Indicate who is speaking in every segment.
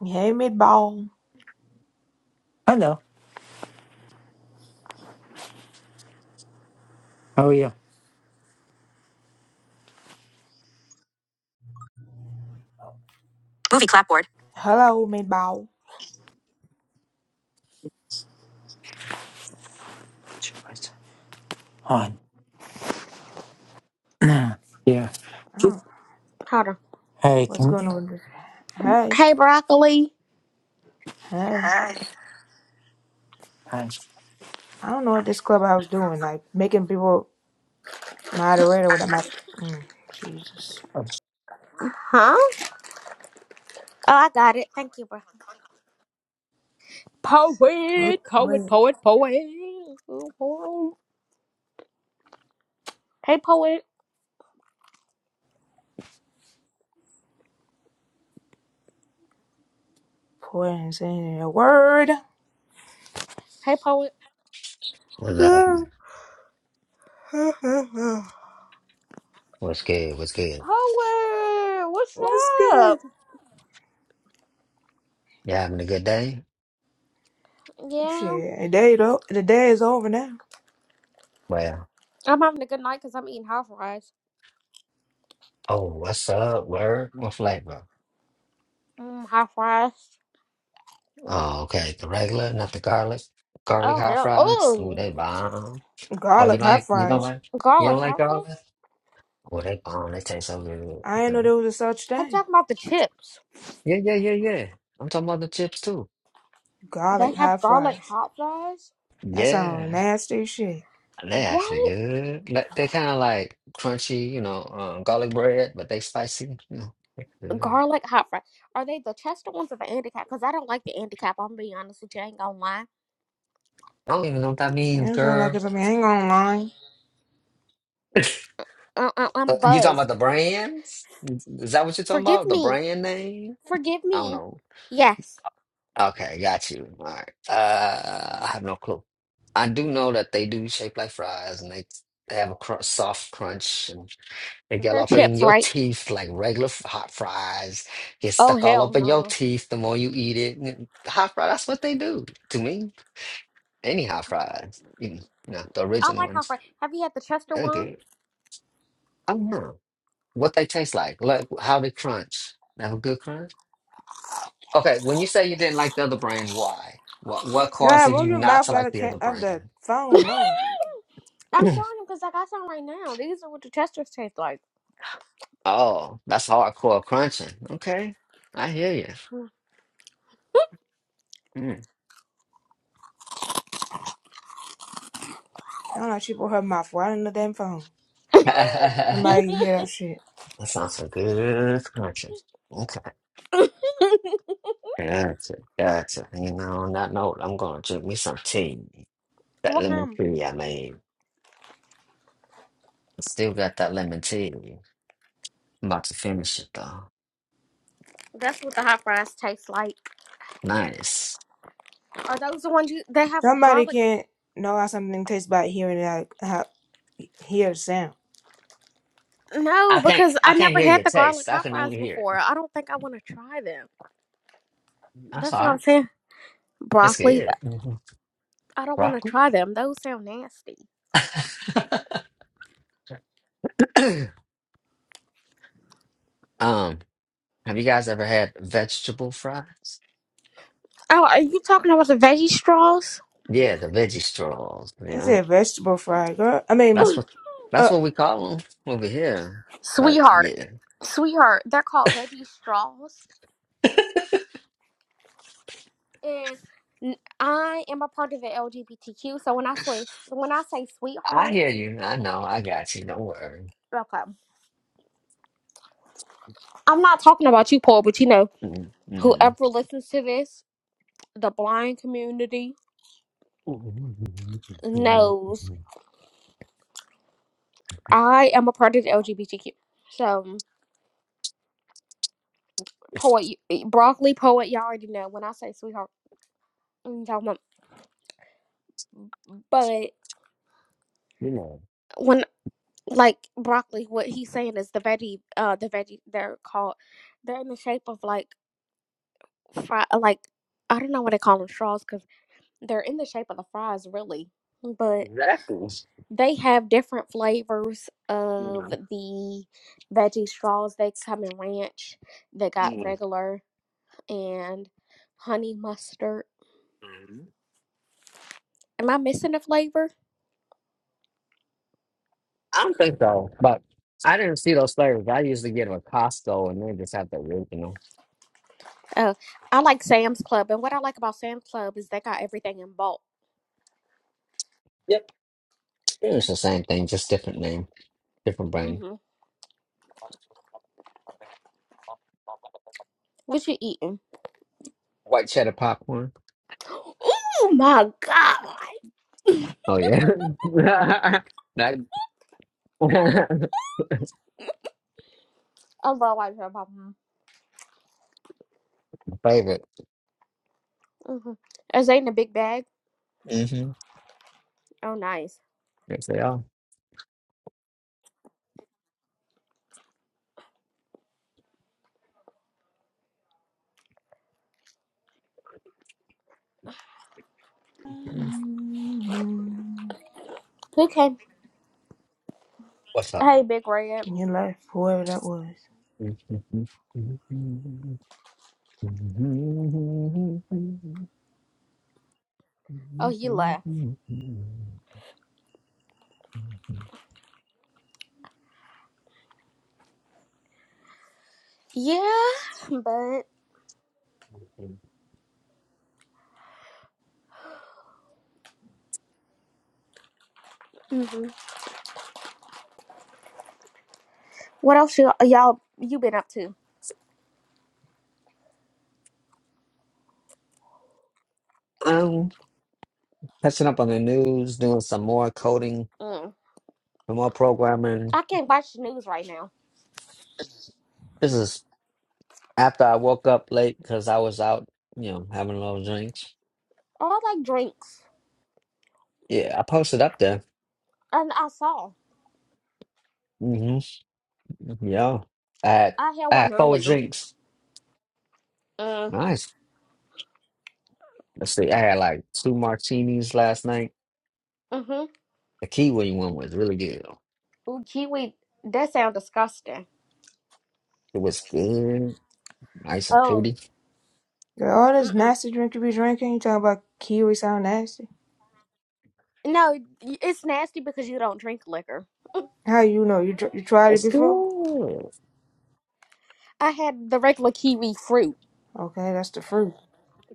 Speaker 1: Hey, meatball.
Speaker 2: Hello. How are you?
Speaker 1: Hello, meatball.
Speaker 2: Hi. yeah.
Speaker 1: I don't know
Speaker 3: Hold on.
Speaker 2: Hey,
Speaker 1: what's going
Speaker 2: can
Speaker 1: on with this. Hey,
Speaker 3: Hey, broccoli.
Speaker 1: hey.
Speaker 2: Hi.
Speaker 1: I don't know what this clubhouse doing. Like making people moderator with a mouth. Mm, Jesus.
Speaker 3: Huh? Oh, I got it. Thank you, bro.
Speaker 1: They
Speaker 3: Poet, poet,
Speaker 1: poor,
Speaker 3: poet, poet. Hey, poet.
Speaker 1: poor and saying a word.
Speaker 3: Hey, poet.
Speaker 4: What's up?
Speaker 1: what's
Speaker 4: What's good? What's good?
Speaker 3: Poet, what's
Speaker 1: good?
Speaker 3: up?
Speaker 4: You having a good day?
Speaker 3: Yeah,
Speaker 1: Shit, the day though, the day is over now.
Speaker 4: Well,
Speaker 3: I'm having a good night because I'm eating hot fries.
Speaker 4: oh, what's up? Word? What flavor?
Speaker 3: Mm, hot fries.
Speaker 4: Oh, okay. The regular, not the garlic. Garlic
Speaker 3: Oh,
Speaker 4: hot
Speaker 3: hell.
Speaker 4: fries. Ooh,
Speaker 3: Oh,
Speaker 4: they bomb. Oh, you
Speaker 1: Garlic hot
Speaker 4: like? You don't
Speaker 1: fries.
Speaker 4: like? You
Speaker 3: garlic
Speaker 4: don't like
Speaker 3: hot fries?
Speaker 4: garlic? Oh, they bomb. They taste so
Speaker 1: I
Speaker 4: good.
Speaker 1: didn't know
Speaker 4: Mhm.
Speaker 1: there was a such
Speaker 3: I'm
Speaker 1: thing.
Speaker 3: talking about the chips.
Speaker 4: Yeah, yeah, yeah, yeah. I'm talking about the chips too.
Speaker 3: They
Speaker 1: Garlic
Speaker 3: have
Speaker 1: hot
Speaker 3: garlic
Speaker 1: fries.
Speaker 3: hot fries?
Speaker 1: That sounds
Speaker 4: Yeah,
Speaker 1: nasty as shit.
Speaker 4: they actually
Speaker 3: What?
Speaker 4: good. Like, they kind of like crunchy, you know, um, garlic bread, but they spicy. You know, they good.
Speaker 3: Garlic hot fries. Are they the Chester ones or the Andy Cap? Because I don't like the Andy Cap. I'm going to be honest with you. I ain't going to lie.
Speaker 4: I don't even know what that means,
Speaker 1: That sounds like
Speaker 4: girl.
Speaker 1: it's a ain't gonna
Speaker 3: uh, uh, I'm
Speaker 4: Uh, you talking about the
Speaker 3: buzzed.
Speaker 4: brands? Is that what you're talking
Speaker 3: Forgive
Speaker 4: about? The
Speaker 3: me.
Speaker 4: brand name?
Speaker 3: Forgive
Speaker 4: I don't
Speaker 3: me.
Speaker 4: know.
Speaker 3: Yes,
Speaker 4: Okay, got you. All right. Uh, I have no clue. I do know that they do shape like fries, and they they have a cr soft crunch, and they get all
Speaker 3: they're
Speaker 4: up in
Speaker 3: chips,
Speaker 4: your
Speaker 3: right?
Speaker 4: teeth like regular f- hot fries. Get
Speaker 3: Oh
Speaker 4: stuck all
Speaker 3: hell
Speaker 4: up in your
Speaker 3: no.
Speaker 4: teeth the more you eat it. And Hot fry, that's what they do to me. Any hot fries, you know, the
Speaker 3: I
Speaker 4: original
Speaker 3: like how
Speaker 4: ones.
Speaker 3: fresh. Have you had the Chester one?
Speaker 4: Okay, I don't know what they taste like, like how they crunch. They have a good crunch. Okay, when you say you didn't like the other brand, why? What what
Speaker 1: God,
Speaker 4: causes
Speaker 1: move
Speaker 4: you
Speaker 1: your
Speaker 4: not
Speaker 1: mouth
Speaker 4: to
Speaker 1: out
Speaker 4: like
Speaker 1: of,
Speaker 4: the
Speaker 1: ca-
Speaker 4: other
Speaker 1: of the
Speaker 4: brand?
Speaker 1: phone, Lord.
Speaker 3: I'm showing him because I got some right now. These are what the Chesters taste like.
Speaker 4: Oh, that's hardcore crunching. Okay, I hear you. Mm.
Speaker 1: Sound like she put her mouth right in the damn phone.
Speaker 4: that
Speaker 1: Somebody can hear that shit.
Speaker 4: sounds some good crunching. Okay, gotcha, gotcha. You know, on that note, I'm gonna drink me some tea. That
Speaker 3: what
Speaker 4: lemon
Speaker 3: kind?
Speaker 4: tea I made. Still got that lemon tea. I'm about to finish it though.
Speaker 3: That's what the hot fries taste like.
Speaker 4: Nice.
Speaker 3: Are those the ones you? They have
Speaker 1: Somebody
Speaker 3: garlic.
Speaker 1: can't know how something tastes by hearing it, how, how hear the sound.
Speaker 3: No,
Speaker 4: I can't
Speaker 3: because I
Speaker 4: I can't
Speaker 3: never
Speaker 4: hear
Speaker 3: had
Speaker 4: your
Speaker 3: the garlic
Speaker 4: taste. I
Speaker 3: hot
Speaker 4: can
Speaker 3: fries
Speaker 4: only hear
Speaker 3: before.
Speaker 4: it.
Speaker 3: I don't think I want to try them.
Speaker 4: That's
Speaker 3: That's what
Speaker 4: all
Speaker 3: I'm
Speaker 4: right.
Speaker 3: saying.
Speaker 4: It's
Speaker 3: Broccoli.
Speaker 4: good. Mhm.
Speaker 3: I don't want to
Speaker 4: Broccoli?
Speaker 3: try them. Those sound nasty.
Speaker 4: Um, have you guys ever had vegetable fries?
Speaker 3: Oh, are you talking about the veggie straws?
Speaker 4: Yeah, the veggie straws. Yeah,
Speaker 1: It's a vegetable fry, girl. I mean,
Speaker 4: that's
Speaker 3: Ugh,
Speaker 4: what that's
Speaker 1: uh,
Speaker 4: what we call them over here. But
Speaker 3: Sweetheart,
Speaker 4: yeah,
Speaker 3: sweetheart, they're called veggie straws. And n- I am a part of the LGBTQ, so when I say when I say
Speaker 4: I
Speaker 3: sweetheart,
Speaker 4: hear you. I know. I got you. Don't worry.
Speaker 3: okay, I'm not talking about you, Paul, but you know,
Speaker 4: Mm, mm,
Speaker 3: whoever listens to this, the blind community
Speaker 4: mm.
Speaker 3: knows I am a part of the LGBTQ. So, poet, broccoli poet, y'all already know when I say sweetheart, I'm talking about. But
Speaker 4: You know
Speaker 3: when like broccoli what he's saying is the veggie uh the veggie they're called they're in the shape of like fry like i don't know what they call them straws because they're in the shape of the fries really but
Speaker 4: exactly.
Speaker 3: they have different flavors of
Speaker 4: Mm, mm,
Speaker 3: the veggie straws they come in ranch they got regular and honey mustard
Speaker 4: mm.
Speaker 3: am i missing a flavor
Speaker 4: I don't think so, but I didn't see those flavors. I usually get them at Costco, and they just have the original.
Speaker 3: oh i like sam's club and what i like about sam's club is they got everything in bulk
Speaker 4: Yep, it's the same thing, just different name. Different brand.
Speaker 3: hmm what you eating
Speaker 4: White cheddar popcorn.
Speaker 3: Oh my god!
Speaker 4: Oh yeah. that
Speaker 3: I love white shrimp popcorn.
Speaker 4: favorite.
Speaker 3: Mm-hmm. Is they in a big bag?
Speaker 4: Mm-hmm.
Speaker 3: Oh, nice.
Speaker 4: Yes, they are.
Speaker 1: you
Speaker 3: Okay.
Speaker 4: What's up?
Speaker 3: Hey, Big Red.
Speaker 1: left whoever that was.
Speaker 3: Oh, he left. Yeah, but hmm what else you, y'all you been up to?
Speaker 4: Um, catching up on the news, doing some more coding,
Speaker 3: Mm.
Speaker 4: some more programming.
Speaker 3: I can't watch the news right now.
Speaker 4: This is after I woke up late because I was out, you know, having a little drinks.
Speaker 3: Oh, I like drinks,
Speaker 4: Yeah, I posted up there.
Speaker 3: and I saw
Speaker 4: hmm Yeah. I had
Speaker 3: I had
Speaker 4: I
Speaker 3: one
Speaker 4: had four
Speaker 3: earlier.
Speaker 4: drinks.
Speaker 3: Mm.
Speaker 4: Nice. Let's see. I had like two martinis last night.
Speaker 3: Mm-hmm.
Speaker 4: The Kiwi one was really good.
Speaker 3: Ooh, kiwi. That sounds disgusting.
Speaker 4: It was good. Nice and
Speaker 3: Oh.
Speaker 4: fruity.
Speaker 1: Girl, all this
Speaker 3: Mm-mm.
Speaker 1: nasty drink you be drinking, you talking about kiwi sound nasty?
Speaker 3: No, it's nasty because you don't drink liquor.
Speaker 1: How you know? You dr- you tried it
Speaker 4: It's
Speaker 1: before?
Speaker 4: good.
Speaker 3: I had the regular kiwi fruit.
Speaker 1: Okay, that's the fruit.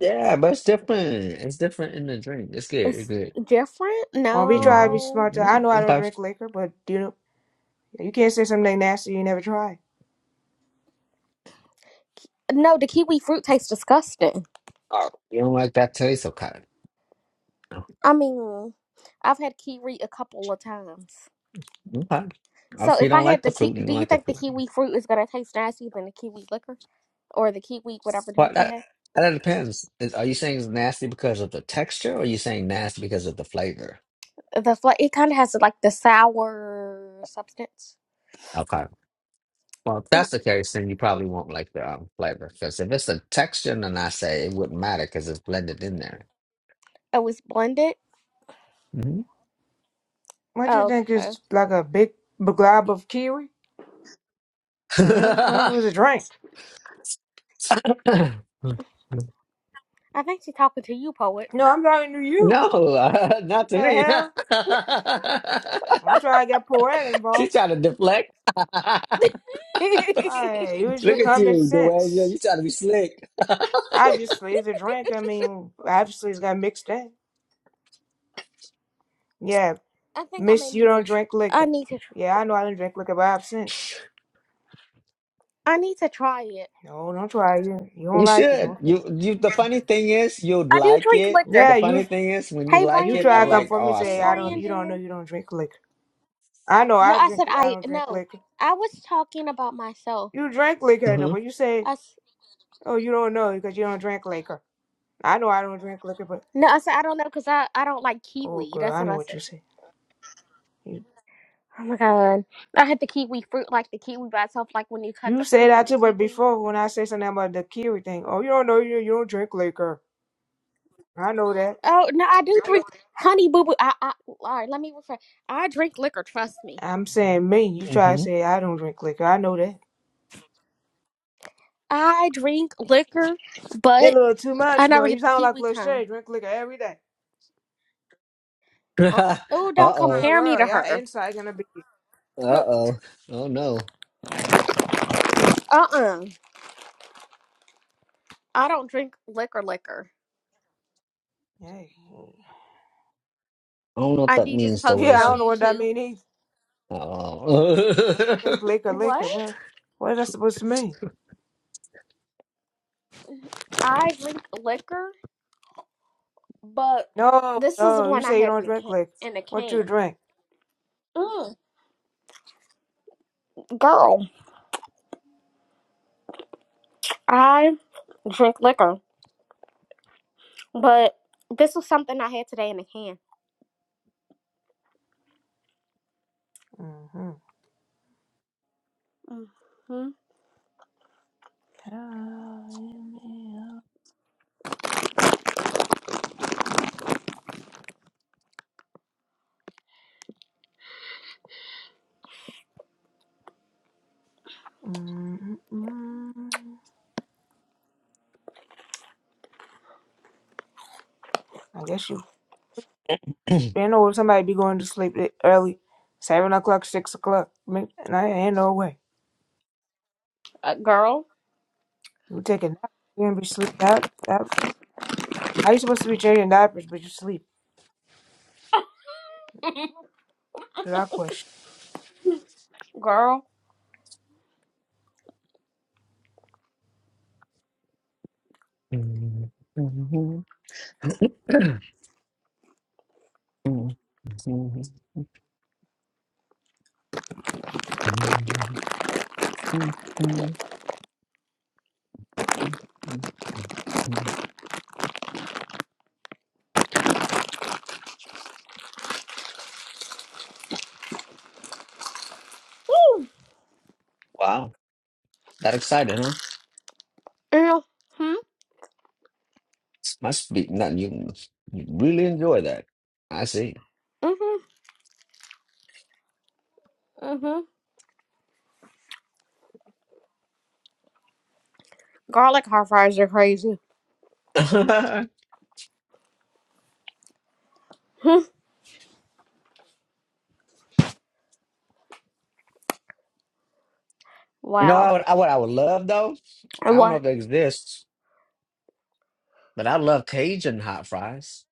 Speaker 4: Yeah, but it's different. It's different in the drink. It's good. It's
Speaker 3: It's
Speaker 4: good.
Speaker 3: different?
Speaker 1: Won't be trying to
Speaker 4: hmm
Speaker 1: be
Speaker 3: No.
Speaker 1: smart. I know I don't
Speaker 4: Okay.
Speaker 1: drink liquor, but do you Yeah, You can't say something nasty you never tried.
Speaker 3: No, the kiwi fruit tastes disgusting.
Speaker 4: Oh, you don't like that taste? Okay.
Speaker 3: I mean, I've had kiwi a couple of times.
Speaker 4: Okay.
Speaker 3: So
Speaker 4: If you
Speaker 3: if I
Speaker 4: don't
Speaker 3: had
Speaker 4: like
Speaker 3: the
Speaker 4: the
Speaker 3: ki-
Speaker 4: fruit, you
Speaker 3: do
Speaker 4: don't
Speaker 3: you
Speaker 4: like the
Speaker 3: think the
Speaker 4: fruit.
Speaker 3: kiwi fruit is gonna taste nastier than the kiwi liquor or the kiwi whatever
Speaker 4: Well,
Speaker 3: drink you
Speaker 4: that
Speaker 3: have?
Speaker 4: that depends. Is, are you saying it's nasty because of the texture, or are you saying nasty because of the flavor?
Speaker 3: The fla- it kind of has like the sour substance.
Speaker 4: Okay. Well, if
Speaker 3: Ooh,
Speaker 4: that's the case, then you probably won't like the um, flavor. Because if it's the texture, then I say it wouldn't matter because it's blended in there.
Speaker 3: Oh, it's blended.
Speaker 4: hmm
Speaker 1: What you
Speaker 3: Oh,
Speaker 1: think
Speaker 3: Okay,
Speaker 1: is like a big glob of kiwi? The hell, well, it was a drink.
Speaker 3: I think she's talking to you, poet.
Speaker 1: No, I'm talking to you.
Speaker 4: no, uh, not
Speaker 1: The
Speaker 4: to me.
Speaker 1: hell, don't try to get poetic
Speaker 4: She
Speaker 1: involved.
Speaker 4: trying to deflect. Look
Speaker 1: I use your
Speaker 4: at
Speaker 1: common
Speaker 4: you, the
Speaker 1: sense.
Speaker 4: you trying to be slick.
Speaker 1: Obviously, it's a drink. I mean, obviously, it's got mixed in. Yeah,
Speaker 3: I think I may
Speaker 1: miss, you
Speaker 3: need to.
Speaker 1: don't
Speaker 3: Tr-
Speaker 1: drink
Speaker 3: I
Speaker 1: liquor.
Speaker 3: need to. Tr-
Speaker 1: Yeah, I know I don't drink liquor, but I've since.
Speaker 3: I need to try it.
Speaker 1: No, don't try. You, you don't
Speaker 4: You
Speaker 1: like it.
Speaker 4: should.
Speaker 1: Don't try.
Speaker 4: You you the funny thing is you'd
Speaker 3: I do
Speaker 4: like
Speaker 3: drink
Speaker 4: it.
Speaker 3: liquor.
Speaker 1: Yeah,
Speaker 4: The
Speaker 1: you
Speaker 4: funny thing is when you
Speaker 3: Hey
Speaker 4: like
Speaker 1: you
Speaker 4: it,
Speaker 1: try
Speaker 4: I'm
Speaker 1: to come
Speaker 3: Brandon.
Speaker 4: like,
Speaker 1: for me and
Speaker 3: Hey
Speaker 1: say I don't.
Speaker 4: awesome.
Speaker 1: You don't know
Speaker 3: Brandon.
Speaker 1: you don't drink liquor. I know
Speaker 3: No,
Speaker 1: I
Speaker 3: I
Speaker 1: drink.
Speaker 3: said
Speaker 1: I
Speaker 3: I
Speaker 1: don't drink
Speaker 3: no.
Speaker 1: liquor.
Speaker 3: I was talking about myself.
Speaker 1: You drank liquor, though,
Speaker 4: hmm
Speaker 1: but you say,
Speaker 3: I s-
Speaker 1: oh, you don't know because you don't drink liquor. I know I don't drink liquor, but
Speaker 3: no, I said I don't know because I I don't like
Speaker 1: oh,
Speaker 3: kiwi.
Speaker 1: girl,
Speaker 3: That's
Speaker 1: I
Speaker 3: what
Speaker 1: know
Speaker 3: I
Speaker 1: what you
Speaker 3: said.
Speaker 1: say. You,
Speaker 3: Oh my god, I had the kiwi fruit like the kiwi by itself, like when you cut
Speaker 1: you
Speaker 3: the
Speaker 1: say
Speaker 3: fruit
Speaker 1: that
Speaker 3: into
Speaker 1: too, but
Speaker 3: kiwi.
Speaker 1: before when I say something about the Kiri thing, oh, you don't know you you don't drink liquor. I know that.
Speaker 3: Oh no, I do drink honey boo boo. I, I all right. Let me refer. I drink liquor. Trust me.
Speaker 1: I'm saying me. You try to
Speaker 4: hmm
Speaker 1: say I don't drink liquor. I know that.
Speaker 3: I drink liquor,
Speaker 1: They A
Speaker 3: but
Speaker 1: little too
Speaker 3: I
Speaker 1: much, bro.
Speaker 3: never
Speaker 1: You
Speaker 3: hit the
Speaker 1: sound like
Speaker 3: kiwi
Speaker 1: Lil
Speaker 3: kind.
Speaker 1: Shay. Drink liquor every day.
Speaker 3: Uh, oh,
Speaker 1: I'm
Speaker 3: don't
Speaker 4: Uh-oh.
Speaker 1: like,
Speaker 3: compare me
Speaker 1: girl,
Speaker 3: to
Speaker 1: y'all
Speaker 3: her.
Speaker 1: inside gonna be cooked.
Speaker 4: Uh-oh. Oh no.
Speaker 3: Uh uh I don't drink liquor. Liquor.
Speaker 1: Hey.
Speaker 4: I don't know what that
Speaker 3: ID just
Speaker 4: means, though,
Speaker 3: posted
Speaker 1: Yeah, I
Speaker 3: on
Speaker 1: don't
Speaker 4: Doasia.
Speaker 1: know what that
Speaker 3: YouTube.
Speaker 1: mean either.
Speaker 4: Uh-oh.
Speaker 1: don't drink liquor,
Speaker 3: What?
Speaker 1: liquor. What, what is that supposed to mean?
Speaker 3: I drink liquor, but
Speaker 1: No,
Speaker 3: this is the
Speaker 1: no. You
Speaker 3: one I
Speaker 1: say you
Speaker 3: had
Speaker 1: don't
Speaker 3: in a
Speaker 1: drink
Speaker 3: can.
Speaker 1: liquor.
Speaker 3: In a
Speaker 1: What you
Speaker 3: can.
Speaker 1: drink?
Speaker 3: Mm. Girl, I drink liquor, but this was something I had today in a can.
Speaker 1: Mm-hmm.
Speaker 3: hmm
Speaker 1: Mm-hmm. I guess you. You know somebody be going to sleep li- early, seven o'clock, six o'clock. Me- And I ain't no way.
Speaker 3: Uh, girl,
Speaker 1: You take a nap, you gonna be sleep out. out. How you supposed to be changing diapers but you sleep? That's our question.
Speaker 3: girl.
Speaker 4: Mhm. Mhm. Mhm. Mhm. Mhm. Mhm. Mhm.
Speaker 3: Woo.
Speaker 4: Wow. That excited, huh?
Speaker 3: Mm-hmm.
Speaker 4: Must be not you. You really enjoy that. I see.
Speaker 3: Mm-hmm. Mm-hmm. Garlic hot fries are crazy. Hmm.
Speaker 4: You know,
Speaker 3: wow.
Speaker 4: I would, I would, I would love though. I don't know
Speaker 3: What?
Speaker 4: if it exists, but I love Cajun hot fries.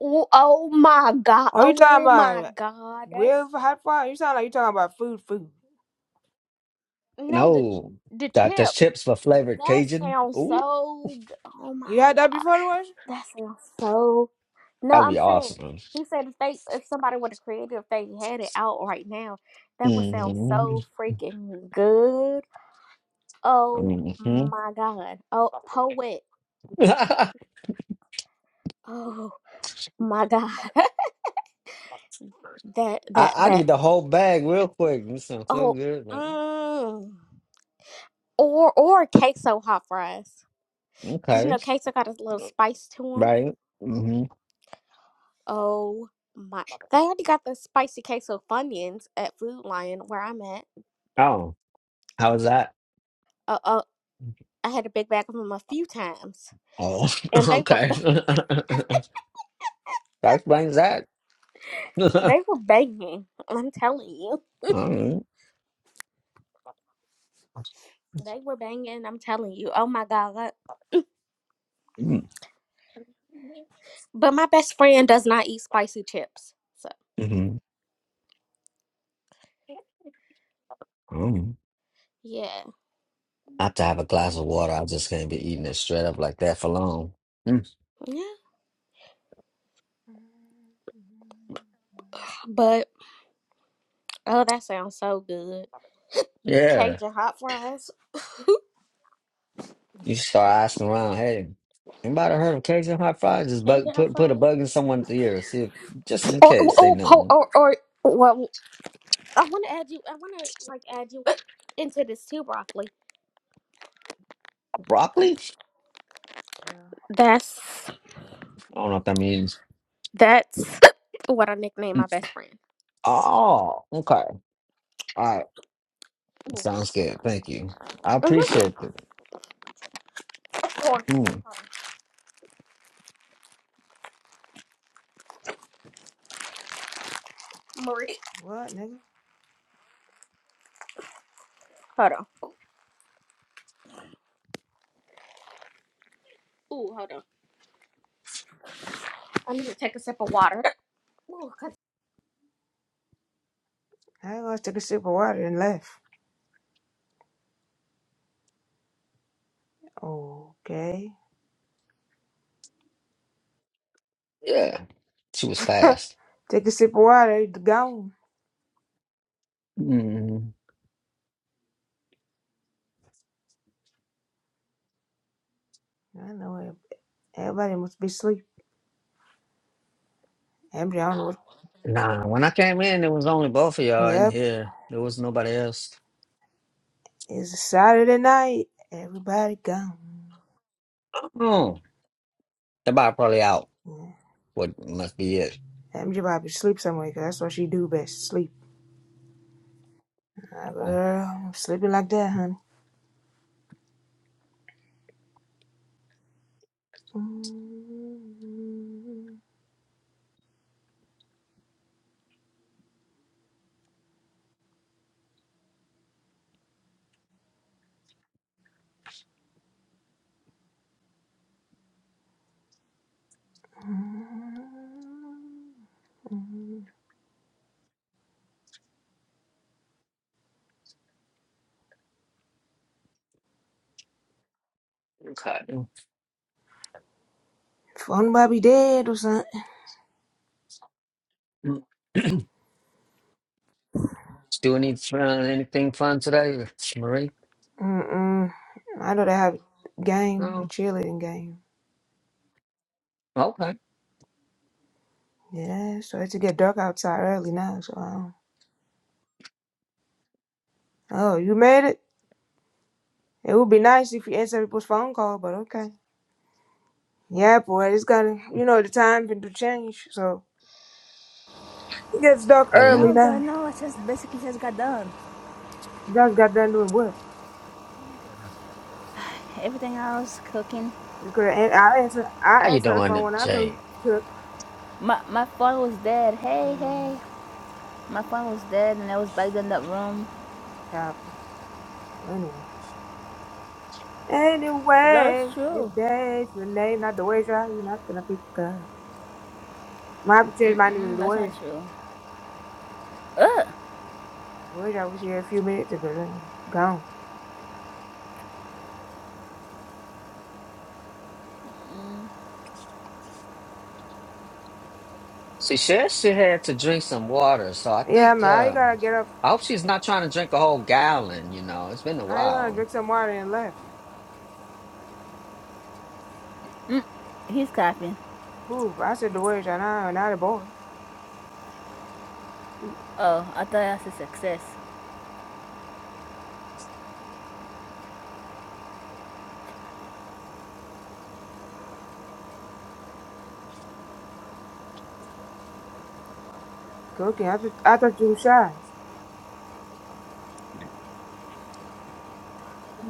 Speaker 3: Oh, oh my god.
Speaker 1: Are you talking
Speaker 3: Oh my
Speaker 1: about
Speaker 3: god. That's
Speaker 1: with hot fire? You sound like you talking about food, food.
Speaker 3: no the
Speaker 4: No,
Speaker 3: the
Speaker 4: that the
Speaker 3: chips.
Speaker 4: chips for flavored
Speaker 3: That
Speaker 4: Cajun.
Speaker 3: sounds
Speaker 4: Ooh,
Speaker 3: so. g- Oh
Speaker 1: You
Speaker 3: my
Speaker 1: had that
Speaker 3: god,
Speaker 1: before the wash?
Speaker 3: that sounds so. No,
Speaker 4: that'd
Speaker 3: I'm
Speaker 4: be
Speaker 3: saying
Speaker 4: awesome.
Speaker 3: he said if they if somebody would have created if they had it out right now, that would sound
Speaker 4: hmm
Speaker 3: so freaking good. Oh
Speaker 4: hmm
Speaker 3: my god. Oh poet. Oh my god. that
Speaker 4: I
Speaker 3: that
Speaker 4: I
Speaker 3: that.
Speaker 4: need the whole bag real quick. This sounds so
Speaker 3: Oh.
Speaker 4: good. Like,
Speaker 3: Mm. Or or queso hot fries. Cause you
Speaker 4: okay,
Speaker 3: know queso got a little spice to 'em.
Speaker 4: right. hmm
Speaker 3: Oh my! They already got the spicy queso Funyuns at Food Lion where I'm at.
Speaker 4: Oh, how was that?
Speaker 3: Uh, uh, I had a big bag of them a few times,
Speaker 4: Oh,
Speaker 3: and they were
Speaker 4: okay.
Speaker 3: ba-
Speaker 4: that explains that.
Speaker 3: they were banging. I'm telling you,
Speaker 4: mm
Speaker 3: they were banging. I'm telling you. Oh my god! But my best friend does not eat spicy chips, so
Speaker 4: Mm-hmm. Mm.
Speaker 3: yeah,
Speaker 4: I have to have a glass of water. I just can't be eating it straight up like that for long. Mm.
Speaker 3: yeah. But oh, that sounds so good.
Speaker 4: Yeah.
Speaker 3: Cajun hot fries.
Speaker 4: You start asking around, hey, anybody heard of Cajun hot fries? Just
Speaker 3: Cajun
Speaker 4: bug,
Speaker 3: hot
Speaker 4: put put a
Speaker 3: fries.
Speaker 4: bug in someone's ear, see if, just in
Speaker 3: Or
Speaker 4: case they
Speaker 3: or or,
Speaker 4: know.
Speaker 3: or, or well, I want to add you. I want to like add you into this too, broccoli.
Speaker 4: Broccoli?
Speaker 1: Yeah.
Speaker 3: That's
Speaker 4: I don't know if that means.
Speaker 3: that's what I nicknamed my
Speaker 4: Mm.
Speaker 3: best friend.
Speaker 4: Oh, okay. All right.
Speaker 3: Ooh,
Speaker 4: Sounds good. Thank you. I
Speaker 3: Mhm.
Speaker 4: appreciate it.
Speaker 3: hold
Speaker 4: Mm.
Speaker 3: on. Marie.
Speaker 1: What, nigga?
Speaker 3: Hold on. Ooh, hold on. I need to take a sip of water. Ooh, 'cause-
Speaker 1: I was take a sip of water and left. Okay.
Speaker 4: Yeah, she was fast.
Speaker 1: Take a sip of water, it's gone.
Speaker 4: Mm,
Speaker 1: I know it. Everybody must be asleep. Everybody, I don't know what.
Speaker 4: nah, when I came in, it was only both of y'all in
Speaker 1: Yep,
Speaker 4: here. There was nobody else.
Speaker 1: it's a Saturday night. Everybody gone.
Speaker 4: Oh, the bar probably out.
Speaker 1: Yeah.
Speaker 4: What must be it?
Speaker 1: MJ probably sleep somewhere 'cause that's what she do best, sleep. Ah,
Speaker 4: Oh,
Speaker 1: Girl, I'm sleeping like that, honey. Mm.
Speaker 4: okay.
Speaker 1: Fun Bobby dead or something.
Speaker 4: Mm, Still need to try anything fun today, Marie?
Speaker 1: Mm-mm. I know they have a game, a
Speaker 4: Oh,
Speaker 1: cheerleading game.
Speaker 4: okay.
Speaker 1: Yeah, so it's to get dark outside early now, so I don't. Oh, you made it? It would be nice if you answer people's phone call, but okay. Yeah, boy, it's gonna, you know, the time can do change, so it gets dark
Speaker 4: Oh yeah.
Speaker 1: early
Speaker 5: No, girl,
Speaker 1: now.
Speaker 5: no. I just basically just got done.
Speaker 1: You guys got done doing what?
Speaker 5: Everything else, cooking.
Speaker 1: You could have, I answer, I
Speaker 4: How you
Speaker 1: answer the phone
Speaker 4: doing,
Speaker 1: when I could
Speaker 4: Jane?
Speaker 1: cook.
Speaker 5: My my phone was dead. Hey,
Speaker 1: Mm,
Speaker 5: hey. My phone was dead, and I was back in that room.
Speaker 1: copper. Well, anyway.
Speaker 5: That's
Speaker 1: Anyway, if your
Speaker 5: true.
Speaker 1: day, if your name, not the wager, you're not gonna pick up. Might have to change my name to
Speaker 5: Mm-mm,
Speaker 1: the
Speaker 5: that's not
Speaker 1: wager.
Speaker 5: true. Ugh.
Speaker 1: The wager was here a few minutes ago, then gone.
Speaker 4: She said she had to drink some water, so I
Speaker 1: Yeah,
Speaker 4: think.
Speaker 1: man, how you
Speaker 4: Uh,
Speaker 1: gonna get up?
Speaker 4: I hope she's not trying to drink a whole gallon. You know, it's been a
Speaker 1: How you gonna
Speaker 4: while.
Speaker 1: drink some water and left?
Speaker 5: Mm. He's copying.
Speaker 1: Who? I said the word and I and I the boy.
Speaker 5: Oh, I thought that's a success.
Speaker 1: Cooking. I thought I thought you were shy.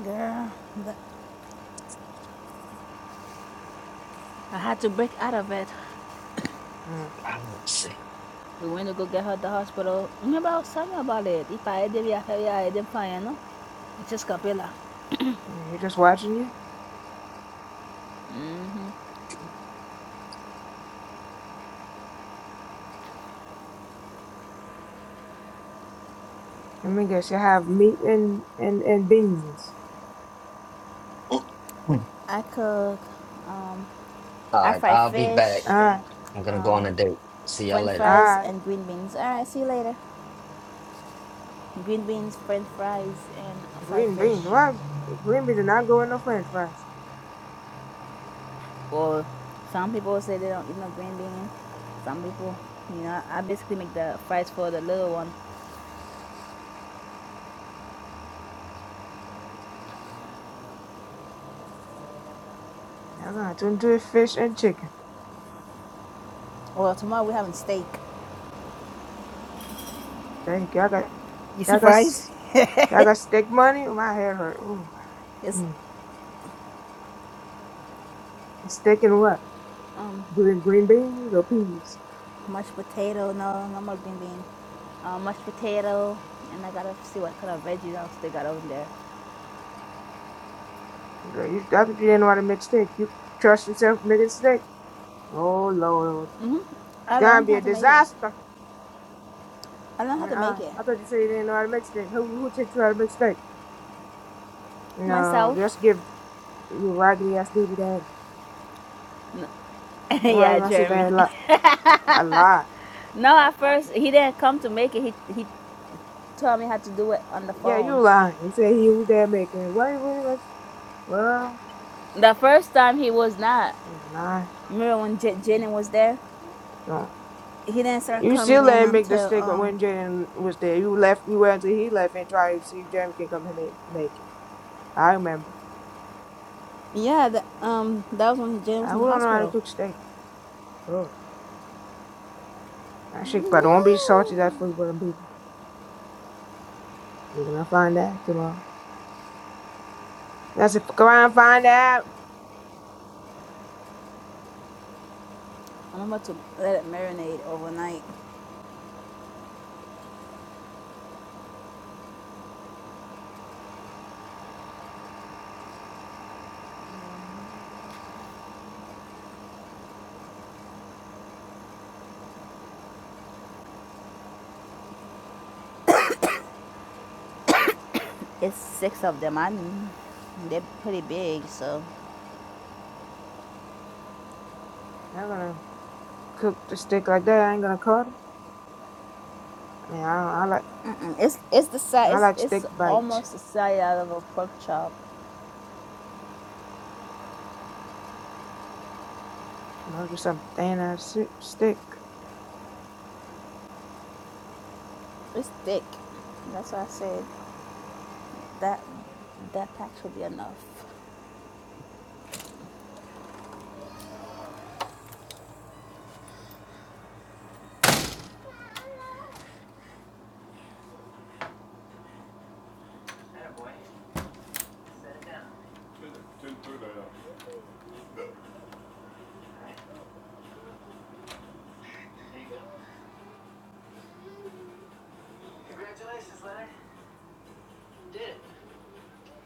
Speaker 5: Girl, but I had to break out of it.
Speaker 1: Mm.
Speaker 4: I want to
Speaker 5: We went to go get her at the hospital. Remember, I was telling you about it. If I did it, I had it, I had it, I know. It's just capilla.
Speaker 1: He just watching you.
Speaker 5: hmm
Speaker 1: Let me guess. You have meat and and and beans.
Speaker 4: see.
Speaker 5: I cook. Um,
Speaker 4: All
Speaker 5: I
Speaker 4: right,
Speaker 5: fry
Speaker 4: I'll be
Speaker 1: All
Speaker 5: fish.
Speaker 4: back.
Speaker 1: right,
Speaker 4: I'm gonna go
Speaker 5: Um,
Speaker 4: on a date. See y'all
Speaker 5: French
Speaker 4: later.
Speaker 1: all
Speaker 5: fries
Speaker 1: right.
Speaker 5: and green beans. Alright, see you later. Green beans, French fries, and fried
Speaker 1: Green
Speaker 5: fish.
Speaker 1: beans. Why green beans are not going no French fries?
Speaker 5: Or some people say they don't eat no green beans. Some people, you know, I basically make the fries for the little one.
Speaker 1: Y'all gonna turn to fish and chicken.
Speaker 5: Well, tomorrow we're having steak.
Speaker 1: There you go. I got.
Speaker 5: You see
Speaker 1: I
Speaker 5: fries?
Speaker 1: got. I got steak money. My head hurt. Ooh.
Speaker 5: It's
Speaker 1: Mm. Steak and what? Green, green beans or peas?
Speaker 5: mashed potato. No, no more green bean. Uh, mashed potato, and I gotta see what kind of veggies else they got over there.
Speaker 1: Girl, you, I thought you didn't know how to make steak. You trust yourself making steak? Oh Lord,
Speaker 5: hmm
Speaker 1: it's
Speaker 5: I
Speaker 1: gonna
Speaker 5: learned
Speaker 1: be
Speaker 5: how
Speaker 1: a
Speaker 5: to make it.
Speaker 1: disaster.
Speaker 5: I learned
Speaker 1: uh
Speaker 5: how to make it
Speaker 1: I thought you said you didn't know how to make steak. Who who teach you how to make steak? No,
Speaker 5: myself.
Speaker 1: just give you a raggedy ass baby daddy. Why you
Speaker 5: yeah,
Speaker 1: gonna sit
Speaker 5: Jeremy.
Speaker 1: there and lie? A lie.
Speaker 5: No, at first he didn't come to make it. He he told me how to do it on the
Speaker 1: Yeah, you
Speaker 5: phone.
Speaker 1: lying. You said he was there making. it. Why you really like? Well,
Speaker 5: The first time he was not.
Speaker 1: you lying.
Speaker 5: Remember when J- Jenny was there? He didn't start
Speaker 1: You
Speaker 5: coming
Speaker 1: still
Speaker 5: in
Speaker 1: let him make the
Speaker 5: until
Speaker 1: statement
Speaker 5: um
Speaker 1: when Jaden was there. You left. You waited until he left and tried to see if Jeremy can come and ma- make it. I remember.
Speaker 5: yeah the, um that was when Jenny was
Speaker 1: I
Speaker 5: in the
Speaker 1: who don't know how to
Speaker 5: hospital.
Speaker 1: cook steak. Oh, I shit. But don't be salty that food for them people. They are gonna find out tomorrow. That's if come around and find out.
Speaker 5: I'm about to let it marinate overnight.
Speaker 1: Mm-hmm.
Speaker 5: It's six of them. I mean, they're pretty big, so
Speaker 1: Y'all gonna cook the steak like that? I ain't gonna cut it. I mean, I, don't, I like
Speaker 5: Mm-mm. it's it's the
Speaker 1: I
Speaker 5: size.
Speaker 1: like
Speaker 5: It's, it's
Speaker 1: steak bite.
Speaker 5: almost the size out of a pork chop.
Speaker 1: Must be some thin ass si- steak.
Speaker 5: It's thick. That's what I said. That that pack should be enough.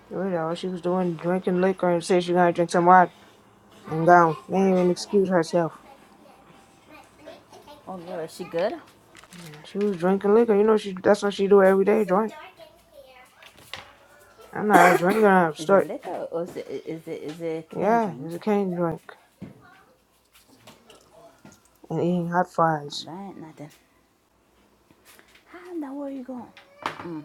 Speaker 1: You know, all she was doing drinking liquor and said she gonna drink some water and gone. They ain't even excuse herself.
Speaker 5: Oh Lord, is she good?
Speaker 1: She was drinking liquor. You know she that's what she do every day, drink. I'm not a drinker, I'm
Speaker 5: Is it
Speaker 1: stuck.
Speaker 5: liquor or is it is it is it can
Speaker 1: Yeah,
Speaker 5: drink?
Speaker 1: it's a cane drink. And eating hot
Speaker 5: No,
Speaker 1: fries.
Speaker 5: that ain't nothing. How in the world are you going? Mm.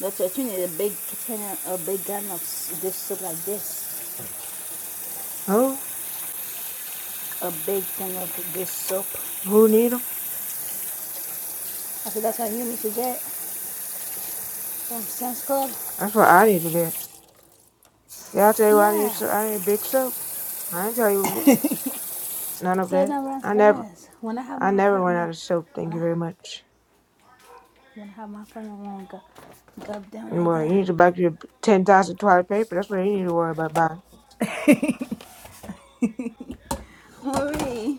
Speaker 5: That's what you need a big container, a big gallon of this soup like this.
Speaker 1: Who?
Speaker 5: A big thing of this soup.
Speaker 1: Who need 'em?
Speaker 5: I said that's how you need to get from Sam's Club.
Speaker 1: That's what I need to get. Yeah, I tell you what I need
Speaker 5: Yeah,
Speaker 1: so I need big soap. I ain't tell you none of
Speaker 5: so it
Speaker 1: that.
Speaker 5: don't run
Speaker 1: I never
Speaker 5: fast. When I have
Speaker 1: I
Speaker 5: my
Speaker 1: never went
Speaker 5: apartment,
Speaker 1: out of soap,
Speaker 5: when
Speaker 1: thank you
Speaker 5: I
Speaker 1: very much.
Speaker 5: when I have my apartment, I won't go, go down
Speaker 1: And
Speaker 5: like
Speaker 1: well, you
Speaker 5: that.
Speaker 1: need to buy your ten thousand toilet paper, that's what you need to worry about buying.
Speaker 5: Hurry.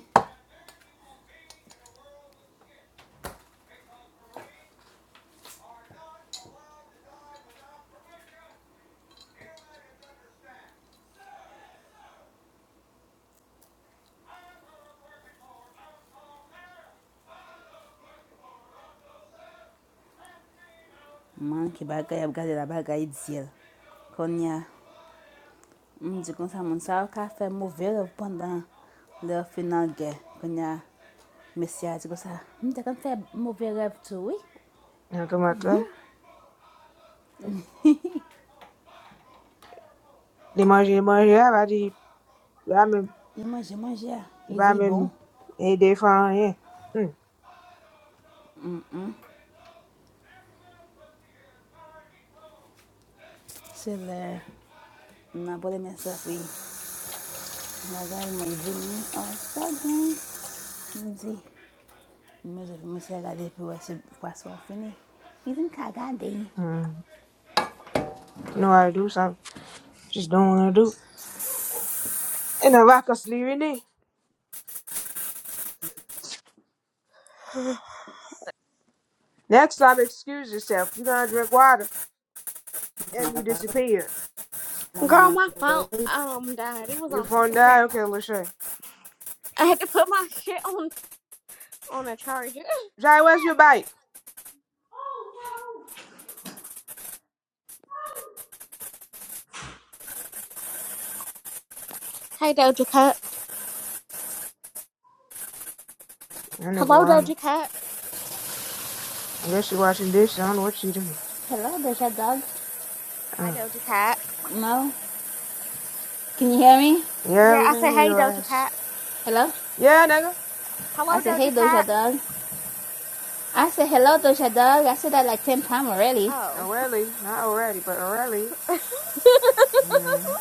Speaker 5: Manke bagaya da bagay dizel. Konya mzikon sa moun sa kafe mouvel pandan le final gen. Konya mesya di kon sa. kan fe mouvel rev tou, oui.
Speaker 1: Now come out there. The money the money Yeah, I buy the I mean
Speaker 5: Li manje manje ya.
Speaker 1: if
Speaker 5: Li
Speaker 1: I
Speaker 5: bon.
Speaker 1: mean a day fine, yeah. Mm.
Speaker 5: Se le mna bole mesaf, oui. Mna gay mwen vini an sa gen. Mdi. Mwen se mwen gade pi wè se poisson fini. Even Kagadi.
Speaker 1: mm. I know how to do something. Just don't want to do. And the rock us leaving it. Next time, excuse yourself. You're gonna drink water, and you disappear.
Speaker 3: Girl,
Speaker 5: Maman.
Speaker 3: my phone um died. It was
Speaker 1: Your
Speaker 3: on two
Speaker 1: phone
Speaker 3: percent.
Speaker 1: died. Okay, Lachey.
Speaker 3: I had to put my shit on on a charger.
Speaker 1: Jai, where's your bike?
Speaker 3: Hey Doja Cat.
Speaker 1: I never
Speaker 3: Hello
Speaker 1: want
Speaker 3: Doja Cat.
Speaker 1: I guess she washing dishes. I don't know what she doing.
Speaker 5: Hello, there's your dog.
Speaker 3: Hi
Speaker 1: Oh.
Speaker 3: Doja Cat.
Speaker 5: No? Can you hear me?
Speaker 1: Yeah,
Speaker 3: Yeah,
Speaker 1: we
Speaker 3: I
Speaker 1: can
Speaker 3: say
Speaker 1: hear
Speaker 3: hey
Speaker 1: your
Speaker 3: Doja
Speaker 1: ass.
Speaker 3: Cat.
Speaker 5: Hello?
Speaker 1: Yeah, nigga.
Speaker 3: Hello
Speaker 5: I said, hey,
Speaker 3: Doja Cat.
Speaker 5: Doja Dog. I said, hello, Doja Dog. I said that like 10 times already.
Speaker 3: Oh.
Speaker 1: Already, not already, but already. Mm.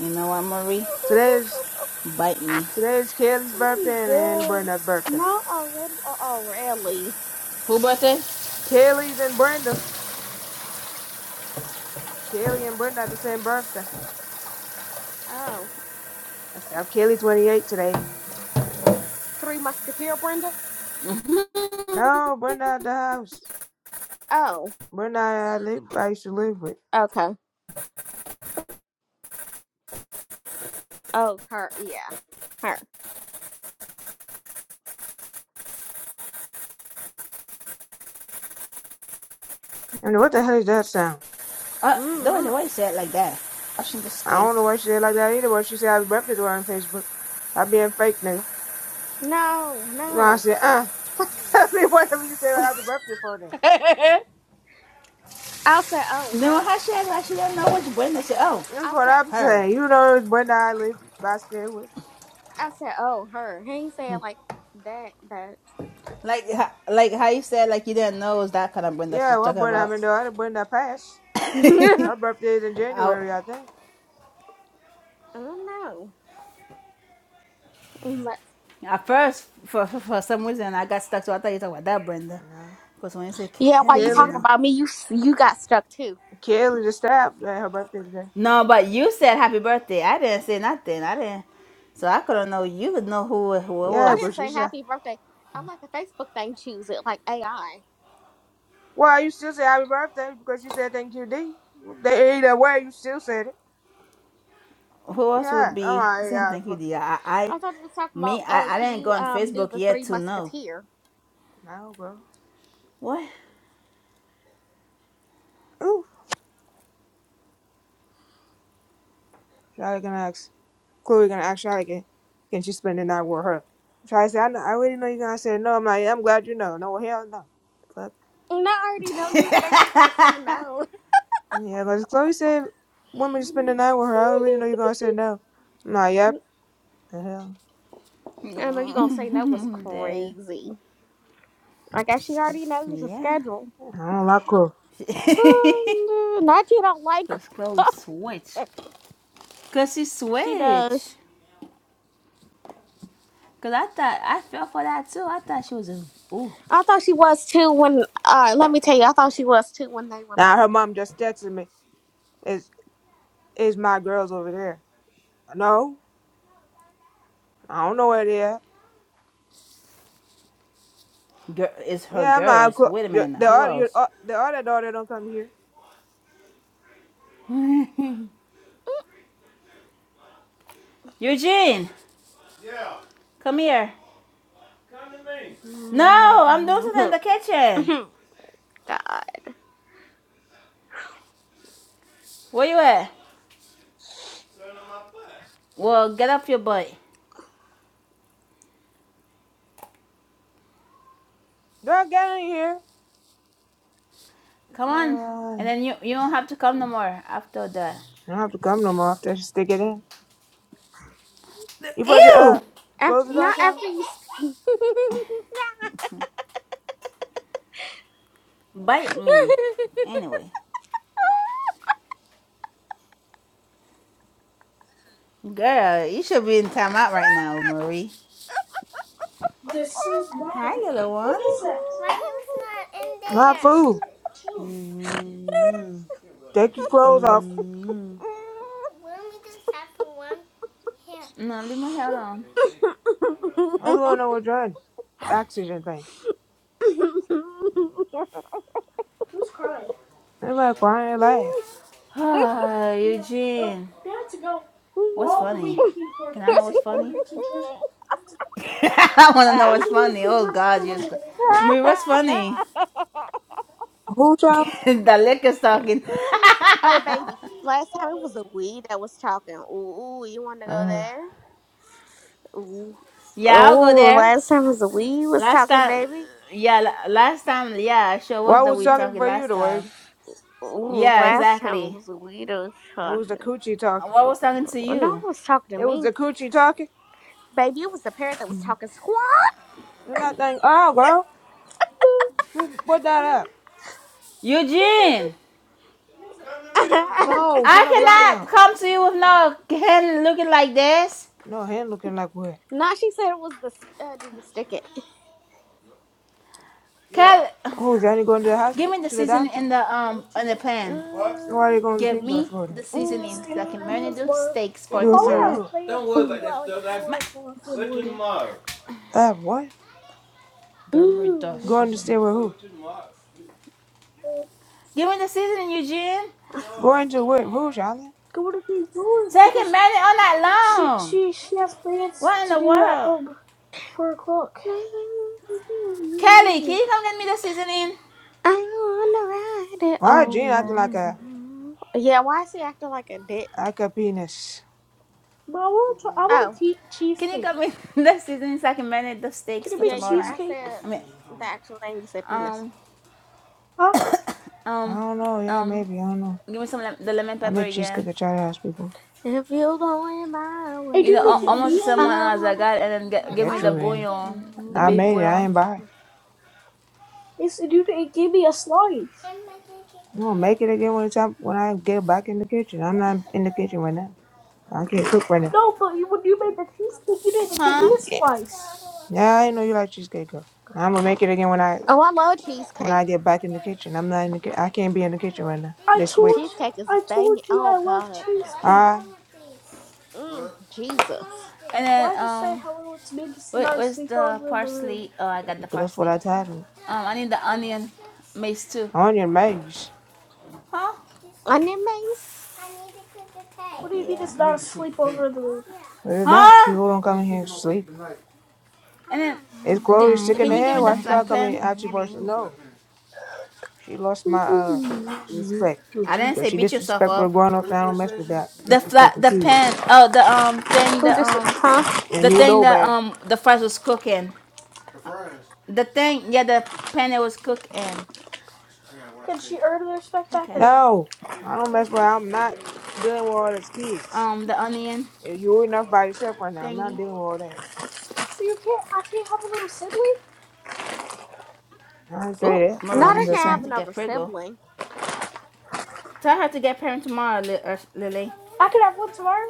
Speaker 5: You know what, Marie?
Speaker 1: Today's
Speaker 5: Bite me.
Speaker 1: today's Kaylee's birthday and, and
Speaker 3: They
Speaker 1: Brenda's birthday.
Speaker 3: not already or already.
Speaker 5: Who busted?
Speaker 1: Kaylee's and Brenda's. Kaylee and Brenda had the same birthday.
Speaker 3: Oh,
Speaker 1: I said, I'm Kaylee 28 today.
Speaker 3: Three Musketeer Brenda?
Speaker 1: No, burn out the house.
Speaker 3: Oh,
Speaker 1: Burn out I live I used to live with.
Speaker 3: okay. Oh, her, yeah. Her.
Speaker 1: I mean what the hell is that sound?
Speaker 5: Uh, Doja,
Speaker 3: mm
Speaker 5: why you say it like that? I shouldn't just
Speaker 1: I
Speaker 5: stay.
Speaker 1: don't know
Speaker 5: And
Speaker 1: why she said it like that either, but she said happy birthday to her on Facebook. I being fake nigga.
Speaker 3: No,
Speaker 1: No, I
Speaker 3: no.
Speaker 1: said, uh I mean whatever you say happy birthday for then.
Speaker 3: I said, oh,
Speaker 5: then how
Speaker 3: her.
Speaker 5: she act like she didn't know which Brenda, she said, oh,
Speaker 1: That's
Speaker 3: I
Speaker 1: what
Speaker 3: said,
Speaker 1: I'm
Speaker 5: her.
Speaker 1: saying. You know it's Brenda I live I stay with.
Speaker 3: I said, oh, her. He ain't saying like that, that.
Speaker 5: Like, like how you said, like you didn't know it was that kind of Brenda she's
Speaker 1: Yeah, what
Speaker 5: talking
Speaker 1: Brenda I
Speaker 5: about.
Speaker 1: mean the other Brenda passed.
Speaker 3: oh,
Speaker 1: Her birthday is in
Speaker 5: I,
Speaker 1: January, I think.
Speaker 3: no. But-
Speaker 5: at first, for, for, for some reason, I got stuck, so I thought you were talking about that Brenda.
Speaker 1: No.
Speaker 5: Because when you say
Speaker 3: yeah, while you
Speaker 5: Kelly, you
Speaker 1: Kelly.
Speaker 3: talking
Speaker 5: know,
Speaker 3: about me, you s- you got stuck too.
Speaker 1: Kelly the staff, uh, her birthday today.
Speaker 5: No, but you said happy birthday. I didn't say nothing. I didn't. So I couldn't know. You would know who who it
Speaker 1: Yeah,
Speaker 3: I
Speaker 5: was.
Speaker 1: because
Speaker 3: didn't say
Speaker 1: she's said
Speaker 3: happy birthday. I'm like a Facebook thing, choose it, like AI.
Speaker 1: Well, you still say happy birthday because you said thank you, D. They either way, you still said it.
Speaker 5: Who else
Speaker 1: Yeah,
Speaker 5: would
Speaker 1: I'm
Speaker 5: be
Speaker 1: like,
Speaker 5: saying
Speaker 1: yeah,
Speaker 5: thank you,
Speaker 1: but
Speaker 5: dear? I, I
Speaker 3: I thought you were talking about
Speaker 5: me,
Speaker 3: oh,
Speaker 5: I, I
Speaker 3: can
Speaker 5: didn't go
Speaker 3: you
Speaker 5: on
Speaker 3: um do
Speaker 5: Facebook
Speaker 3: the
Speaker 5: yet
Speaker 3: Three
Speaker 5: to know.
Speaker 3: Musketeer?
Speaker 1: no, bro.
Speaker 5: What?
Speaker 1: Ooh, Charlotte gonna ask. Chloe gonna ask Charlotte again. Can she spend the night with her? Charlotte said, I, know, I already know you're gonna say no. I'm like, yeah, I'm glad you know. No, hell no. Fuck.
Speaker 3: And I already know you think you gonna say no.
Speaker 1: Yeah, because Chloe said, women just spend the night with her. I already know you're gonna say no. I'm like, yep. The hell.
Speaker 3: I know you gonna say no was
Speaker 5: Mm, Then
Speaker 3: crazy. I guess she already knows the
Speaker 5: Yeah.
Speaker 3: schedule.
Speaker 1: I don't like Chloe.
Speaker 3: Um, not you don't like.
Speaker 5: Cause Chloe switch.
Speaker 3: her.
Speaker 5: Cause she
Speaker 3: She
Speaker 5: switch.
Speaker 3: does.
Speaker 5: Cause I thought I fell for that too. I thought she was a ooh.
Speaker 3: I thought she was too when. Uh, let me tell you, I thought she was too when they were
Speaker 1: Now,
Speaker 3: like,
Speaker 1: her mom just texted me, is is my girls over there? No, I don't know where they at.
Speaker 5: Girl, it's her
Speaker 1: Yeah, I'm not.
Speaker 5: girls.
Speaker 1: co-
Speaker 5: Wait a
Speaker 1: your-
Speaker 5: minute now.
Speaker 1: The
Speaker 5: Who
Speaker 1: other, your,
Speaker 5: else?
Speaker 1: uh, the other daughter don't come here.
Speaker 5: Eugene, come here. No, I'm doing something in the kitchen.
Speaker 3: God,
Speaker 5: Where you at? Well, get up, your butt.
Speaker 1: Girl, get in here.
Speaker 5: Come on.
Speaker 1: Uh,
Speaker 5: And
Speaker 1: I
Speaker 5: then you, you don't have to come no more after that.
Speaker 1: don't have to come no more after she stick it in. You put the, uh,
Speaker 5: Ew!
Speaker 3: after,
Speaker 1: close the door,
Speaker 3: not
Speaker 1: child.
Speaker 3: after you. s-
Speaker 5: Bite me. Anyway. Girl, you should be in timeout right now, Marie.
Speaker 1: This is
Speaker 5: Hi,
Speaker 1: welcome.
Speaker 5: little one.
Speaker 1: What is that? Not food. Two.
Speaker 5: Mm-hmm.
Speaker 1: Take your clothes off.
Speaker 5: Mm-hmm. No, leave my hair alone.
Speaker 1: I was going on with Jordan. Oxygen thing. Who's crying? Everybody crying and laugh.
Speaker 5: Ah, oh,
Speaker 1: Yeah, uh,
Speaker 5: Eugene.
Speaker 1: they had to go
Speaker 5: What's
Speaker 1: all the
Speaker 5: funny?
Speaker 1: way to King George.
Speaker 5: Can I
Speaker 1: When I
Speaker 5: know what's
Speaker 1: say all the
Speaker 5: funny?
Speaker 1: way to King George, they had to go
Speaker 5: I want to know
Speaker 1: all
Speaker 5: what's
Speaker 1: the way to
Speaker 5: funny.
Speaker 1: King
Speaker 5: Oh,
Speaker 1: George
Speaker 5: God, you
Speaker 1: because of the injury.
Speaker 5: Marie, what's funny?
Speaker 1: Who talking?
Speaker 5: the lick is talking.
Speaker 1: That's
Speaker 3: oh
Speaker 1: all
Speaker 3: baby,
Speaker 1: she
Speaker 3: last time it was a
Speaker 1: was.
Speaker 3: we that was talking. Ooh, ooh, you want to go
Speaker 1: Uh,
Speaker 3: there? Ooh,
Speaker 5: Yeah, I'll go
Speaker 3: ooh,
Speaker 5: there.
Speaker 3: last time it was a we was
Speaker 5: Last
Speaker 3: talking,
Speaker 5: time,
Speaker 3: baby.
Speaker 5: yeah, la- last time, yeah, I sure
Speaker 1: what
Speaker 5: was that
Speaker 1: was
Speaker 5: we
Speaker 3: Mm.
Speaker 1: talking
Speaker 5: talking
Speaker 1: for you,
Speaker 5: last
Speaker 1: the word.
Speaker 5: time.
Speaker 3: Ooh,
Speaker 5: Yeah,
Speaker 3: last time it
Speaker 5: exactly.
Speaker 3: was a we that was
Speaker 1: It was the
Speaker 3: talking.
Speaker 1: coochie talking.
Speaker 5: What was talking to
Speaker 3: No one
Speaker 5: you,
Speaker 3: was talking to
Speaker 1: It was
Speaker 3: me,
Speaker 1: the coochie talking.
Speaker 3: baby. It was the parrot that was talking squawk.
Speaker 1: And I think, oh, girl, do- put that No, up.
Speaker 5: Eugene?
Speaker 1: No,
Speaker 5: I
Speaker 1: turn the blind
Speaker 5: cannot
Speaker 1: up.
Speaker 5: come to you with no hand looking like this.
Speaker 1: No, hand looking like what?
Speaker 3: nah, she said it was the. Uh, did you stick it?
Speaker 5: Can
Speaker 1: Oh, is Johnny going to the
Speaker 5: give
Speaker 1: hospital,
Speaker 5: me the
Speaker 1: to the
Speaker 5: seasoning
Speaker 1: doctor?
Speaker 5: and the um and the pan.
Speaker 1: Why are you
Speaker 3: Mm,
Speaker 1: going to
Speaker 5: Give
Speaker 1: Kingdom
Speaker 5: me
Speaker 1: Florida?
Speaker 5: the
Speaker 1: to the
Speaker 5: seasoning so I can
Speaker 1: Stanford until
Speaker 3: mm,
Speaker 5: marinate those
Speaker 1: tomorrow.
Speaker 5: steaks for
Speaker 1: You and Holly stay with has
Speaker 3: mm,
Speaker 5: tomorrow.
Speaker 1: who? plans to
Speaker 3: mm,
Speaker 1: go at like four o'clock in the morning. Uh, what?
Speaker 5: Give me the
Speaker 3: mm.
Speaker 1: Going to stay
Speaker 5: seasoning.
Speaker 1: with who? Uh,
Speaker 5: Give me the seasoning, Eugene.
Speaker 1: Going to with Who, Charlotte? Going to New York
Speaker 5: So I can
Speaker 1: because
Speaker 5: marinate all night
Speaker 1: she
Speaker 5: long.
Speaker 1: she she has plans
Speaker 5: What in
Speaker 1: to
Speaker 5: the
Speaker 1: do at
Speaker 5: world?
Speaker 1: um four o'clock.
Speaker 5: Kelly, can you come get me the seasoning?
Speaker 3: I wanna ride it
Speaker 1: Why is
Speaker 3: all
Speaker 1: Gene
Speaker 3: night.
Speaker 1: acting like a
Speaker 3: long. Yeah, why is he acting like a dick?
Speaker 1: like a penis? But I want to, I want
Speaker 3: Oh,
Speaker 1: tea-
Speaker 5: Can you
Speaker 1: cheesecake.
Speaker 5: come in next season so I can marinate the steaks
Speaker 1: Can you
Speaker 5: for
Speaker 3: yeah,
Speaker 1: make
Speaker 3: you
Speaker 5: tomorrow
Speaker 3: were. I
Speaker 5: night?
Speaker 1: cheesecake?
Speaker 3: said
Speaker 5: I mean,
Speaker 3: the actual name. You said penis.
Speaker 5: um,
Speaker 1: Huh? I
Speaker 5: um,
Speaker 1: don't know. Yeah,
Speaker 5: um,
Speaker 1: maybe. I don't know.
Speaker 5: give me some lem- the lemon
Speaker 1: I
Speaker 5: pepper
Speaker 1: made cheesecake
Speaker 5: again.
Speaker 1: at Charlie House before.
Speaker 3: If you're going my
Speaker 1: I
Speaker 5: You know,
Speaker 1: didn't make
Speaker 5: al-
Speaker 3: way,
Speaker 1: it
Speaker 5: almost the
Speaker 1: me
Speaker 5: same
Speaker 3: I
Speaker 1: any?
Speaker 5: one as I
Speaker 3: wanna
Speaker 5: got, and then
Speaker 3: ride
Speaker 5: get,
Speaker 3: it
Speaker 5: give me
Speaker 1: Get
Speaker 5: the
Speaker 1: you
Speaker 3: all night.
Speaker 1: in.
Speaker 5: bouillon, the
Speaker 1: I
Speaker 5: beef
Speaker 1: made it.
Speaker 3: long.
Speaker 1: I
Speaker 5: bouillon.
Speaker 1: ain't buy. Yes, dude. It gave me a slice. I'm gonna make it again when it's time when I get back in the kitchen. I'm not in the kitchen right now. I can't cook right now. No, but you, when you made the cheesecake, you didn't give me
Speaker 5: Huh?
Speaker 1: a Yeah, slice. Yeah, I know you like cheesecake, girl. I'm gonna make it again when I
Speaker 3: Oh, I love
Speaker 1: when
Speaker 3: cheesecake.
Speaker 1: I get back in the kitchen. I'm not in the ki- I can't be in the kitchen right now I this week. told week. you,
Speaker 3: Cheesecake is
Speaker 1: I told
Speaker 3: banging.
Speaker 1: you
Speaker 3: Oh
Speaker 1: I love
Speaker 3: God,
Speaker 1: cheesecake. Ah,
Speaker 3: mm, Jesus,
Speaker 5: And then,
Speaker 1: Why just say
Speaker 5: um,
Speaker 1: hello? It's me. This is
Speaker 5: wait,
Speaker 1: not a
Speaker 5: where's the
Speaker 1: sleepover in the room.
Speaker 5: parsley? Oh, I got the
Speaker 1: that's what
Speaker 5: parsley.
Speaker 1: I titled.
Speaker 5: Um, I need the onion mace too.
Speaker 1: Onion maze.
Speaker 5: Huh?
Speaker 3: onion mace.
Speaker 1: What do you mean
Speaker 5: Yeah.
Speaker 1: it's not a sleepover in the room? It's not.
Speaker 5: Huh?
Speaker 1: People don't come in here to sleep.
Speaker 5: And then,
Speaker 1: It's
Speaker 5: the,
Speaker 1: Chloe sick in
Speaker 5: can
Speaker 1: the
Speaker 5: you give
Speaker 1: head.
Speaker 5: me the
Speaker 1: Why should I
Speaker 5: flat
Speaker 1: come in
Speaker 5: plan?
Speaker 1: out your person? No. She lost my uh respect.
Speaker 5: I didn't
Speaker 1: Because
Speaker 5: say
Speaker 1: she
Speaker 5: beat yourself
Speaker 1: disrespectful
Speaker 5: up.
Speaker 1: grown ups. I don't mess with that.
Speaker 5: the flat
Speaker 1: Disrespectful
Speaker 5: the pan
Speaker 1: kids.
Speaker 5: oh the um thing
Speaker 3: Who
Speaker 5: the
Speaker 3: this?
Speaker 5: um
Speaker 3: Huh?
Speaker 5: the
Speaker 1: And you
Speaker 5: thing
Speaker 1: know,
Speaker 5: that
Speaker 1: babe.
Speaker 5: um the fries was cooking the thing yeah the pan it was cooking
Speaker 1: Can she earn the respect back or
Speaker 5: okay
Speaker 1: no? No. I don't mess with I'm not dealing with all these kids.
Speaker 5: um the onion
Speaker 1: If you're enough by yourself right now, I'm not
Speaker 5: thingy
Speaker 1: dealing with all that. So you can't. I can't have a little sibling. I didn't
Speaker 5: oh
Speaker 1: say that, but
Speaker 3: Not
Speaker 5: Marina
Speaker 1: I'm
Speaker 3: I
Speaker 5: she's
Speaker 3: can
Speaker 1: just
Speaker 5: trying
Speaker 3: have
Speaker 1: saying.
Speaker 5: to get
Speaker 3: another
Speaker 5: Prego
Speaker 3: sibling.
Speaker 5: tell her to get parent tomorrow Li- uh, Lily
Speaker 1: I could have one tomorrow.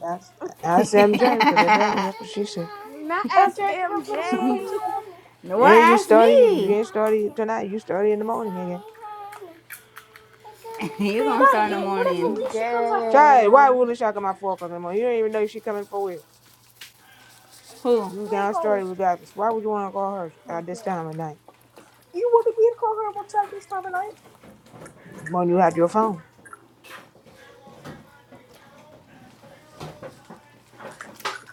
Speaker 1: That's that's MJ because apparently that's what she said.
Speaker 3: Not
Speaker 1: Oh,
Speaker 3: as
Speaker 1: Jack, can have little something to
Speaker 3: MJ.
Speaker 1: love?
Speaker 5: no one
Speaker 1: And you
Speaker 5: asked
Speaker 1: started,
Speaker 5: me
Speaker 1: you ain't started tonight. You started in the morning again.
Speaker 5: you
Speaker 1: Man,
Speaker 5: gonna
Speaker 1: not
Speaker 5: start in the
Speaker 1: again. What if
Speaker 5: morning
Speaker 3: Mm,
Speaker 1: Alicia comes after? four? Child, why would
Speaker 3: dang.
Speaker 1: Alicia come at four o'clock in the morning? You don't even know if she coming for real.
Speaker 5: who
Speaker 1: You We ain't got calling. started regardless. Why would you want to call her Oh, at this man. time of night You wanted me to call her one time this time of night? when you had your phone?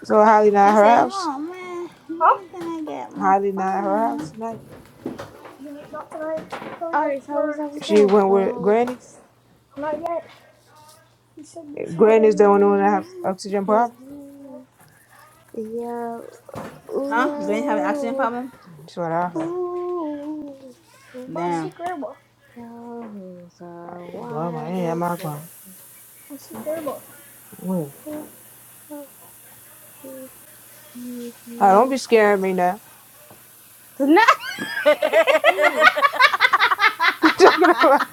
Speaker 1: So Holly not at
Speaker 5: she
Speaker 1: her
Speaker 5: saying
Speaker 1: house.
Speaker 5: oh man
Speaker 1: Huh?
Speaker 5: when can I get my
Speaker 1: Holly not at her house
Speaker 5: phone
Speaker 1: tonight. No, not tonight. She's coming
Speaker 3: All
Speaker 1: back
Speaker 3: these hoes
Speaker 1: for.
Speaker 3: i was
Speaker 1: She
Speaker 3: in
Speaker 1: went with
Speaker 3: for.
Speaker 1: Granny. Not yet. He said that's Granny's the only one that have oxygen problem. Yeah.
Speaker 3: Yeah.
Speaker 5: huh Granny have an oxygen
Speaker 3: Ooh.
Speaker 5: problem
Speaker 1: That's what I heard.
Speaker 3: Ooh.
Speaker 1: But I
Speaker 5: damn
Speaker 1: see grandma.
Speaker 3: Those are
Speaker 1: Like, grandma, I ain't at
Speaker 3: wild.
Speaker 1: my grandma. I see grandma. Where?
Speaker 3: No!
Speaker 1: Oh, don't be scaring me now. I do. You Talking about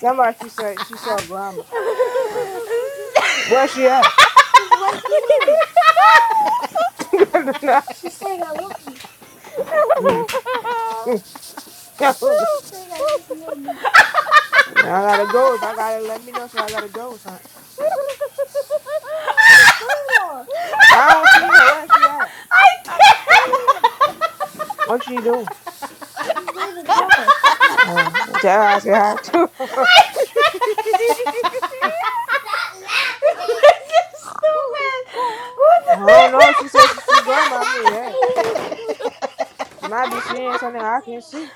Speaker 1: somebody, she said she saw grandma. Yeah, I see her. Where's she at? She's right here. No. She's saying I love you. Mm. Mm. No, no. She's saying I love you and me. I gotta go. If I gotta let me know, so I gotta go or something. But it's grandma. I don't see her. Where's she at? right there. What she doing? She's waving hi. Yeah, tell her I said hi too. I
Speaker 5: you stupid. What the
Speaker 1: don't know. She said she see grandma. I mean, hey, you might be seeing something I can see.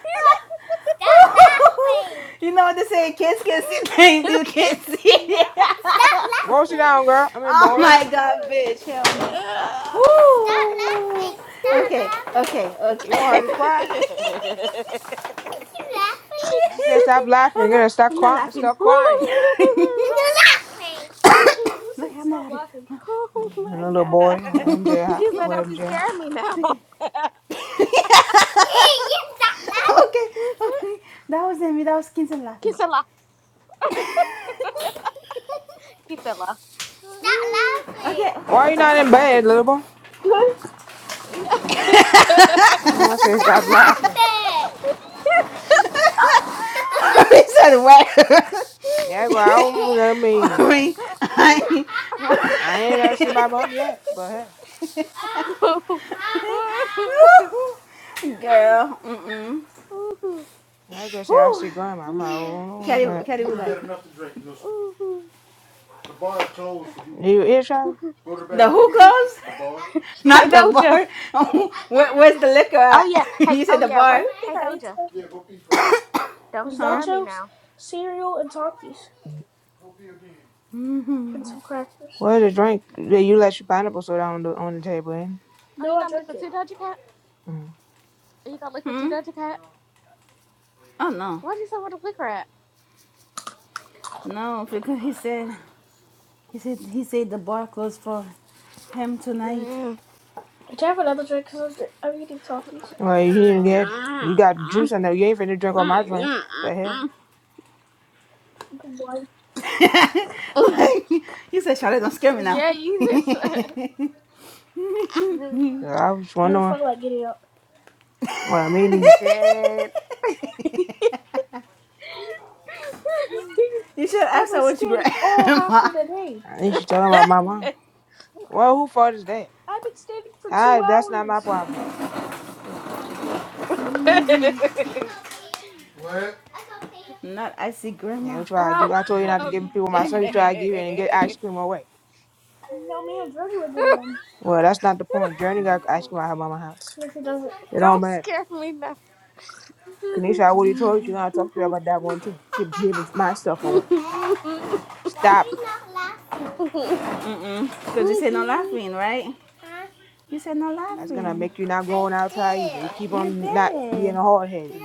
Speaker 5: You know what they say, kids can see things you can't see. Stop
Speaker 1: Go sit
Speaker 5: laughing!
Speaker 1: down, girl. I mean,
Speaker 5: oh
Speaker 1: boy.
Speaker 5: my god, bitch. Hell no.
Speaker 3: yeah.
Speaker 5: Woo. Stop laughing. Stop Okay, laughing. okay, okay.
Speaker 1: You
Speaker 5: okay.
Speaker 1: want her to cry?
Speaker 5: Is
Speaker 1: Ew.
Speaker 5: she
Speaker 1: She said stop
Speaker 5: laughing? oh
Speaker 1: laughing. You
Speaker 5: no,
Speaker 1: know, stop
Speaker 5: I'm not
Speaker 1: crying.
Speaker 5: laughing.
Speaker 1: Stop crying.
Speaker 5: You're laughing.
Speaker 1: Who's
Speaker 5: okay,
Speaker 1: saying
Speaker 5: I'm not
Speaker 1: stop
Speaker 5: laughing.
Speaker 1: laughing?
Speaker 3: oh
Speaker 1: And
Speaker 3: my
Speaker 1: the little
Speaker 3: god.
Speaker 1: boy, MJ, hi-
Speaker 3: She said,
Speaker 1: where
Speaker 3: Don't be
Speaker 1: MJ?
Speaker 3: scaring me now.
Speaker 5: Okay. you Okay. Okay. That was Amy. That was Kinson laughing.
Speaker 3: Kisela. Kisela.
Speaker 5: Okay, okay,
Speaker 1: Why you
Speaker 5: okay, I
Speaker 1: not in
Speaker 5: stopped
Speaker 1: bed,
Speaker 5: laughing.
Speaker 1: little boy? Huh? Mama I said stop laughing.
Speaker 5: I said what?
Speaker 1: Yeah, go. I don't know what that mean.
Speaker 5: Mommy, I
Speaker 1: I ain't never seen my mom yet, but hey.
Speaker 5: girl, mm-mm.
Speaker 1: I go say I
Speaker 5: Whew.
Speaker 1: see grandma. I'm like, oh, no, is
Speaker 5: Carry,
Speaker 1: that?
Speaker 5: carry You like Had
Speaker 1: Do you eat Charlie?
Speaker 5: the hookahs,
Speaker 1: No,
Speaker 5: not
Speaker 3: Hey
Speaker 5: the
Speaker 3: Doja.
Speaker 5: bar. Where, where's the liquor
Speaker 3: Oh
Speaker 5: at?
Speaker 3: yeah. Hey.
Speaker 5: you
Speaker 3: Oh
Speaker 5: said the
Speaker 3: yeah.
Speaker 1: the
Speaker 3: Where?
Speaker 5: bar,
Speaker 1: only thing
Speaker 3: Hey
Speaker 1: I ate
Speaker 3: Doja.
Speaker 1: today
Speaker 3: Don't be
Speaker 1: was
Speaker 5: huh?
Speaker 3: scaring me
Speaker 1: nachos,
Speaker 3: now.
Speaker 1: cereal, and Takis, and
Speaker 5: Mm-hmm.
Speaker 1: some crackers. What is the drink that you let your pineapple soda on the on the table? Ain't it?
Speaker 3: Oh,
Speaker 1: No,
Speaker 3: you
Speaker 1: I
Speaker 3: got
Speaker 1: drank
Speaker 3: liquor
Speaker 1: it.
Speaker 3: too, Doja Cat?
Speaker 1: it? Mm.
Speaker 3: Are you got liquor too,
Speaker 5: Hmm?
Speaker 3: Doja Cat?
Speaker 5: Oh no,
Speaker 3: What is over the liquor at?
Speaker 5: no, because he said he said he said the bar closed for him tonight.
Speaker 1: Which I can have another drink because I'm, drink- I'm eating Takis. Well, you need to get it. You got juice in there. You ain't finna drink all my drink. The hell? Good boy.
Speaker 5: like, he said, Charlotte, don't scare me now.
Speaker 3: yeah, you just.
Speaker 5: you
Speaker 1: 'Cause I was wondering. I don't wondering. feel like getting up. Well, me
Speaker 3: I'm
Speaker 1: neither.
Speaker 3: dead.
Speaker 5: should
Speaker 1: I've
Speaker 5: ask
Speaker 1: been
Speaker 5: her what you
Speaker 1: standing all half
Speaker 5: grandma.
Speaker 1: of the day. I think she talking about my mom. Well, who fault is that? I've been standing for two I, that's not my hours. problem. Hmm.
Speaker 5: Not I see
Speaker 1: Now
Speaker 5: grandma.
Speaker 1: you try to
Speaker 3: I'm
Speaker 1: give. I told you not to give
Speaker 3: I'm
Speaker 1: people my stuff. You
Speaker 3: dead.
Speaker 1: try to give it and get ice cream away. No, ma'am, Jordan was the other one. Well, that's not the point. Journey got ice cream at her mama's house. Yes, it doesn't. It don't
Speaker 3: Don't
Speaker 1: matter.
Speaker 3: scare me now.
Speaker 1: Kanisha, I already told you. You're gonna
Speaker 3: Um,
Speaker 1: talk to her about that one too. Keep giving my stuff away. Stop it.
Speaker 5: Mm-mm. Because you said no laughing, right? You said no
Speaker 1: That's gonna
Speaker 5: laughing.
Speaker 1: make you not going outside either. You keep
Speaker 5: You're
Speaker 1: on not being
Speaker 5: dead.
Speaker 1: hard headed.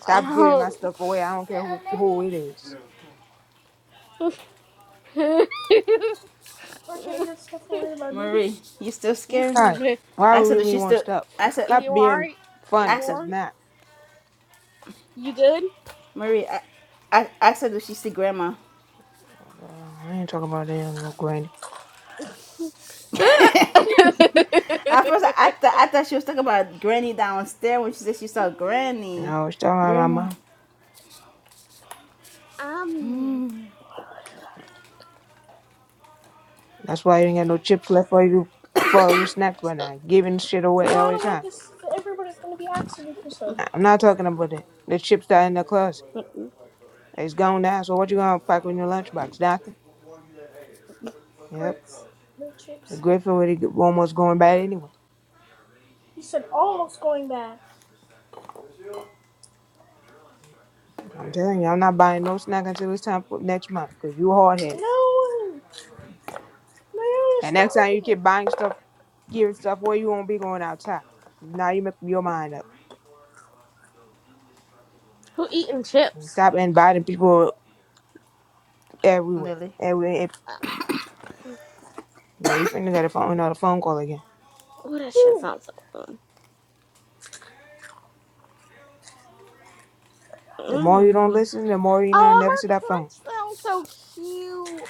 Speaker 1: Stop giving my stuff away. I don't care who who it is. Where can I can't give stuff away to my baby?
Speaker 5: Marie, you still
Speaker 3: you
Speaker 5: scared?
Speaker 1: Right.
Speaker 3: said-
Speaker 1: Why would
Speaker 5: Ask her,
Speaker 1: we
Speaker 5: does
Speaker 1: be
Speaker 5: she
Speaker 1: want
Speaker 5: still
Speaker 1: stuff?
Speaker 5: ask her
Speaker 1: Stop
Speaker 3: you
Speaker 1: being
Speaker 3: alright?
Speaker 1: funny.
Speaker 3: You
Speaker 5: ask
Speaker 1: if
Speaker 5: her
Speaker 1: It's
Speaker 3: alright?
Speaker 1: not.
Speaker 3: You good?
Speaker 5: Marie, I, I ask her, does she see grandma?
Speaker 1: Uh, I ain't talking about that no granny.
Speaker 5: At first, I thought I thought she was talking about Granny downstairs when she said she saw Granny,
Speaker 1: No, it's talking about my
Speaker 5: Grandma
Speaker 1: mom.
Speaker 3: um,
Speaker 1: That's why you ain't got no chips left for you for your snacks right now. Giving shit away No, all the like time. Everybody's gonna be asking me for some. I'm not talking about that. The chips that are in the closet. It's gone now, so what you gonna pack in your lunchbox? Nothing? Yep. Grapes, no The chips. grapefruit already g- almost going bad anyway. You said almost going bad. I'm telling you, I'm not buying no snack until it's time for next month because you hard headed. No, Mary, And next time you it. keep buying stuff, giving stuff away, you won't be going outside. Now you make your mind up.
Speaker 3: who eating
Speaker 1: And
Speaker 3: chips?
Speaker 1: stop inviting people everywhere.
Speaker 5: Lily.
Speaker 1: Everywhere.
Speaker 3: Uh,
Speaker 1: Yeah, you finna get a phone another phone call again.
Speaker 3: Oh, that shit
Speaker 1: Phew.
Speaker 3: sounds so good.
Speaker 1: The more you don't
Speaker 3: Mm.
Speaker 1: listen, the more you're gonna
Speaker 3: Oh,
Speaker 1: never see
Speaker 3: her
Speaker 1: that phone.
Speaker 3: crunch sounds so cute.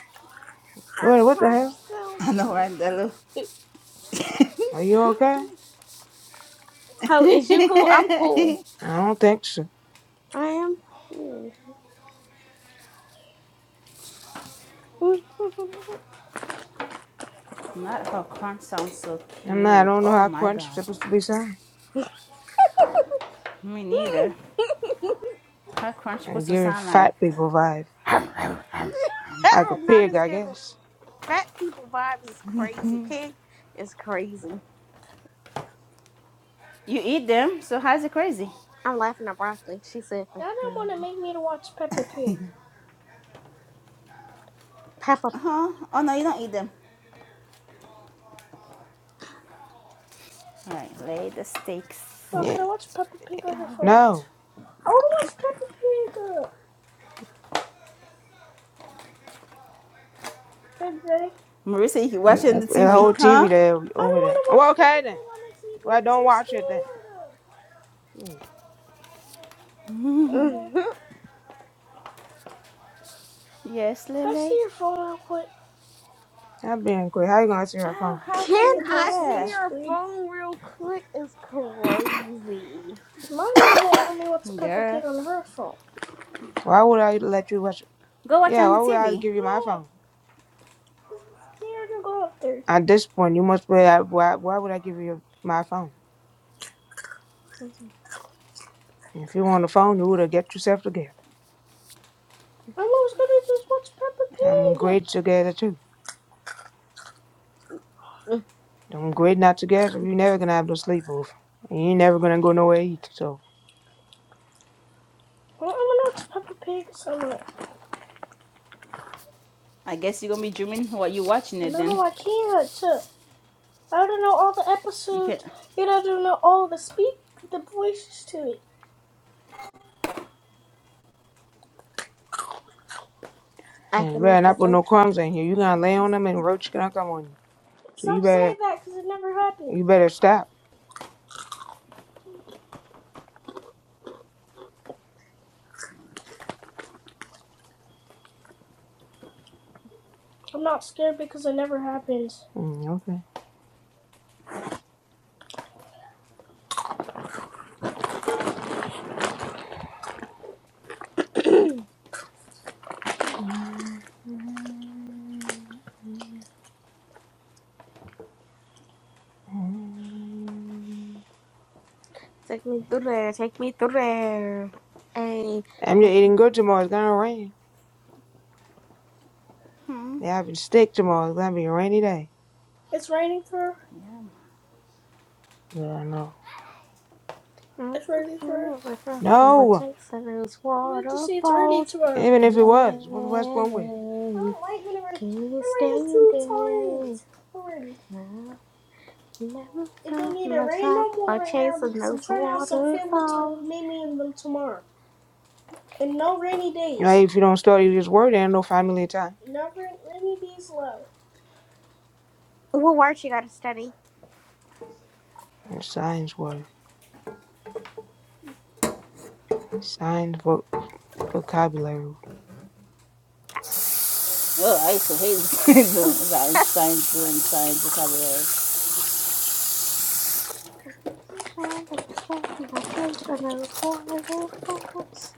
Speaker 3: Her
Speaker 1: What what the hell?
Speaker 3: crunch
Speaker 5: I know,
Speaker 3: sounds.
Speaker 5: right, Lily?
Speaker 1: Are you okay?
Speaker 3: How is you cool? I'm cool.
Speaker 1: I don't think so.
Speaker 3: I am cool.
Speaker 5: Not her crunch sounds so
Speaker 1: I'm not I
Speaker 5: cute.
Speaker 1: don't know
Speaker 5: Oh
Speaker 1: how
Speaker 5: my
Speaker 1: crunch is
Speaker 5: God,
Speaker 1: supposed to be sound.
Speaker 5: me neither. Her crunch supposed
Speaker 1: And
Speaker 5: to
Speaker 1: giving
Speaker 5: sound like
Speaker 1: fat people vibe. Like a
Speaker 3: Not
Speaker 1: pig,
Speaker 3: as
Speaker 1: I
Speaker 3: giving.
Speaker 1: guess.
Speaker 3: Fat people vibes is crazy. Pig is crazy.
Speaker 5: you eat them. So how's it crazy?
Speaker 3: I'm laughing at broccoli. She said,
Speaker 1: Now they
Speaker 3: "Mhm.
Speaker 1: want to make me to watch Peppa Pig.
Speaker 3: Peppa.
Speaker 5: Uh huh. Oh no, you don't eat them. All right, lay the steaks
Speaker 1: Oh, can I watch Peppa Pig on your phone?
Speaker 5: out.
Speaker 1: No. I want to watch Peppa Pig, uh,
Speaker 5: Marissa, you
Speaker 1: MJ.
Speaker 5: watching the
Speaker 1: That's the
Speaker 5: TV,
Speaker 1: whole TV
Speaker 5: huh?
Speaker 1: there over I don't there. watch Well, okay then. Well, don't watch it then. MJ,
Speaker 3: Mhm.
Speaker 5: Yes,
Speaker 1: can I see
Speaker 5: Lily.
Speaker 1: your phone real quick? I'm being quick. How you gonna see your
Speaker 5: How,
Speaker 1: phone?
Speaker 5: how can
Speaker 1: Through
Speaker 3: Can
Speaker 5: you
Speaker 1: the
Speaker 5: do
Speaker 3: I
Speaker 1: past of the
Speaker 3: see
Speaker 5: that?
Speaker 3: your
Speaker 1: screen.
Speaker 3: phone real quick? Is crazy.
Speaker 1: 'Cause My mom won't let me watch Peppa
Speaker 5: Girl,
Speaker 1: Pig on her phone. Why would I let you watch it?
Speaker 5: go watch
Speaker 1: Yeah,
Speaker 5: on
Speaker 1: why
Speaker 5: the
Speaker 1: would I
Speaker 5: TV.
Speaker 1: give you no, my No, phone? scared to go up there. At this point, you must be. Why, why would I give you my phone? If you want a phone, you would have get yourself together. I am always gonna just watch Peppa Pig. I'm great together too. I'm great not together. You're never gonna have no sleepover. And you ain't never gonna go nowhere eat. So I want to watch Peppa Pig somewhere.
Speaker 5: I guess you're gonna be dreaming while you watching it then.
Speaker 1: No, I can't. I don't know all the
Speaker 5: You can't.
Speaker 1: episodes, and I don't know all the speak, the voices to it.
Speaker 3: I
Speaker 1: and you
Speaker 3: can
Speaker 1: better
Speaker 3: make
Speaker 1: not put
Speaker 3: that.
Speaker 1: no crumbs in here. You gonna lay on them and roach gonna come on you. So Stop you better saying that because it never happened. You better stop. I'm not scared because it never happens. Mm, okay.
Speaker 3: Take me through there. Take me through there. Hey.
Speaker 1: I'm just eating good tomorrow. It's gonna rain.
Speaker 5: Hmm.
Speaker 1: They're having steak tomorrow. It's gonna be a rainy day. It's raining for.
Speaker 5: Yeah.
Speaker 1: Yeah, I know.
Speaker 3: Oh,
Speaker 1: It's
Speaker 3: okay.
Speaker 1: raining
Speaker 3: I
Speaker 1: for.
Speaker 3: am drop from my
Speaker 1: No.
Speaker 3: chase and those
Speaker 1: We have to see it's raining
Speaker 3: waterfalls.
Speaker 1: tomorrow. Even if it was, what- what's wrong with it? I
Speaker 3: Yay.
Speaker 1: don't like when it rains.
Speaker 3: Can't
Speaker 1: It rained
Speaker 3: stand
Speaker 1: two
Speaker 3: it.
Speaker 1: times already.
Speaker 3: No, never
Speaker 1: It don't
Speaker 3: felt
Speaker 1: need to rain
Speaker 3: myself
Speaker 1: no more
Speaker 3: by
Speaker 1: right now
Speaker 3: chasing
Speaker 1: because I'm
Speaker 3: those
Speaker 1: trying to have some family time with
Speaker 3: waterfalls.
Speaker 1: Mimi and them tomorrow. And no rainy days. Right? If you don't study this word, there ain't no family time. Never rainy days love.
Speaker 3: What words you gotta study?
Speaker 1: Your signs word. Signs vo- vocabulary.
Speaker 5: Oh, I used to hate doing
Speaker 3: Mm.
Speaker 5: science, science, doing science vocabulary.
Speaker 3: My chasing those waterfalls.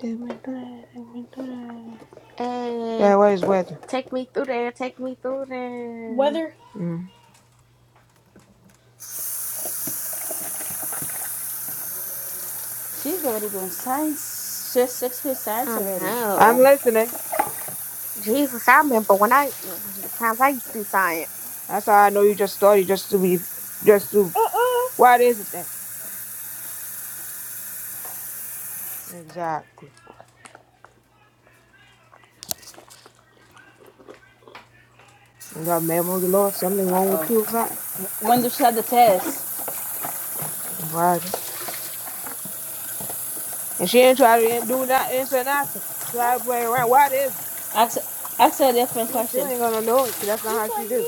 Speaker 1: That
Speaker 3: Hey,
Speaker 1: what is weather?
Speaker 3: take me through there, take me through there.
Speaker 1: Weather. Mm.
Speaker 5: She's already doing science, she's six grade science
Speaker 3: I
Speaker 5: already.
Speaker 3: know.
Speaker 1: I'm listening.
Speaker 3: Jesus, I remember when I the times I used to do science.
Speaker 1: That's how I know you just study just to be just to Uh-uh. what is it then? Exactly. You got memory loss? something
Speaker 5: Uh
Speaker 1: wrong with you
Speaker 5: oh.
Speaker 1: or something.
Speaker 5: When does she have the test?
Speaker 1: Right. And she ain't try to do not answer nothing. Try to play around. What is it?
Speaker 5: Ask, ask her a different
Speaker 1: She still
Speaker 5: question.
Speaker 1: ain't gonna know it. 'cause That's not how she right do.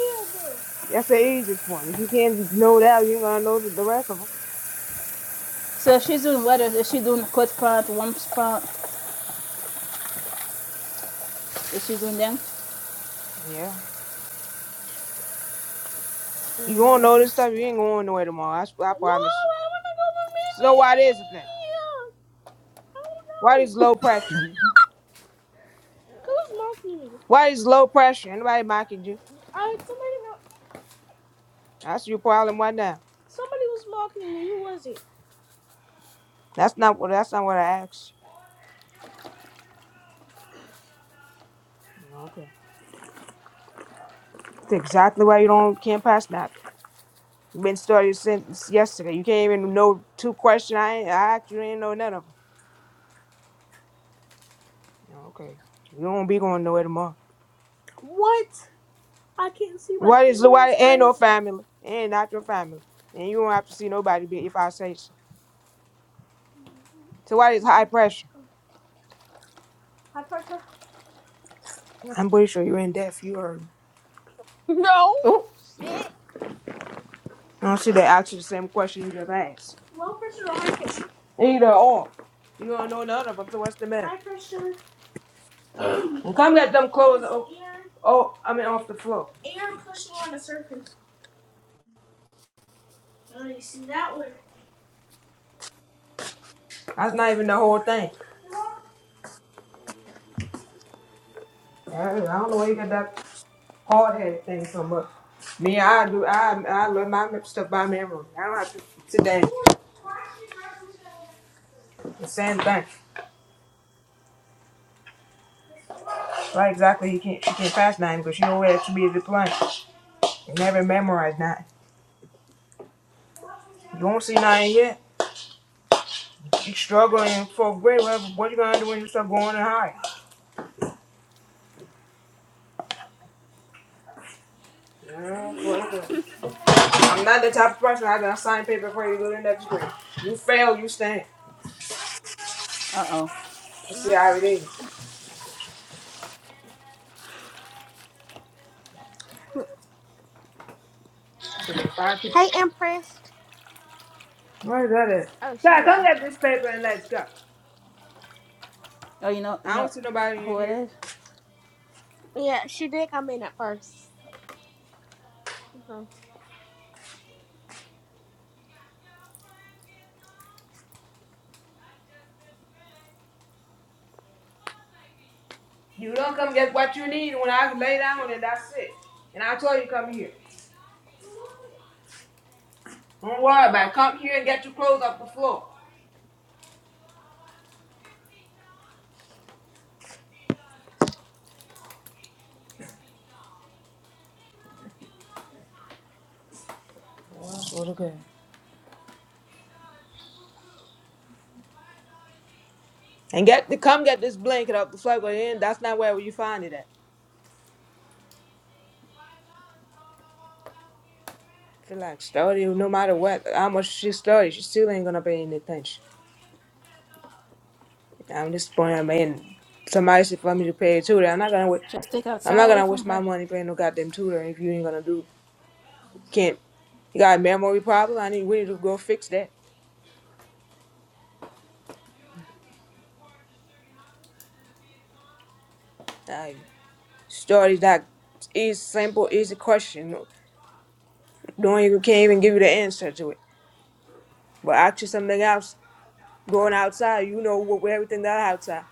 Speaker 1: That's the easiest one. If you can't know that, you ain't gonna know the, the rest of them.
Speaker 5: So if she's doing what? Is she doing quote part, one part? Is she doing them?
Speaker 1: Yeah, you gonna
Speaker 3: Mhm.
Speaker 1: know this stuff. You ain't going nowhere tomorrow. I, s- I No, promise you. I wanna go with So why this thing? Why this low pressure? Who's mocking me? Why is low pressure? Anybody mocking you? I somebody That's your problem right now. somebody was mocking me. Who was it? That's not what. That's not what I asked. you. Okay. That's exactly why you don't can't pass that. Been started since yesterday. You can't even know two questions. I ain't, I asked you, you ain't know none of them. Okay, you won't be going nowhere tomorrow. What? I can't see my Why is family. why ain't no crazy. family? and not your family, and you don't have to see nobody. Be if I say so. So why is high pressure? High pressure? I'm pretty sure you're in death. You heard.
Speaker 3: No
Speaker 5: Oh.
Speaker 3: shit.
Speaker 1: I don't see they ask you the same question you just asked. Low pressure or high pressure? Either or. You don't know none of them. So what's the matter? High pressure. Come get them clothes. Oh, oh, I mean off the floor. Air pushing on the surface. No, You see that one? That's not even the whole thing. I don't know where you got that hard headed thing from, but me, I do. I I learn my stuff by memory. I don't have to sit down. The same thing. Right? Exactly. You can't you can't pass nothing because you know where to be at the plane. You never memorize nothing. You won't see nothing yet. You struggle in fourth grade. What, what you gonna do when you start going to high?
Speaker 3: Mm.
Speaker 1: Yeah, I'm not the type of person I gonna sign paper for you to go to the next grade. You fail, you stand.
Speaker 5: Uh oh.
Speaker 1: You see how it is. Should be five people.
Speaker 3: Hey, impressed.
Speaker 1: What is that? At?
Speaker 3: Oh, she
Speaker 1: God, come
Speaker 3: left.
Speaker 1: get this paper and let's go.
Speaker 5: Oh, you know, you
Speaker 1: I
Speaker 5: know
Speaker 1: don't see nobody
Speaker 5: who
Speaker 1: in
Speaker 5: it
Speaker 1: here.
Speaker 5: is?
Speaker 3: Yeah, she did come in at 1st but
Speaker 1: You don't come get what you need when I lay down and that's it. And I told you come here. Don't worry about it. Come here and get your clothes off the floor. That's okay. And get the come get this blanket off the floor. But then that's not where you find it at. feel like study, no matter what, how much she studies, she still ain't gonna pay any attention. I'm disappointed. I somebody should for me to pay a tutor. I'm not gonna. wa-
Speaker 5: Just take
Speaker 1: I'm
Speaker 5: outside
Speaker 1: not
Speaker 5: away
Speaker 1: gonna
Speaker 5: from
Speaker 1: waste my
Speaker 5: her.
Speaker 1: money paying no goddamn tutor if you ain't gonna do. Can't. You got a memory problem. I need. We need to go fix that. Like stories that is simple, easy question. Don't even can't even give you the answer to it. But ask you something else. Going outside, you know what what everything that outside.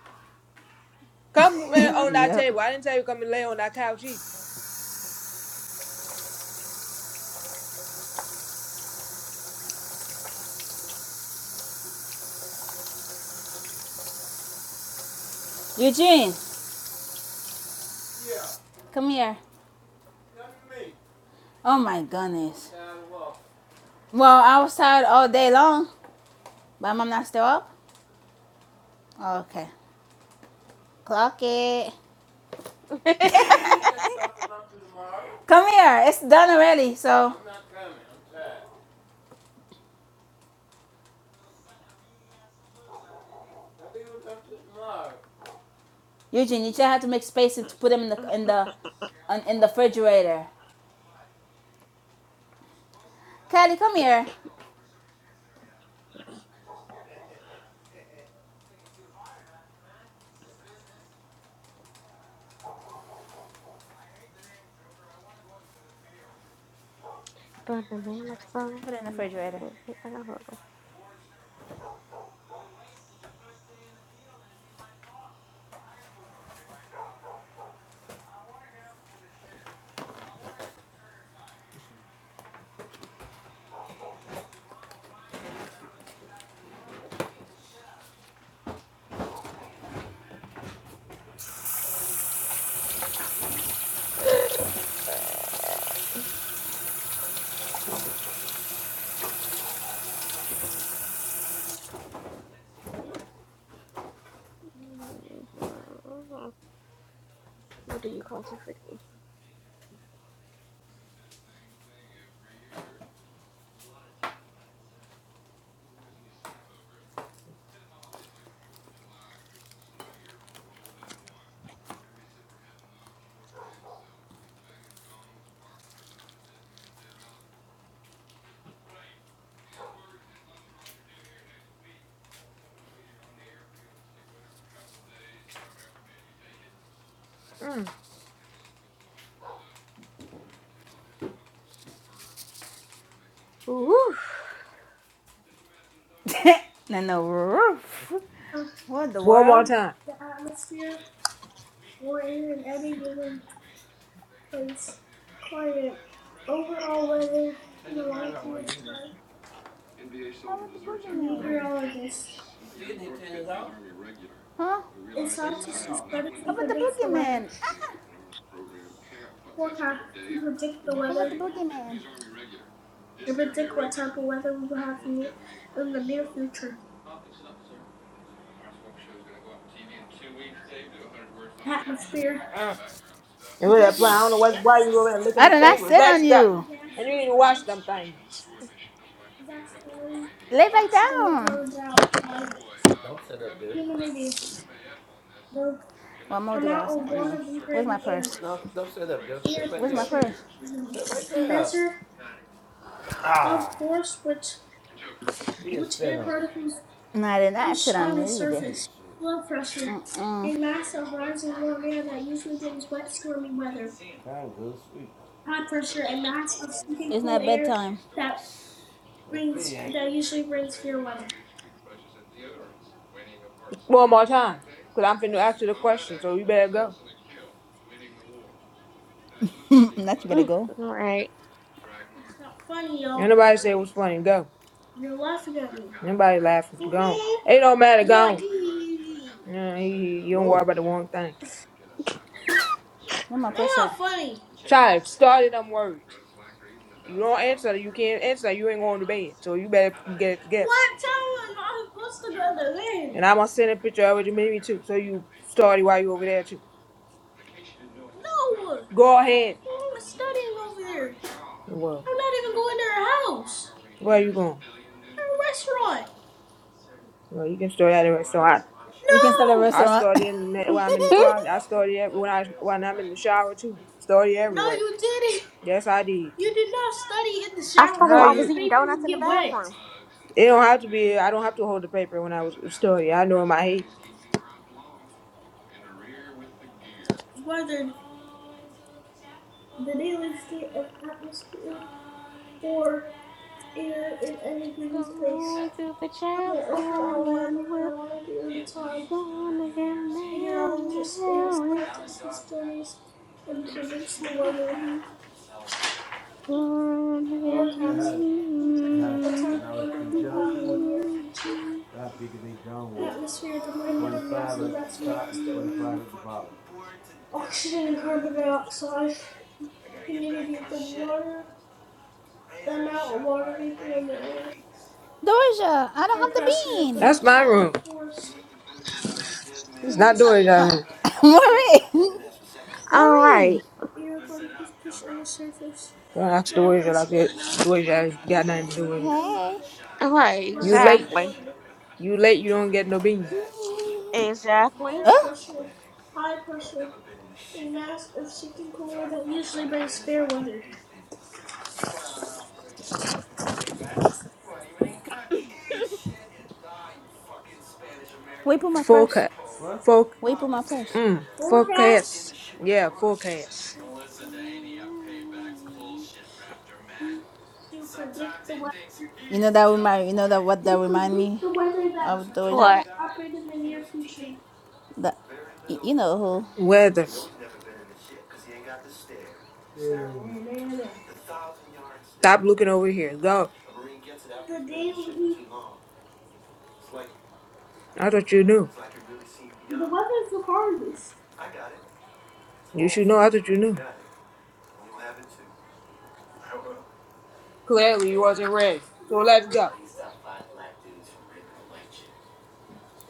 Speaker 1: Come eh, on that
Speaker 5: yep.
Speaker 1: table. I didn't tell you come and lay on that couch either.
Speaker 5: Eugene. Come here. Oh my goodness. Well, I was tired all day long, but mom not still up? Okay. Clock it. Come here. It's done already. So I'm not coming. I'm tired. Eugene, you just have to make space and to put them in the in the on- in the refrigerator. Kelly, come here.
Speaker 3: the man like so.
Speaker 5: Put it in the refrigerator.
Speaker 3: I got hurt. Mhm. What do you call it? Freaking. Mm. Ooh.
Speaker 5: no, no roof. What the
Speaker 1: One more
Speaker 5: world?
Speaker 1: time.
Speaker 5: N B A soldiers deserts after writing
Speaker 1: meteorologist
Speaker 5: pamphlets. Army regular. Huh? We
Speaker 1: a
Speaker 5: realized his
Speaker 1: scientist who studies
Speaker 5: How
Speaker 1: and
Speaker 5: about the
Speaker 1: predicts the weather.
Speaker 5: boogeyman? Ah!
Speaker 1: Forecast to predict the
Speaker 5: How about the
Speaker 1: weather,
Speaker 5: boogeyman?
Speaker 1: atmosphere, And with that I don't know why, why you over there licking
Speaker 5: I
Speaker 1: your
Speaker 5: did not
Speaker 1: fingers.
Speaker 5: sit
Speaker 1: Relax
Speaker 5: on
Speaker 1: up.
Speaker 5: you.
Speaker 1: And you need to wash them things. gas, oil,
Speaker 5: Lay back
Speaker 1: oxygen, and
Speaker 5: down.
Speaker 1: carbon dioxide, humidity, the
Speaker 5: Well, I'm about to go
Speaker 1: amount
Speaker 5: outside
Speaker 1: of
Speaker 5: anyway.
Speaker 1: water vapor
Speaker 5: Where's my
Speaker 1: in the air,
Speaker 5: purse? Where's my purse?
Speaker 1: measure of force which which air particles
Speaker 5: No, I did not
Speaker 1: push
Speaker 5: sit on
Speaker 1: on a
Speaker 5: you either.
Speaker 1: surface, flow pressure,
Speaker 5: Mm-mm.
Speaker 1: a mass of rising warm air that usually brings wet, stormy weather. high pressure, and mass of sinking
Speaker 5: It's
Speaker 1: cool
Speaker 5: not
Speaker 1: air
Speaker 5: bedtime.
Speaker 1: that brings that usually brings fear weather. One more time. Because I'm finna ask you the question, so you better go.
Speaker 5: That's better
Speaker 3: Mm.
Speaker 5: go.
Speaker 3: All right.
Speaker 1: It's not funny, y'all. Ain't nobody say it was funny. Go. You're laughing at me. Nobody laughing. Go. on. It don't matter. Go. you on. Yeah, you you don't worry about the wrong thing.
Speaker 5: Where my
Speaker 1: they're
Speaker 5: purse
Speaker 1: not funny. Try to start it on words. You don't answer. You can't answer. You ain't going to bed. So you better get it together. What time am I supposed to go to bed? And I'm gonna send a picture of what you made me too. So you study while you over there too. No. Go ahead. I'm studying over there. Well. I'm not even going to her house. Where are you going? Her restaurant. No, you can store that in So I,
Speaker 5: You can start a
Speaker 1: No, I
Speaker 5: restaurant.
Speaker 1: store it in the-
Speaker 3: I
Speaker 1: when I'm in the toilet. I store it every- when I when I'm in the shower too. Store it no, everywhere. you didn't. Yes, I did. You did not study in the shower How
Speaker 3: started
Speaker 1: where
Speaker 3: while I
Speaker 1: your
Speaker 3: was
Speaker 1: you?
Speaker 3: eating
Speaker 1: paper
Speaker 3: donuts
Speaker 1: would
Speaker 3: in the
Speaker 1: get
Speaker 3: bathroom.
Speaker 1: wet. It don't have to be. I don't have to hold the paper when I was studying. I know in my head. Whether the daily state of atmosphere or air in any given place,
Speaker 3: Going to the
Speaker 1: on the
Speaker 3: chapel
Speaker 1: overall weather
Speaker 3: and
Speaker 1: in a
Speaker 3: we're
Speaker 1: long period of time.
Speaker 3: gonna get
Speaker 1: Meteorologist is a
Speaker 3: married.
Speaker 1: scientist who studies and predicts the weather
Speaker 3: Gonna get
Speaker 1: forecast to predict what type
Speaker 3: married.
Speaker 1: of weather we will have in the near future. Atmosphere the blanket of gases that surrounds the earth. Oxygen and carbon dioxide. Humidity the water, the amount of water vapor in the air.
Speaker 5: Doja, I don't
Speaker 1: Air
Speaker 5: have the
Speaker 1: pressure
Speaker 5: bean.
Speaker 1: the That's my room. force. It's not doing that room.
Speaker 5: Marie,
Speaker 3: All
Speaker 5: Marie.
Speaker 3: right,
Speaker 1: Air particles push on the surface. Don't ask the Love waiter and like that. sweat The waiter got nothing to do with it.
Speaker 3: all right,
Speaker 1: You late.
Speaker 3: exactly,
Speaker 1: You late. You don't get no bean.
Speaker 3: exactly.
Speaker 1: Air pressure, high pressure, a mass of sinking cooler that usually brings fair weather. Forecast. Foc. Mm. Forecast Yeah. Forecast. to predict the weather.
Speaker 5: know that remind. You know that what that remind me
Speaker 1: The weather
Speaker 5: of Doja.
Speaker 3: What?
Speaker 1: that will
Speaker 5: That you know who.
Speaker 1: Weather. Stop looking over here. Go. the I thought you knew. weather. You should know. I thought you knew. Clearly, you wasn't ready. So let's go.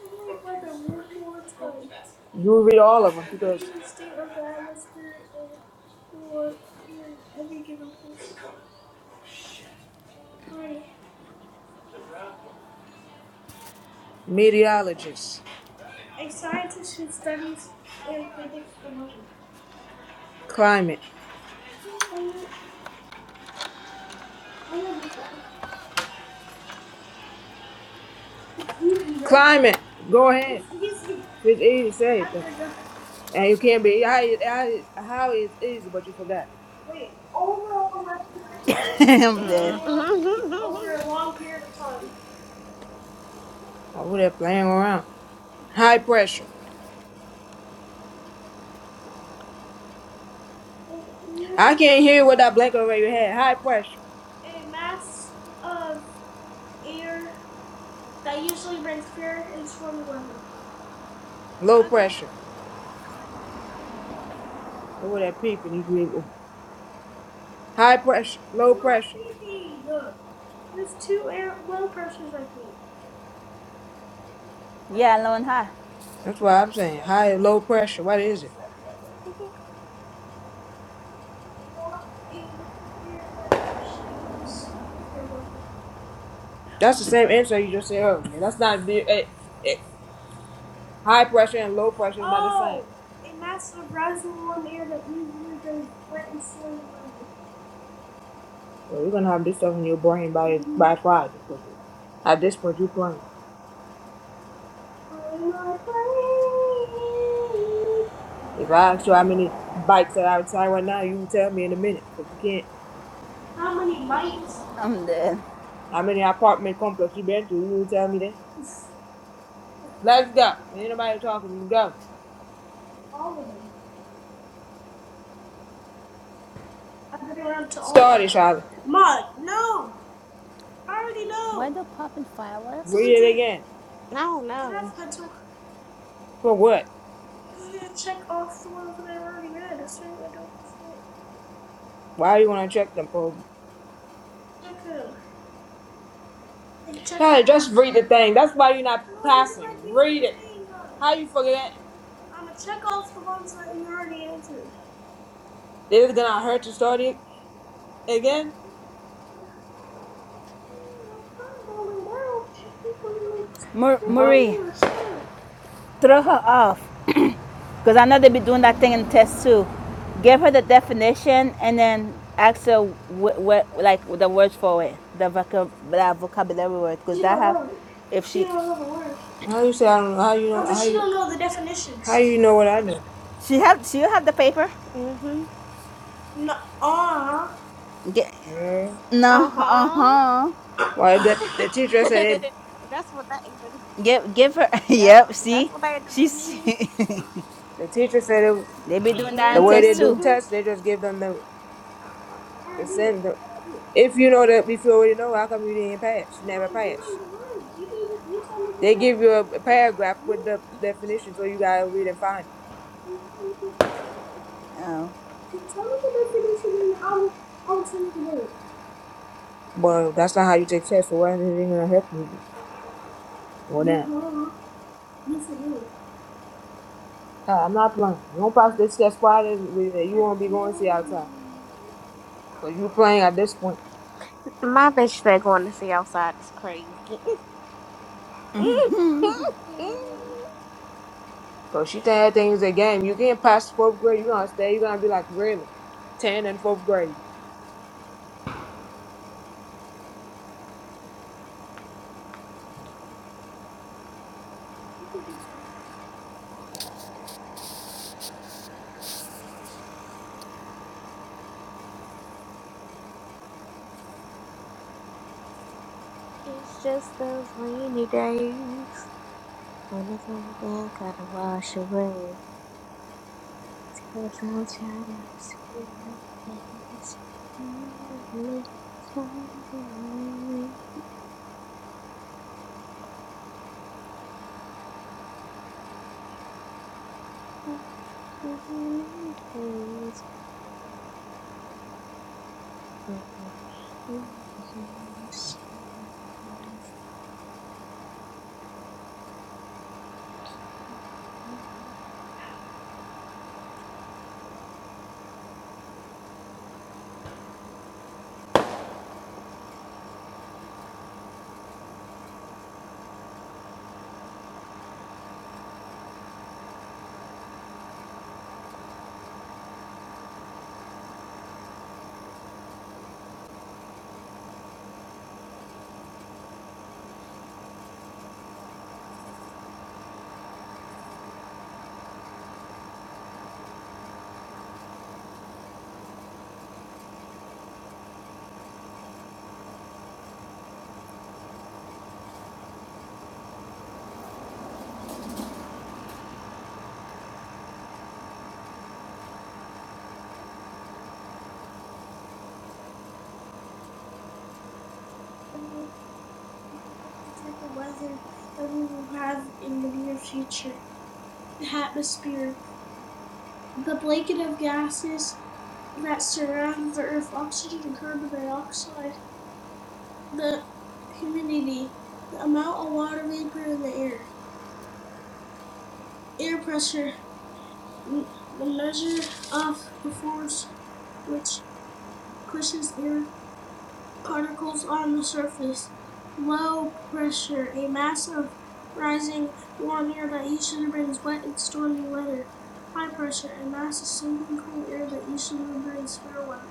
Speaker 1: I'll read weather one more time. You'll read all of them because daily state of the atmosphere and or in every given place. Alrighty. Meteorologist. A scientist who studies and predicts the weather. climate, Oh, no. I know this one. It's easy, right? climate. Go ahead. It's easy. It's easy. Say it. then. forgot. And you can't be how it, it's easy, but you forgot. Wait, overall weather in
Speaker 5: I'm
Speaker 1: a
Speaker 5: dead.
Speaker 3: Mm-mm.
Speaker 1: long over a long period of time. Oh, they playing around. High pressure. I can't hear what that blanket over your head. High pressure. A mass of air that usually brings fear and stormy weather. Low Okay. pressure. Cor- cor- Look at peeping. You people. High pressure. Low pressure. peeping. Look. There's two air low pressures I think.
Speaker 5: Yeah, alone. high.
Speaker 1: That's what I'm saying. High and low pressure. What is it? Warm- a warm air that usually brings cool fair weather. That's the same answer you just said earlier. That's not the eh, eh, high pressure and low pressure is not the same. Oh, a mass of rising warm air that usually brings wet and stormy weather. Well, you're gonna have this stuff in your brain by by Friday because at this point you're playing. How am I playing? If I ask you how many bikes are outside right now, you will tell me in a minute. But you can't. How many bikes?
Speaker 5: I'm dead.
Speaker 1: How many apartment complex you been to? You will tell me that. Let's go. Ain't nobody talking. Go. All of them. I've been up to all. Start it, Charlie. Mud, no! I already
Speaker 5: Why
Speaker 1: know!
Speaker 5: they're popping
Speaker 1: So
Speaker 5: fireworks?
Speaker 1: Read it again.
Speaker 3: no,
Speaker 1: Can I have
Speaker 3: no.
Speaker 1: a pencil? For what? Because I'm gonna check off the ones that I already read. That's what I don't forget. Why you want to check them for? Check them. Like, check Charlie, off. just read the thing. That's why you're not No, passing. like you Read it. saying, uh, How you forgetting? I'm gonna check off the ones that you already answered. This is gonna hurt to start it again? I'm trying to go lay down.
Speaker 5: Mar-
Speaker 1: You Huh? did
Speaker 5: Marie, throw her off. Because I know they be doing that thing in the test too. Give her the definition and then ask her what, wh- like the words for it, the, vocab- the vocabulary word. Because
Speaker 1: She
Speaker 5: that
Speaker 1: don't
Speaker 5: have,
Speaker 1: know it.
Speaker 5: if
Speaker 1: She
Speaker 5: she,
Speaker 1: don't know the word. How you say I don't know? How you No, know? No, but How she you, don't know the definitions. how you know what I know?
Speaker 5: she have, she have the paper.
Speaker 3: Mm-hmm.
Speaker 1: No, ah.
Speaker 5: Get,
Speaker 1: Yeah.
Speaker 5: no,
Speaker 3: Uh
Speaker 5: uh
Speaker 3: huh.
Speaker 5: huh.
Speaker 1: Well, the, the teacher said it.
Speaker 3: that's what that.
Speaker 5: Give, give her.
Speaker 3: Yep,
Speaker 5: yep. See,
Speaker 3: that's what they had to do to
Speaker 5: she's.
Speaker 3: me.
Speaker 1: The teacher said it.
Speaker 5: they be doing that in
Speaker 1: The way
Speaker 5: test
Speaker 1: they do
Speaker 5: too.
Speaker 3: hmm
Speaker 1: tests, they just give them the, the send the. If you know that, if you already know, how come you didn't pass? You No, never i pass. the words. You You tell me the They give you a, a paragraph with the definition, so you gotta read and find it.
Speaker 5: Oh.
Speaker 1: Tell me the definition, and I will. I will tell you the word. Well, that's not how you take tests. So why is it even gonna help you? on that. You are. Yes, it will. Uh, I'm not playing. You don't pass this test Friday, we- uh, you won't be going to see outside. Cause you playing at this point.
Speaker 3: My bitch that going to see outside is crazy.
Speaker 1: Cause she think everything's a game. You can't pass fourth grade. You are gonna stay. You are gonna be like really, ten and fourth grade.
Speaker 3: it's just those rainy days when the sunshine gotta wash away. till the sunshine I'm seeing your face. Smile at me, smile at me. Those rainy days. Mm-hmm.
Speaker 1: Predict the the The the the The the the type of of of weather that that we will have in in near future. The atmosphere, the blanket of gases that surround the Earth, oxygen and carbon dioxide. the humidity, the amount of water vapor in the air. Air pressure. the measure of the force which pushes air particles on the surface. Low pressure, a mass of rising warm air that usually brings wet and stormy weather. High pressure, a mass of sinking cool air that usually brings fair weather.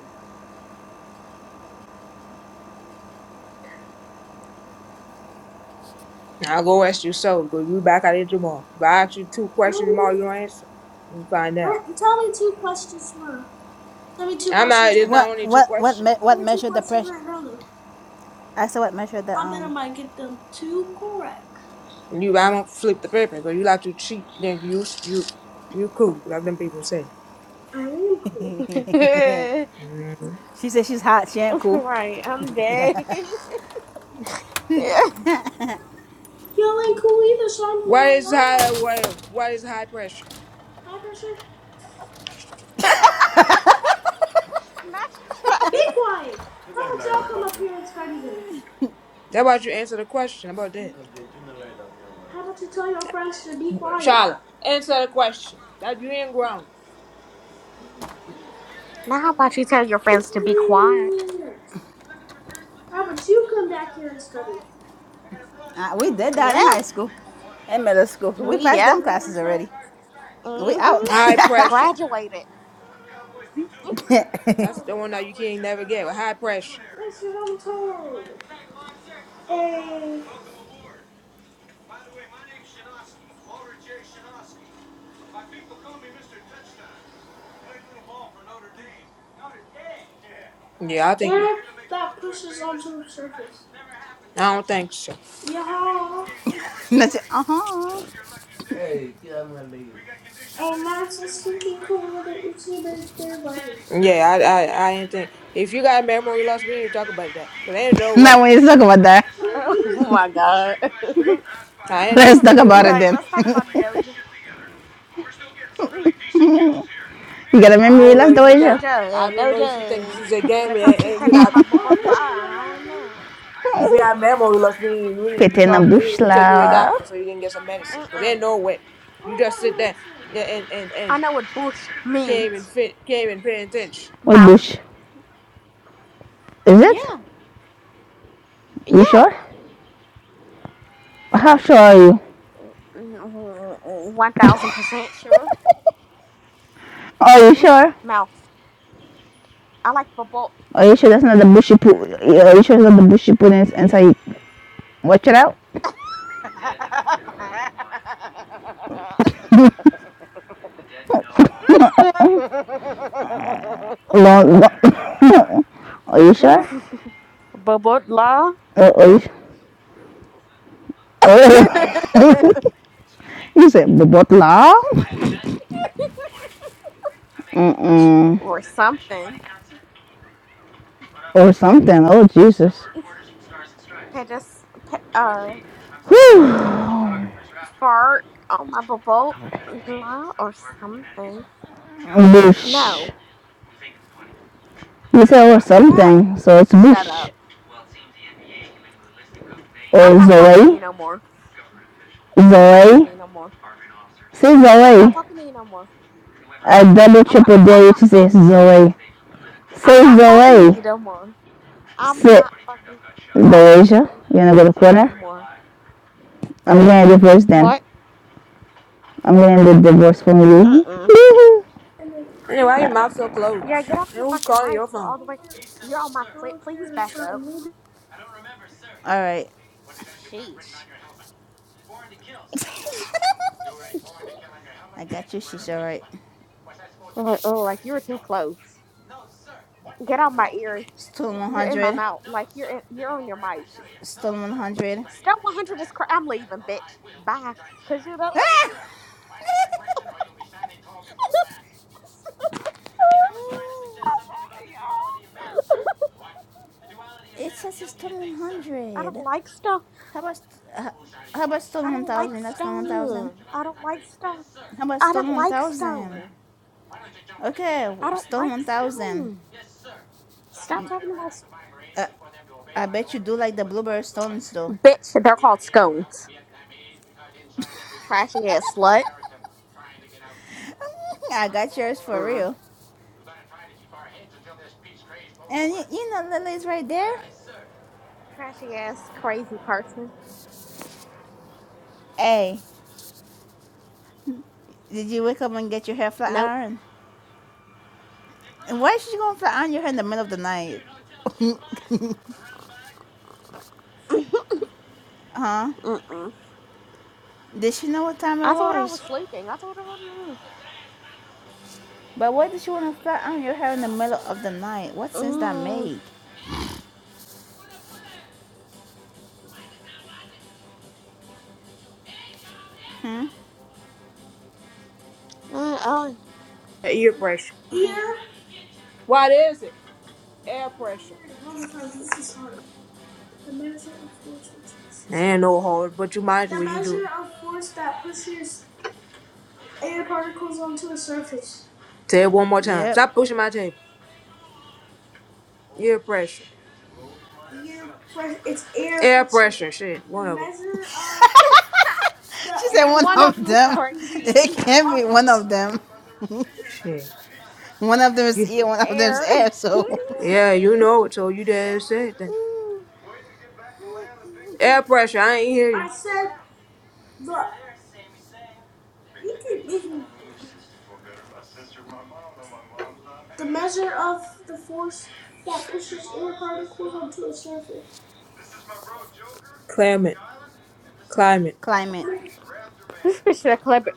Speaker 1: Now I'll go ask you so, because we back at it tomorrow. If I ask you two questions No, tomorrow, you don't answer. You find out. what- tell me two questions more. Tell me two I'm questions. I'm not, it's right now. not
Speaker 5: What,
Speaker 1: now. only two
Speaker 5: what, what,
Speaker 1: questions.
Speaker 5: me-
Speaker 1: Tell
Speaker 5: what
Speaker 1: me two
Speaker 5: measure the
Speaker 1: questions
Speaker 5: pressure?
Speaker 1: right now, though.
Speaker 5: I said what measure the
Speaker 1: I bet I
Speaker 5: um.
Speaker 1: might get them two correct. You, I don't flip the paper, but you like to cheat, then you, you, you cool, like them people say. I am cool.
Speaker 5: She said she's hot. She ain't cool.
Speaker 3: right, I'm dead. Yeah.
Speaker 1: Y'all ain't cool either, so I'm What is high, what, what is high pressure? High pressure.
Speaker 3: Not
Speaker 1: Be
Speaker 3: twice.
Speaker 1: quiet. How about y'all come up here and study then? That about you answer the question. How about that? How about you tell your friends to be quiet? Charlotte, answer the question. That you ain't grown.
Speaker 3: Now, how about you tell your friends to be quiet?
Speaker 1: How about you come back here and study?
Speaker 5: Uh, we did that
Speaker 3: Yeah,
Speaker 5: in high school and middle school. We
Speaker 3: we
Speaker 5: passed
Speaker 3: yeah.
Speaker 5: them
Speaker 1: What did they
Speaker 5: classes
Speaker 1: say?
Speaker 5: already. We out.
Speaker 3: Mm-hmm.
Speaker 1: High pressure.
Speaker 3: Graduated.
Speaker 1: That's the one that you can't never get. With high pressure. Yes, because I'm told a Yeah, I think. air that pushes onto a surface. I don't think so. Yeah,
Speaker 5: Not you, uh-huh.
Speaker 1: a mass is sinking cooler than it's even clear button. Yeah, I, I, I ain't think. If you got memory loss, we need to talk about that. Cause ain't no way.
Speaker 5: Now when you talk about that,
Speaker 1: I
Speaker 3: Oh
Speaker 1: do.
Speaker 3: my god.
Speaker 1: I ain't no
Speaker 5: let's talk
Speaker 1: freaking
Speaker 5: about
Speaker 1: way.
Speaker 5: it
Speaker 3: right,
Speaker 5: then.
Speaker 3: let's talk about Doja. Mm,
Speaker 5: you gotta make
Speaker 1: I
Speaker 5: me
Speaker 1: don't
Speaker 5: realize
Speaker 1: know
Speaker 5: the
Speaker 1: if you
Speaker 5: way
Speaker 1: think.
Speaker 5: you
Speaker 1: I
Speaker 3: Doja,
Speaker 1: don't know if you think this
Speaker 3: Doja.
Speaker 1: is a
Speaker 3: When
Speaker 1: game
Speaker 3: it
Speaker 1: and,
Speaker 3: comes to you,
Speaker 1: and you're
Speaker 3: pat down
Speaker 1: not
Speaker 3: my butt, I don't know.
Speaker 1: If you have memory loss, we, we need to be
Speaker 5: in a
Speaker 1: talking. We need
Speaker 5: bush
Speaker 1: to take you to a
Speaker 5: la.
Speaker 1: doctor so you can get some medicine. Cause there's
Speaker 3: Mm-mm.
Speaker 1: no way you just sit there yeah, and and
Speaker 3: I
Speaker 1: and
Speaker 3: know what bush
Speaker 1: can't even
Speaker 3: means.
Speaker 1: fit, can't even pay attention.
Speaker 5: What
Speaker 3: Mouth.
Speaker 5: bush? Is it?
Speaker 3: Yeah. Yeah,
Speaker 5: You sure? How sure are you?
Speaker 3: one thousand percent sure.
Speaker 5: Are you
Speaker 3: Bush
Speaker 5: sure?
Speaker 3: mouth. I like bubble.
Speaker 5: Are you sure that's not the bush you put? Are you sure it's not the bush you put in, inside? Watch it out. Long, are you sure?
Speaker 3: Bubotla
Speaker 5: Uh, are you sure? Oh. you said the but Mm-mm.
Speaker 3: or something.
Speaker 5: Or something. Oh, Jesus.
Speaker 3: Petis, pe- uh,
Speaker 5: Whew.
Speaker 3: fart on my bubotla or something.
Speaker 5: Bush.
Speaker 3: No,
Speaker 5: You said or
Speaker 3: no.
Speaker 5: something. So it's
Speaker 3: Shut up.
Speaker 5: Bush.
Speaker 3: I'm
Speaker 5: Or
Speaker 3: not talking to you
Speaker 5: Zoe.
Speaker 3: no more. I'm not talking
Speaker 5: Zoe.
Speaker 3: to you no more.
Speaker 5: Say
Speaker 3: I'm not
Speaker 5: Zoe.
Speaker 3: talking to you no more.
Speaker 5: I double
Speaker 3: I'm not
Speaker 5: triple
Speaker 3: I'm
Speaker 5: dare you
Speaker 3: not
Speaker 5: to say
Speaker 3: talking to you no more.
Speaker 5: Zoe.
Speaker 3: I'm
Speaker 5: Say
Speaker 3: not talking to
Speaker 5: Zoe.
Speaker 3: you no more. I'm
Speaker 5: Sit.
Speaker 3: not fucking talking to
Speaker 5: Doja.
Speaker 3: you
Speaker 5: You're gonna go to the corner?
Speaker 3: anymore.
Speaker 5: I'm gonna do first then.
Speaker 3: What?
Speaker 5: I'm gonna leave the boss you.
Speaker 3: Mm-mm.
Speaker 1: Anyway, why your mouth so
Speaker 3: Yeah,
Speaker 1: closed?
Speaker 3: get off
Speaker 1: And
Speaker 3: the
Speaker 1: who's
Speaker 3: fucking
Speaker 1: calling
Speaker 3: mic.
Speaker 1: your
Speaker 3: You're
Speaker 1: phone?
Speaker 3: all the way you're on my clip. Please back up.
Speaker 5: all right.
Speaker 3: Sheesh.
Speaker 5: I got you. She's all right.
Speaker 3: I'm Like, oh, like you are too close. Get out my ear.
Speaker 5: Stolen
Speaker 3: You're in my
Speaker 5: 100.
Speaker 3: mouth. Like you're in, you're on your mic.
Speaker 5: Stolen 100.
Speaker 3: Stump 100 is cra- I'm leaving, bitch. Bye. Cause you don't
Speaker 5: it says it's stolen
Speaker 3: I don't
Speaker 5: 100.
Speaker 3: like Stump
Speaker 5: How about uh, how about
Speaker 3: I
Speaker 5: stolen
Speaker 3: don't like
Speaker 5: 1,000? That's not 1,000.
Speaker 3: stone. I don't like stone.
Speaker 5: How about
Speaker 3: I
Speaker 5: stolen
Speaker 3: don't like
Speaker 5: 1,000?
Speaker 3: stone.
Speaker 5: Okay,
Speaker 3: I don't
Speaker 5: stolen
Speaker 3: like
Speaker 5: 1,000.
Speaker 3: stone. Stop talking about s-
Speaker 5: Uh, I bet you do like the blueberry stones though.
Speaker 3: bitch. They're called scones. Trashy ass slut.
Speaker 5: I got yours for
Speaker 3: Mm.
Speaker 5: real. And you, you know Lily's right there.
Speaker 3: Trashy ass crazy person.
Speaker 5: Hey, did you wake up and get your hair flat
Speaker 3: Nope.
Speaker 5: iron? And why is she going to flat iron your hair in the middle of the night? huh?
Speaker 3: Mm-mm.
Speaker 5: Did she know what time it
Speaker 3: I thought I
Speaker 5: was?
Speaker 3: was sleeping. I thought I was.
Speaker 5: But why did she want to flat iron your hair in the middle of the night? What sense that
Speaker 3: Mm.
Speaker 5: made? Hmm?
Speaker 3: Mm,
Speaker 1: Ear pressure.
Speaker 3: Oh, no.
Speaker 1: What is it? Air pressure. Ain't no hard, but you might as well you do. it. Say it one more time.
Speaker 5: Yep.
Speaker 1: Stop pushing my table. Ear pressure. air press. It's air Air pressure. shit. One of them. measure of the
Speaker 5: She said
Speaker 1: air
Speaker 5: one
Speaker 3: one of
Speaker 5: of
Speaker 3: them was
Speaker 1: particles
Speaker 5: them.
Speaker 1: that pushes
Speaker 3: crazy.
Speaker 5: It can't be
Speaker 1: onto
Speaker 5: one
Speaker 1: the surface.
Speaker 5: of them.
Speaker 1: Shit.
Speaker 5: One of them is
Speaker 1: Yeah,
Speaker 5: ear, one of them is
Speaker 3: Air.
Speaker 5: air, so.
Speaker 1: yeah, you know it, so you did said then.
Speaker 3: Mm.
Speaker 1: Air pressure, I ain't hear you. I said, but you keep making the measure of the force that pushes air particles onto a surface. Climate. Climate.
Speaker 5: Climate.
Speaker 3: This bitch that clever.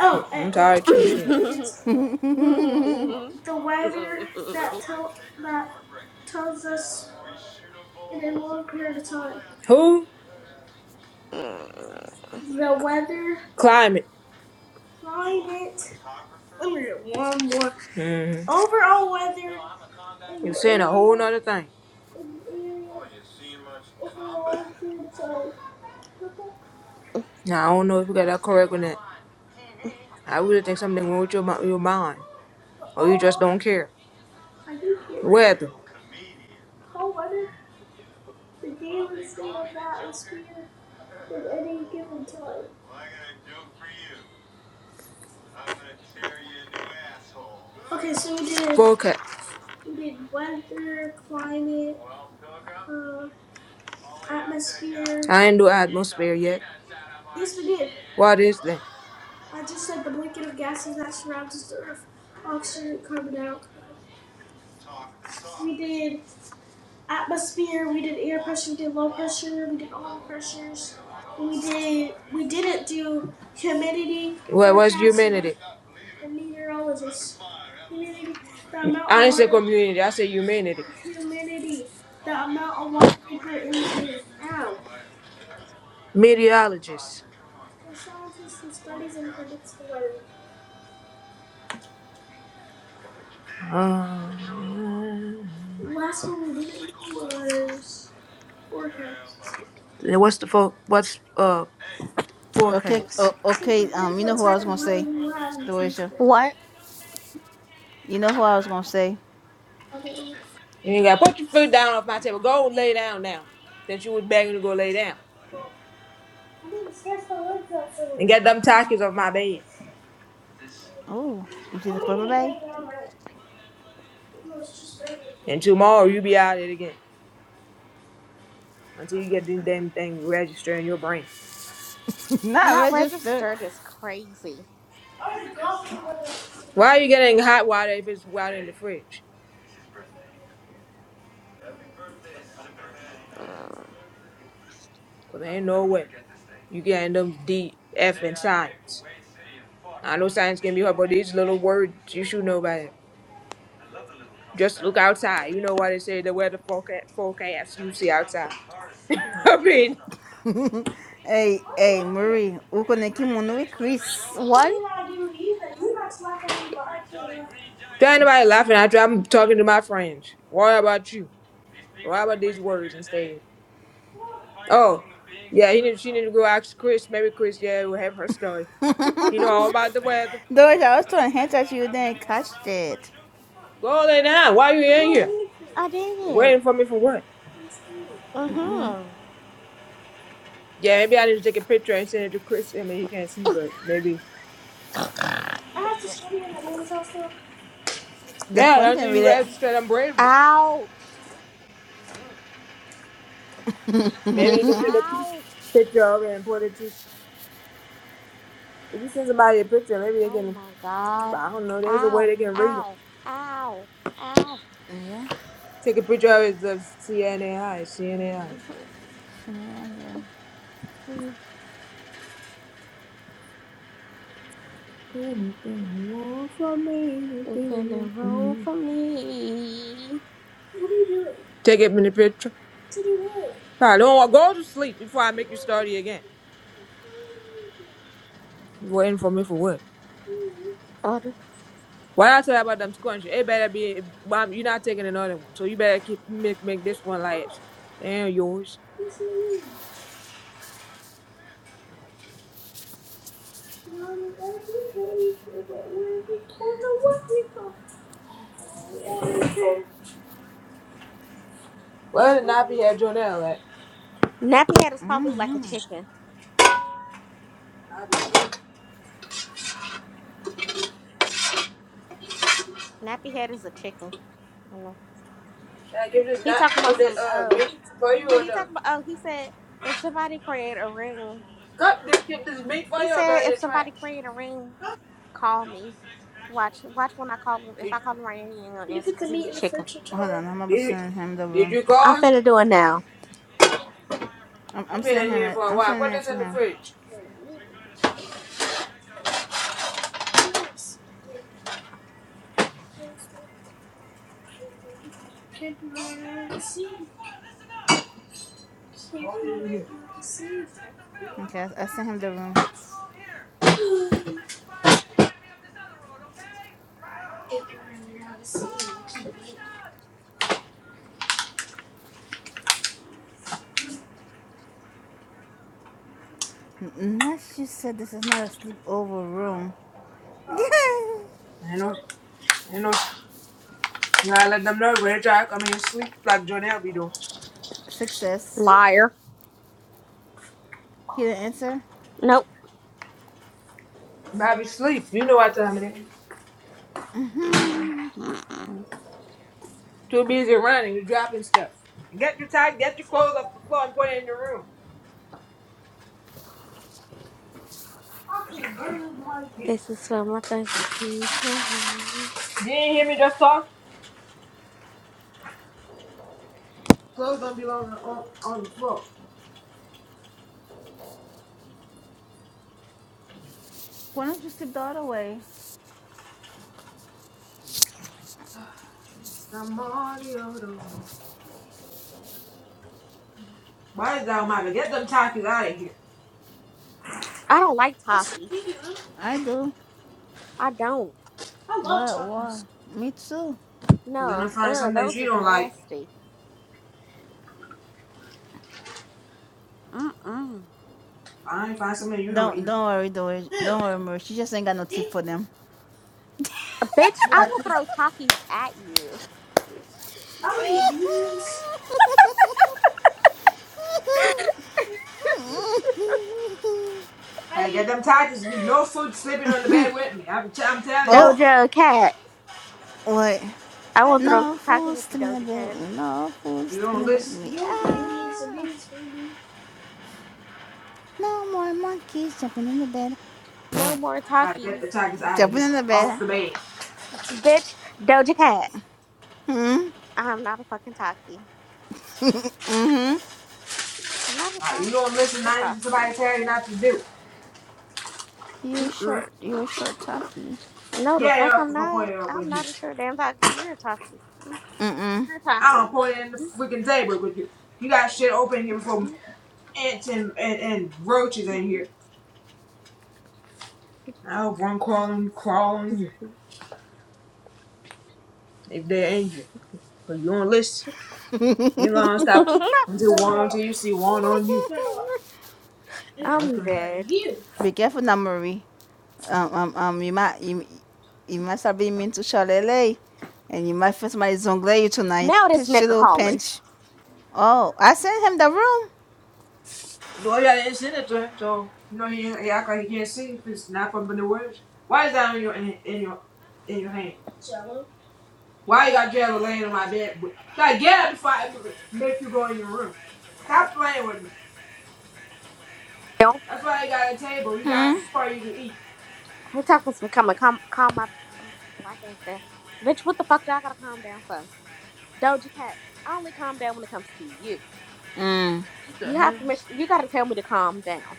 Speaker 1: Oh, I'm and tired too, shit. it's the weather that tell that tells us in a long period of time. Who? The weather. Climate. Climate. Let me get one more. hmm Overall weather You're saying a whole nother thing. In the area. Overall, I'm sorry. Now, I don't know if you got that correct or not. I really think something wrong with your, mi- your mind. Or you just don't care. I do care. Weather. The day's atmosphere in any way. Okay, so we did Forecast. we did weather, climate, uh, atmosphere. I ain't do atmosphere yet. Yes, we did. What is that? I just said the blanket of gases that surrounds the Earth, oxygen and carbon dioxide. We did atmosphere, we did air pressure, we did low pressure, we did all the pressures. We did. We didn't do humidity, What was forecasting, humanity? and meteorologists. Humidity, the amount I didn't say of water, community. I said humanity. humidity, the amount of water vapor in the air. Ow. Meteorologist. A scientist who studies and predicts the weather. Um, Last one we did was forecast. what's the fo- what's uh
Speaker 5: Okay,
Speaker 1: forecast?
Speaker 5: o-
Speaker 1: We
Speaker 5: okay, um,
Speaker 1: forget
Speaker 5: you
Speaker 1: what
Speaker 5: know who I was
Speaker 1: type of
Speaker 5: going to
Speaker 1: weather
Speaker 5: say?
Speaker 1: we will have in the
Speaker 5: Dorisha.
Speaker 1: future.
Speaker 3: What?
Speaker 5: You know who I was going to say?
Speaker 1: Okay. You gotta put your food down off my table. Go and lay down now. Since you was begging to go lay down. I need to stretch my legs out so And get them tacos off my bed.
Speaker 5: Oh, you
Speaker 1: I'm
Speaker 5: see the flipper
Speaker 1: gonna
Speaker 5: bag?
Speaker 1: drink now, but it was just raining. And tomorrow you be out of it again. Until you get this damn thing registered in your brain.
Speaker 5: Not
Speaker 3: Not
Speaker 5: registered.
Speaker 3: registered is crazy.
Speaker 1: I already golfed Why are you getting hot water if it's water in the fridge? 'Cause there ain't no way. You getting them D, F, and science. I know science can be hard, but these little words, you should know about it. Just look outside. You know why they say the weather forecast, forecast you see outside. I mean,
Speaker 5: hey, hey, Marie, o kimono e Chris.
Speaker 3: What?
Speaker 1: there ain't nobody laughing at you. I'm talking to my friends. Why about you? Why about these words instead? Oh, yeah, he need, she need to go ask Chris. Maybe Chris, yeah, will have her story. She know all about the weather.
Speaker 5: Doris, I was throwing hands at you, then catched it.
Speaker 1: Go lay down. Why you in here?
Speaker 3: I did.
Speaker 1: Waiting for me for what? I'm scared.
Speaker 3: Mm-hmm.
Speaker 1: Yeah, maybe I need to take a picture and send it to Chris. I mean, he can't see, but maybe. I have to show you in the house also.
Speaker 5: The
Speaker 1: Yeah,
Speaker 5: phone
Speaker 1: until
Speaker 5: can read
Speaker 1: you
Speaker 5: it.
Speaker 1: register them braids.
Speaker 3: Ouch.
Speaker 1: Maybe you can take a
Speaker 3: Ouch.
Speaker 1: picture of it and put it to. If you send somebody a picture, maybe they
Speaker 3: Oh
Speaker 1: can.
Speaker 3: my god.
Speaker 1: I don't know. There's a way
Speaker 3: Ow.
Speaker 1: they can read it.
Speaker 3: Ow. Ow. Ow.
Speaker 5: Yeah,
Speaker 1: Take a picture of it to CNAI. CNAI.
Speaker 3: Mhm.
Speaker 5: yeah, yeah.
Speaker 1: Anything you want from me,
Speaker 3: Is
Speaker 1: anything
Speaker 3: in
Speaker 1: you
Speaker 3: the
Speaker 1: want from me.
Speaker 3: room for me?
Speaker 1: Take it in the picture. I don't want go to sleep before I make you study again. You waiting for me for what?
Speaker 3: Oh, the-
Speaker 1: What I tell you about them squash? It better be. Mom, you're not taking another one, so you better keep make make this one last and yours. Well, not be at Jonelle at?
Speaker 3: Nappy head is probably like a chicken. Nappy head is a chicken. You know.
Speaker 1: Should I give this
Speaker 3: He
Speaker 1: not
Speaker 3: talking
Speaker 1: give
Speaker 3: about
Speaker 1: this
Speaker 3: some.
Speaker 1: uh
Speaker 3: oh,
Speaker 1: meat for you or
Speaker 3: He
Speaker 1: no?
Speaker 3: talked about. Oh, he said if somebody create a room,
Speaker 1: Cut this give this meat for
Speaker 3: he
Speaker 1: you or throw
Speaker 3: said
Speaker 1: it in the
Speaker 3: if somebody
Speaker 1: trash.
Speaker 3: create a room, call me. Watch, watch when I call him. If
Speaker 1: Did,
Speaker 3: I call him right now, he ain't
Speaker 1: You
Speaker 3: gonna
Speaker 1: need to
Speaker 3: answer
Speaker 1: put the
Speaker 3: because he's
Speaker 1: meat
Speaker 3: a
Speaker 1: in the
Speaker 3: chicken.
Speaker 1: fridge for
Speaker 5: Hold
Speaker 1: tomorrow.
Speaker 5: on, I'm about to
Speaker 1: did
Speaker 5: send him the
Speaker 1: did
Speaker 5: room.
Speaker 1: you
Speaker 3: I'm
Speaker 1: call?
Speaker 3: finna do it now.
Speaker 5: I'm, I'm
Speaker 1: We've been
Speaker 5: sending
Speaker 1: in
Speaker 5: him
Speaker 1: here
Speaker 5: it.
Speaker 1: for a
Speaker 5: I'm
Speaker 1: while.
Speaker 5: sending
Speaker 1: Put
Speaker 5: it
Speaker 1: this
Speaker 5: to
Speaker 1: in the
Speaker 5: him.
Speaker 1: fridge. Can't be running out of seeds. Can't be running
Speaker 5: Okay, I, sent him the room.
Speaker 1: out of seeds like You know, you did.
Speaker 5: Nash you said this is not a sleepover room.
Speaker 1: I know, I know. you gotta let them know when they try to come in and sleep like Jonelle be doing.
Speaker 5: Success.
Speaker 3: Liar.
Speaker 5: He didn't answer.
Speaker 3: Nope.
Speaker 1: Bobby, sleep. You know what time it is.
Speaker 3: Mm,
Speaker 5: hmm
Speaker 3: mm-mm.
Speaker 1: Too busy running. You're dropping stuff. Get your tie, get your clothes off the floor and put it in your room. Okay,
Speaker 3: This is for my thoughts. Mm-hmm.
Speaker 1: You didn't hear me just talk? Clothes don't belong on, on the floor.
Speaker 5: Why don't you sleep the other way?
Speaker 1: Why is that Mama? Get them Takis out of here.
Speaker 3: I don't like talkies.
Speaker 5: I do.
Speaker 3: I don't.
Speaker 1: I love
Speaker 5: What? Why?
Speaker 1: Takis.
Speaker 5: Me too.
Speaker 1: You're gonna
Speaker 3: No.
Speaker 1: find
Speaker 3: Ugh,
Speaker 1: something that
Speaker 3: those
Speaker 1: you
Speaker 3: is
Speaker 1: don't like.
Speaker 3: nasty. Mm-mm.
Speaker 1: Fine, find something you don't
Speaker 5: Don't
Speaker 1: eat.
Speaker 5: don't worry, don't worry, don't
Speaker 1: Who?
Speaker 5: worry, Marie. She just ain't got no tip for
Speaker 1: Me?
Speaker 5: them.
Speaker 3: Bitch,
Speaker 1: You
Speaker 3: I
Speaker 1: are
Speaker 3: will
Speaker 1: too.
Speaker 3: throw talkies at you.
Speaker 1: I don't eat beans. I hey, get them Takis. No food sleeping on the bed with me. I'm, t- I'm telling you.
Speaker 5: Oh,
Speaker 3: Doja Cat.
Speaker 5: wait.
Speaker 3: I
Speaker 1: I
Speaker 3: will throw
Speaker 1: eat.
Speaker 5: No
Speaker 3: talkies
Speaker 5: fools
Speaker 3: at
Speaker 5: to
Speaker 3: you,
Speaker 5: the
Speaker 3: Doja Cat.
Speaker 5: building. No fools
Speaker 1: You
Speaker 5: to
Speaker 1: don't
Speaker 5: the
Speaker 1: listen.
Speaker 5: building.
Speaker 1: Your green beans and
Speaker 5: Ah,
Speaker 1: beans green beans.
Speaker 5: no more monkeys jumping in the bed.
Speaker 3: No more
Speaker 1: All right, get
Speaker 3: talkies.
Speaker 1: the Takis out of here.
Speaker 5: Jumping in the
Speaker 1: Off
Speaker 5: bed.
Speaker 1: the bed.
Speaker 3: Bitch, Doja Cat.
Speaker 5: Hmm.
Speaker 3: I'm not a fucking talkie.
Speaker 5: Mm-hmm.
Speaker 3: I'm not a
Speaker 1: All right, you
Speaker 3: talkie.
Speaker 1: don't listen.
Speaker 3: You're a
Speaker 1: Nothing somebody
Speaker 3: talkie.
Speaker 1: tell you not to do.
Speaker 5: You're
Speaker 3: Mm-mm.
Speaker 5: short. You're short, talkie.
Speaker 3: No, the
Speaker 1: Yeah,
Speaker 3: fuck
Speaker 1: up
Speaker 3: I'm
Speaker 1: before
Speaker 3: not.
Speaker 1: pointing it up
Speaker 3: I'm
Speaker 1: with you.
Speaker 3: not a sure damn talkie. You're a talkie. Mm,
Speaker 5: Mm-mm.
Speaker 3: You're a
Speaker 1: I don't
Speaker 3: talkie.
Speaker 1: point it in the freaking table with you. You got shit open here before ants and, and, and roaches in here. I hope one crawling, crawling you if they ain't you. Cause you don't listen. You gonna stop until one until you see one on you.
Speaker 3: I'm dead.
Speaker 5: Be careful, now, Marie. Um, um, um. You might, you, you must have been mean to Charlele, and you might find somebody zongle you tonight.
Speaker 3: Now this
Speaker 5: Pinch your
Speaker 3: nigga
Speaker 5: little
Speaker 3: calling.
Speaker 5: pinch. Oh, I sent him the room.
Speaker 1: So yeah, they send it to him, so you know he, he act like he can't see if it's not from the words. Why is that in your in, in your in your hand? Why you got Jabba laying on my bed? Try to get up before I make you go in your room. Stop playing with me.
Speaker 3: Yo,
Speaker 1: That's why they got a table. You
Speaker 5: Hmm.
Speaker 1: got for you to eat.
Speaker 3: he talking some coming. calm, calm my black ass down. Bitch, what the fuck do I gotta calm down for? Doja Cat, I only calm down when it comes to you.
Speaker 5: Mm.
Speaker 3: You have permission. You gotta tell me to calm down.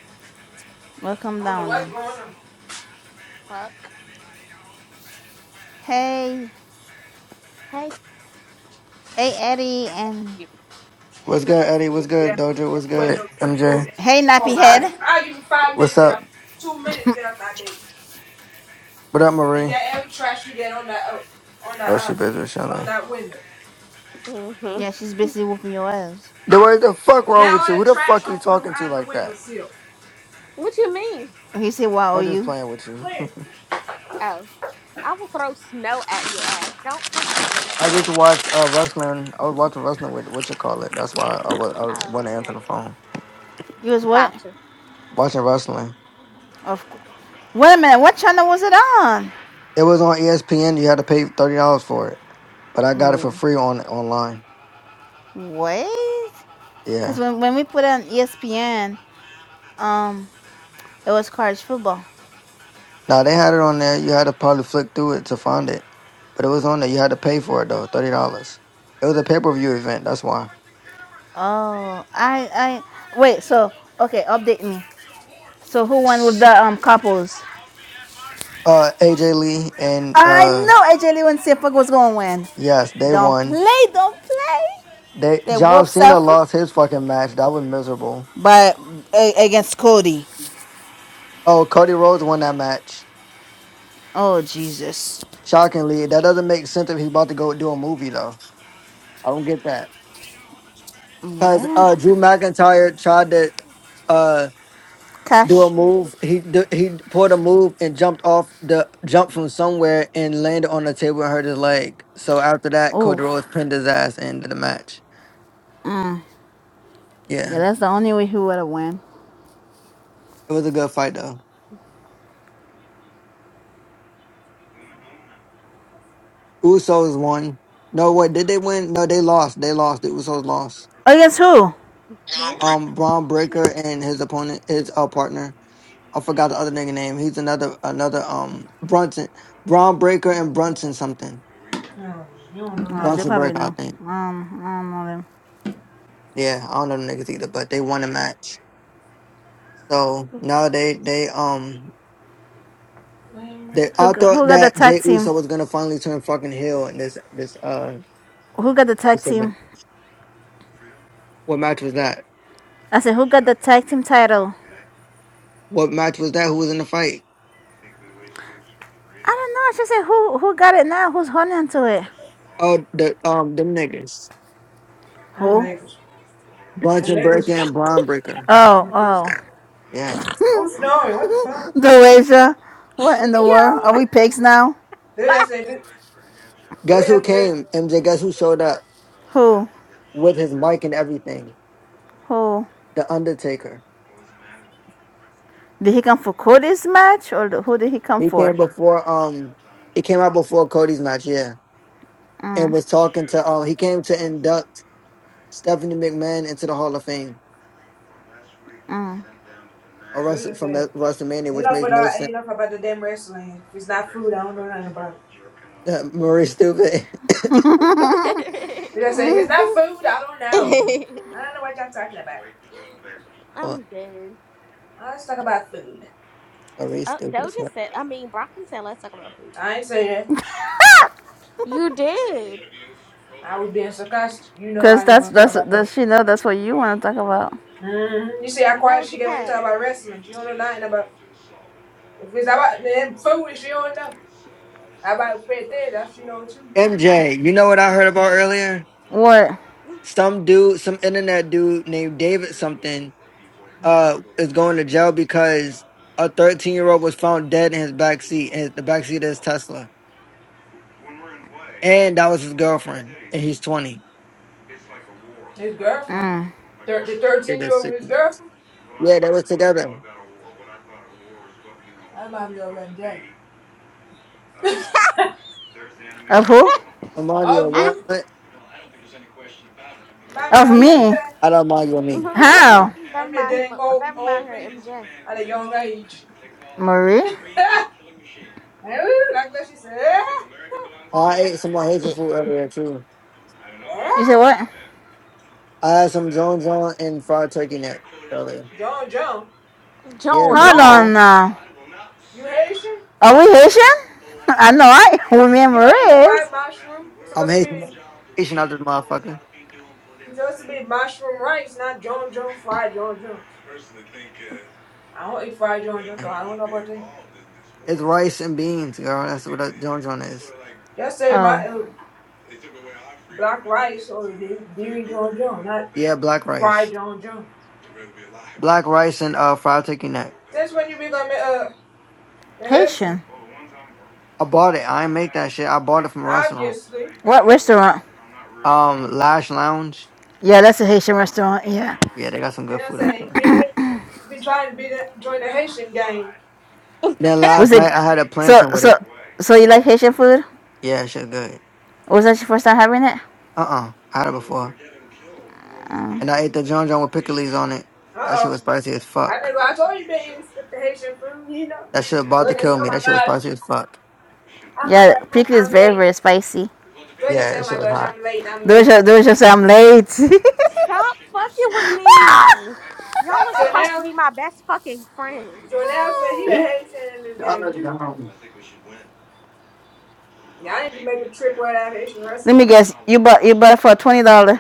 Speaker 5: We'll come
Speaker 1: I don't know
Speaker 5: down
Speaker 1: what's
Speaker 5: then.
Speaker 1: going on.
Speaker 3: Fuck.
Speaker 5: Hey,
Speaker 3: Hey.
Speaker 5: hey Eddie, and
Speaker 6: What's
Speaker 1: Yeah,
Speaker 6: good, Eddie? What's
Speaker 1: yeah.
Speaker 6: good, Doja? What's
Speaker 1: Wait,
Speaker 6: good,
Speaker 1: no,
Speaker 6: MJ?
Speaker 1: food.
Speaker 5: hey
Speaker 1: Oh
Speaker 5: Nappy
Speaker 1: my!
Speaker 5: Head.
Speaker 1: I give you five minutes
Speaker 6: What's
Speaker 1: to get
Speaker 6: up?
Speaker 1: up, two minutes to get up that bed,
Speaker 6: What up,
Speaker 1: and
Speaker 6: Marie?
Speaker 1: get every trash you get on that uh, on that
Speaker 6: Oh, she busy with
Speaker 1: uh, on
Speaker 6: Shelly.
Speaker 1: that window.
Speaker 3: hmm
Speaker 5: Yeah, she's busy whooping your ass.
Speaker 6: Then what the fuck wrong
Speaker 1: Get all
Speaker 6: with you?
Speaker 1: the
Speaker 6: Who the
Speaker 1: trash
Speaker 6: fuck you
Speaker 1: off the
Speaker 6: talking to
Speaker 1: out the
Speaker 6: like
Speaker 1: window
Speaker 6: that?
Speaker 1: sill.
Speaker 3: What you mean?
Speaker 5: He said, "Why are
Speaker 6: I'm just
Speaker 5: you?
Speaker 6: playing with you.
Speaker 1: Where?
Speaker 3: Oh, I will throw snow at your ass. Don't fuck with me.
Speaker 6: I just watched uh, wrestling. I was watching wrestling with what you call it. That's why I was I was-
Speaker 3: Oh,
Speaker 6: wasn't answering
Speaker 3: okay.
Speaker 6: the phone.
Speaker 5: You was what?
Speaker 3: Gotcha.
Speaker 6: Watching wrestling.
Speaker 5: Of cou- wait a minute. What channel was it on?
Speaker 6: It was on ESPN. You had to pay thirty dollars for it, but I got it for
Speaker 5: W-
Speaker 6: free on online.
Speaker 5: Wait,
Speaker 6: Yeah.
Speaker 5: because when when we put it on ESPN, um, it was college football.
Speaker 6: Now they had it on there. You had to probably flick through it to find it, but it was on there. You had to pay for it though, thirty dollars. It was a pay per view event. That's why.
Speaker 5: Oh, I I wait. So okay, update me. So who won with the um couples?
Speaker 6: Uh, AJ Lee and
Speaker 5: I
Speaker 6: uh,
Speaker 5: know AJ Lee and Sipag was going to win.
Speaker 6: yes, they
Speaker 5: Don't
Speaker 6: won.
Speaker 5: play, don't play.
Speaker 6: They
Speaker 5: They
Speaker 6: John
Speaker 5: whoops
Speaker 6: Cena
Speaker 5: up,
Speaker 6: lost his fucking match. That was miserable.
Speaker 5: but a- against Cody.
Speaker 6: Oh, Cody Rhodes won that match.
Speaker 5: Oh Jesus.
Speaker 6: Shockingly, that doesn't make sense if he's about to go do a movie though. I don't get that because
Speaker 5: Yeah.
Speaker 6: uh, Drew McIntyre tried to. uh. do a
Speaker 5: Cash.
Speaker 6: move. He do, he pulled a move and jumped off the jumped from somewhere and landed on the table and hurt his leg. So after that, Cody
Speaker 5: Oof.
Speaker 6: Rhodes pinned his ass and ended the match.
Speaker 5: Mm. Yeah,
Speaker 6: Yeah,
Speaker 5: that's the only way he would have won.
Speaker 6: it was a good fight though. Usos won. No, what did they win? No, they lost. They lost. The Usos lost.
Speaker 5: Against who?
Speaker 3: Yo.
Speaker 6: Um, Braun Breaker and his opponent, his uh, partner. I forgot the other nigga name. He's another another um Brunson, Braun Breaker and Brunson something.
Speaker 1: No, you don't know
Speaker 5: Oh,
Speaker 1: that.
Speaker 5: they
Speaker 6: Brunson
Speaker 5: probably
Speaker 6: Breaker, I
Speaker 5: know.
Speaker 6: think.
Speaker 5: Um, I don't know them.
Speaker 6: Yeah, I don't know the niggas either, but they won a match. So now they they um
Speaker 1: Playing
Speaker 6: they
Speaker 1: window.
Speaker 5: Who
Speaker 6: I
Speaker 5: g-
Speaker 6: thought
Speaker 5: who got the
Speaker 6: that
Speaker 5: tag
Speaker 6: Jay
Speaker 5: team?
Speaker 6: Uso was gonna finally turn fucking heel in this this uh
Speaker 5: Who got the tag
Speaker 6: this event.
Speaker 5: team?
Speaker 6: What match was that?
Speaker 5: I said who got the tag team title?
Speaker 6: What match was that? Who was in the fight?
Speaker 5: I don't know. I just said who who got it now? Who's holding on to it?
Speaker 6: Oh, the um them niggas,
Speaker 1: Them
Speaker 5: Who?
Speaker 1: Lakers. The
Speaker 6: Brunch and Breaker
Speaker 1: Lakers.
Speaker 6: and Braun Breaker.
Speaker 5: Oh, oh.
Speaker 1: Who's
Speaker 6: Yeah.
Speaker 1: snoring? What the fuck?
Speaker 5: Doasia, what in the world? Are we pigs now?
Speaker 1: They just said. it. They
Speaker 6: Guess who
Speaker 1: just said. it.
Speaker 6: came? MJ. Guess who showed up
Speaker 5: Who?
Speaker 6: with his mic and everything?
Speaker 5: Who?
Speaker 6: The Undertaker.
Speaker 5: Did he come for Cody's match or the- who did he come
Speaker 6: He came
Speaker 5: for?
Speaker 6: before um he came out before Cody's match. Yeah, and
Speaker 5: Mm,
Speaker 6: was talking to um he came to induct Stephanie McMahon into the Hall of Fame.
Speaker 5: mm.
Speaker 6: or
Speaker 1: Who
Speaker 6: Russell
Speaker 1: just
Speaker 6: from
Speaker 1: said?
Speaker 6: that WrestleMania, which
Speaker 1: Enough
Speaker 6: makes
Speaker 1: with
Speaker 6: no
Speaker 1: all,
Speaker 6: sense.
Speaker 1: enough about the damn wrestling. If it's not food, I don't know nothing about it.
Speaker 6: Marie stupid.
Speaker 1: They just say, if it's not food, I don't know. I don't know what y'all talking about.
Speaker 6: What?
Speaker 3: I'm dead.
Speaker 1: Well, let's talk about food.
Speaker 6: Marie
Speaker 3: Oh,
Speaker 6: stupid.
Speaker 3: Doja
Speaker 6: as fuck.
Speaker 3: said, I mean, Broccoli said, let's talk about food.
Speaker 1: I ain't say that.
Speaker 3: You did.
Speaker 1: I was being sarcastic. You know
Speaker 5: Cause
Speaker 1: I didn't
Speaker 5: that's
Speaker 1: want to talk
Speaker 5: that's
Speaker 1: about no.
Speaker 5: does she know that's what you want to talk about?
Speaker 1: Mm-hmm. You see how
Speaker 3: The
Speaker 1: quiet she
Speaker 3: Doja
Speaker 1: get when you
Speaker 3: Cat.
Speaker 1: talk about wrestling. She don't know nothing about. If it's about them food, she don't know. How about Pete? That she know too.
Speaker 6: MJ, you know what I heard about earlier?
Speaker 5: What?
Speaker 6: Some dude, some internet dude named David something, uh, is going to jail because a 13 year old was found dead in his back seat, and the back seat is Tesla, and that was his girlfriend, and he's 20.
Speaker 1: His girlfriend.
Speaker 5: Mm.
Speaker 1: Thir- the
Speaker 6: It
Speaker 1: 13
Speaker 6: is
Speaker 1: year old
Speaker 6: sick.
Speaker 1: with his girlfriend.
Speaker 6: Yeah, they was together.
Speaker 1: That might be over MJ.
Speaker 5: Of who?
Speaker 6: Remind you
Speaker 1: of
Speaker 6: of
Speaker 3: Ah,
Speaker 6: what?
Speaker 1: you.
Speaker 6: I
Speaker 1: Remind me
Speaker 5: Of
Speaker 1: of
Speaker 3: M-
Speaker 1: them
Speaker 5: me?
Speaker 1: thing.
Speaker 6: don't mind you of me.
Speaker 3: Marisa,
Speaker 5: How?
Speaker 3: that
Speaker 1: Them the
Speaker 3: remind him.
Speaker 1: dang
Speaker 3: Of,
Speaker 1: old
Speaker 3: that remind
Speaker 1: old
Speaker 3: her of
Speaker 1: people
Speaker 3: MJ.
Speaker 1: at a young age.
Speaker 5: Marie?
Speaker 1: like what she said. Eh?
Speaker 6: Oh, I ate some more Haitian
Speaker 3: Eh,
Speaker 6: food earlier too.
Speaker 1: Eh?
Speaker 5: You said what?
Speaker 6: I had some John John and fried turkey neck earlier.
Speaker 1: John, John,
Speaker 6: Yeah,
Speaker 3: John,
Speaker 5: Hold
Speaker 6: John John.
Speaker 3: John,
Speaker 5: on now.
Speaker 1: you Haitian?
Speaker 5: Are we Haitian? I know I
Speaker 1: You
Speaker 5: remember
Speaker 1: don't eat
Speaker 5: is.
Speaker 1: fried mushroom. It's
Speaker 6: I'm
Speaker 1: supposed to be
Speaker 6: Haitian, Haitian out this motherfucker.
Speaker 1: it's supposed to be mushroom rice, not John John fried John John. I don't eat fried John John, so I don't know about that.
Speaker 6: It's rice and beans, girl. That's what a John John is.
Speaker 1: Just say
Speaker 5: Oh,
Speaker 1: my uh, black rice or the dairy John John, not
Speaker 6: Yeah, black
Speaker 1: fried
Speaker 6: rice.
Speaker 1: John John.
Speaker 6: Black rice and uh fried turkey neck.
Speaker 1: Since when you become a, a Haitian?
Speaker 5: Haitian.
Speaker 6: I bought it. I ain't make that shit. I bought it from a restaurant.
Speaker 1: Obviously.
Speaker 5: What restaurant?
Speaker 6: Um, Lash Lounge.
Speaker 5: Yeah, that's a Haitian restaurant. Yeah.
Speaker 6: Yeah, they got some good
Speaker 1: Jan
Speaker 6: food out
Speaker 1: say he
Speaker 6: there.
Speaker 1: been, he been trying to be that, join the Haitian gang.
Speaker 6: Then
Speaker 5: Was
Speaker 6: last
Speaker 5: it?
Speaker 6: night I had a
Speaker 5: So
Speaker 6: plantain with
Speaker 5: so
Speaker 6: it.
Speaker 5: so you like Haitian food?
Speaker 6: Yeah, shit good.
Speaker 5: Or Was that your first time having it?
Speaker 6: Uh uh I had it before.
Speaker 5: Oh.
Speaker 6: And I ate the John John with pickles on it. That shit
Speaker 1: Uh-oh.
Speaker 6: was spicy as
Speaker 1: I
Speaker 6: fuck.
Speaker 1: think I told you been eating the Haitian food, you know.
Speaker 6: That shit about
Speaker 1: They
Speaker 6: to
Speaker 1: just say,
Speaker 6: kill
Speaker 1: oh
Speaker 6: me.
Speaker 1: my
Speaker 6: That shit was
Speaker 1: gosh,
Speaker 6: spicy as fuck.
Speaker 1: oh my
Speaker 5: Yeah,
Speaker 1: gosh, I'm,
Speaker 5: pickle is
Speaker 1: I'm
Speaker 5: very
Speaker 1: late.
Speaker 5: very spicy.
Speaker 1: They just say,
Speaker 6: Yeah, that
Speaker 1: oh
Speaker 6: shit
Speaker 1: my
Speaker 6: was
Speaker 1: gosh,
Speaker 6: hot.
Speaker 1: I'm late, I'm late.
Speaker 5: Doja, Doja, those I'm late.
Speaker 3: stop fucking with me. Y'all are supposed to
Speaker 1: Jonel,
Speaker 3: be my best fucking friends.
Speaker 1: Jonel said he the
Speaker 6: I
Speaker 1: Haitian in this game
Speaker 6: let it
Speaker 1: too.
Speaker 6: go.
Speaker 1: Y'all need to make a trip where that Haitian
Speaker 5: Let me
Speaker 1: restaurant.
Speaker 5: guess. You bought you bought it for twenty dollar.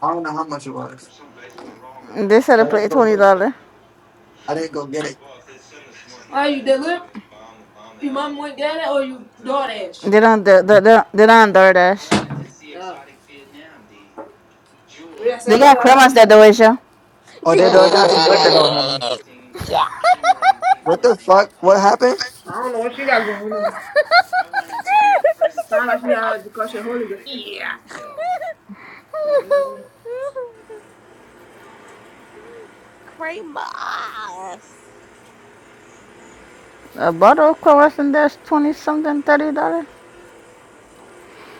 Speaker 6: I don't know how much it was.
Speaker 5: They said to
Speaker 6: I
Speaker 5: play
Speaker 6: didn't go
Speaker 5: twenty
Speaker 6: get it.
Speaker 5: dollar.
Speaker 6: I didn't go get it.
Speaker 1: Why you deliver? Your mom went down there or you DoorDash?
Speaker 5: They don't. They, they, they, they don't DoorDash.
Speaker 1: No. We just say, oh
Speaker 5: They
Speaker 1: my
Speaker 5: got
Speaker 1: god,
Speaker 5: cremas that Doasia.
Speaker 6: Oh, they don't have some liquor though, honey.
Speaker 3: Cremas.
Speaker 6: What the fuck? What happened?
Speaker 1: I don't know what you got going on. Sound like you got the kosher holy ghost. Yeah. The
Speaker 5: A bottle of cremas and that's twenty something, thirty dollar.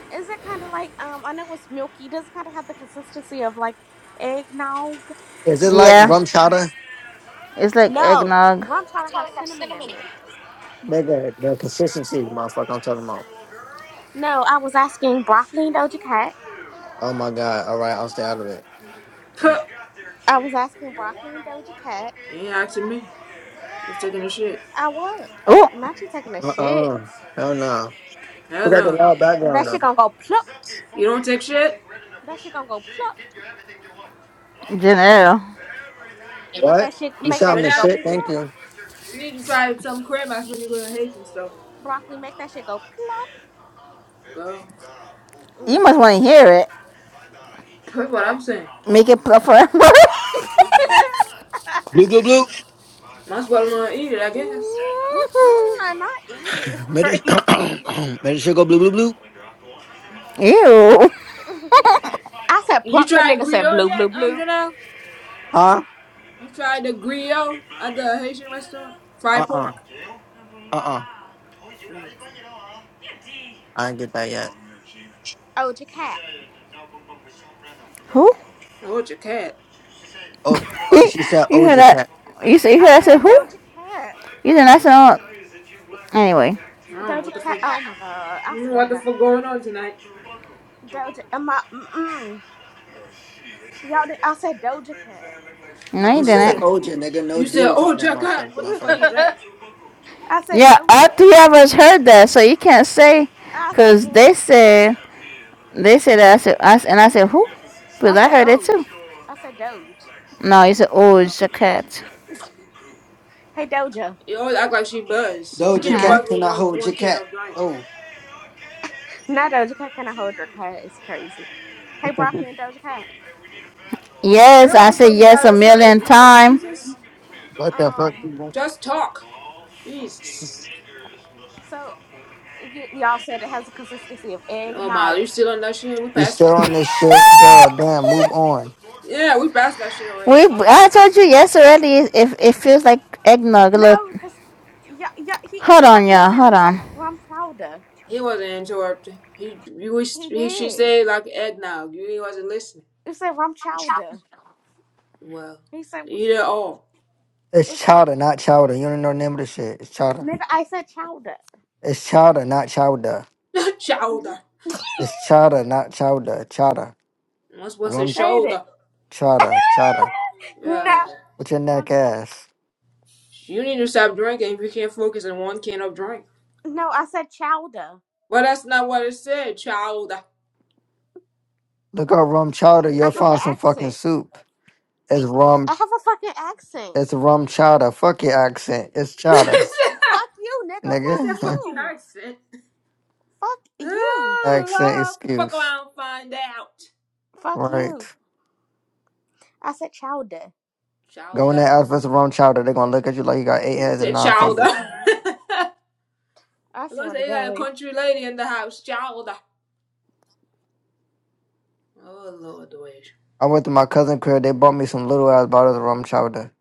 Speaker 3: Is it kind of like um? I know it's milky. Does it kind of have the consistency of like eggnog?
Speaker 6: Is it like
Speaker 5: Yeah,
Speaker 6: rum chowder?
Speaker 5: it's like
Speaker 3: No,
Speaker 5: eggnog.
Speaker 3: rum chowder has cinnamon in it.
Speaker 6: Nigga, the consistency, motherfucker, I'm talking about.
Speaker 3: No, I was asking broccoli and Doja Cat.
Speaker 6: Oh my god. All right, I'll stay out of it. Uh
Speaker 1: hell?
Speaker 3: I was asking broccoli and Doja Cat.
Speaker 1: You ain't asking me. I was taking a shit.
Speaker 3: I was. Oh,
Speaker 5: Oh,
Speaker 3: not you taking a shit.
Speaker 6: uh. Hell no. We
Speaker 1: Hell
Speaker 6: got the
Speaker 1: no.
Speaker 6: loud
Speaker 3: That
Speaker 6: background
Speaker 3: shit
Speaker 6: though.
Speaker 3: gonna go plop.
Speaker 1: You don't take shit?
Speaker 3: That shit gonna go plop.
Speaker 5: Janelle,
Speaker 3: Let
Speaker 6: What?
Speaker 3: that shit
Speaker 6: You
Speaker 3: make that
Speaker 1: Go
Speaker 6: sound the
Speaker 3: shit go
Speaker 1: down. You
Speaker 6: shit?
Speaker 1: need to,
Speaker 6: Thank
Speaker 3: plop.
Speaker 6: you.
Speaker 1: you need to try some crib ass when you go to Haitian store.
Speaker 3: Broccoli make that shit go plop.
Speaker 1: Go.
Speaker 5: you
Speaker 3: Mm-hmm.
Speaker 5: must want to hear it.
Speaker 1: That's what I'm saying.
Speaker 5: Make it pluffer.
Speaker 6: Blue, blue, blue.
Speaker 1: That's what I'm gonna eat it, I guess.
Speaker 3: Mm-mm, not eat it. It's
Speaker 6: Made it,
Speaker 3: crazy.
Speaker 6: made it shit go blue, blue, blue.
Speaker 5: Ew.
Speaker 3: I said
Speaker 1: You
Speaker 3: plop. That
Speaker 1: tried
Speaker 3: nigga said
Speaker 1: griot
Speaker 3: blue, blue,
Speaker 1: yet, um,
Speaker 3: blue.
Speaker 1: Janelle?
Speaker 6: Huh?
Speaker 1: You tried the griot at the Haitian restaurant?
Speaker 6: Uh
Speaker 1: Fried
Speaker 6: uh.
Speaker 1: pork.
Speaker 6: Uh uh.
Speaker 1: No.
Speaker 6: I didn't get that yet.
Speaker 3: Doja Cat.
Speaker 5: Who?
Speaker 1: Oh, it's your cat.
Speaker 6: Oh,
Speaker 5: you
Speaker 6: oh she said
Speaker 5: hear
Speaker 6: Doja
Speaker 5: that?
Speaker 6: Cat.
Speaker 5: You say you hear
Speaker 3: I
Speaker 5: that? Say
Speaker 3: said
Speaker 5: who?
Speaker 3: Doja Cat.
Speaker 5: You didn't. I saw. it. Anyway.
Speaker 1: I don't know what
Speaker 3: Doja
Speaker 1: the fuck.
Speaker 3: Cat. Oh
Speaker 1: I
Speaker 3: my god. I
Speaker 1: don't know
Speaker 3: swear
Speaker 1: what
Speaker 3: to
Speaker 1: the
Speaker 3: God.
Speaker 1: fuck going on tonight.
Speaker 3: Doja. Am I? Mm-mm. Y'all. did- I said Doja Cat.
Speaker 5: No, you
Speaker 6: You
Speaker 1: No, you
Speaker 6: said
Speaker 5: didn't.
Speaker 1: said
Speaker 6: Oja, nigga. No
Speaker 1: you
Speaker 6: D
Speaker 1: said,
Speaker 6: was on
Speaker 1: oh
Speaker 6: that
Speaker 1: your cat.
Speaker 6: motherfucker,
Speaker 1: What the fuck
Speaker 6: motherfucker.
Speaker 1: is that?
Speaker 3: I said
Speaker 5: Yeah, all
Speaker 3: Doja.
Speaker 5: three of us heard that, so you can't say,
Speaker 3: I
Speaker 5: cause they
Speaker 3: said.
Speaker 5: said they said that I said I, s- and I said who? Cause
Speaker 3: I
Speaker 5: I
Speaker 3: said
Speaker 5: heard it too.
Speaker 3: Oj. I said Doge.
Speaker 5: No, you said oh
Speaker 1: No,
Speaker 5: it's a cat.
Speaker 3: Hey Doja.
Speaker 1: you always act like she buzzed. You
Speaker 6: Doja
Speaker 1: can't
Speaker 6: Cat,
Speaker 1: buzz
Speaker 6: can
Speaker 1: with
Speaker 6: I
Speaker 1: one
Speaker 6: hold
Speaker 1: one
Speaker 6: your
Speaker 1: can
Speaker 6: cat?
Speaker 1: of drink.
Speaker 6: Oh,
Speaker 3: Now Doja Cat. Can I hold your cat? It's crazy. Hey broccoli and Doja Cat.
Speaker 1: Say
Speaker 5: Yes,
Speaker 1: what
Speaker 5: I
Speaker 1: the
Speaker 5: said
Speaker 1: fuck you
Speaker 5: yes a
Speaker 1: gotta say,
Speaker 5: million
Speaker 1: Lord
Speaker 5: times.
Speaker 1: Jesus.
Speaker 6: what the fuck?
Speaker 3: Um.
Speaker 6: You know?
Speaker 1: Just talk. Jesus.
Speaker 3: So you y'all said it has a consistency of egg.
Speaker 1: Oh my, you
Speaker 3: No,
Speaker 1: still on that shit? We
Speaker 6: You
Speaker 1: passed that
Speaker 6: still on
Speaker 1: already.
Speaker 6: this shit, girl? Damn, move on.
Speaker 1: Yeah, we passed that shit already
Speaker 5: we
Speaker 1: a long
Speaker 5: I
Speaker 1: time.
Speaker 5: told you yes already. If it, it feels like eggnog. Look,
Speaker 3: no, because yeah, yeah, he
Speaker 5: hold on,
Speaker 3: interrupted me
Speaker 5: y'all.
Speaker 3: saying it
Speaker 5: Hold
Speaker 3: was like
Speaker 5: on,
Speaker 3: rum chowder.
Speaker 1: He wasn't interrupting. He, you,
Speaker 3: He
Speaker 1: he, she
Speaker 3: did.
Speaker 1: said like eggnog. he wasn't listening.
Speaker 3: He said rum chowder.
Speaker 1: Well,
Speaker 3: He said
Speaker 1: eat it all.
Speaker 6: It's
Speaker 3: it's like
Speaker 6: Chowder, not Chowder. You don't know the name of the shit. It's Chowder.
Speaker 3: nigga. I said chowder.
Speaker 6: It's Chowder, not Chowder.
Speaker 1: shoulder.
Speaker 6: It's Chowder, not Chowder. Chowder.
Speaker 1: What's what's
Speaker 3: I
Speaker 1: his
Speaker 3: said it.
Speaker 1: shoulder?
Speaker 6: Chowder, chowder.
Speaker 1: Yeah.
Speaker 6: With your
Speaker 3: no,
Speaker 6: neck ass.
Speaker 1: You need to stop drinking if you can't focus on one can of drink.
Speaker 3: no, I said chowder.
Speaker 1: Well, that's not what it said, shoulder.
Speaker 6: Look up rum chowder.
Speaker 3: I
Speaker 1: It's
Speaker 6: You'll
Speaker 1: the.
Speaker 3: have an
Speaker 6: find some fucking
Speaker 3: accent.
Speaker 6: soup. It's
Speaker 3: I
Speaker 6: rum.
Speaker 3: have a fucking accent.
Speaker 6: It's rum chowder. Fuck your accent. It's chowder,
Speaker 1: it's
Speaker 3: Fuck you, nigga. Fuck
Speaker 1: a
Speaker 6: nigga.
Speaker 1: fucking
Speaker 3: you.
Speaker 1: accent.
Speaker 3: Fuck you.
Speaker 6: accent
Speaker 1: Ah, Fuck
Speaker 6: excuse.
Speaker 1: around, find out.
Speaker 3: Fuck
Speaker 6: Right.
Speaker 3: you. I said chowder.
Speaker 6: Go in there,
Speaker 1: Chowder.
Speaker 6: ask for some rum chowder. They're gonna look at you like you got eight heads
Speaker 1: Is
Speaker 6: and
Speaker 1: it
Speaker 6: nine
Speaker 3: I
Speaker 1: chowder?
Speaker 3: said.
Speaker 6: fingers.
Speaker 1: I
Speaker 3: I
Speaker 1: am gonna
Speaker 3: swear to
Speaker 1: say you got a
Speaker 3: God.
Speaker 1: country lady in the house. Chowder. Oh Lord, the way.
Speaker 6: I went to my cousin crib. They bought me some little ass bottles of rum chowder.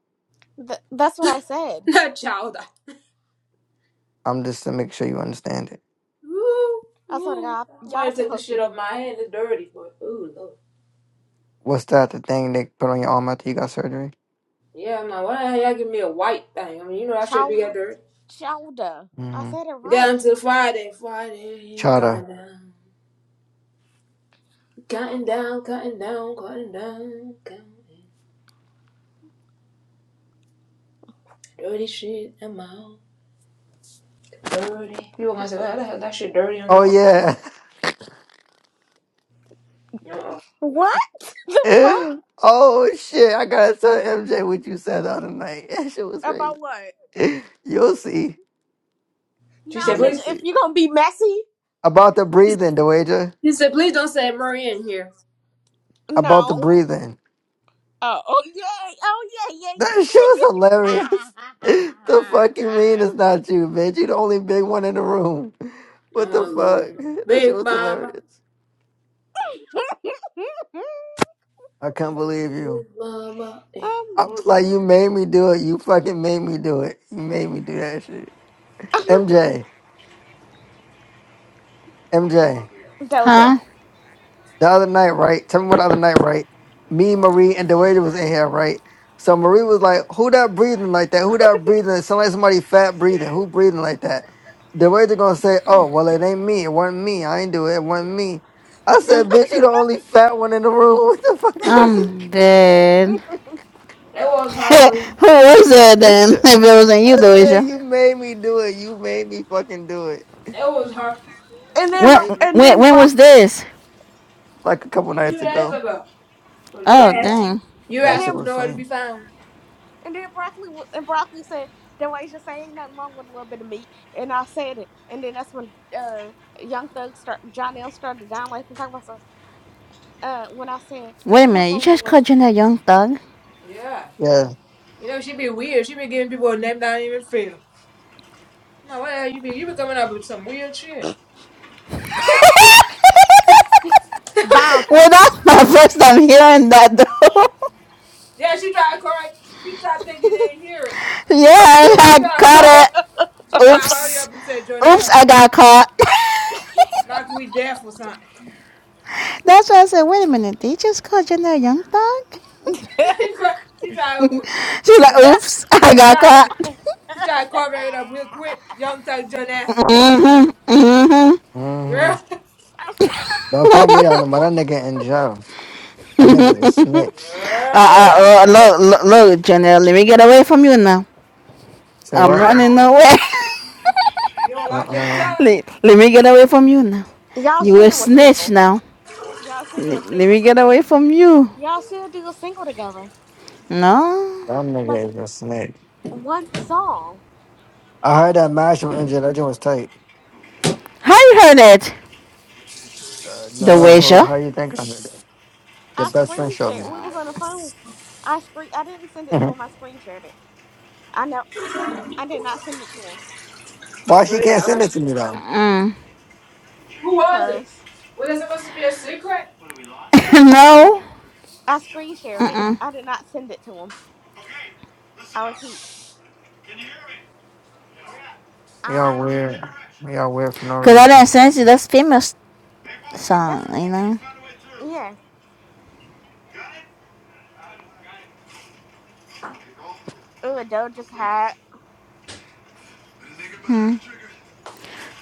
Speaker 3: Th- that's what I said.
Speaker 1: Not chowder.
Speaker 6: I'm just to make sure you understand it.
Speaker 1: Ooh,
Speaker 3: I swear to
Speaker 1: ooh.
Speaker 3: God,
Speaker 1: I might
Speaker 3: y'all
Speaker 1: have took the
Speaker 3: supposed to
Speaker 1: shit
Speaker 3: be
Speaker 1: off my hand. It's dirty, but ooh Lord.
Speaker 6: What's that? The thing they put on your arm after you got surgery?
Speaker 1: Yeah, I'm like, why the hell y'all give me a white thing? I mean, you know I should be that
Speaker 3: child,
Speaker 1: dirty.
Speaker 3: childer. I
Speaker 6: Mm-hmm.
Speaker 3: said it
Speaker 1: Got
Speaker 3: right.
Speaker 1: until Friday. Friday, counting
Speaker 6: Chowder.
Speaker 1: down, counting down, counting down, counting down, counting. Dirty shit, I'm out. Dirty. People gonna say, "Well, that, that shit dirty." You
Speaker 6: Oh
Speaker 1: know.
Speaker 6: yeah.
Speaker 1: Uh-uh.
Speaker 3: What? The fuck
Speaker 6: oh shit! I gotta tell MJ what you said the other night. That shit was crazy.
Speaker 3: about what?
Speaker 6: You'll see.
Speaker 1: She
Speaker 3: No,
Speaker 1: said,
Speaker 6: You'll
Speaker 1: "Please."
Speaker 3: nigga, if
Speaker 6: see.
Speaker 3: you gonna be messy,
Speaker 6: About the breathing, Dewaja.
Speaker 1: She said, "Please don't say Murray in here."
Speaker 6: About the
Speaker 3: no.
Speaker 6: breathing.
Speaker 3: Oh, oh yeah, oh yeah,
Speaker 6: That
Speaker 3: yeah,
Speaker 6: shit was hilarious. the
Speaker 3: yeah,
Speaker 6: fuck you mean it's not you, bitch? You the only big one in the room. What
Speaker 1: Oh
Speaker 6: the fuck?
Speaker 1: Lord,
Speaker 6: That shit
Speaker 1: Big
Speaker 6: was
Speaker 1: Mama,
Speaker 6: hilarious.
Speaker 3: yeah,
Speaker 6: I can't believe you.
Speaker 1: Big Mama.
Speaker 3: yeah.
Speaker 1: Hey.
Speaker 6: I
Speaker 3: I'm
Speaker 6: was like, you
Speaker 3: dead.
Speaker 6: made me do it. You fucking made me do it. You made me do that shit. MJ. MJ.
Speaker 3: Doja,
Speaker 5: huh?
Speaker 6: the other night, right? Tell me what the other night, right? Me, Marie, and Dewager was in here, right? So Marie was like, "Who that breathing like that? Who that breathing? It sound like somebody fat breathing. Who breathing like that?" Dewager gonna say, "Oh, well, it ain't me. It wasn't me. I ain't do it. It wasn't me." I said,
Speaker 1: it
Speaker 6: "Bitch, you the only fat one in the room. What the fucking?"
Speaker 5: I'm dead.
Speaker 1: was her, boy.
Speaker 5: Who was that then? If it wasn't you,
Speaker 6: I said,
Speaker 5: Louisa.
Speaker 6: "You made me do it. You made me fucking do it."
Speaker 1: It was her.
Speaker 3: and
Speaker 6: She
Speaker 3: then
Speaker 5: When
Speaker 3: Mar-
Speaker 6: made me
Speaker 3: and
Speaker 6: do it.
Speaker 5: when
Speaker 3: then
Speaker 5: when was
Speaker 3: Brock,
Speaker 5: this?
Speaker 6: like a couple
Speaker 1: Few
Speaker 6: nights
Speaker 1: days
Speaker 6: ago.
Speaker 1: ago, cause your
Speaker 5: Oh
Speaker 1: ass,
Speaker 5: dang.
Speaker 1: your
Speaker 3: and
Speaker 6: That
Speaker 1: ass
Speaker 6: shit
Speaker 3: then
Speaker 1: was
Speaker 6: was
Speaker 1: nowhere to be
Speaker 6: funny.
Speaker 1: found.
Speaker 3: And then broccoli w- and broccoli said, "Then why you just saying ain't nothing wrong with a little bit of meat?" And I said it, and then that's when uh Young Thug start John L started down life and talking about so uh when I said
Speaker 5: Wait a
Speaker 3: ain't nothing
Speaker 5: minute, you
Speaker 3: wrong with a
Speaker 5: just
Speaker 3: little
Speaker 5: called
Speaker 3: bit.
Speaker 5: Jenna Young Thug?
Speaker 1: Yeah.
Speaker 6: Yeah.
Speaker 1: You know she be weird. She be giving people a name that ain't even fit 'em. No, what the hell you be? You be coming up with some weird shit. yeah,
Speaker 3: Bye.
Speaker 5: Well that's my first time hearing that though.
Speaker 1: she tried to correct. She tried to think you didn't hear it.
Speaker 5: yeah,
Speaker 1: She
Speaker 5: I
Speaker 1: tried to
Speaker 5: caught
Speaker 1: call.
Speaker 5: it.
Speaker 1: She tried to hurry
Speaker 5: Oops.
Speaker 1: up and said,
Speaker 5: Oops,
Speaker 1: Jonelle,
Speaker 5: I got caught.
Speaker 1: like we deaf or something.
Speaker 5: that's why I said, wait a minute, did you just call Jenna Young Thug?
Speaker 1: she tried she tried to
Speaker 5: She's like,
Speaker 1: but-
Speaker 5: oops, I got
Speaker 1: tried-
Speaker 5: caught.
Speaker 1: she tried to cover it up real quick. Young Thug Jonelle. Uh,
Speaker 6: hmm
Speaker 1: girl,
Speaker 3: I said,
Speaker 6: Don't call me that no more. That nigga in jail. That nigga's a snitch.
Speaker 5: Uh, uh,
Speaker 1: girl,
Speaker 5: uh, look, look, look, Janelle, let me get away from you now.
Speaker 6: Say
Speaker 5: I'm
Speaker 6: what?
Speaker 5: running
Speaker 3: I
Speaker 5: away.
Speaker 1: you don't
Speaker 6: Uh
Speaker 1: like Young
Speaker 6: uh
Speaker 5: let,
Speaker 1: Thug?
Speaker 5: let me get away from you now.
Speaker 3: y'all
Speaker 5: You
Speaker 3: should
Speaker 5: a
Speaker 3: do a
Speaker 5: snitch
Speaker 3: single.
Speaker 5: now.
Speaker 3: Y'all should do a
Speaker 5: Let, let me
Speaker 3: single.
Speaker 5: get away from you.
Speaker 3: Y'all should do a single together,
Speaker 5: No.
Speaker 6: That
Speaker 3: like
Speaker 6: nigga is a snitch.
Speaker 3: one song.
Speaker 6: I heard that match from injured. That joint was tight.
Speaker 5: How you heard it?
Speaker 6: Uh,
Speaker 5: The
Speaker 6: no, who,
Speaker 5: wager?
Speaker 6: how you think I heard that? Your
Speaker 3: I
Speaker 6: best friend
Speaker 3: screen
Speaker 6: showed
Speaker 3: shared.
Speaker 6: me.
Speaker 3: We was on the phone. I screen. I didn't send it to
Speaker 6: Mhm.
Speaker 3: him. I screen shared it. I know I did not send it to him
Speaker 6: Why she
Speaker 1: But
Speaker 6: can't
Speaker 1: yeah, I
Speaker 6: send
Speaker 1: like
Speaker 6: it
Speaker 1: it.
Speaker 6: to me though?
Speaker 5: Mm.
Speaker 1: Who was it?
Speaker 3: because
Speaker 1: Was it supposed to be a secret?
Speaker 5: no.
Speaker 3: I screen shared it.
Speaker 5: Mm-mm.
Speaker 3: I did not send it to him. I repeat,
Speaker 6: Y'all
Speaker 3: I
Speaker 6: weird. Y'all weird for no
Speaker 5: Cause I
Speaker 6: reason.
Speaker 5: didn't send you this famous song,
Speaker 3: that's
Speaker 5: you know.
Speaker 3: yeah. Ooh, Doja Cat.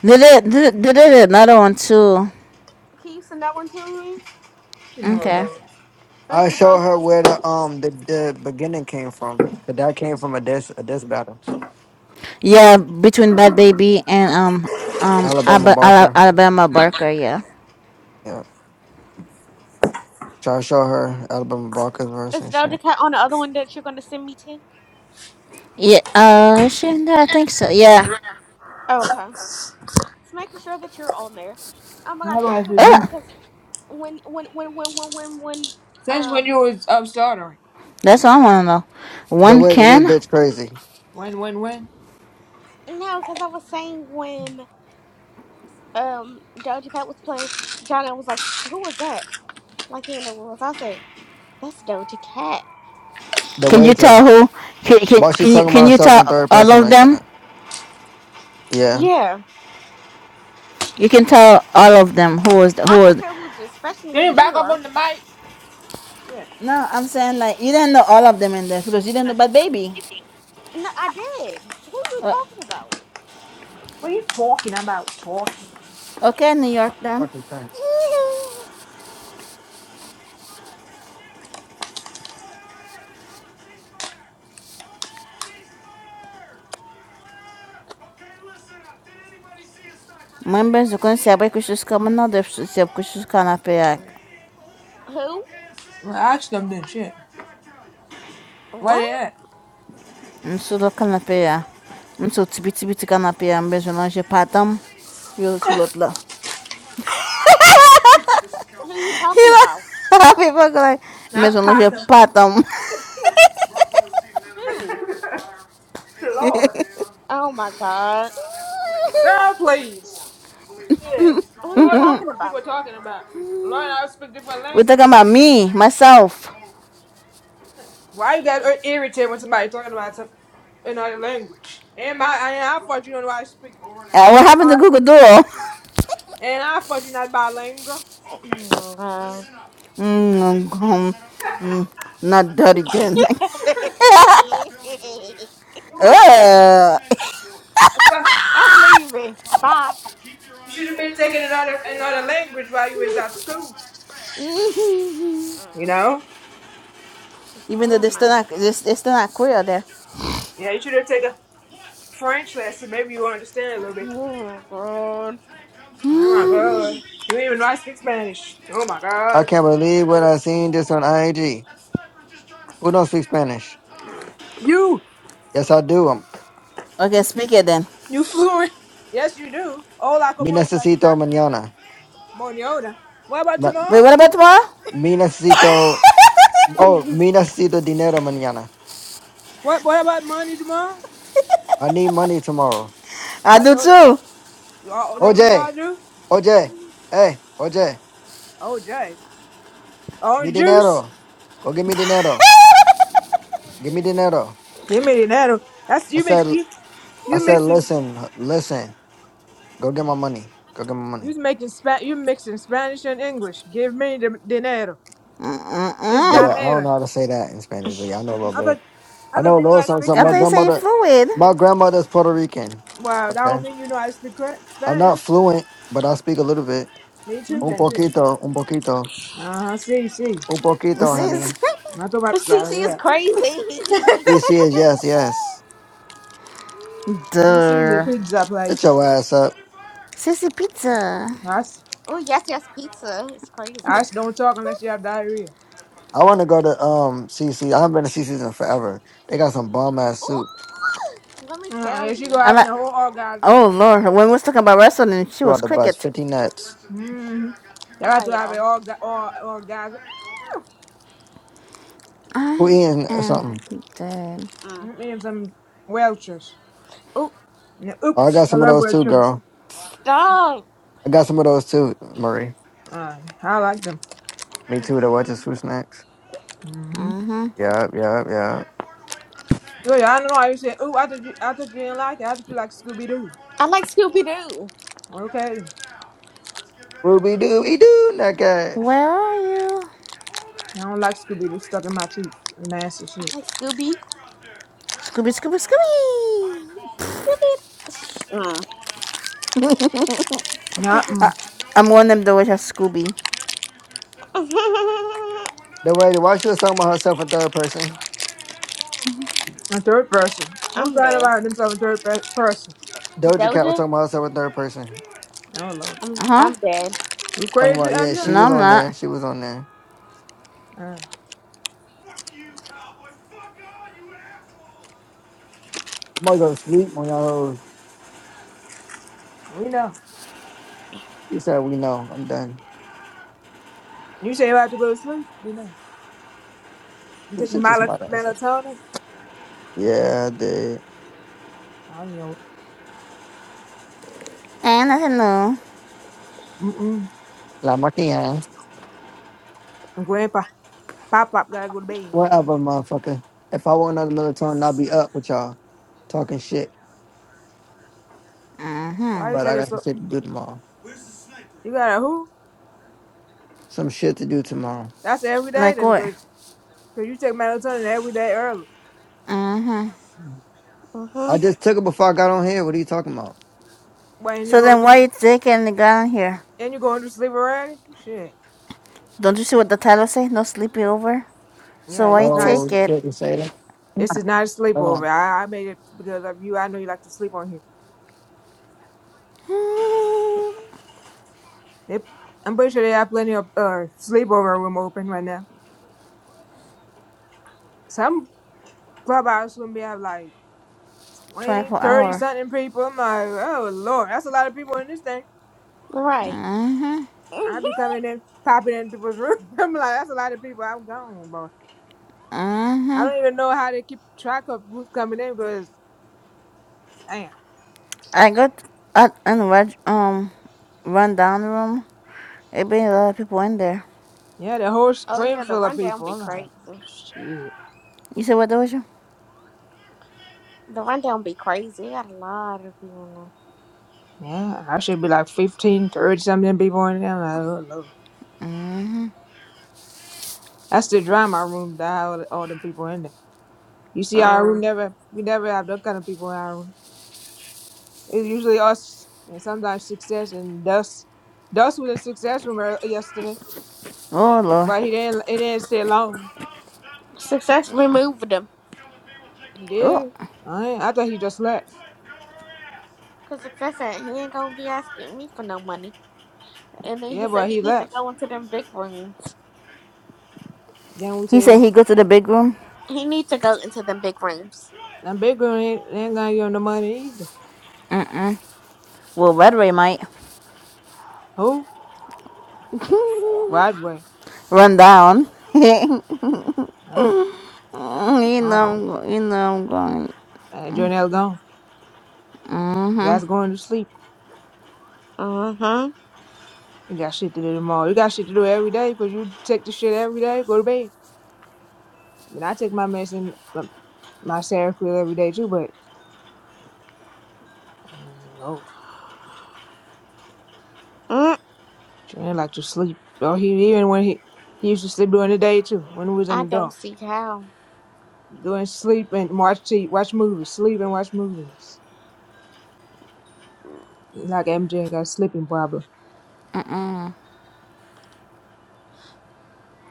Speaker 5: Did it? Did it? Did it? Another one too.
Speaker 3: Can you send that one to me?
Speaker 1: No,
Speaker 5: Okay.
Speaker 1: no.
Speaker 3: Thank
Speaker 6: I
Speaker 3: you,
Speaker 6: show
Speaker 3: though.
Speaker 6: her where the um the, the beginning came from. Cause that came from a diss a diss battle.
Speaker 5: Yeah, between Bad Baby and um um
Speaker 6: Alabama
Speaker 5: Alba-
Speaker 6: Barker.
Speaker 5: Alabama Barker. Yeah.
Speaker 6: Yeah. So I show her Alabama Barker's verse
Speaker 3: Is
Speaker 6: and shit.
Speaker 3: Doja Cat on the other one that you're gonna send me to?
Speaker 5: Yeah. Uh, she, I think so. Yeah.
Speaker 3: Okay, just making sure that you're on there. Oh my
Speaker 1: I
Speaker 3: God,
Speaker 1: don't
Speaker 3: y'all
Speaker 1: know if
Speaker 3: knew
Speaker 1: it's
Speaker 3: didn't know
Speaker 5: Ugh.
Speaker 1: not.
Speaker 3: because when when when when when when when
Speaker 1: Since when
Speaker 3: um
Speaker 1: you was up stuttering?
Speaker 5: That's all I want to know.
Speaker 6: The
Speaker 5: One
Speaker 6: way that this
Speaker 5: can.
Speaker 6: bitch crazy.
Speaker 1: When, when, when?
Speaker 3: no, because I was saying when um Doja Cat was playing, Johnny was like, "Who was that?" Like he didn't know what was I said. That's Doja Cat.
Speaker 6: The
Speaker 5: Can
Speaker 6: way
Speaker 5: you
Speaker 6: to
Speaker 5: tell who? Can, can
Speaker 6: why she
Speaker 5: can you
Speaker 6: talking about
Speaker 5: can you
Speaker 6: herself in
Speaker 5: tell
Speaker 6: third
Speaker 5: all
Speaker 6: person
Speaker 5: of
Speaker 6: like
Speaker 5: them?
Speaker 6: that? Yeah.
Speaker 3: Yeah.
Speaker 5: You can tell all of them who is the,
Speaker 3: I
Speaker 5: who
Speaker 3: could
Speaker 5: is.
Speaker 3: tell who, just, especially
Speaker 1: Getting
Speaker 3: you
Speaker 1: back up
Speaker 3: were.
Speaker 1: on the mic? Shit.
Speaker 5: No, I'm saying like you didn't know all of them in this because you didn't know about baby.
Speaker 3: No, I did. Who you
Speaker 5: O-
Speaker 3: talking about?
Speaker 1: What are you talking about? Talking.
Speaker 5: Okay, New York'tan.
Speaker 6: Fucking thanks.
Speaker 5: Ben ben zakon sebek kuşuz kamına da sebek kuşuz kanapeye.
Speaker 3: Who?
Speaker 1: Well, I asked them this shit. What
Speaker 3: What?
Speaker 1: is it?
Speaker 5: Msu da kanapeye. Msu tibi tibi tibi kanapeye. Ben zonan je patam. Yo sulotla.
Speaker 3: Who you talking about?
Speaker 5: Happy fuck like. Ben
Speaker 1: Not
Speaker 5: zonan je
Speaker 1: cotton.
Speaker 5: patam.
Speaker 3: Who?
Speaker 1: Lord.
Speaker 3: Oh my god.
Speaker 1: Girl, please. Shit.
Speaker 3: Who
Speaker 1: You
Speaker 3: you
Speaker 1: always wonder
Speaker 3: talking
Speaker 1: what people
Speaker 3: about?
Speaker 1: are talking about. Learn how to speak different
Speaker 5: We're
Speaker 1: language.
Speaker 5: talking about me, myself.
Speaker 1: Why you got ir- irritated when somebody talking about some another language? And my and I thought you don't know how to speak.
Speaker 5: Uh,
Speaker 1: You
Speaker 5: what happened
Speaker 1: know
Speaker 5: to
Speaker 1: about,
Speaker 5: Google Duo?
Speaker 1: and I thought you not bilingual.
Speaker 3: Mm. Mm.
Speaker 5: Mm, um, not that
Speaker 3: uh,
Speaker 5: again.
Speaker 1: You,
Speaker 5: Ugh.
Speaker 1: wa-
Speaker 3: I'm leaving. Bye.
Speaker 1: you should have been taking another another language while you was at school. You
Speaker 3: Mm.
Speaker 1: know?
Speaker 5: Even though
Speaker 3: Oh
Speaker 5: they're still
Speaker 3: my.
Speaker 5: not, they they're still not queer there.
Speaker 1: Yeah, you should have taken French lesson. Maybe you will understand a little bit.
Speaker 3: Oh my god.
Speaker 1: Oh my god. You don't even know how speak Spanish. Oh my
Speaker 6: I
Speaker 1: god.
Speaker 6: can't believe what I seen this on IG. Who don't speak Spanish?
Speaker 1: You.
Speaker 6: Yes, I do. Um,
Speaker 5: Okay, speak it then.
Speaker 1: You fluent? Yes, you do. Hola,
Speaker 6: Me
Speaker 1: como estás? Is
Speaker 6: necesito
Speaker 1: Not
Speaker 6: mañana.
Speaker 1: Moniota. What about
Speaker 6: Ma-
Speaker 5: Wait,
Speaker 1: Jamal?
Speaker 5: what about tomorrow?
Speaker 6: Me necesito. Oh, me necesito dinero mañana.
Speaker 1: What What about money, Jamal?
Speaker 6: I need money tomorrow.
Speaker 1: Oh,
Speaker 5: I
Speaker 1: I
Speaker 5: do
Speaker 1: know that.
Speaker 5: too.
Speaker 1: We all, that we
Speaker 6: Oye,
Speaker 1: all do.
Speaker 6: oye, hey, oye,
Speaker 1: Oh, Jay.
Speaker 6: mi
Speaker 1: Orange juice.
Speaker 6: dinero. Go get me dinero. Give me dinero.
Speaker 1: You made that. That's
Speaker 6: I
Speaker 1: you
Speaker 6: said,
Speaker 1: mix you
Speaker 6: I
Speaker 1: you
Speaker 6: said,
Speaker 1: mixing
Speaker 6: listen, listen. Go get my money. Go get my money.
Speaker 1: you making spa you mixing Spanish and English. Give me the dinero. It's
Speaker 6: Yeah,
Speaker 5: Mm-mm.
Speaker 6: I don't
Speaker 1: damera.
Speaker 6: know how to say that in Spanish, but yeah, I know a little
Speaker 1: I
Speaker 6: bit.
Speaker 1: thought I
Speaker 6: I
Speaker 1: thought
Speaker 6: know a
Speaker 1: you know
Speaker 6: little
Speaker 1: I
Speaker 6: something.
Speaker 1: speak
Speaker 6: something. My
Speaker 5: After you
Speaker 1: Spanish.
Speaker 5: say
Speaker 6: grandmother,
Speaker 5: fluid,
Speaker 6: my grandmother's Puerto Rican.
Speaker 1: Wow, that don't
Speaker 6: Okay,
Speaker 1: mean you know I speak cor-
Speaker 6: I'm
Speaker 1: Spanish.
Speaker 6: not fluent, but I speak a little bit.
Speaker 1: Me too,
Speaker 6: Un
Speaker 1: then shit.
Speaker 6: poquito, un poquito,
Speaker 1: Uh huh. See, see.
Speaker 6: un poquito,
Speaker 5: sis.
Speaker 6: honey.
Speaker 1: I thought about
Speaker 3: Cece
Speaker 1: that.
Speaker 3: is
Speaker 1: Yeah.
Speaker 3: crazy.
Speaker 6: C C is yes, yes.
Speaker 1: CC, your
Speaker 5: Duh.
Speaker 1: pizza
Speaker 6: Shut
Speaker 1: place.
Speaker 6: your ass up.
Speaker 5: Sissy pizza.
Speaker 1: I, s-
Speaker 3: oh yes, yes, pizza. It's
Speaker 1: I
Speaker 3: crazy.
Speaker 1: s- don't talk unless you have diarrhea.
Speaker 6: I want to go to um C C. I haven't been to C CC's in forever. They got some bomb ass
Speaker 3: Oh,
Speaker 6: soup
Speaker 3: let me
Speaker 1: Uh-uh,
Speaker 3: tell
Speaker 1: if she go
Speaker 3: you.
Speaker 5: I like.
Speaker 1: having a whole orgasm,
Speaker 5: Oh lord, when we was talking about wrestling, she
Speaker 6: throughout
Speaker 5: was
Speaker 6: the bus.
Speaker 5: cricket.
Speaker 6: Fifty nuts.
Speaker 1: mm-hmm. they
Speaker 3: All
Speaker 1: have
Speaker 3: right,
Speaker 1: to have an
Speaker 3: y'all.
Speaker 1: orga- or, orgasm.
Speaker 6: Who
Speaker 5: I
Speaker 6: eating
Speaker 5: am
Speaker 6: something?
Speaker 5: dead.
Speaker 3: Mm.
Speaker 1: Mm, Me and some Welchers.
Speaker 3: Oh,
Speaker 1: Yeah,
Speaker 6: Oh, I
Speaker 1: Oops,
Speaker 6: got
Speaker 1: I
Speaker 6: some of
Speaker 1: love
Speaker 6: those too,
Speaker 1: Welchers.
Speaker 6: girl.
Speaker 3: stop.
Speaker 6: I got some of those too, Marie.
Speaker 1: Uh, I like them.
Speaker 6: Me too. The what is food snacks?
Speaker 1: Mm-hmm.
Speaker 5: Mm-hmm.
Speaker 6: Yeah, yeah, yeah.
Speaker 1: So yeah, I don't know why you said, ooh, I thought you, I thought you didn't like it. I thought you like Scooby-Doo.
Speaker 3: I like Scooby Doo.
Speaker 1: Okay,
Speaker 6: Ruby dooby doo, nugget.
Speaker 5: Where are you?
Speaker 1: I don't like Scooby-Doo stuck in my teeth. Nasty
Speaker 3: I
Speaker 1: shit.
Speaker 3: like Scooby.
Speaker 5: Scooby, Scooby,
Speaker 3: Scooby. Shh. Mm.
Speaker 5: Scooby!
Speaker 1: Not
Speaker 5: I,
Speaker 1: mm,
Speaker 5: I'm one of them that wish I Scooby.
Speaker 6: The way why she was talking about herself in third person.
Speaker 1: a third person. Who's
Speaker 3: I'm
Speaker 1: talking
Speaker 3: dead.
Speaker 1: about themselves in third pe- person?
Speaker 6: Doja Cat was
Speaker 3: Doja.
Speaker 6: talking about herself in third person.
Speaker 1: Oh, Lord.
Speaker 3: I'm
Speaker 5: Uh huh.
Speaker 3: I'm dead.
Speaker 1: You
Speaker 6: Talking
Speaker 1: crazy,
Speaker 6: about yeah, she
Speaker 5: No,
Speaker 6: was
Speaker 1: Andrea?
Speaker 5: I'm
Speaker 6: on
Speaker 5: not.
Speaker 6: there. She was on there. I'm gonna go to sleep when y'all.
Speaker 1: We know.
Speaker 6: You said we know. I'm done.
Speaker 1: You say you about to go to sleep? We know. You
Speaker 6: This
Speaker 1: take
Speaker 6: shit just
Speaker 1: mal-
Speaker 6: my ass up.
Speaker 1: melatonin?
Speaker 6: Yeah, I did.
Speaker 1: I know it.
Speaker 5: I Ain't nothing new.
Speaker 1: Mm-mm.
Speaker 6: La maquilla.
Speaker 1: And grandpa, pop pop gotta go to bed.
Speaker 6: Whatever, motherfucker. If I want another melatonin, I'll be up with y'all talking shit.
Speaker 1: Why you
Speaker 6: But I
Speaker 1: taking
Speaker 6: got some
Speaker 1: so?
Speaker 6: shit to do tomorrow.
Speaker 1: You gotta who?
Speaker 6: Some shit to do tomorrow.
Speaker 1: That's every day
Speaker 5: Like
Speaker 1: then,
Speaker 5: what?
Speaker 1: because you take melatonin every day early.
Speaker 5: hmm
Speaker 6: I
Speaker 3: Mhm.
Speaker 6: just took it before I got on here. What are you talking about?
Speaker 1: Wait, and you
Speaker 5: So
Speaker 1: going
Speaker 5: then
Speaker 1: to
Speaker 5: why
Speaker 1: sleep?
Speaker 5: you taking the gun here?
Speaker 1: And you going to sleep already? Shit.
Speaker 5: Don't you see what the title says? No sleepy over.
Speaker 1: Yeah,
Speaker 5: So
Speaker 1: this
Speaker 5: I
Speaker 1: is
Speaker 6: Oh
Speaker 1: nice.
Speaker 5: take it.
Speaker 6: shit, you say that?
Speaker 1: This is not a
Speaker 6: Hold on.
Speaker 1: sleepover. I, I made it because of you. I know you like to sleep on here. They, I'm pretty sure they have plenty of uh sleepover room open right now. Some clubhouse room they have like 20,
Speaker 5: 24
Speaker 1: 30,
Speaker 5: hour.
Speaker 1: something people. I'm like, oh Lord, that's a lot of people in this thing.
Speaker 3: Right.
Speaker 5: Mhm.
Speaker 1: I
Speaker 3: Mhm.
Speaker 1: be coming in, popping in people's room. I'm like, that's a lot of people. I'm gone, bro. I
Speaker 5: Mhm.
Speaker 1: don't even know how they keep track of who's coming in because, damn.
Speaker 5: I got at and run um rundown room. It been a lot of people in there.
Speaker 1: Yeah, the whole
Speaker 3: Oh
Speaker 1: screen
Speaker 3: yeah, the
Speaker 1: full of
Speaker 3: rundown
Speaker 1: people.
Speaker 3: be
Speaker 1: I'm like,
Speaker 3: crazy.
Speaker 1: shit.
Speaker 5: You said what, Doja?
Speaker 3: The rundown be crazy. It got a lot of people
Speaker 1: Yeah, I should be like 15, 30 something people in there. I'm like, oh Lord.
Speaker 5: Mhm.
Speaker 1: That's the drama room that had all, all the people in there. You see
Speaker 3: in there.
Speaker 1: our room
Speaker 3: Mm.
Speaker 1: never, we never have that kind of people in our room. It's usually us and sometimes success and Dust. Dust was in success room ear- yesterday,
Speaker 5: Oh Lord.
Speaker 1: but he didn't. It didn't stay long.
Speaker 3: Success removed them.
Speaker 1: He
Speaker 5: Oh.
Speaker 1: did. I I thought he just left.
Speaker 3: Cause success ain't he ain't gonna be asking me for no money. And then he
Speaker 1: Yeah,
Speaker 3: said
Speaker 1: but
Speaker 3: he
Speaker 1: he
Speaker 3: need to
Speaker 1: left.
Speaker 3: go into them big rooms.
Speaker 1: Then we
Speaker 5: He said
Speaker 1: say,
Speaker 5: he go to the big room.
Speaker 3: He need to go into them big rooms.
Speaker 1: "I'm big girl ain't, ain't gonna give him the money either."
Speaker 5: Mm-mm. Well, Red Ray might
Speaker 1: Who? Rodway.
Speaker 5: run down. you know,
Speaker 1: Oh,
Speaker 5: i
Speaker 1: oh.
Speaker 5: you know, I'm going.
Speaker 1: And Jonell gone.
Speaker 5: Mhm.
Speaker 1: That's going to sleep.
Speaker 3: Mm-hmm.
Speaker 1: You got shit to do tomorrow. You got shit to do every day because you take the shit every day. Go to bed. I mean, I take my medicine, my my Seroquel every day too, but oh, Lord.
Speaker 3: Mm,
Speaker 1: Trey like to sleep. Oh, he even when he he used to sleep during the day too. When he was in
Speaker 3: I
Speaker 1: the
Speaker 3: don't
Speaker 1: dark,
Speaker 3: see how.
Speaker 1: doing sleep and watch t- watch movies, sleep and watch movies. He like MJ got a sleeping problem.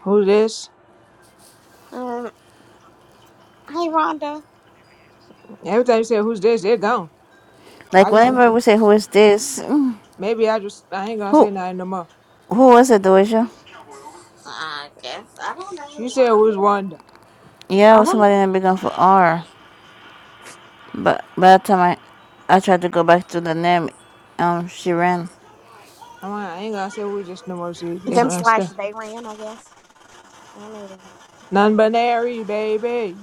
Speaker 1: Who's this?
Speaker 3: Mm. Hey, Rhonda.
Speaker 1: Every time you say who's this, they're gone.
Speaker 5: Like
Speaker 1: I just
Speaker 5: whenever we say who is this, "Mm,
Speaker 1: maybe I just I ain't gonna
Speaker 5: who
Speaker 1: say nothing no more.
Speaker 5: who was it, Doja?
Speaker 3: I guess. I don't know who
Speaker 1: She said who's
Speaker 3: Rhonda.
Speaker 1: Wanda.
Speaker 5: Yeah, it
Speaker 3: I
Speaker 5: was
Speaker 3: don't know.
Speaker 5: somebody that began for R. But by the time I, I tried to go back to the name, um, she ran.
Speaker 1: I'm like, I ain't gonna say who's this no more. See if they
Speaker 3: Them
Speaker 1: gonna
Speaker 3: slash
Speaker 1: understand.
Speaker 3: they ran, I guess. I don't know.
Speaker 1: Non-binary baby.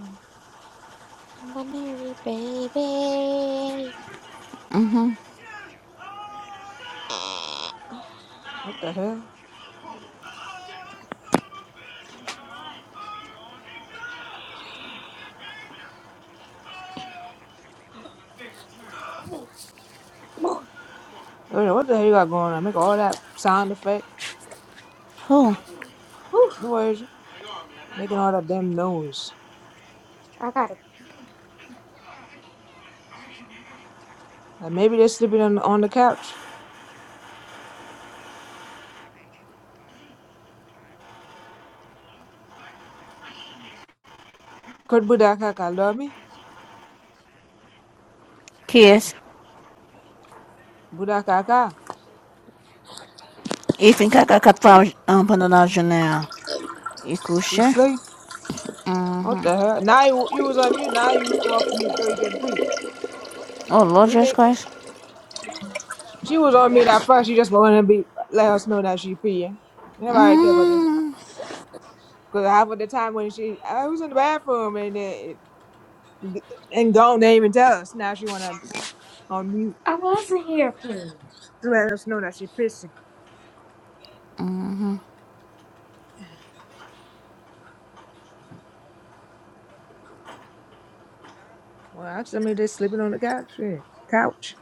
Speaker 3: I'm binary, baby.
Speaker 1: What the hell? What the what the hell you got going on? Make all that sound effect
Speaker 5: Who?
Speaker 3: Whew,
Speaker 1: noise, making all that damn noise.
Speaker 3: I got it.
Speaker 1: Like maybe they're sleeping on on the couch. Could Budakaka love me?
Speaker 5: Kiss.
Speaker 1: Budakaka,
Speaker 5: Ifin kaka kapau um pandanal janela.
Speaker 1: she
Speaker 5: Ikusha.
Speaker 1: sleep.
Speaker 5: Mm.
Speaker 1: What the hell? Now you, you was on mute. Now you off mute so you can pee.
Speaker 5: Oh, Lord
Speaker 1: We
Speaker 5: Jesus
Speaker 1: think
Speaker 5: Christ.
Speaker 1: she was on mute at first. She just wanted to be let us know that she peeing. Nobody care about that.
Speaker 5: Mm.
Speaker 1: Cause half of the time when she I was in the bathroom and then and gone, they even tell us. Now she wanna on mute to let us know that she pissing. Well, actually, I mean they're sleeping on the couch. Shit. Couch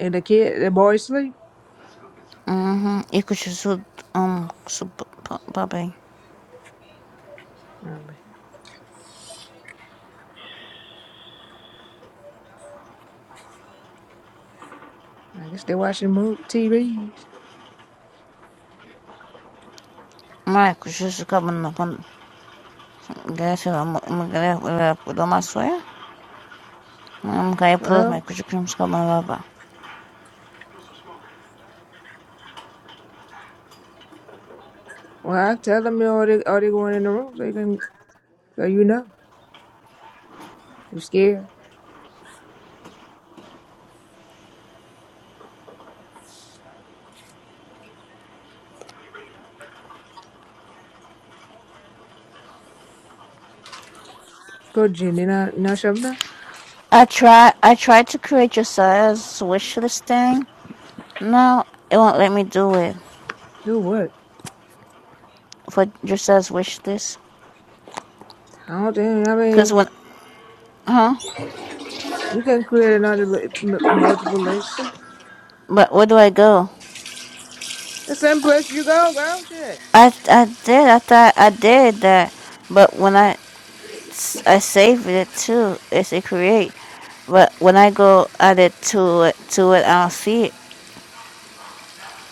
Speaker 1: and the kid, the boy sleep.
Speaker 5: Mm-hmm. Ikusha su um su papai.
Speaker 1: Um, I guess they are watching movie TVs.
Speaker 5: Mas ikusha su kaban na pan. Graças a Deus, graças a Deus, I'm gonna upload my
Speaker 1: Well,
Speaker 5: Critic Rooms called my lover.
Speaker 1: well, I tell them, you know, are they are they going in the room so you can so you know you scared. Go Jenny, now now Shabna,
Speaker 5: I try I tried to create Josiah's wish list thing. No, it won't let me do it
Speaker 1: do what?
Speaker 5: for Josiah's wish list.
Speaker 1: I don't think. I
Speaker 5: Cause
Speaker 1: mean,
Speaker 5: when huh?
Speaker 1: you can create another li- m- multiple list.
Speaker 5: But where do I go?
Speaker 1: The same place you go, girl. Shit.
Speaker 5: I I did I thought I did that, but when I I saved it too, it's a create. But when I go add it to it to it, I'll see it.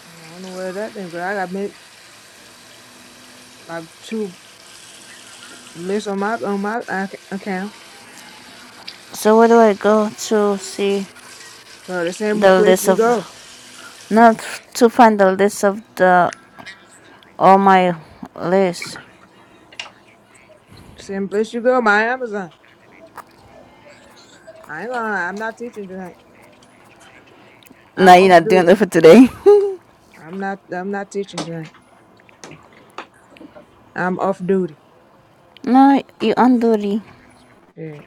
Speaker 1: I don't know where that thing, but I got made, like two lists on my on my ac- account.
Speaker 5: So where do I go to see
Speaker 1: Girl, the same
Speaker 5: the
Speaker 1: place
Speaker 5: list
Speaker 1: you
Speaker 5: of
Speaker 1: go,
Speaker 5: not to find the list of the all my list.
Speaker 1: the same place you go. My Amazon. I ain't gonna. lie, I'm not teaching tonight.
Speaker 5: Nah,
Speaker 1: I'm
Speaker 5: you're
Speaker 1: off
Speaker 5: not doing
Speaker 1: duty.
Speaker 5: that for today.
Speaker 1: I'm not. I'm not teaching tonight. I'm off duty.
Speaker 5: No, you unduty.
Speaker 1: Yeah.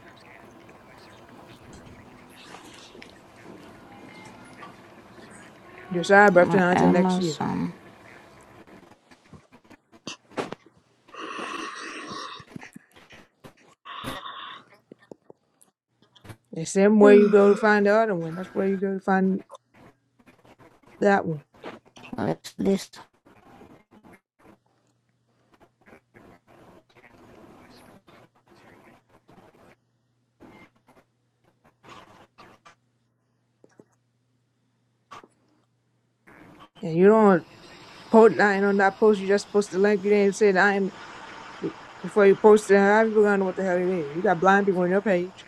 Speaker 1: Decide after
Speaker 5: My
Speaker 1: now until next year.
Speaker 5: Amazon
Speaker 1: The same way you go to find the other one, that's where you go to find that one.
Speaker 5: list. list.
Speaker 1: And you don't post nothing on that post. You just post the link. You didn't even say nothing before you post it. How people gonna know what the hell it is? You got blind people on your page.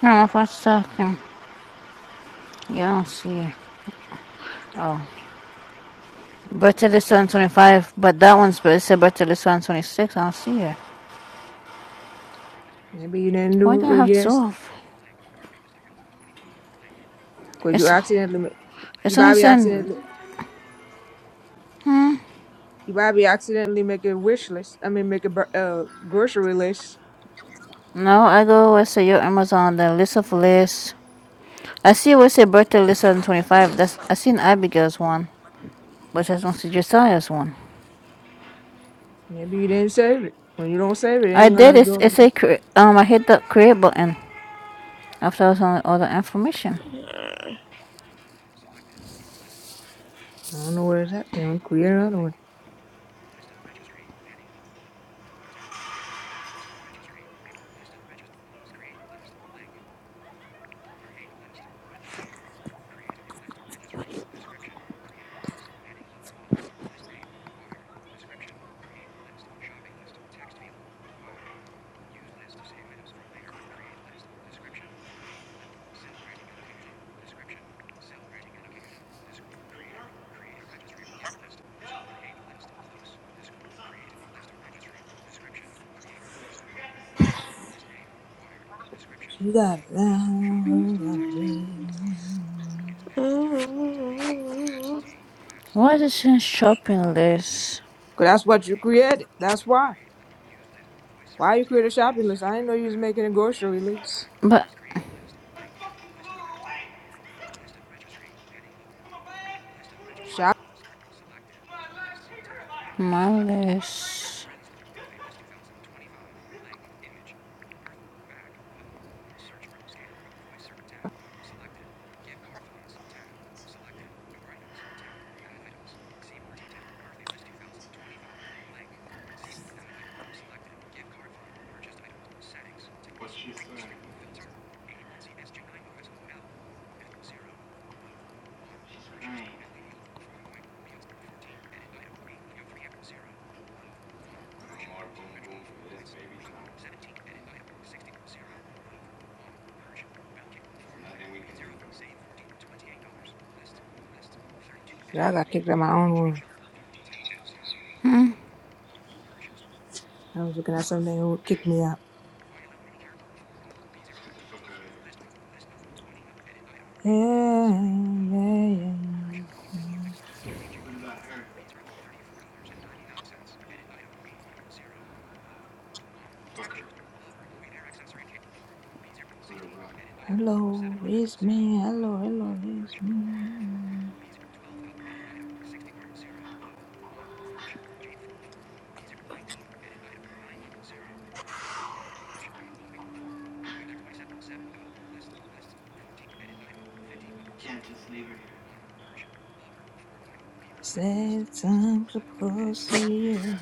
Speaker 5: Hold on for a second. You don't see it. Oh. Birthday list 125, but that one's but it said birthday list 126. I don't see it.
Speaker 1: Maybe you didn't
Speaker 5: Why do
Speaker 1: do
Speaker 5: I
Speaker 1: it.
Speaker 5: have two
Speaker 1: Yes,
Speaker 5: of
Speaker 1: because you
Speaker 5: It's,
Speaker 1: accidentally, ma- you
Speaker 5: it's only
Speaker 1: probably
Speaker 5: saying.
Speaker 1: accidentally, you probably accidentally make a wish list. I mean, make a bur- uh, grocery list.
Speaker 5: No, I go where say your Amazon, the list of lists. I see where it say birthday list 125. That's I seen Abigail's one, but I don't see Josiah's one.
Speaker 1: Maybe you didn't save it. When you don't save it, it
Speaker 5: I
Speaker 1: ain't
Speaker 5: did.
Speaker 1: gonna
Speaker 5: It's
Speaker 1: go over
Speaker 5: it's a
Speaker 1: there.
Speaker 5: cre- um. I hit the create button after I was on all the information.
Speaker 1: I don't know where it's at. thing. Create another one. You got it down, got it down.
Speaker 5: Why is it in shopping list?
Speaker 1: 'Cause that's what you created. That's why. Why you created a shopping list? I didn't know you was making a grocery list.
Speaker 5: But
Speaker 1: Shop.
Speaker 5: my list.
Speaker 1: Yeah, I got kicked out of my own room. I was looking at something that would kick me out. Yeah, yeah, yeah. yeah. Hello, it's me. Hello, hello, it's me. The sad time supposed to hear.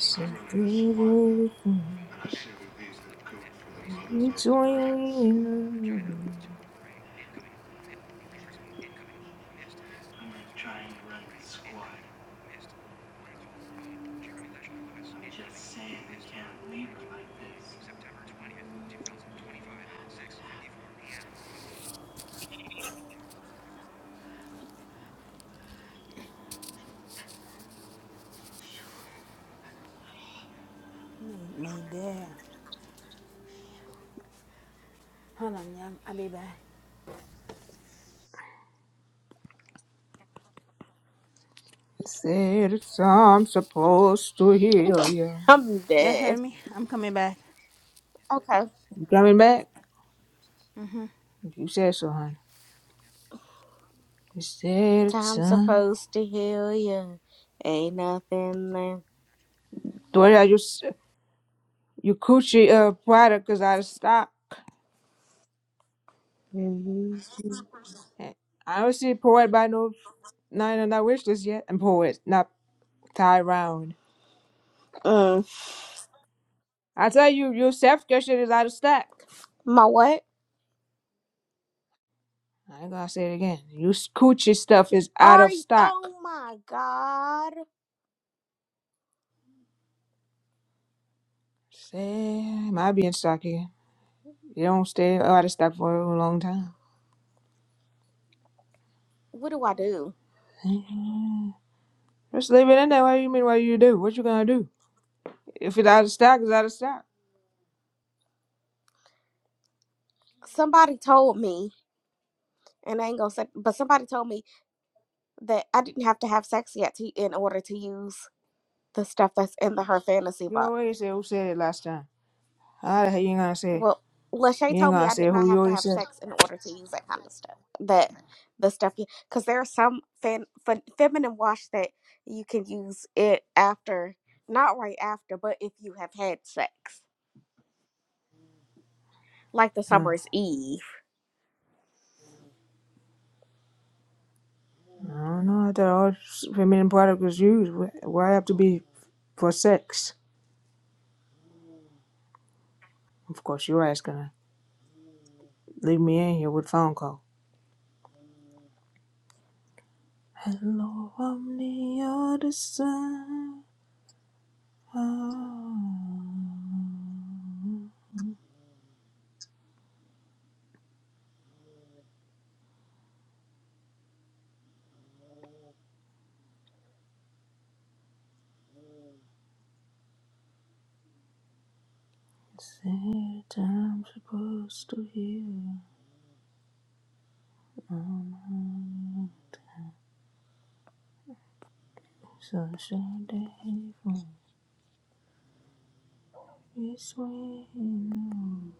Speaker 1: So, do a dirty thing between us.
Speaker 5: Hold on, yeah, I'll be back.
Speaker 1: Said it's I'm supposed to heal you.
Speaker 3: I'm
Speaker 5: Y'all heard
Speaker 3: dead.
Speaker 5: me? I'm coming back.
Speaker 3: Okay.
Speaker 1: You coming back? If you said so, honey. You said it's
Speaker 3: Time
Speaker 1: time.
Speaker 3: supposed to heal you. Ain't nothing left.
Speaker 1: Dory, I just you s- you coochie uh product is out of stock.
Speaker 3: Mhm.
Speaker 1: Eh, I don't see poet by no nine on that wish list yet. And poet, not tie round.
Speaker 3: Mm.
Speaker 1: I tell you, your self care shit is out of stock.
Speaker 3: My what?
Speaker 1: I ain't gonna say it again. Your s- coochie stuff is out
Speaker 3: Are
Speaker 1: of
Speaker 3: you?
Speaker 1: stock.
Speaker 3: Oh my God.
Speaker 1: Say might be in stock again. You don't stay out of stock for a long time.
Speaker 3: What do I do?
Speaker 1: Just leave it in there. What do you mean? What do you do? What you gonna do? If it's out of stock, it's out of stock.
Speaker 3: Somebody told me, and I ain't gonna say, but somebody told me that I didn't have to have sex yet to, in order to use the stuff that's in the her fantasy
Speaker 1: You
Speaker 3: box.
Speaker 1: always say who said it last time. How the hell you ain't gonna say? it?
Speaker 3: Well, Lachey
Speaker 1: You ain't
Speaker 3: told me
Speaker 1: gonna
Speaker 3: I
Speaker 1: say
Speaker 3: did
Speaker 1: who
Speaker 3: not
Speaker 1: you
Speaker 3: have to
Speaker 1: already
Speaker 3: have
Speaker 1: said. it.
Speaker 3: sex in order to use that kind of stuff. That the stuff you because there are some fan, fe- feminine wash that you can use it after, not right after, but if you have had sex, like the
Speaker 1: Huh.
Speaker 3: summer's eve.
Speaker 1: I don't know. I thought all feminine product was used. Wh- Why have to be for sex? Of course, your ass gonna leave me in here with phone call. Hello, I'm the other side. Say time I'm supposed to hear. Oh, So Sunday from this way. on.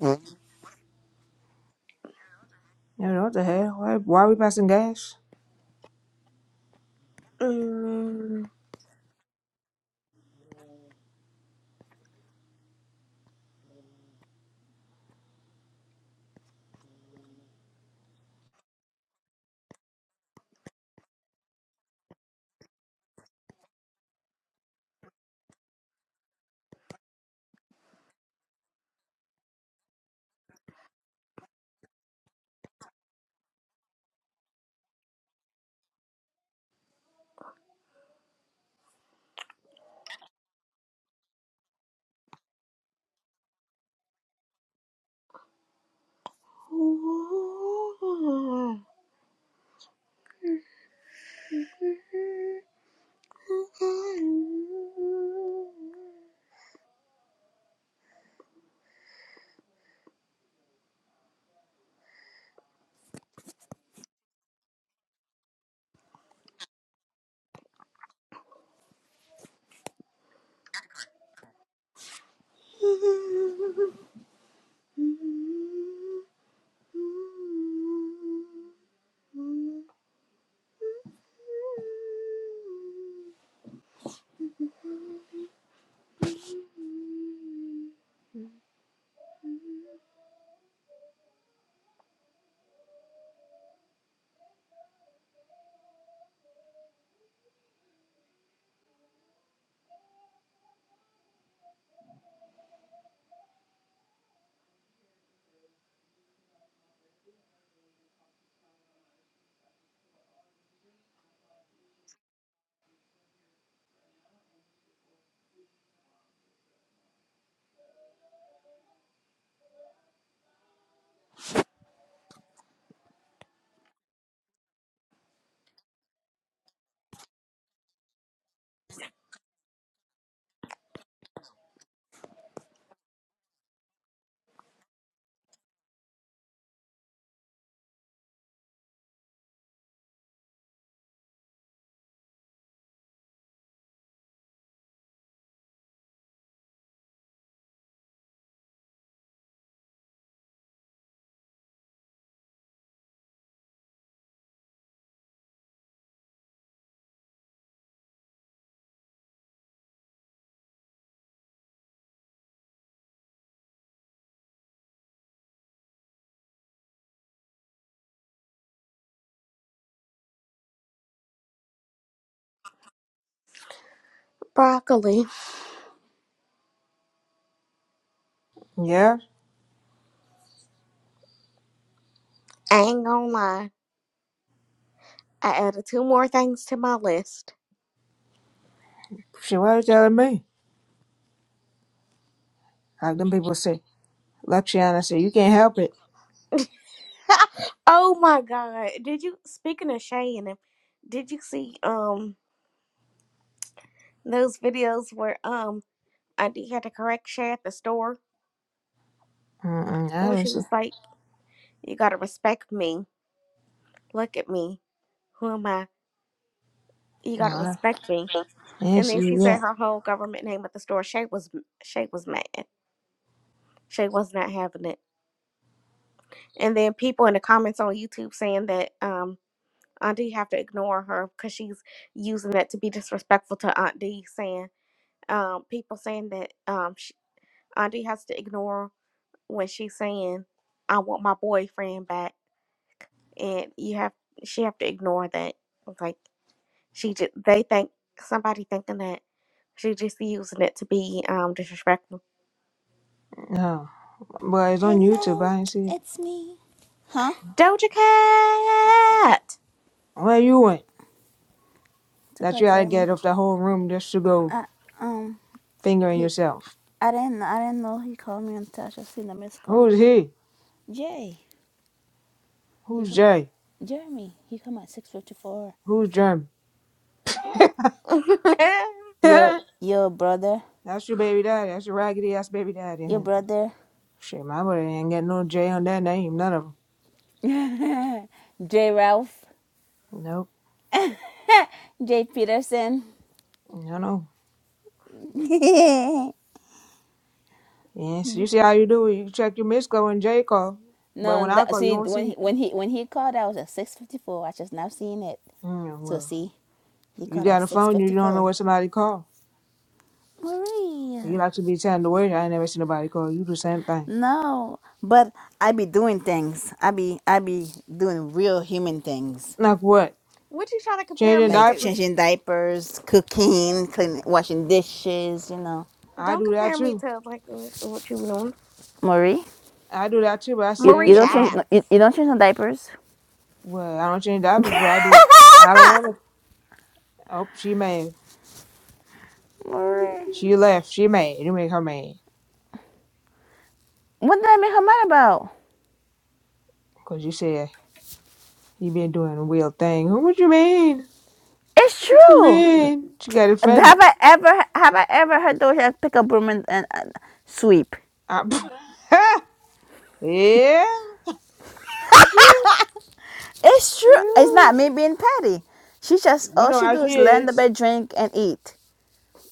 Speaker 3: Mm.
Speaker 1: You know what the hell? Why, why are we passing gas?
Speaker 3: Mm. Broccoli.
Speaker 1: Yeah,
Speaker 3: I ain't gonna lie. I added two more things to my list.
Speaker 1: she why are you telling me? Like them people say. Luxiana said, you can't help it.
Speaker 3: oh my god. Did you speaking of Shay and him, did you see um those videos where um Auntie had to correct Shay at the store?
Speaker 1: Mm-mm, I
Speaker 3: Where
Speaker 1: haven't
Speaker 3: she
Speaker 1: seen.
Speaker 3: was like, You gotta respect me. Look at me. Who am I? You gotta
Speaker 1: Well,
Speaker 3: respect me.
Speaker 1: I ain't
Speaker 3: And
Speaker 1: see
Speaker 3: then
Speaker 1: it
Speaker 3: she said
Speaker 1: yet.
Speaker 3: her whole government name at the store. Shay was Shay was mad. Shay was not having it. And then people in the comments on YouTube saying that um, Aunt D have to ignore her because she's using that to be disrespectful to Aunt D, saying um, people saying that um, sh Aunt D has to ignore when she's saying, "I want my boyfriend back," and you have she have to ignore that. It's Like she just they think somebody thinking that she just using it to be um, disrespectful.
Speaker 1: No, but it's on YouTube. I don't see it.
Speaker 3: Doja Cat,
Speaker 1: Where you went? That you had to get off the whole room just to go
Speaker 5: I um
Speaker 1: fingering
Speaker 5: he
Speaker 1: yourself.
Speaker 5: I didn't I didn't know he called me until I just seen the missed call.
Speaker 1: Who's he?
Speaker 5: Jay, he
Speaker 1: Who's
Speaker 5: come at
Speaker 1: Jay?
Speaker 5: Jeremy, he come at six fifty four.
Speaker 1: Who's Jeremy?
Speaker 5: Your
Speaker 1: That's
Speaker 5: your brother,
Speaker 1: your baby daddy. That's your raggedy ass baby
Speaker 5: your
Speaker 1: daddy.
Speaker 5: brother,
Speaker 1: Shit, my buddy ain't got no J on that name, none of them.
Speaker 5: J Ralph.
Speaker 1: Nope, no, no. Yes, you see how you do it. You check your missed call when J call, but when I call, you will not see it. Mm, well, you got a phone, you don't know what somebody call. You like to be telling the word. I ain't never seen nobody call you the same thing. Like what?
Speaker 3: what you trying to compare
Speaker 1: Changing
Speaker 3: me to?
Speaker 1: diapers? I
Speaker 3: Don't
Speaker 1: do that
Speaker 3: compare me
Speaker 1: too.
Speaker 3: to like what you be doing.
Speaker 1: I do that too, but I still
Speaker 5: You, you
Speaker 3: Marie
Speaker 1: answer
Speaker 5: don't change
Speaker 1: phone.
Speaker 3: asked.
Speaker 5: no, you, you don't change the diapers.
Speaker 1: Well, I don't change diapers, but I do it. I don't want to. Oh, she mad.
Speaker 5: Or
Speaker 1: She left. She mad. You make her mad.
Speaker 5: what?
Speaker 1: Because you said You been doing a real thing. Who what you mean?
Speaker 5: It's
Speaker 1: What you
Speaker 5: true.
Speaker 1: mean? She got
Speaker 5: Have
Speaker 1: offended.
Speaker 5: I ever have I ever heard those just pick up broom and, and, and sweep?
Speaker 1: I, yeah.
Speaker 5: It's true. It's not me being petty. She just
Speaker 1: You
Speaker 5: all
Speaker 1: know
Speaker 5: she
Speaker 1: how
Speaker 5: do
Speaker 1: she
Speaker 5: is lay in the
Speaker 1: is.
Speaker 5: bed, drink, and eat.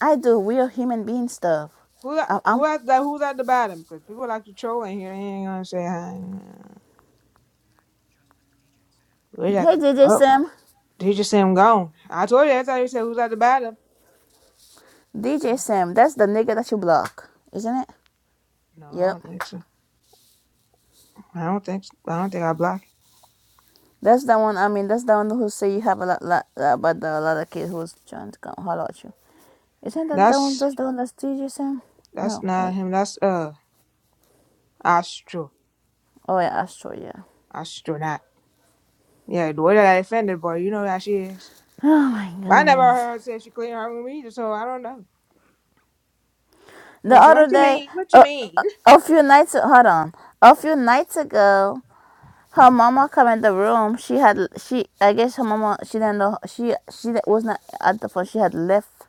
Speaker 5: I do real human being stuff.
Speaker 1: Who that,
Speaker 5: Um, um
Speaker 1: who at the, who's at the bottom? Because people like to troll in here. They ain't gonna say hi. We're like,
Speaker 5: hey DJ
Speaker 1: oh,
Speaker 5: Sam,
Speaker 1: they just say I'm gone. I told you. That's how you said who's at the bottom.
Speaker 5: DJ Sam, that's the nigga that you block, isn't it?
Speaker 1: No, I
Speaker 5: Yep,
Speaker 1: don't think so. I don't think. So. I don't think I blocked.
Speaker 5: that's the one. I mean, that's the one who say you have a lot, lot uh, but a lot of kids who's trying to come holler at you. Isn't that the one?
Speaker 1: That's
Speaker 5: That's the one that's DJ Sam.
Speaker 1: that's
Speaker 5: No,
Speaker 1: not
Speaker 5: wait.
Speaker 1: him. That's uh Astro
Speaker 5: Oh yeah, Astro. Yeah.
Speaker 1: astronaut. Yeah, the way that I offended boy, you know how she is.
Speaker 5: Oh my
Speaker 1: I never
Speaker 5: goodness.
Speaker 1: heard her say she clean her room either, so I don't know.
Speaker 5: The
Speaker 1: And I said,
Speaker 5: other
Speaker 1: "What you
Speaker 5: day,
Speaker 1: mean? What you
Speaker 5: a, a,
Speaker 1: mean?"
Speaker 5: a few nights hold on, a few nights ago, her mama come in the room. She had she I guess her mama she didn't know she she was not at the phone. She had left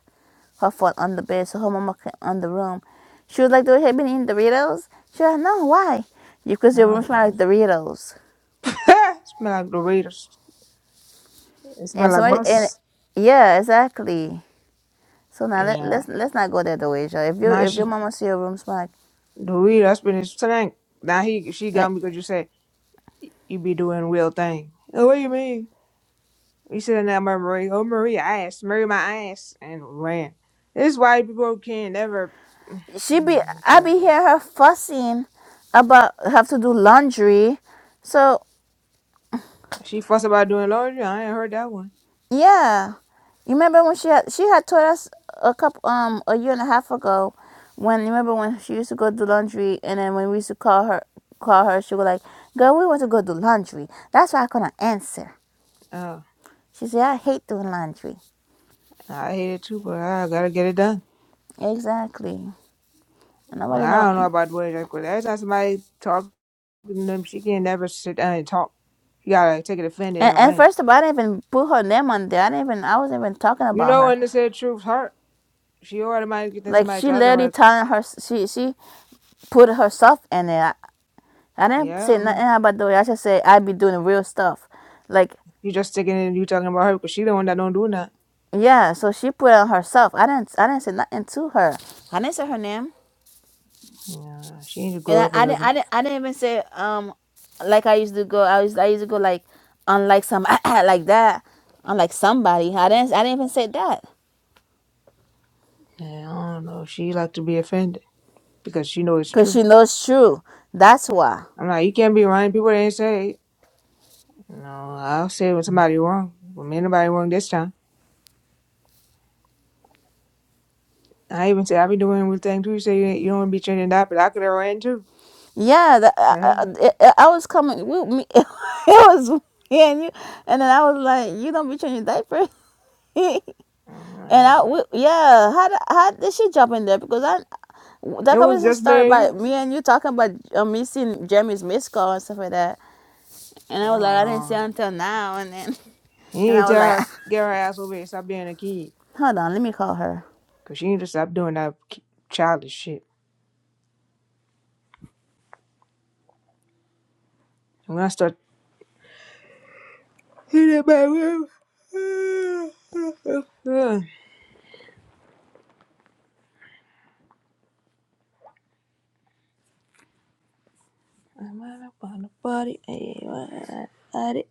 Speaker 5: her phone on the bed, so her mama came on the room. She was like, "Do you have been eating Doritos?" She was like, "No, why?" Because your room
Speaker 1: Uh,
Speaker 5: smell like Doritos.
Speaker 1: it smell like Doritos. It
Speaker 5: And
Speaker 1: smell
Speaker 5: if
Speaker 1: like
Speaker 5: somebody and
Speaker 1: bus.
Speaker 5: yeah, exactly. So now let,
Speaker 1: Yeah.
Speaker 5: let's let's not go there, Doasia. If you
Speaker 1: Now
Speaker 5: if your
Speaker 1: she
Speaker 5: mama see your room smell
Speaker 1: Doritos been his tank. Now he she
Speaker 5: like
Speaker 1: got me because you said you be doing real thing. Oh, what do you mean? You said that Marie. Oh, Marie ass. Marie my ass and ran. This is why people can never.
Speaker 5: she be
Speaker 1: I'm
Speaker 5: I
Speaker 1: sure.
Speaker 5: be hear her fussing about have to do laundry. So
Speaker 1: She fuss about doing laundry. I ain't heard that one.
Speaker 5: yeah, you remember when she had she had told us a couple um a year and a half ago when you remember when she used to go do laundry and then when we used to call her call her she was like, "Girl, we want to go do laundry." That's why I couldn't answer.
Speaker 1: Oh,
Speaker 5: She said, "I hate doing laundry."
Speaker 1: I hate it too, but I gotta get it done.
Speaker 5: Exactly. And
Speaker 1: Well,
Speaker 5: Nobody
Speaker 1: I
Speaker 5: know.
Speaker 1: don't know about the way that cause Every time somebody talking to them, she can never sit down and talk. You gotta take it offended
Speaker 5: And,
Speaker 1: and
Speaker 5: and
Speaker 1: rain.
Speaker 5: first of all, I didn't even put her name on there. I didn't even. I wasn't even talking
Speaker 1: You
Speaker 5: about
Speaker 1: know
Speaker 5: her.
Speaker 1: when they say truth hurt, she automatically thinks
Speaker 5: Like
Speaker 1: somebody
Speaker 5: she
Speaker 1: talking. I'm
Speaker 5: literally
Speaker 1: like,
Speaker 5: telling her she she put herself in it
Speaker 1: yeah, I'm- you just sticking in you talking about her because she the one that don't do nothing. Yeah, she need to grow up a little. bit. Yeah, I don't know. She like to be offended because she know it's
Speaker 5: because
Speaker 1: true.
Speaker 5: she knows true. That's why.
Speaker 1: I'm like, you can't be running people ain't say. it. No, I'll say when somebody wrong. When anybody wrong this time. I even say I be doing with thing too. You say you, ain't- you don't wanna be changing that, but I could have ran too.
Speaker 5: Yeah, the, uh,
Speaker 1: Yeah.
Speaker 5: uh, I was coming. We, me, it was me and you, and then I was like, "You don't be changing diapers." and
Speaker 1: I'm like,
Speaker 5: I, we, yeah, how did, how did she jump in there? Because I, that
Speaker 1: It was
Speaker 5: conversation
Speaker 1: just me
Speaker 5: started
Speaker 1: and
Speaker 5: by
Speaker 1: you.
Speaker 5: me and you talking about uh, me seeing Jeremy's missed call and stuff like that. And I
Speaker 1: Yeah,
Speaker 5: was
Speaker 1: I
Speaker 5: like,
Speaker 1: don't
Speaker 5: I didn't see
Speaker 1: know.
Speaker 5: her until now. And then,
Speaker 1: He
Speaker 5: and
Speaker 1: need
Speaker 5: I
Speaker 1: to
Speaker 5: was
Speaker 1: tell
Speaker 5: like,
Speaker 1: her get her ass over here and stop being a kid.
Speaker 5: hold on, let me call her.
Speaker 1: Cause she need to stop doing that ki- childish shit. I'm gonna start hit that back. I'm out on the body, it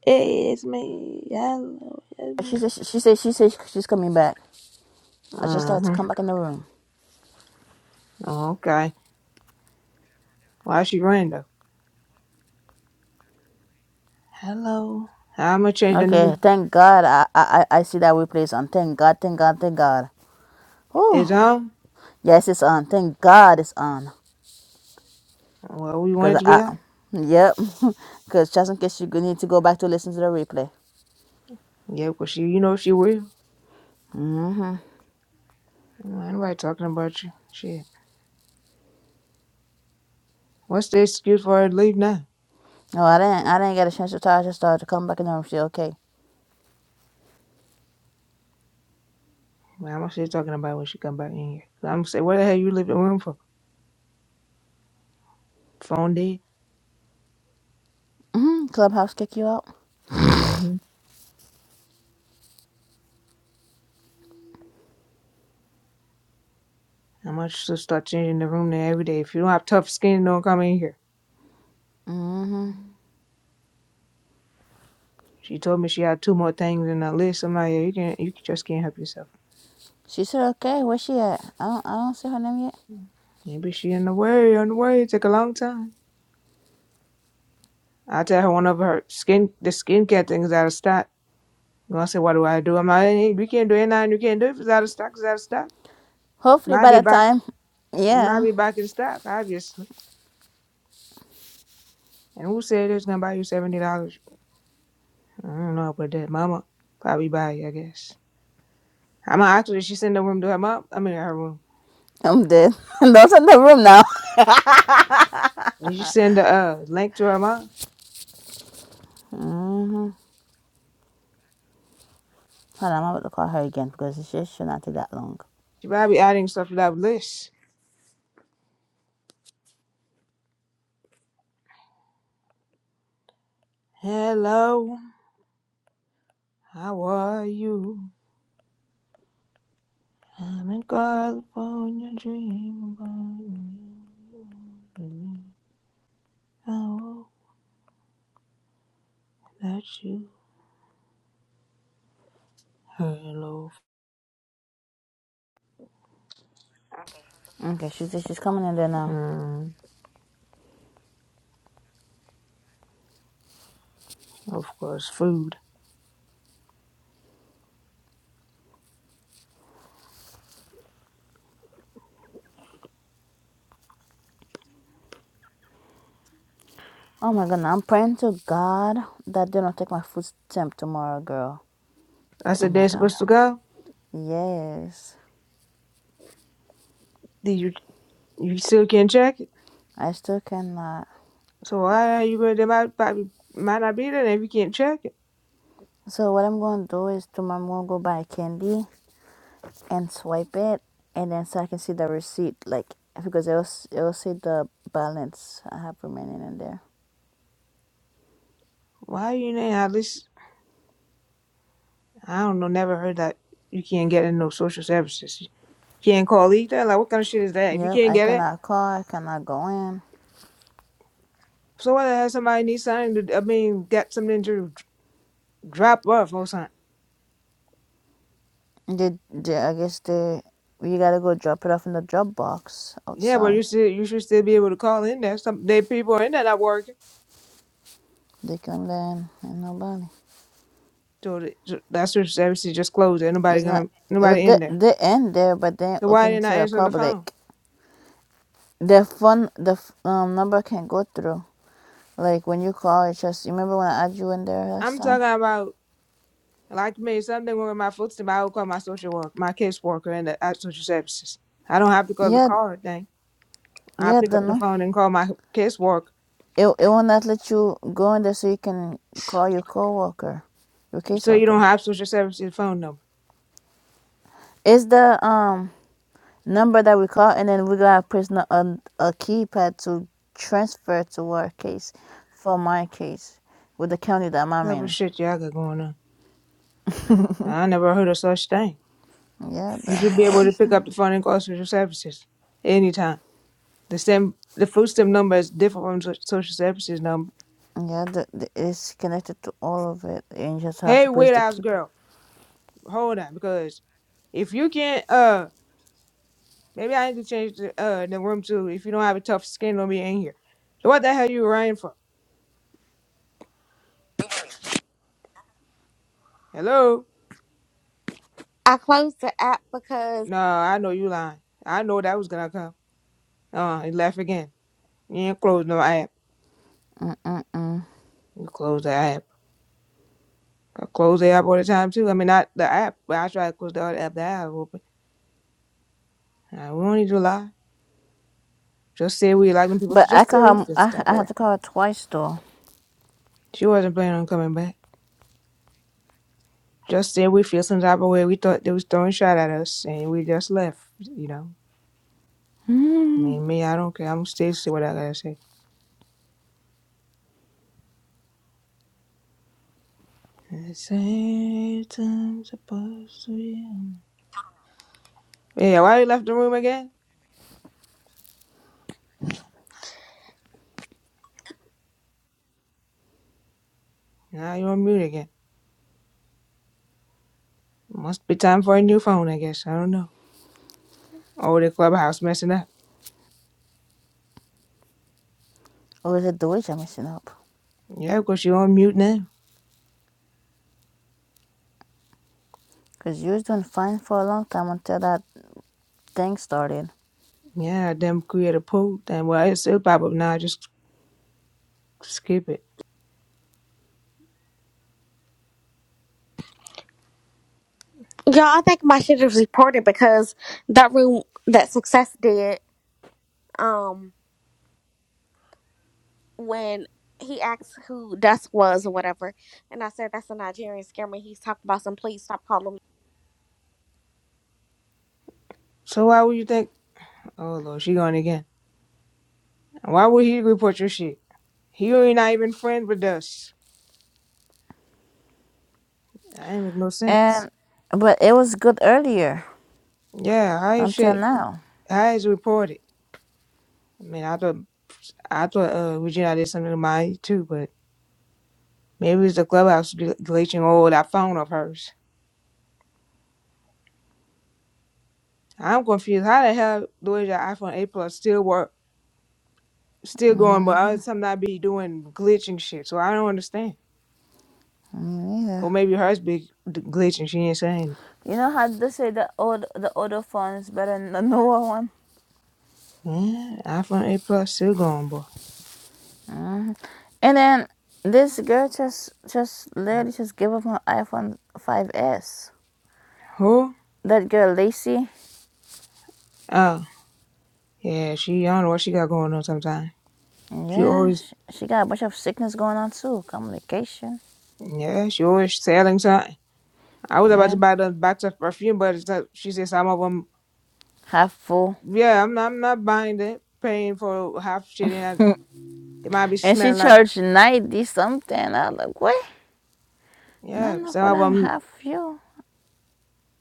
Speaker 1: is me. Hello, it's me.
Speaker 5: She said, she she said, she said she's coming back. I just had to come
Speaker 1: Mm-hmm.
Speaker 5: back in the room.
Speaker 1: Okay. Why she random? Hello. I'm gonna change the
Speaker 5: Okay,
Speaker 1: name.
Speaker 5: thank God. I, I I I see that replay is on. Thank God, thank God, thank God.
Speaker 1: It's
Speaker 5: Oh,
Speaker 1: on.
Speaker 5: yes, it's on. Thank God it's on.
Speaker 1: Well, we want
Speaker 5: Because
Speaker 1: it to
Speaker 5: I,
Speaker 1: be on.
Speaker 5: yep. Because just in case you go- need to go back to listen to the replay.
Speaker 1: Yeah, because she, you know, she will.
Speaker 5: Mm-hmm.
Speaker 1: Mm, Ain't nobody talking about you. Shit. What's the excuse for her to leave now?
Speaker 5: Oh, I didn't I didn't get a chance to tell her I just started to come back in the room. She okay.
Speaker 1: Well, I'm gonna stay talking about it when she come back in here. I'm gonna say, where the hell you leave the room for? Phone dead.
Speaker 5: Mm-hmm. Clubhouse kick you out.
Speaker 1: Mm-hmm. I'm gonna just start changing the room there every day. If you don't have tough skin, don't come in here.
Speaker 5: Mm-hmm.
Speaker 1: She told me she had two more things in her list. I'm like, yeah, you can't, you just can't help yourself.
Speaker 5: She said okay. Where she at? I don't, I don't see her name yet.
Speaker 1: Maybe she in the way, on the way. It take a long time. I tell her one of her skin, the skincare things out of stock. I'm Gonna say, what do I do? I'm like, hey, we can't do it now. You can't do it if it's out of stock. It's out of stock.
Speaker 5: Hopefully
Speaker 1: Might
Speaker 5: by
Speaker 1: be
Speaker 5: that
Speaker 1: back.
Speaker 5: time,
Speaker 1: It might
Speaker 5: yeah,
Speaker 1: be back in stock, obviously. And who said it's gonna buy you seventy dollars? I don't know, but that mama probably buy it, I guess. I'm gonna ask her. Did she send the room to her mom? I mean, her room.
Speaker 5: I'm dead. Those in the room now.
Speaker 1: Did she send the uh, link to her mom?
Speaker 5: Hold on, I'm about to call her again because it should should not take that long.
Speaker 1: She probably adding stuff to that list. Hello, how are you? I'm in California dreaming about you. I hope that you. Hello.
Speaker 5: Okay, she's she's coming in there now.
Speaker 1: Mm, of course, food.
Speaker 5: Oh my god, I'm praying to God that they don't take my food stamp tomorrow, girl.
Speaker 1: I
Speaker 5: Oh
Speaker 1: said
Speaker 5: my
Speaker 1: they're
Speaker 5: god.
Speaker 1: supposed to go.
Speaker 5: Yes.
Speaker 1: Did you you still can't check it?
Speaker 5: I still cannot.
Speaker 1: So why are you going? They might probably might not be there if you can't check it.
Speaker 5: So what I'm gonna do is tomorrow I'm gonna go buy candy and swipe it and then so I can see the receipt like because it'll s- it'll see the balance I have remaining in there.
Speaker 1: Why are you there? At least I don't know. Never heard that you can't get in no social services. You can't call either. Like what kind of shit is that? If you
Speaker 5: Yep,
Speaker 1: can't
Speaker 5: I
Speaker 1: get it.
Speaker 5: cannot call, I cannot go in.
Speaker 1: So what? Has somebody need something to? I mean, got something to drop off or something.
Speaker 5: They, they I guess they you gotta go drop it off in the drop box
Speaker 1: Yeah, but
Speaker 5: outside.
Speaker 1: you still you should still be able to call in there. Some they people in there not working.
Speaker 5: They come there and, and nobody.
Speaker 1: So the- so that search service is just closed. Ain't nobody
Speaker 5: It's not.
Speaker 1: gonna
Speaker 5: Well,
Speaker 1: nobody
Speaker 5: they
Speaker 1: in there.
Speaker 5: they end there, but they ain't
Speaker 1: So why they
Speaker 5: open to
Speaker 1: not
Speaker 5: the
Speaker 1: answering the phone?
Speaker 5: public. The phone, the um number can go through. Like when you call, it just. You remember when I added you in there last
Speaker 1: I'm
Speaker 5: time?
Speaker 1: talking about like me something wrong with my foot stamp. I would call my social work, my caseworker worker, and the uh, social services. I don't have to go to the
Speaker 5: Yeah,
Speaker 1: car or thing. I
Speaker 5: yeah,
Speaker 1: pick
Speaker 5: the
Speaker 1: up the
Speaker 5: no.
Speaker 1: phone and call my casework.
Speaker 5: It it will not let you go in there, so you can call your coworker, your
Speaker 1: So you don't
Speaker 5: caseworker.
Speaker 1: have social services phone number.
Speaker 5: It's the um number that we call, and then we gotta press no- a a keypad to transfer to our case, for my case, with the county that I'm
Speaker 1: That was
Speaker 5: in.
Speaker 1: shit y'all got going on. I never heard of such thing.
Speaker 5: Yeah,
Speaker 1: You
Speaker 5: the
Speaker 1: should be able to pick
Speaker 5: hardest.
Speaker 1: up the phone and call social services anytime. The same, the food stamp number is different from so- social services number.
Speaker 5: Yeah, the, the, it's connected to all of it. And you just have
Speaker 1: Hey,
Speaker 5: to place
Speaker 1: wait
Speaker 5: the
Speaker 1: house
Speaker 5: keeper.
Speaker 1: girl, hold on, because if you can't, uh, maybe I need to change the uh the room too. If you don't have a tough skin, don't be in here. So what the hell you running for? Hello?
Speaker 3: I closed the app because
Speaker 1: No, I know you lying. I know that was gonna come. Uh, he laugh again. You ain't close no app. You close the app. I close the app all the time too. I mean, not the app, but I try to close the other app that I have open. Uh, we don't need to lie. Just said we like them people.
Speaker 5: But I
Speaker 1: Just said we
Speaker 5: call
Speaker 1: feel some
Speaker 5: I,
Speaker 1: type
Speaker 5: I
Speaker 1: of
Speaker 5: had
Speaker 1: way.
Speaker 5: to call her twice though.
Speaker 1: She wasn't planning on coming back. Just said we feel some type of way. We thought they was throwing shot at us, and we just left. You know, I mean, me, I don't care. I'm gonna stay say what I gotta say. The same time supposed to be on. Yeah, why you left the room again? Now you're on mute again. Must be time for a new phone, I guess. I don't know. Oh, the clubhouse messing up.
Speaker 5: Or is it the witch I'm messing up?
Speaker 1: Yeah, of course you're on mute now.
Speaker 5: Because you was doing fine for a long time until that thing started.
Speaker 1: Yeah, them create a poll. Then well, it still pop up now. Just skip it.
Speaker 3: y'all. I think my shit was reported because that room that Success did. Um, when he asked who Dust was or whatever, and I said that's a Nigerian scammer. He's talking about some. Please stop calling me.
Speaker 1: So why would you think? Oh Lord, she gone again. Why would he report your shit? He ain't not even friend with us. That ain't make no sense.
Speaker 5: And, but it was good earlier
Speaker 1: Yeah, how is
Speaker 5: until
Speaker 1: shit
Speaker 5: now.
Speaker 1: how is it reported? I mean I thought I thought uh Regina did something to my too, but maybe it's the clubhouse del- deleting all that phone of hers. I'm confused. How the hell do your iPhone 8 Plus still work still going but other time I be doing glitching shit, so I don't understand.
Speaker 5: Mm, Yeah.
Speaker 1: Or maybe hers be d- glitching, she ain't saying it.
Speaker 5: You know how they say the old the older phone is better than the newer one?
Speaker 1: Yeah, iPhone 8 Plus still going, boy.
Speaker 5: And then this girl just just literally just gave up her iPhone 5S.
Speaker 1: Who?
Speaker 5: That girl Lacey.
Speaker 1: Oh. Yeah, she I don't know what she got going on sometimes. She
Speaker 5: Yeah,
Speaker 1: always
Speaker 5: she, she got a bunch of sickness going on too. Communication.
Speaker 1: yeah, she always selling something. I was about to
Speaker 5: Yeah,
Speaker 1: buy the box of perfume, but it's not, she said some of them.
Speaker 5: half full.
Speaker 1: Yeah, I'm not. I'm not buying it. Paying for half shit, and I, it might be
Speaker 5: and she
Speaker 1: smelling like.
Speaker 5: charged 90 something. I was like, what? Not
Speaker 1: Yeah,
Speaker 5: enough for
Speaker 1: some of
Speaker 5: them
Speaker 1: them.
Speaker 5: half full.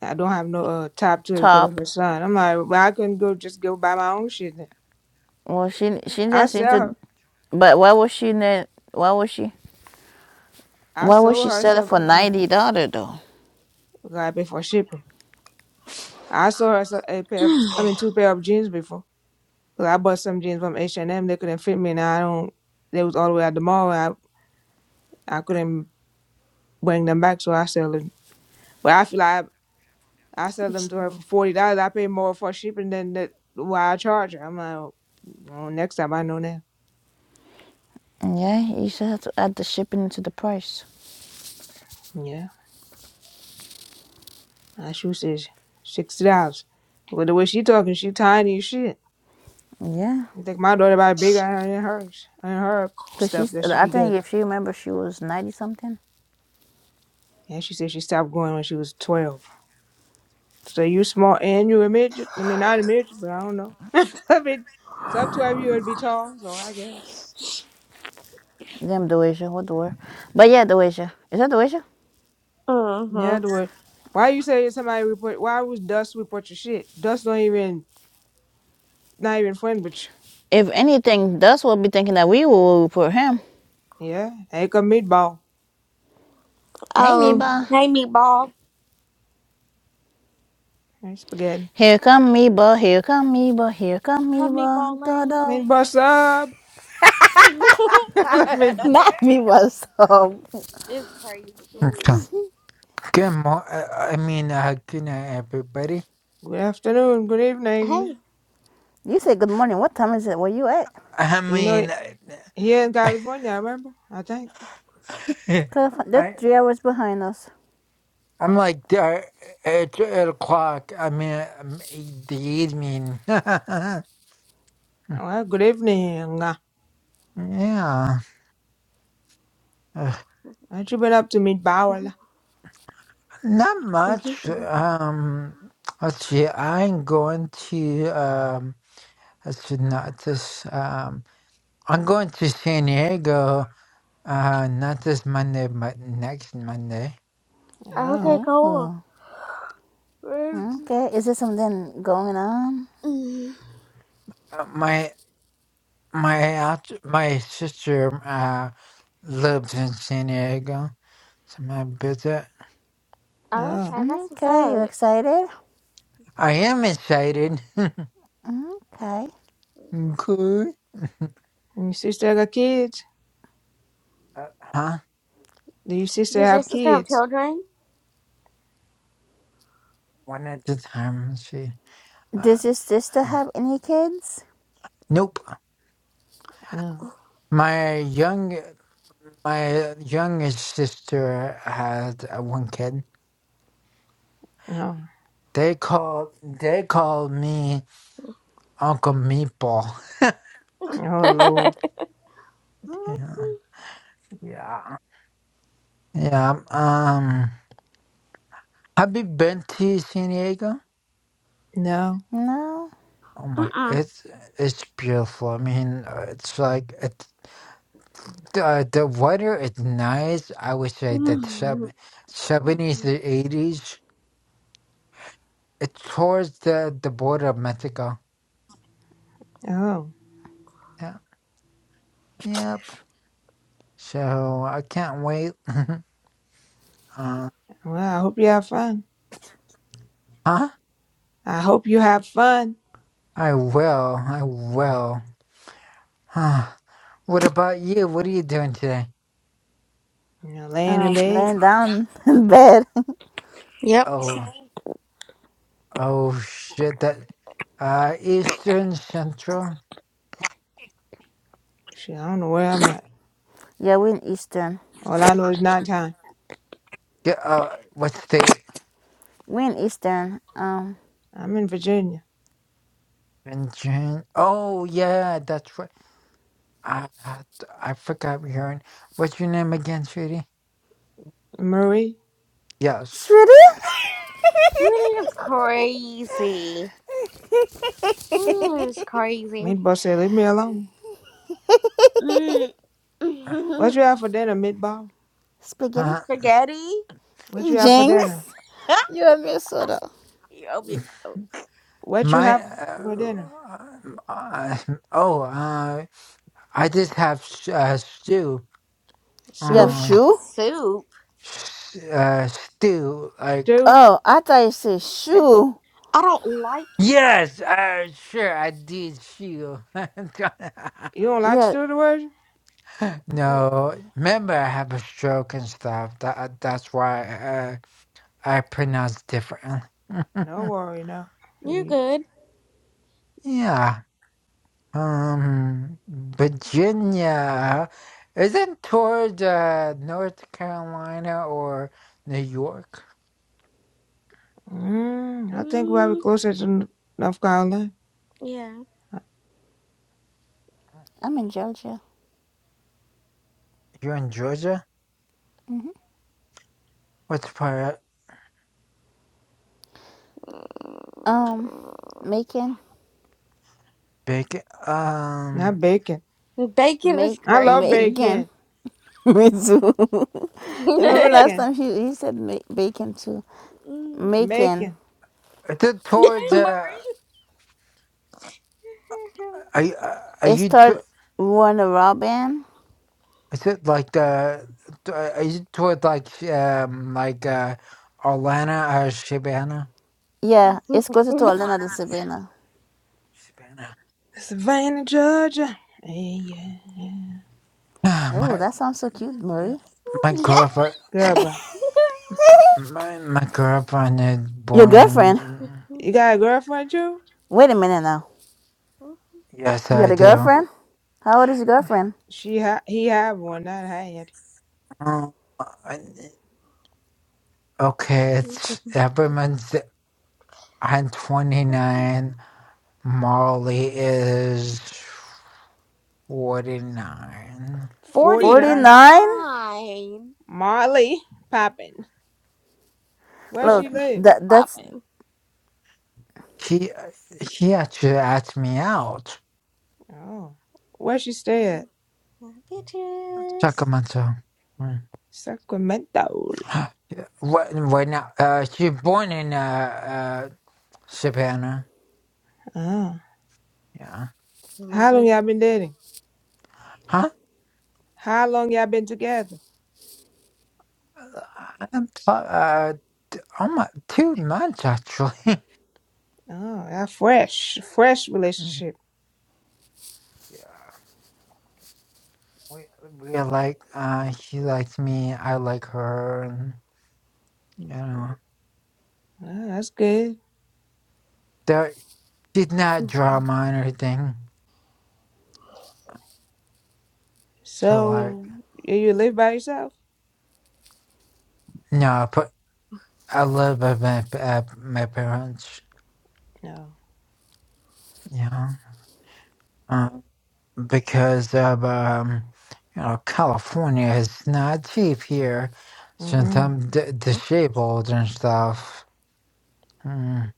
Speaker 1: I don't have no uh, top to it because of
Speaker 5: Top.
Speaker 1: her son. I'm like, well, I couldn't go just go buy my own shit. Then.
Speaker 5: Well, she she
Speaker 1: I
Speaker 5: just need
Speaker 1: sell
Speaker 5: to.
Speaker 1: her.
Speaker 5: But why was she Why was she?
Speaker 1: I
Speaker 5: Why was
Speaker 1: sold
Speaker 5: she
Speaker 1: her
Speaker 5: selling
Speaker 1: some.
Speaker 5: for
Speaker 1: Uh,
Speaker 5: ninety dollar though?
Speaker 1: I gotta pay for shipping. I sold her some, a pair of. I mean, two pair of jeans before. Look, I bought some jeans from H and M. They couldn't fit me, and I don't. They was all the way at the mall. and I I couldn't bring them back, so I sell them. But I feel like I, I sell them to her for forty dollars. I pay more for shipping than the, what I charge her. I'm like, oh, well, next time I know that.
Speaker 5: Yeah, you should have to add the shipping into the price.
Speaker 1: Yeah, my shoes is sixty dollars. But the way she talking, she tiny as shit.
Speaker 5: Yeah,
Speaker 1: I think my daughter about bigger than hers and her
Speaker 5: cause
Speaker 1: stuff
Speaker 5: she's.
Speaker 1: that she
Speaker 5: I
Speaker 1: be
Speaker 5: think
Speaker 1: getting.
Speaker 5: if she remember, she was ninety something.
Speaker 1: And she said she stopped going when she was twelve. So you small and you a midget? I mean, not a midget, but I don't know. I mean, some twelve year would be tall, so I guess.
Speaker 5: Damn, Doasia, what the word? But yeah, Doasia. Is that Doasia?
Speaker 1: Yeah,
Speaker 3: mm-hmm.
Speaker 1: the word. Why you say somebody report? Why was Dust report your shit? Dust don't even not even friend with
Speaker 5: If anything, Dust will be thinking that we will root for him.
Speaker 1: you. Yeah, ain't come meatball,
Speaker 5: Hey,
Speaker 3: Oh,
Speaker 5: Meeba.
Speaker 3: hey meatball.
Speaker 1: ain't spaghetti.
Speaker 5: Here come Meeba. Here come Meeba. Here come
Speaker 3: Hey
Speaker 5: Meeba.
Speaker 3: meatball lane.
Speaker 5: Dodo.
Speaker 1: Meatball sub. Like Meatball.
Speaker 5: Not Meeba. So
Speaker 3: it's crazy.
Speaker 2: Okay. Good mo- I I mean, uh, good night, everybody.
Speaker 1: good afternoon, good evening.
Speaker 3: Hey.
Speaker 5: you say good morning. What time is it? Where you at?
Speaker 2: I
Speaker 1: You know
Speaker 2: mean,
Speaker 1: it here in California, I remember. I think.
Speaker 5: Cause they're
Speaker 2: I
Speaker 5: three hours behind us.
Speaker 2: I'm like there. It's eight o'clock. I mean, um, e- the evening.
Speaker 1: Oh, Well, good evening.
Speaker 2: yeah. Uh,
Speaker 1: What you been up to,
Speaker 3: Mhm,
Speaker 1: meatball?
Speaker 2: Not much.
Speaker 3: mhm,
Speaker 2: Um. Let's see. I'm going to um. Let's see. Not this. um, I'm going to San Diego, uh, not this Monday, but next Monday.
Speaker 1: Oh,
Speaker 3: Okay,
Speaker 5: Oh,
Speaker 3: cool.
Speaker 5: oh.
Speaker 3: Mm.
Speaker 5: okay. Is there something going on?
Speaker 3: Mm.
Speaker 2: Uh, my my aunt, my sister uh, lives in San Diego, so I'm gonna visit.
Speaker 1: oh.
Speaker 3: Okay, that's what's
Speaker 5: Okay, you
Speaker 3: up.
Speaker 5: excited?
Speaker 2: I am excited.
Speaker 5: Okay.
Speaker 2: Good.
Speaker 1: You still got kids?
Speaker 2: Uh, huh?
Speaker 1: Do your sister
Speaker 3: Does your
Speaker 1: have
Speaker 3: sister have
Speaker 1: kids?
Speaker 3: children?
Speaker 2: One at a time. Let's see.
Speaker 5: Does your
Speaker 2: Uh,
Speaker 5: sister have any kids?
Speaker 2: nope.
Speaker 1: No.
Speaker 2: My young my youngest sister had uh, one kid.
Speaker 1: No.
Speaker 2: They called they called me Uncle Meatball.
Speaker 1: Oh Lord.
Speaker 2: Yeah. Yeah. Yeah. Um, have you been to San Diego?
Speaker 1: No.
Speaker 5: No.
Speaker 2: Oh my,
Speaker 3: Mm-mm.
Speaker 2: it's it's beautiful. I mean, uh, it's like it's the the weather is nice. I would say that sub seventies to eighties. It's towards the the border of Mexico.
Speaker 1: Oh.
Speaker 2: Yeah. Yep. So I can't wait. uh,
Speaker 1: Well, I hope you have fun.
Speaker 2: huh?
Speaker 1: I hope you have fun.
Speaker 2: I will. I will. Huh. What about you? What are you doing today?
Speaker 1: You know, laying in
Speaker 5: Um,
Speaker 1: bed.
Speaker 5: laying down in bed.
Speaker 3: Yep.
Speaker 2: Oh. Oh shit! That uh, Eastern Central.
Speaker 1: Shit, I don't know where I'm at.
Speaker 5: yeah, we're in Eastern.
Speaker 1: All I know is nighttime.
Speaker 2: Yeah. Uh, what's the
Speaker 5: We're in Eastern. Um.
Speaker 1: I'm in Virginia.
Speaker 2: engine? Oh yeah, that's right. I I, I forgot we hearing. What's your name again, sweetie?
Speaker 1: Marie,
Speaker 2: Yes.
Speaker 5: Shreddy?
Speaker 3: Really, It's crazy. Mm, It's crazy.
Speaker 1: Meatball said, leave me alone.
Speaker 3: Mm.
Speaker 1: What you have for dinner, Meatball?
Speaker 5: Spaghetti?
Speaker 2: Uh,
Speaker 3: Spaghetti?
Speaker 1: What you have for dinner?
Speaker 5: Jinx? You have your soda.
Speaker 3: you owe me a coat.
Speaker 1: What you
Speaker 2: mine.
Speaker 1: have for
Speaker 2: Uh,
Speaker 1: dinner?
Speaker 2: uh, oh, uh, I just have uh, stew.
Speaker 5: You have
Speaker 3: What
Speaker 1: Soup?
Speaker 2: Um,
Speaker 3: kind of
Speaker 5: shoe?
Speaker 3: soup?
Speaker 2: s- uh, stew. Like
Speaker 1: Stew?
Speaker 5: Oh, I thought you said shoe.
Speaker 3: I don't like.
Speaker 2: yes. Uh, sure. I did stew.
Speaker 1: You don't like
Speaker 5: Yeah,
Speaker 1: stew the word?
Speaker 3: Uh,
Speaker 2: No, remember I have a stroke and stuff. That uh, that's why I, I pronounce differently.
Speaker 1: No worry, no.
Speaker 3: you're
Speaker 1: We,
Speaker 3: good.
Speaker 2: yeah. Um, Virginia isn't toward uh, North Carolina or New York.
Speaker 1: mm, I think we're
Speaker 3: Mm,
Speaker 1: closer to North Carolina.
Speaker 3: yeah.
Speaker 5: I'm in Georgia.
Speaker 2: You're in Georgia. What's part
Speaker 5: Um, Macon.
Speaker 2: big? Um,
Speaker 1: Not bacon.
Speaker 3: Bacon is
Speaker 5: Make
Speaker 1: I love
Speaker 3: crazy.
Speaker 5: Macon.
Speaker 1: bacon.
Speaker 5: Me too. Remember last
Speaker 1: Bacon.
Speaker 5: time he, he said ma- bacon too.
Speaker 3: Mm.
Speaker 5: Macon.
Speaker 1: Bacon.
Speaker 2: is it towards? Uh,
Speaker 3: Marie.
Speaker 2: are you, uh, are
Speaker 5: It
Speaker 2: you?
Speaker 5: started Warner Robin.
Speaker 2: Is it like uh, t- uh, is it toward like um like uh Orlana or Shibana?
Speaker 5: Yeah, it's closer to Atlanta than Savannah.
Speaker 2: Shibana.
Speaker 1: Savannah, Georgia. Hey, Yeah. yeah.
Speaker 2: Ah,
Speaker 5: Oh,
Speaker 2: my
Speaker 5: that sounds so cute, Marie.
Speaker 2: my
Speaker 3: yeah.
Speaker 2: girlfriend
Speaker 1: Good, bro.
Speaker 2: my my girlfriend is
Speaker 5: Your
Speaker 2: born
Speaker 5: girlfriend?
Speaker 2: in
Speaker 1: You got a girlfriend too?
Speaker 5: Wait a minute now.
Speaker 2: yes
Speaker 5: You
Speaker 2: I
Speaker 5: got a
Speaker 2: do.
Speaker 5: girlfriend? How old is your girlfriend?
Speaker 1: She ha- he have one, not I had.
Speaker 2: Um, I- okay, it's everyone's I'm twenty nine. Molly is forty nine.
Speaker 1: 49.
Speaker 5: 49?
Speaker 3: 49.
Speaker 1: Marley Poppin. Where
Speaker 3: Let's
Speaker 1: she
Speaker 5: Look,
Speaker 3: be
Speaker 1: live?
Speaker 5: that that's
Speaker 3: popping.
Speaker 2: She she actually asked me out.
Speaker 1: Oh. Where she stay at?
Speaker 3: My bitches.
Speaker 2: Sacramento. Mm.
Speaker 1: Sacramento.
Speaker 2: Yeah, Right, right now, uh, she was born in uh, uh, Savannah.
Speaker 1: Oh.
Speaker 2: Yeah.
Speaker 3: My
Speaker 1: How long
Speaker 3: li-
Speaker 1: y'all been dating?
Speaker 2: Huh?
Speaker 1: How long y'all been together?
Speaker 2: I'm so- Uh, almost two months actually.
Speaker 1: Oh, y'all fresh. Fresh
Speaker 2: Mm.
Speaker 1: relationship.
Speaker 2: yeah. We we are like uh, she likes me. I like her, and you know,
Speaker 1: Oh, that's good.
Speaker 2: there she's not drama and everything. So like,
Speaker 1: So you you live by yourself?
Speaker 2: no, but I love my my, uh, my parents.
Speaker 1: No.
Speaker 2: Yeah. because of um, you know California is not cheap here since
Speaker 1: Mm-mm.
Speaker 2: I'm d- disabled and stuff. Mm,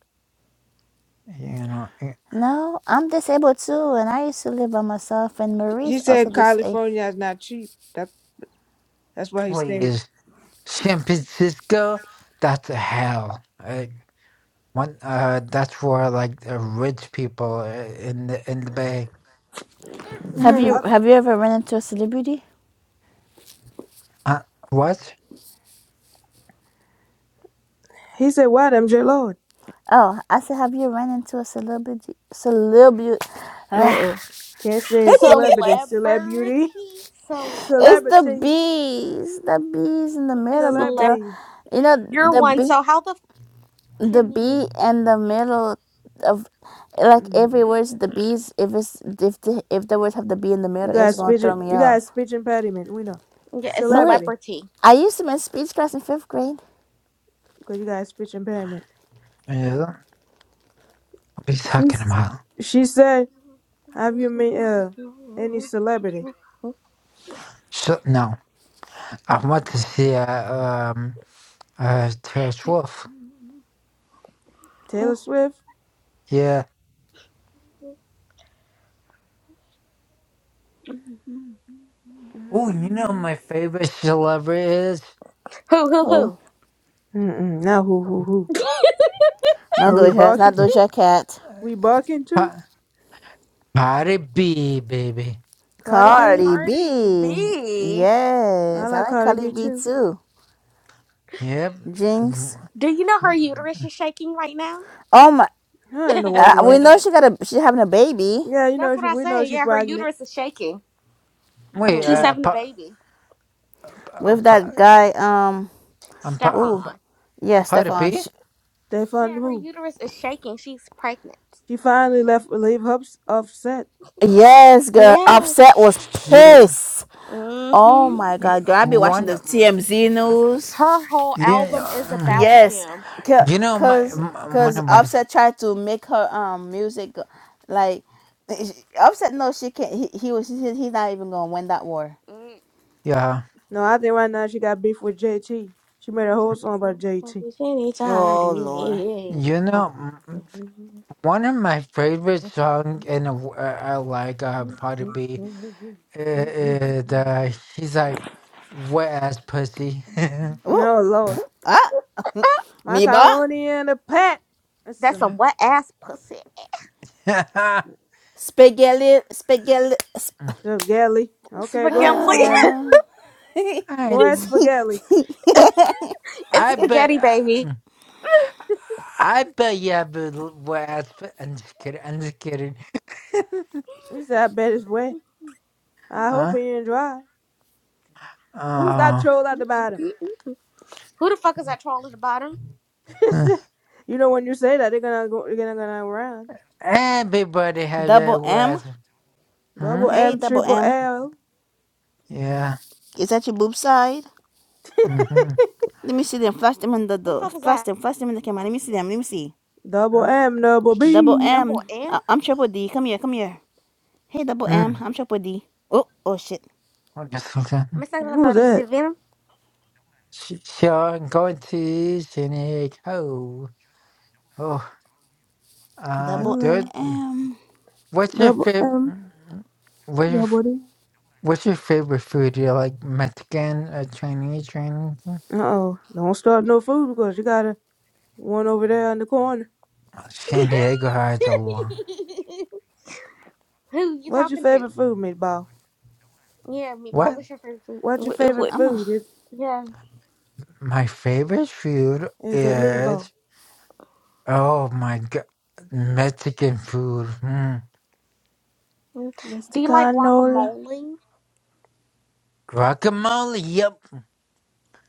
Speaker 2: you know, eh,
Speaker 5: No, I'm disabled too, and I used to live by myself. And
Speaker 1: He
Speaker 5: Marie's also
Speaker 1: said
Speaker 5: disabled.
Speaker 1: California is not cheap. That that's why he stayed.
Speaker 2: please, San Francisco, that's a hell. Like, one, uh, that's where like the rich people eh, in the in the Bay.
Speaker 5: have you
Speaker 1: Mm.
Speaker 5: have you ever run into a celebrity?
Speaker 2: Uh, what?
Speaker 1: He said what, MJ Lord?
Speaker 5: Oh, I said, have you run into a celebrity? Celebrity?
Speaker 1: Uh
Speaker 5: Ah,
Speaker 1: oh, can't say celebrity, celebrity,
Speaker 3: Celebrity.
Speaker 5: It's
Speaker 3: Celeb.
Speaker 5: the
Speaker 1: celebrity,
Speaker 5: bees. The bees in the middle be throw.
Speaker 3: Celeb.
Speaker 1: celebrity.
Speaker 5: You know
Speaker 3: You're
Speaker 5: the
Speaker 3: one,
Speaker 5: bee.
Speaker 3: so how the f-
Speaker 5: the
Speaker 3: can you
Speaker 5: B and the middle of like
Speaker 1: Mm,
Speaker 5: every words the B's if it's if the if the words have the B in the
Speaker 1: You
Speaker 5: middle it's
Speaker 1: got
Speaker 5: gonna
Speaker 1: speech.
Speaker 5: throw me
Speaker 1: You got
Speaker 5: off.
Speaker 1: speech impediment. We know
Speaker 3: get a
Speaker 5: Marie,
Speaker 1: celebrity
Speaker 3: celebrity?
Speaker 5: I used to in speech class in fifth grade.
Speaker 1: because you got speech impairment.
Speaker 2: Yeah, what are you talking
Speaker 1: She's
Speaker 2: about?
Speaker 1: she said, "Have
Speaker 3: Who,
Speaker 1: you met uh, any celebrity?
Speaker 2: So no, I want to see uh, um uh Taylor Swift.
Speaker 1: Taylor
Speaker 5: Who?
Speaker 1: Swift?
Speaker 2: Yeah. Oh, you know
Speaker 1: Mm-mm.
Speaker 2: my favorite celebrity is
Speaker 3: who,
Speaker 5: Who?
Speaker 3: who?
Speaker 1: Mm-mm, not who who who."
Speaker 5: No
Speaker 1: Are we
Speaker 5: Doja, it's not
Speaker 1: barking?
Speaker 5: Doja Cat.
Speaker 1: We barking too?
Speaker 2: Pa- Cardi B, baby.
Speaker 1: Cardi B?
Speaker 5: Cardi
Speaker 3: Cardi
Speaker 5: B.
Speaker 3: B.
Speaker 1: I
Speaker 5: Yes, I
Speaker 1: like
Speaker 5: like
Speaker 1: Cardi
Speaker 5: Cardi
Speaker 1: B
Speaker 5: B
Speaker 1: too.
Speaker 5: too.
Speaker 2: Yep.
Speaker 5: Jinx.
Speaker 3: Do you know her uterus is shaking right now?
Speaker 5: Oh my,
Speaker 1: I in the world
Speaker 5: uh, we
Speaker 1: was it?
Speaker 5: know she got a she's having a baby
Speaker 1: Yeah, you
Speaker 3: That's
Speaker 1: know she.
Speaker 3: what I
Speaker 1: We know
Speaker 3: say.
Speaker 1: she
Speaker 3: Yeah, her
Speaker 1: pregnant.
Speaker 3: uterus is shaking.
Speaker 2: Wait,
Speaker 1: Oh
Speaker 3: She's
Speaker 1: what?
Speaker 2: uh,
Speaker 3: having a
Speaker 2: pa,
Speaker 3: baby.
Speaker 2: pa,
Speaker 5: with
Speaker 2: pa,
Speaker 5: that guy. Um.
Speaker 2: um, pa,
Speaker 5: Oh,
Speaker 2: pa,
Speaker 3: Stefan.
Speaker 5: yeah,
Speaker 2: Cardi
Speaker 5: Stefan.
Speaker 2: B?
Speaker 5: Sh-
Speaker 1: They fun
Speaker 3: Yeah, her
Speaker 1: who?
Speaker 3: uterus is shaking. She's pregnant.
Speaker 1: She finally left. Leave Hubs upset.
Speaker 5: Yes, girl.
Speaker 3: Yes.
Speaker 5: Offset was
Speaker 2: Shit.
Speaker 5: pissed. Oh
Speaker 3: Mm-hmm.
Speaker 5: my
Speaker 2: You-
Speaker 5: god, girl. I be watching
Speaker 2: One,
Speaker 5: the
Speaker 2: um,
Speaker 5: TMZ
Speaker 2: yeah,
Speaker 5: news.
Speaker 3: Her whole
Speaker 2: yeah.
Speaker 3: album is
Speaker 2: um,
Speaker 3: about
Speaker 5: Yes.
Speaker 3: him.
Speaker 5: Ca-
Speaker 2: You know my
Speaker 5: Cause
Speaker 2: m- one
Speaker 5: cause
Speaker 2: of my
Speaker 5: Offset tried to make her um music go- like Offset no she can't he, he was he, he's not even gonna win that war.
Speaker 3: Mm.
Speaker 2: yeah.
Speaker 1: No, I think right now she got beef with JT. She made a whole song about JT.
Speaker 5: Oh lord.
Speaker 2: You know mm, one of my favorite songs in a, w- uh, I like uh, Cardi B. Uh, uh, the, he's like wet ass pussy.
Speaker 5: Ooh.
Speaker 1: Oh Lord,
Speaker 5: Miba?
Speaker 1: macaroni and a pat. That's
Speaker 3: That's some
Speaker 1: some
Speaker 3: wet ass pussy.
Speaker 2: I,
Speaker 5: Spaghetti spaghetti sp-
Speaker 1: spaghetti. Okay, go
Speaker 3: Spaghetti.
Speaker 1: ahead, spaghetti. Go ahead,
Speaker 2: I
Speaker 1: spaghetti.
Speaker 3: it's
Speaker 2: bet.
Speaker 3: spaghetti, baby.
Speaker 2: I bet you have a l- well, I sp- I'm just kidding. I'm just kidding.
Speaker 1: You said I bet it's wet. I hope
Speaker 2: huh?
Speaker 1: it ain't dry. Who's that
Speaker 2: Oh.
Speaker 1: troll at
Speaker 3: Who
Speaker 1: the bottom?
Speaker 3: the fuck is that troll at the bottom?
Speaker 2: mm.
Speaker 1: you know when you say that they're gonna go they're gonna go around.
Speaker 2: Everybody has
Speaker 5: double
Speaker 2: a word.
Speaker 5: M.
Speaker 2: Hmm?
Speaker 1: Double
Speaker 5: Hey
Speaker 1: M
Speaker 5: double
Speaker 1: triple
Speaker 5: M.
Speaker 1: L
Speaker 2: Yeah.
Speaker 5: Is that your boob side?
Speaker 2: Mm-hmm.
Speaker 5: Let me see them. Flash them in the
Speaker 3: Who the
Speaker 5: door.
Speaker 3: fuck is
Speaker 5: Flash
Speaker 3: that?
Speaker 5: them. Flash them in the camera. Let me see them. Let me see.
Speaker 1: double
Speaker 2: Huh?
Speaker 1: M double
Speaker 5: Double
Speaker 1: B.
Speaker 3: Double
Speaker 5: M.
Speaker 3: N?
Speaker 5: I- I'm Triple D. Come here, come here. Hey, Double M.
Speaker 2: Mm.
Speaker 5: I'm Triple D. Oh, oh shit.
Speaker 2: I guess so. Sh-
Speaker 3: Mistake
Speaker 1: Who's
Speaker 3: about
Speaker 1: that?
Speaker 3: receiving.
Speaker 2: So I'm going to Cynic. Oh. Oh.
Speaker 1: Hello.
Speaker 2: Uh,
Speaker 5: Double
Speaker 2: dude. mm.
Speaker 5: M.
Speaker 2: What's your
Speaker 1: Double
Speaker 2: favorite?
Speaker 1: M
Speaker 2: What's your,
Speaker 1: double
Speaker 2: f-
Speaker 1: D.
Speaker 2: what's your favorite food? Do you like Mexican or Chinese or anything?
Speaker 1: Uh oh. Don't start no food because you got a one over there in the corner.
Speaker 2: San Diego has a lot.
Speaker 3: Who you
Speaker 1: What's your
Speaker 3: talking to?
Speaker 1: favorite food, meatball?
Speaker 3: Yeah, meatball.
Speaker 2: What?
Speaker 3: What's your favorite food?
Speaker 1: What's your
Speaker 3: What?
Speaker 1: favorite
Speaker 3: what?
Speaker 5: I'm a.
Speaker 1: food? Is
Speaker 3: Yeah.
Speaker 2: My favorite food
Speaker 1: is it
Speaker 2: is
Speaker 1: meatball?
Speaker 2: oh my god, Mexican food. Mm.
Speaker 3: mm.
Speaker 1: Mr.
Speaker 3: Do you like
Speaker 1: Canola.
Speaker 3: guacamole?
Speaker 2: Guacamole. Yep.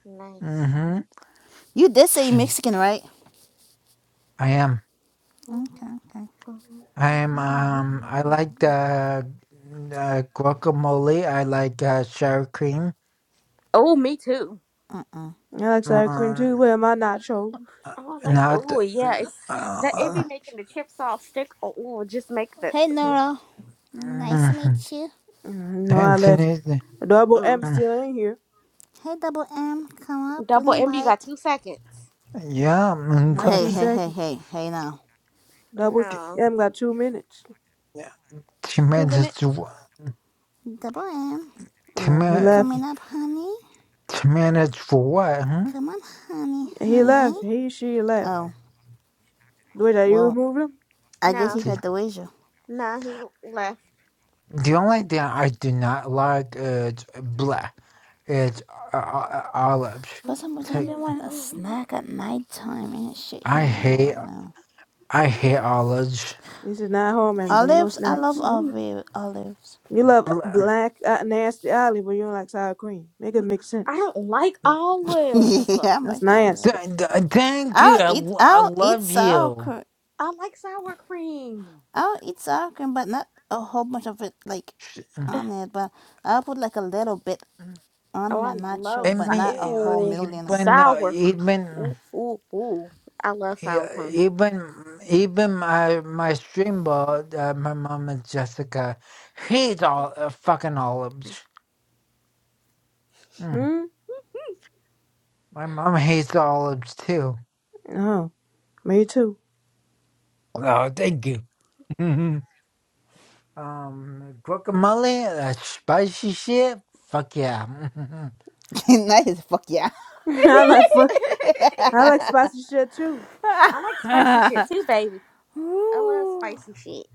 Speaker 3: Nice.
Speaker 2: Mm-hmm.
Speaker 5: You did say Mexican, right?
Speaker 2: I am.
Speaker 5: Okay, okay.
Speaker 2: I am. Um. I like the uh, guacamole. I like uh, sour cream.
Speaker 3: Oh, me too.
Speaker 5: Uh-uh.
Speaker 1: I like sour cream
Speaker 2: Um.
Speaker 1: too. Where are my nachos?
Speaker 3: Oh, I like
Speaker 2: Not.
Speaker 3: oh yeah, it's that it be
Speaker 2: Uh,
Speaker 3: making the chips all stick. Or Oh, just make the
Speaker 5: Hey,
Speaker 3: make,
Speaker 5: Nora. Nice to meet
Speaker 2: mm,
Speaker 5: you.
Speaker 1: Mm, No, I left.
Speaker 2: Anthony.
Speaker 1: Double
Speaker 3: mm.
Speaker 1: M
Speaker 2: mm,
Speaker 1: still in here.
Speaker 5: Hey, Double M. Come up. We
Speaker 3: double
Speaker 5: don't
Speaker 3: M. You
Speaker 5: bite.
Speaker 3: got two seconds.
Speaker 2: Yeah. mm,
Speaker 1: Not
Speaker 5: Hey,
Speaker 1: two
Speaker 5: hey, hey,
Speaker 1: seconds.
Speaker 5: hey, hey now.
Speaker 1: Double
Speaker 3: No,
Speaker 1: M got two minutes.
Speaker 2: She
Speaker 3: two
Speaker 2: meant
Speaker 3: minutes.
Speaker 5: Double M.
Speaker 1: Uh, he
Speaker 5: You
Speaker 1: left.
Speaker 5: coming up, honey?
Speaker 2: To manage for what? Hmm?
Speaker 5: Come on, honey,
Speaker 1: He left.
Speaker 5: honey.
Speaker 1: He, she left.
Speaker 5: Oh,
Speaker 1: Wait, are you
Speaker 5: well,
Speaker 1: removing? him?
Speaker 5: I
Speaker 3: No.
Speaker 5: guess you
Speaker 2: Pretty.
Speaker 5: heard the wager.
Speaker 3: Nah, he left.
Speaker 2: The only thing I do not like is black. Is uh, uh, uh, olives.
Speaker 3: I
Speaker 5: For some reason, I've
Speaker 2: Take.
Speaker 5: been wanting a snack at nighttime. Ain't shit
Speaker 2: I
Speaker 5: here no more
Speaker 2: hate.
Speaker 5: right now.
Speaker 2: I hate olives.
Speaker 1: This is not home, MJ. No
Speaker 5: Olives, I love
Speaker 1: snacks.
Speaker 5: olive olives.
Speaker 1: You love
Speaker 2: Blah.
Speaker 1: black, uh, nasty olive, but you don't like sour cream. Make it make sense.
Speaker 3: don't like olives.
Speaker 5: yeah, I
Speaker 1: That's
Speaker 5: like olives.
Speaker 1: nasty.
Speaker 2: Th- th- thank you.
Speaker 5: I'll
Speaker 2: I,
Speaker 5: eat
Speaker 2: lo- I
Speaker 5: I'll eat
Speaker 2: love
Speaker 5: sour
Speaker 2: you.
Speaker 5: cream.
Speaker 3: I like sour cream.
Speaker 5: I'll eat sour cream, but not a whole bunch of it like
Speaker 2: Sh-
Speaker 5: on it. But I'll put like a little bit on
Speaker 3: Oh, I
Speaker 5: my
Speaker 2: I
Speaker 3: love
Speaker 5: nacho, but
Speaker 3: sour.
Speaker 5: not a
Speaker 2: mean, uh,
Speaker 5: whole
Speaker 3: Ooh,
Speaker 5: million of.
Speaker 2: even uh,
Speaker 3: sour. cr-
Speaker 2: even
Speaker 3: Ooh, ooh, ooh. I love
Speaker 2: yeah,
Speaker 3: sour cream.
Speaker 2: even even my my stream ball, uh, my mom and Jessica, hates all uh, fucking olives. Mm-hmm.
Speaker 1: Hmm?
Speaker 2: My mom hates olives too.
Speaker 1: Oh, me too.
Speaker 2: Oh, thank you. Um, guacamole, that spicy shit. Fuck yeah.
Speaker 5: that is fuck yeah.
Speaker 1: I like fuck. I like spicy shit too.
Speaker 3: I like spicy shit too, baby. I love
Speaker 5: Ooh,
Speaker 3: spicy shit.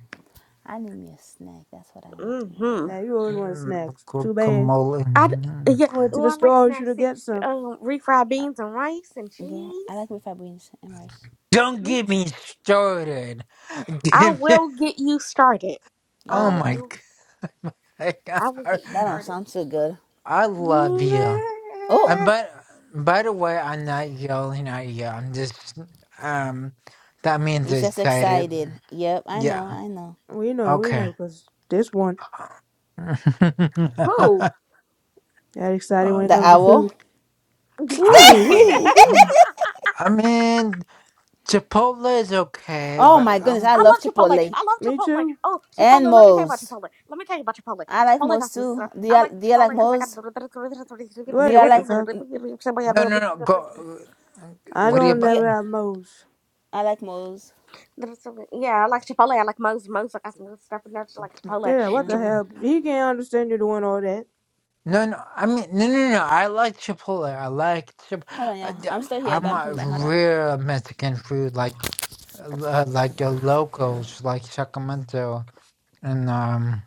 Speaker 5: I need me a snack. That's what I want me right
Speaker 3: Mm-hmm.
Speaker 1: Now
Speaker 5: now.
Speaker 1: you always want
Speaker 2: Mm,
Speaker 1: snacks. Too bad.
Speaker 2: guacamole.
Speaker 3: I d-
Speaker 2: Mm.
Speaker 3: yeah.
Speaker 1: You went to
Speaker 3: Oh,
Speaker 1: the
Speaker 3: I like
Speaker 1: store, you should
Speaker 3: snacks
Speaker 1: have
Speaker 3: too.
Speaker 1: get some.
Speaker 3: Um, refried beans and rice and
Speaker 5: Girl, I
Speaker 3: cheese.
Speaker 5: like refried beans and rice.
Speaker 2: Don't get me started.
Speaker 3: I
Speaker 2: Give me,
Speaker 3: will get you started.
Speaker 2: oh
Speaker 5: Oh
Speaker 3: I
Speaker 2: my
Speaker 5: god,
Speaker 3: will. I will
Speaker 2: god.
Speaker 3: get you
Speaker 5: that don't
Speaker 3: started.
Speaker 5: sound so good.
Speaker 2: I love
Speaker 3: Who?
Speaker 2: you.
Speaker 5: Oh,
Speaker 2: And but by the way, I'm not yelling at you. I'm just um. That means
Speaker 5: you just
Speaker 2: excited.
Speaker 5: excited. Yep, I know,
Speaker 2: Yeah.
Speaker 5: I know.
Speaker 1: We know, we
Speaker 2: Okay.
Speaker 1: know, 'cause this one got excited when it
Speaker 5: The
Speaker 1: comes to
Speaker 2: Um,
Speaker 5: owl.
Speaker 1: food.
Speaker 2: I,
Speaker 1: Ooh, ooh,
Speaker 2: w- I mean, Chipotle is okay,
Speaker 5: Oh
Speaker 2: but
Speaker 5: my
Speaker 3: Ooh, I love
Speaker 5: goodness, I
Speaker 2: I'm
Speaker 5: love
Speaker 3: Chipotle.
Speaker 5: Chipotle
Speaker 3: I love
Speaker 1: Me
Speaker 3: Chipotle.
Speaker 1: too.
Speaker 3: Oh,
Speaker 5: and
Speaker 3: Chipotle. Let me tell you about
Speaker 5: Moe's.
Speaker 3: Chipotle. Let me tell you about Chipotle.
Speaker 5: I like
Speaker 3: Chipotle
Speaker 5: Moe's
Speaker 3: got some. syrup.
Speaker 5: too. Do
Speaker 3: I
Speaker 5: you
Speaker 3: like the
Speaker 5: do you
Speaker 3: Chipotle
Speaker 5: like
Speaker 3: because I got.
Speaker 5: Moe's? Do
Speaker 1: What,
Speaker 5: you
Speaker 1: what the
Speaker 5: like
Speaker 1: fuck?
Speaker 2: no, no, no. Go.
Speaker 1: I
Speaker 2: What do you
Speaker 1: don't
Speaker 5: do
Speaker 2: about?
Speaker 5: you,
Speaker 1: never have moles.
Speaker 5: I like Moe's?
Speaker 3: Yeah, I like Chipotle. I like Mo's. Mo's. I got some good stuff in there. Just like Chipotle.
Speaker 1: Dad, what the
Speaker 3: Chip-
Speaker 1: hell? He can't understand you doing all that.
Speaker 2: No, no. I mean, no, no, no. I like Chipotle. I like Chip.
Speaker 5: Hold on,
Speaker 2: I,
Speaker 5: yeah, I'm still here, but
Speaker 2: I'm
Speaker 5: I'm
Speaker 2: a
Speaker 5: coming back. Hold on.
Speaker 2: real Mexican food, like uh, like the locals, like Sacramento and um,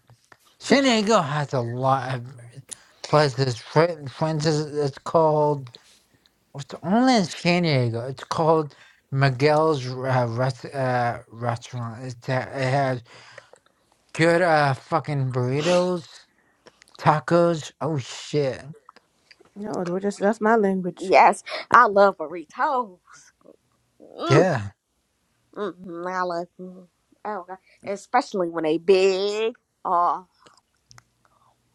Speaker 2: San Diego has a lot of places. Fren- Friends is, is called. It's only in San Diego. It's called Miguel's uh, rest, uh, Restaurant. It's, uh, it has good uh, fucking burritos, tacos. Oh shit.
Speaker 1: No, it was just that's my language.
Speaker 3: yes, I love burritos.
Speaker 2: Yeah.
Speaker 3: Mm-hmm, I love. mhm. Oh, God. especially when they big. Oh,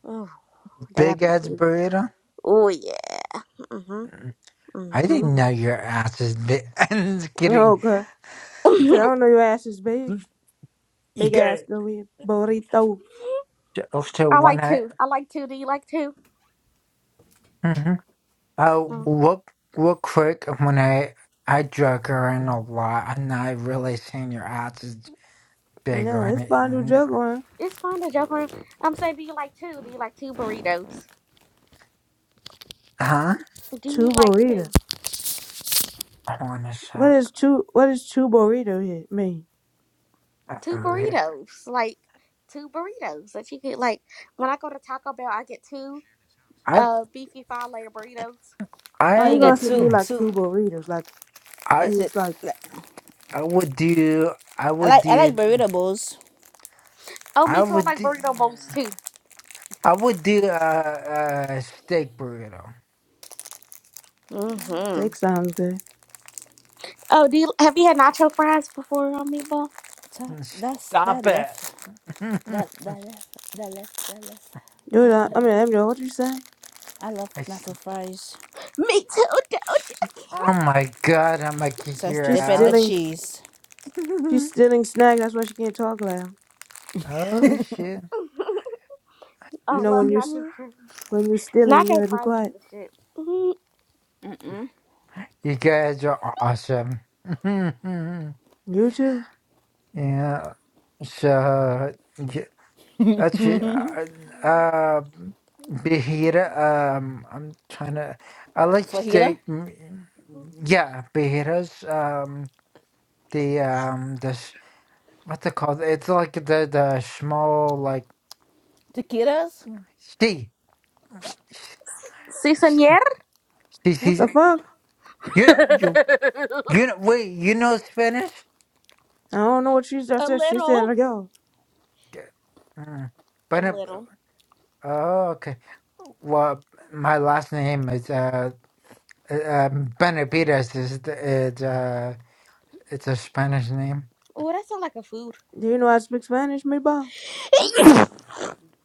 Speaker 3: ooh, they got
Speaker 2: Big
Speaker 3: to be
Speaker 2: ass
Speaker 3: big.
Speaker 2: burrito.
Speaker 3: Oh yeah. Mm-hmm.
Speaker 2: Mm. I
Speaker 3: Mm-hmm.
Speaker 2: didn't know your ass is big. I'm just
Speaker 1: Oh
Speaker 2: kidding.
Speaker 1: god. He said, I don't know your ass is big.
Speaker 2: You
Speaker 1: Big
Speaker 2: got
Speaker 1: ass
Speaker 2: it.
Speaker 1: go eat burrito.
Speaker 2: Also,
Speaker 3: I
Speaker 2: one
Speaker 3: like
Speaker 2: night.
Speaker 3: two. I like two. Do you like two?
Speaker 2: Mm-hmm. Uh,
Speaker 3: Mm.
Speaker 2: look, real quick, when I I drug her in a lot, I'm not really saying your ass is big or
Speaker 1: Yeah, it's fondue
Speaker 2: anything. No.
Speaker 1: juggling.
Speaker 3: It's fine to joke around. I'm saying, do you like two? Do you like two burritos?
Speaker 2: Huh?
Speaker 3: Do you
Speaker 1: Two
Speaker 3: like
Speaker 1: burritos.
Speaker 3: two?
Speaker 2: Cornish
Speaker 1: What is two what is two burrito here mean?
Speaker 3: Two
Speaker 2: food.
Speaker 3: burritos, like two burritos that you could like. When I go to Taco Bell, I get two
Speaker 2: I
Speaker 3: uh beefy five layer burritos.
Speaker 1: I
Speaker 5: Oh,
Speaker 2: I
Speaker 5: you
Speaker 1: ain't gonna
Speaker 5: get
Speaker 2: would
Speaker 1: say
Speaker 5: two
Speaker 1: you like
Speaker 5: two.
Speaker 1: two burritos, like it
Speaker 2: I
Speaker 5: Is it?
Speaker 1: was like
Speaker 2: I would do I
Speaker 5: I
Speaker 2: would
Speaker 5: like I like
Speaker 2: do
Speaker 5: burrito bowls.
Speaker 3: Oh,
Speaker 2: I
Speaker 3: me too. I
Speaker 2: would
Speaker 3: like
Speaker 2: do,
Speaker 3: burrito bowls too.
Speaker 2: I would do a, a steak burrito.
Speaker 3: Mm-hmm.
Speaker 1: steak sounds good.
Speaker 3: Oh, do you, have you had nacho fries before on meatball?
Speaker 5: Ta- That's that
Speaker 2: Stop
Speaker 5: left
Speaker 2: it! I
Speaker 5: that that left that left that left. I
Speaker 1: Dude,
Speaker 5: don't
Speaker 1: I,
Speaker 5: know.
Speaker 1: I mean Emily, what you say?
Speaker 5: I love
Speaker 2: s
Speaker 5: nacho fries.
Speaker 3: Me too, don't you?
Speaker 2: oh my god! I'm gonna kick
Speaker 5: Says
Speaker 2: your
Speaker 1: She's
Speaker 5: dip in the
Speaker 1: stealing
Speaker 2: ass.
Speaker 5: cheese.
Speaker 1: she's
Speaker 2: oh
Speaker 1: stealing snack, that's why she can't talk loud.
Speaker 2: shit!
Speaker 3: I
Speaker 1: You know
Speaker 3: love
Speaker 1: when you s-
Speaker 3: nacho fries.
Speaker 1: When you're stealing, you
Speaker 3: Nacho
Speaker 1: gotta be
Speaker 3: fries is
Speaker 1: quiet.
Speaker 3: the shit. Mhm.
Speaker 2: you guys are awesome.
Speaker 1: You too.
Speaker 2: yeah. So. Actually, uh, uh, Behira, um, I'm trying to. I like
Speaker 5: Fajita,
Speaker 2: steak. mm, Yeah, Behiras. Um, the um, the sh- what's it called? It's like the the small like
Speaker 5: tequilas.
Speaker 2: she,
Speaker 3: Si, senor.
Speaker 2: she,
Speaker 1: What the
Speaker 2: she.
Speaker 1: fuck?
Speaker 2: You know, you you know. Wait, you know Spanish?
Speaker 1: I don't know what she just
Speaker 3: A
Speaker 1: said. She said,
Speaker 3: little.
Speaker 1: like, yo.
Speaker 2: Yeah. Mm.
Speaker 3: A
Speaker 2: But uh,
Speaker 3: little.
Speaker 2: oh, okay. Well, my last name is uh, uh um, Benavides is the- is uh. It's a Spanish name.
Speaker 3: Oh, that sounds like a food.
Speaker 1: Do you know I speak Spanish, meatball?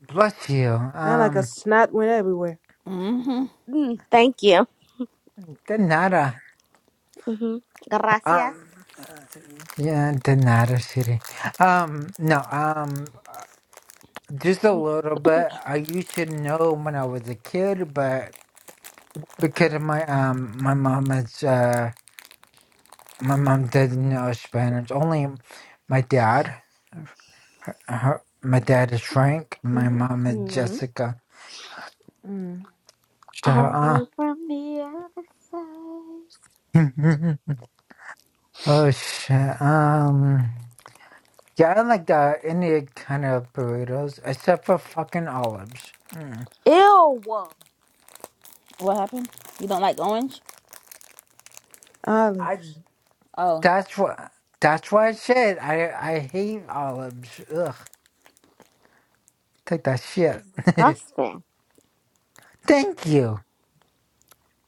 Speaker 2: Bless you.
Speaker 1: And like a
Speaker 2: Um,
Speaker 1: snot went everywhere.
Speaker 5: Mm-hmm.
Speaker 3: Mm, thank you.
Speaker 2: de nada.
Speaker 3: hmm Gracias.
Speaker 2: Um, uh, yeah, de nada, city. Um, no, um, just a little bit. I used to know when I was a kid, but because of my um, my mom is uh, my mom doesn't know Spanish. Only my dad. Her, her, my dad is Frank. My mom is
Speaker 3: Mm-hmm.
Speaker 2: Jessica.
Speaker 1: Mm.
Speaker 2: So, uh,
Speaker 3: Hello from the other side.
Speaker 2: oh shit. Um. Yeah, I like the any kind of burritos except for fucking olives. Mm.
Speaker 3: Ew.
Speaker 5: What happened? You don't like orange?
Speaker 2: I
Speaker 1: Olives.
Speaker 5: Oh.
Speaker 2: that's what that's why I said I I hate olives. Ugh, take that
Speaker 3: Shit
Speaker 2: shit.
Speaker 3: is disgusting.
Speaker 2: thank you,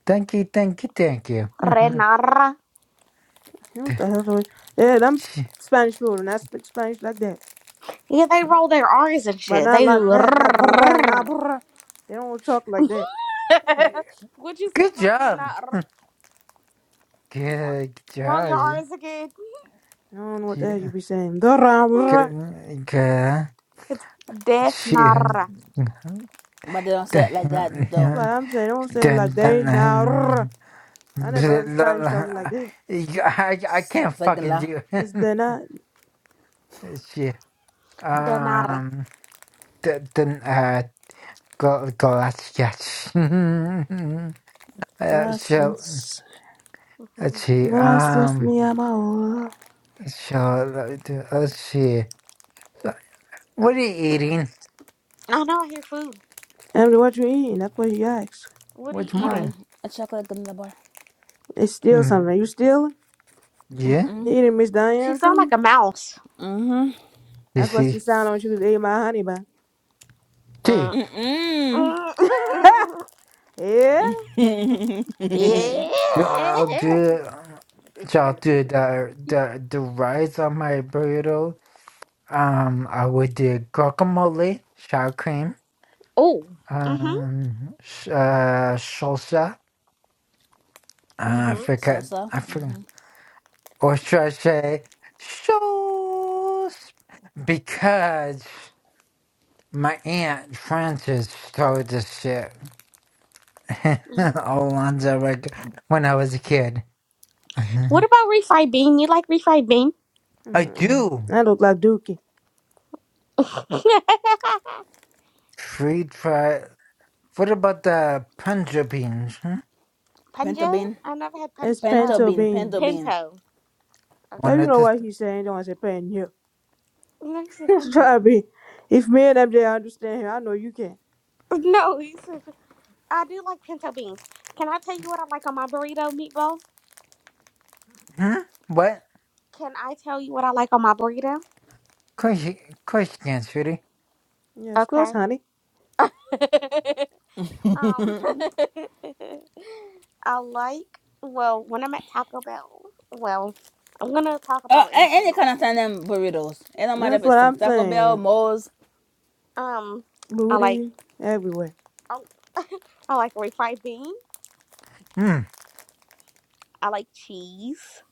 Speaker 2: thank you, thank you, thank you.
Speaker 3: Renara.
Speaker 1: What the hell? do I- Yeah, them S- Spanish people do not speak Spanish like that.
Speaker 3: Yeah, they roll their R's and
Speaker 1: But
Speaker 3: shit.
Speaker 1: not
Speaker 3: They
Speaker 1: like that. Not brr, nah
Speaker 3: do.
Speaker 1: brr. They don't talk like that.
Speaker 3: Would you say
Speaker 2: good
Speaker 3: broccoli's
Speaker 2: job,
Speaker 3: not r- roll
Speaker 2: good, good
Speaker 3: roll your
Speaker 2: job.
Speaker 3: R's again?
Speaker 1: I don't know what the hell you be saying. That's
Speaker 2: Yeah,
Speaker 1: what
Speaker 2: good, good.
Speaker 3: It's
Speaker 2: She,
Speaker 3: denara.
Speaker 5: But they don't say it like that though.
Speaker 2: dun,
Speaker 1: I'm saying. don't say it like
Speaker 2: dun,
Speaker 1: they now.
Speaker 2: dun.
Speaker 1: I never heard a Spanish talking like
Speaker 2: I,
Speaker 1: that.
Speaker 2: I
Speaker 5: So-
Speaker 2: can't
Speaker 5: like
Speaker 2: fucking do
Speaker 1: It's
Speaker 2: it.
Speaker 1: de na
Speaker 2: Shit.
Speaker 3: Denara.
Speaker 2: Um, the, the, uh, go, go, let's sketch. uh, so,
Speaker 1: Gracias.
Speaker 2: let's
Speaker 3: Mhm.
Speaker 2: see.
Speaker 1: Gracias,
Speaker 2: Um,
Speaker 1: mi amor.
Speaker 2: so, let- me do- let's see. So, What are you eating?
Speaker 3: I know I hear food.
Speaker 1: Emily, what you eating? That's what you asked.
Speaker 3: What are you
Speaker 2: What's
Speaker 5: Um,
Speaker 2: mine?
Speaker 3: eating?
Speaker 5: a chocolate granola bar.
Speaker 1: It's still
Speaker 2: hmm
Speaker 1: something. You stealing?
Speaker 2: Yeah,
Speaker 5: Mm-mm.
Speaker 1: You eating Miss
Speaker 3: She
Speaker 1: Diane
Speaker 3: sound
Speaker 1: food?
Speaker 3: like a mouse.
Speaker 5: Mm-hmm.
Speaker 2: you
Speaker 1: That's what
Speaker 2: see.
Speaker 1: she sounded when she was eating my honey bun.
Speaker 2: See,
Speaker 3: Uh,
Speaker 5: Mm-mm.
Speaker 1: yeah?
Speaker 3: yeah.
Speaker 2: so I'll do, so I'll do the, the, the rice on my burrito Um, I would do guacamole, sour cream,
Speaker 3: oh. Mhm.
Speaker 2: um, s- uh, salsa. Uh, I
Speaker 3: Mhm.
Speaker 2: forget.
Speaker 5: Salsa.
Speaker 2: I
Speaker 5: Mm-hmm.
Speaker 2: forget. Or should I say sauce? Because my aunt Frances started this shit all on the reg- when I was a kid.
Speaker 3: What
Speaker 2: I
Speaker 3: about refried bean? You like refried bean?
Speaker 1: Mm-mm.
Speaker 2: do
Speaker 1: That look like Dookie.
Speaker 2: free try. What about the punja beans? Hmm?
Speaker 5: Pinto
Speaker 3: Punja?
Speaker 5: bean.
Speaker 3: I never had
Speaker 1: It's
Speaker 3: punja.
Speaker 5: Pinto
Speaker 3: Uh,
Speaker 1: pinto
Speaker 5: bean. Pinto
Speaker 1: beans.
Speaker 5: bean.
Speaker 3: pinto.
Speaker 1: Yeah,
Speaker 3: Okay.
Speaker 2: One
Speaker 1: you
Speaker 2: of
Speaker 1: know
Speaker 2: the.
Speaker 1: what he's saying. Don't want to say pan here.
Speaker 3: No, you said punja.
Speaker 1: Try to be. If me and MJ understand him, I know you can.
Speaker 3: No, you said I do like pinto beans. Can I tell you what I like on my burrito, meatball?
Speaker 2: Hmm? What?
Speaker 3: Can I tell you what I like on my burrito?
Speaker 2: Question, question, sweetie.
Speaker 1: Yeah, it's
Speaker 3: Okay.
Speaker 1: close, honey.
Speaker 3: um, I like well when I'm at Taco Bell. Well, I'm gonna talk
Speaker 5: Uh,
Speaker 3: about in
Speaker 5: any kind
Speaker 3: general.
Speaker 5: of tandem burritos. It don't matter
Speaker 1: That's
Speaker 5: if it's
Speaker 1: what
Speaker 5: some
Speaker 1: I'm
Speaker 5: Taco Bell,
Speaker 1: saying.
Speaker 5: Mo's.
Speaker 3: Um, I like
Speaker 1: Booty everywhere.
Speaker 3: I, I like refried bean.
Speaker 2: Hmm.
Speaker 3: I like cheese.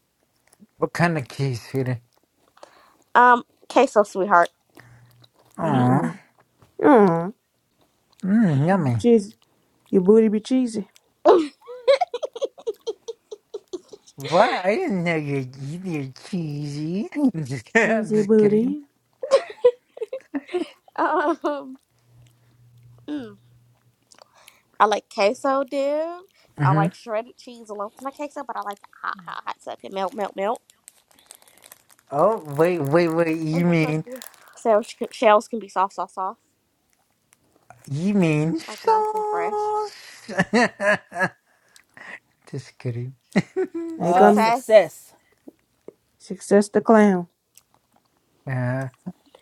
Speaker 2: What kind of cheese, sweetie?
Speaker 3: Um, queso, sweetheart.
Speaker 2: Aw.
Speaker 1: Mm-mm. Mm.
Speaker 2: Mmm, yummy.
Speaker 1: Cheesy. Your booty be cheesy.
Speaker 2: What? I didn't know you you're cheesy. I'm just, kid- I'm
Speaker 1: Cheesy
Speaker 2: just kidding.
Speaker 1: booty.
Speaker 3: um, mm, I like queso dip. I
Speaker 2: Mm-hmm.
Speaker 3: like shredded cheese along with my queso, but I like it hot, hot, hot, so it can melt, melt, melt.
Speaker 2: Oh, wait, wait, wait. You
Speaker 3: And the
Speaker 2: mean,
Speaker 3: tortilla shells, can- shells can be soft, soft, soft,
Speaker 2: you mean
Speaker 3: like nice and fresh.
Speaker 2: sauce? just kidding.
Speaker 1: Hey,
Speaker 5: Oh,
Speaker 1: come
Speaker 3: Success.
Speaker 5: success.
Speaker 1: success the clown.
Speaker 2: uh,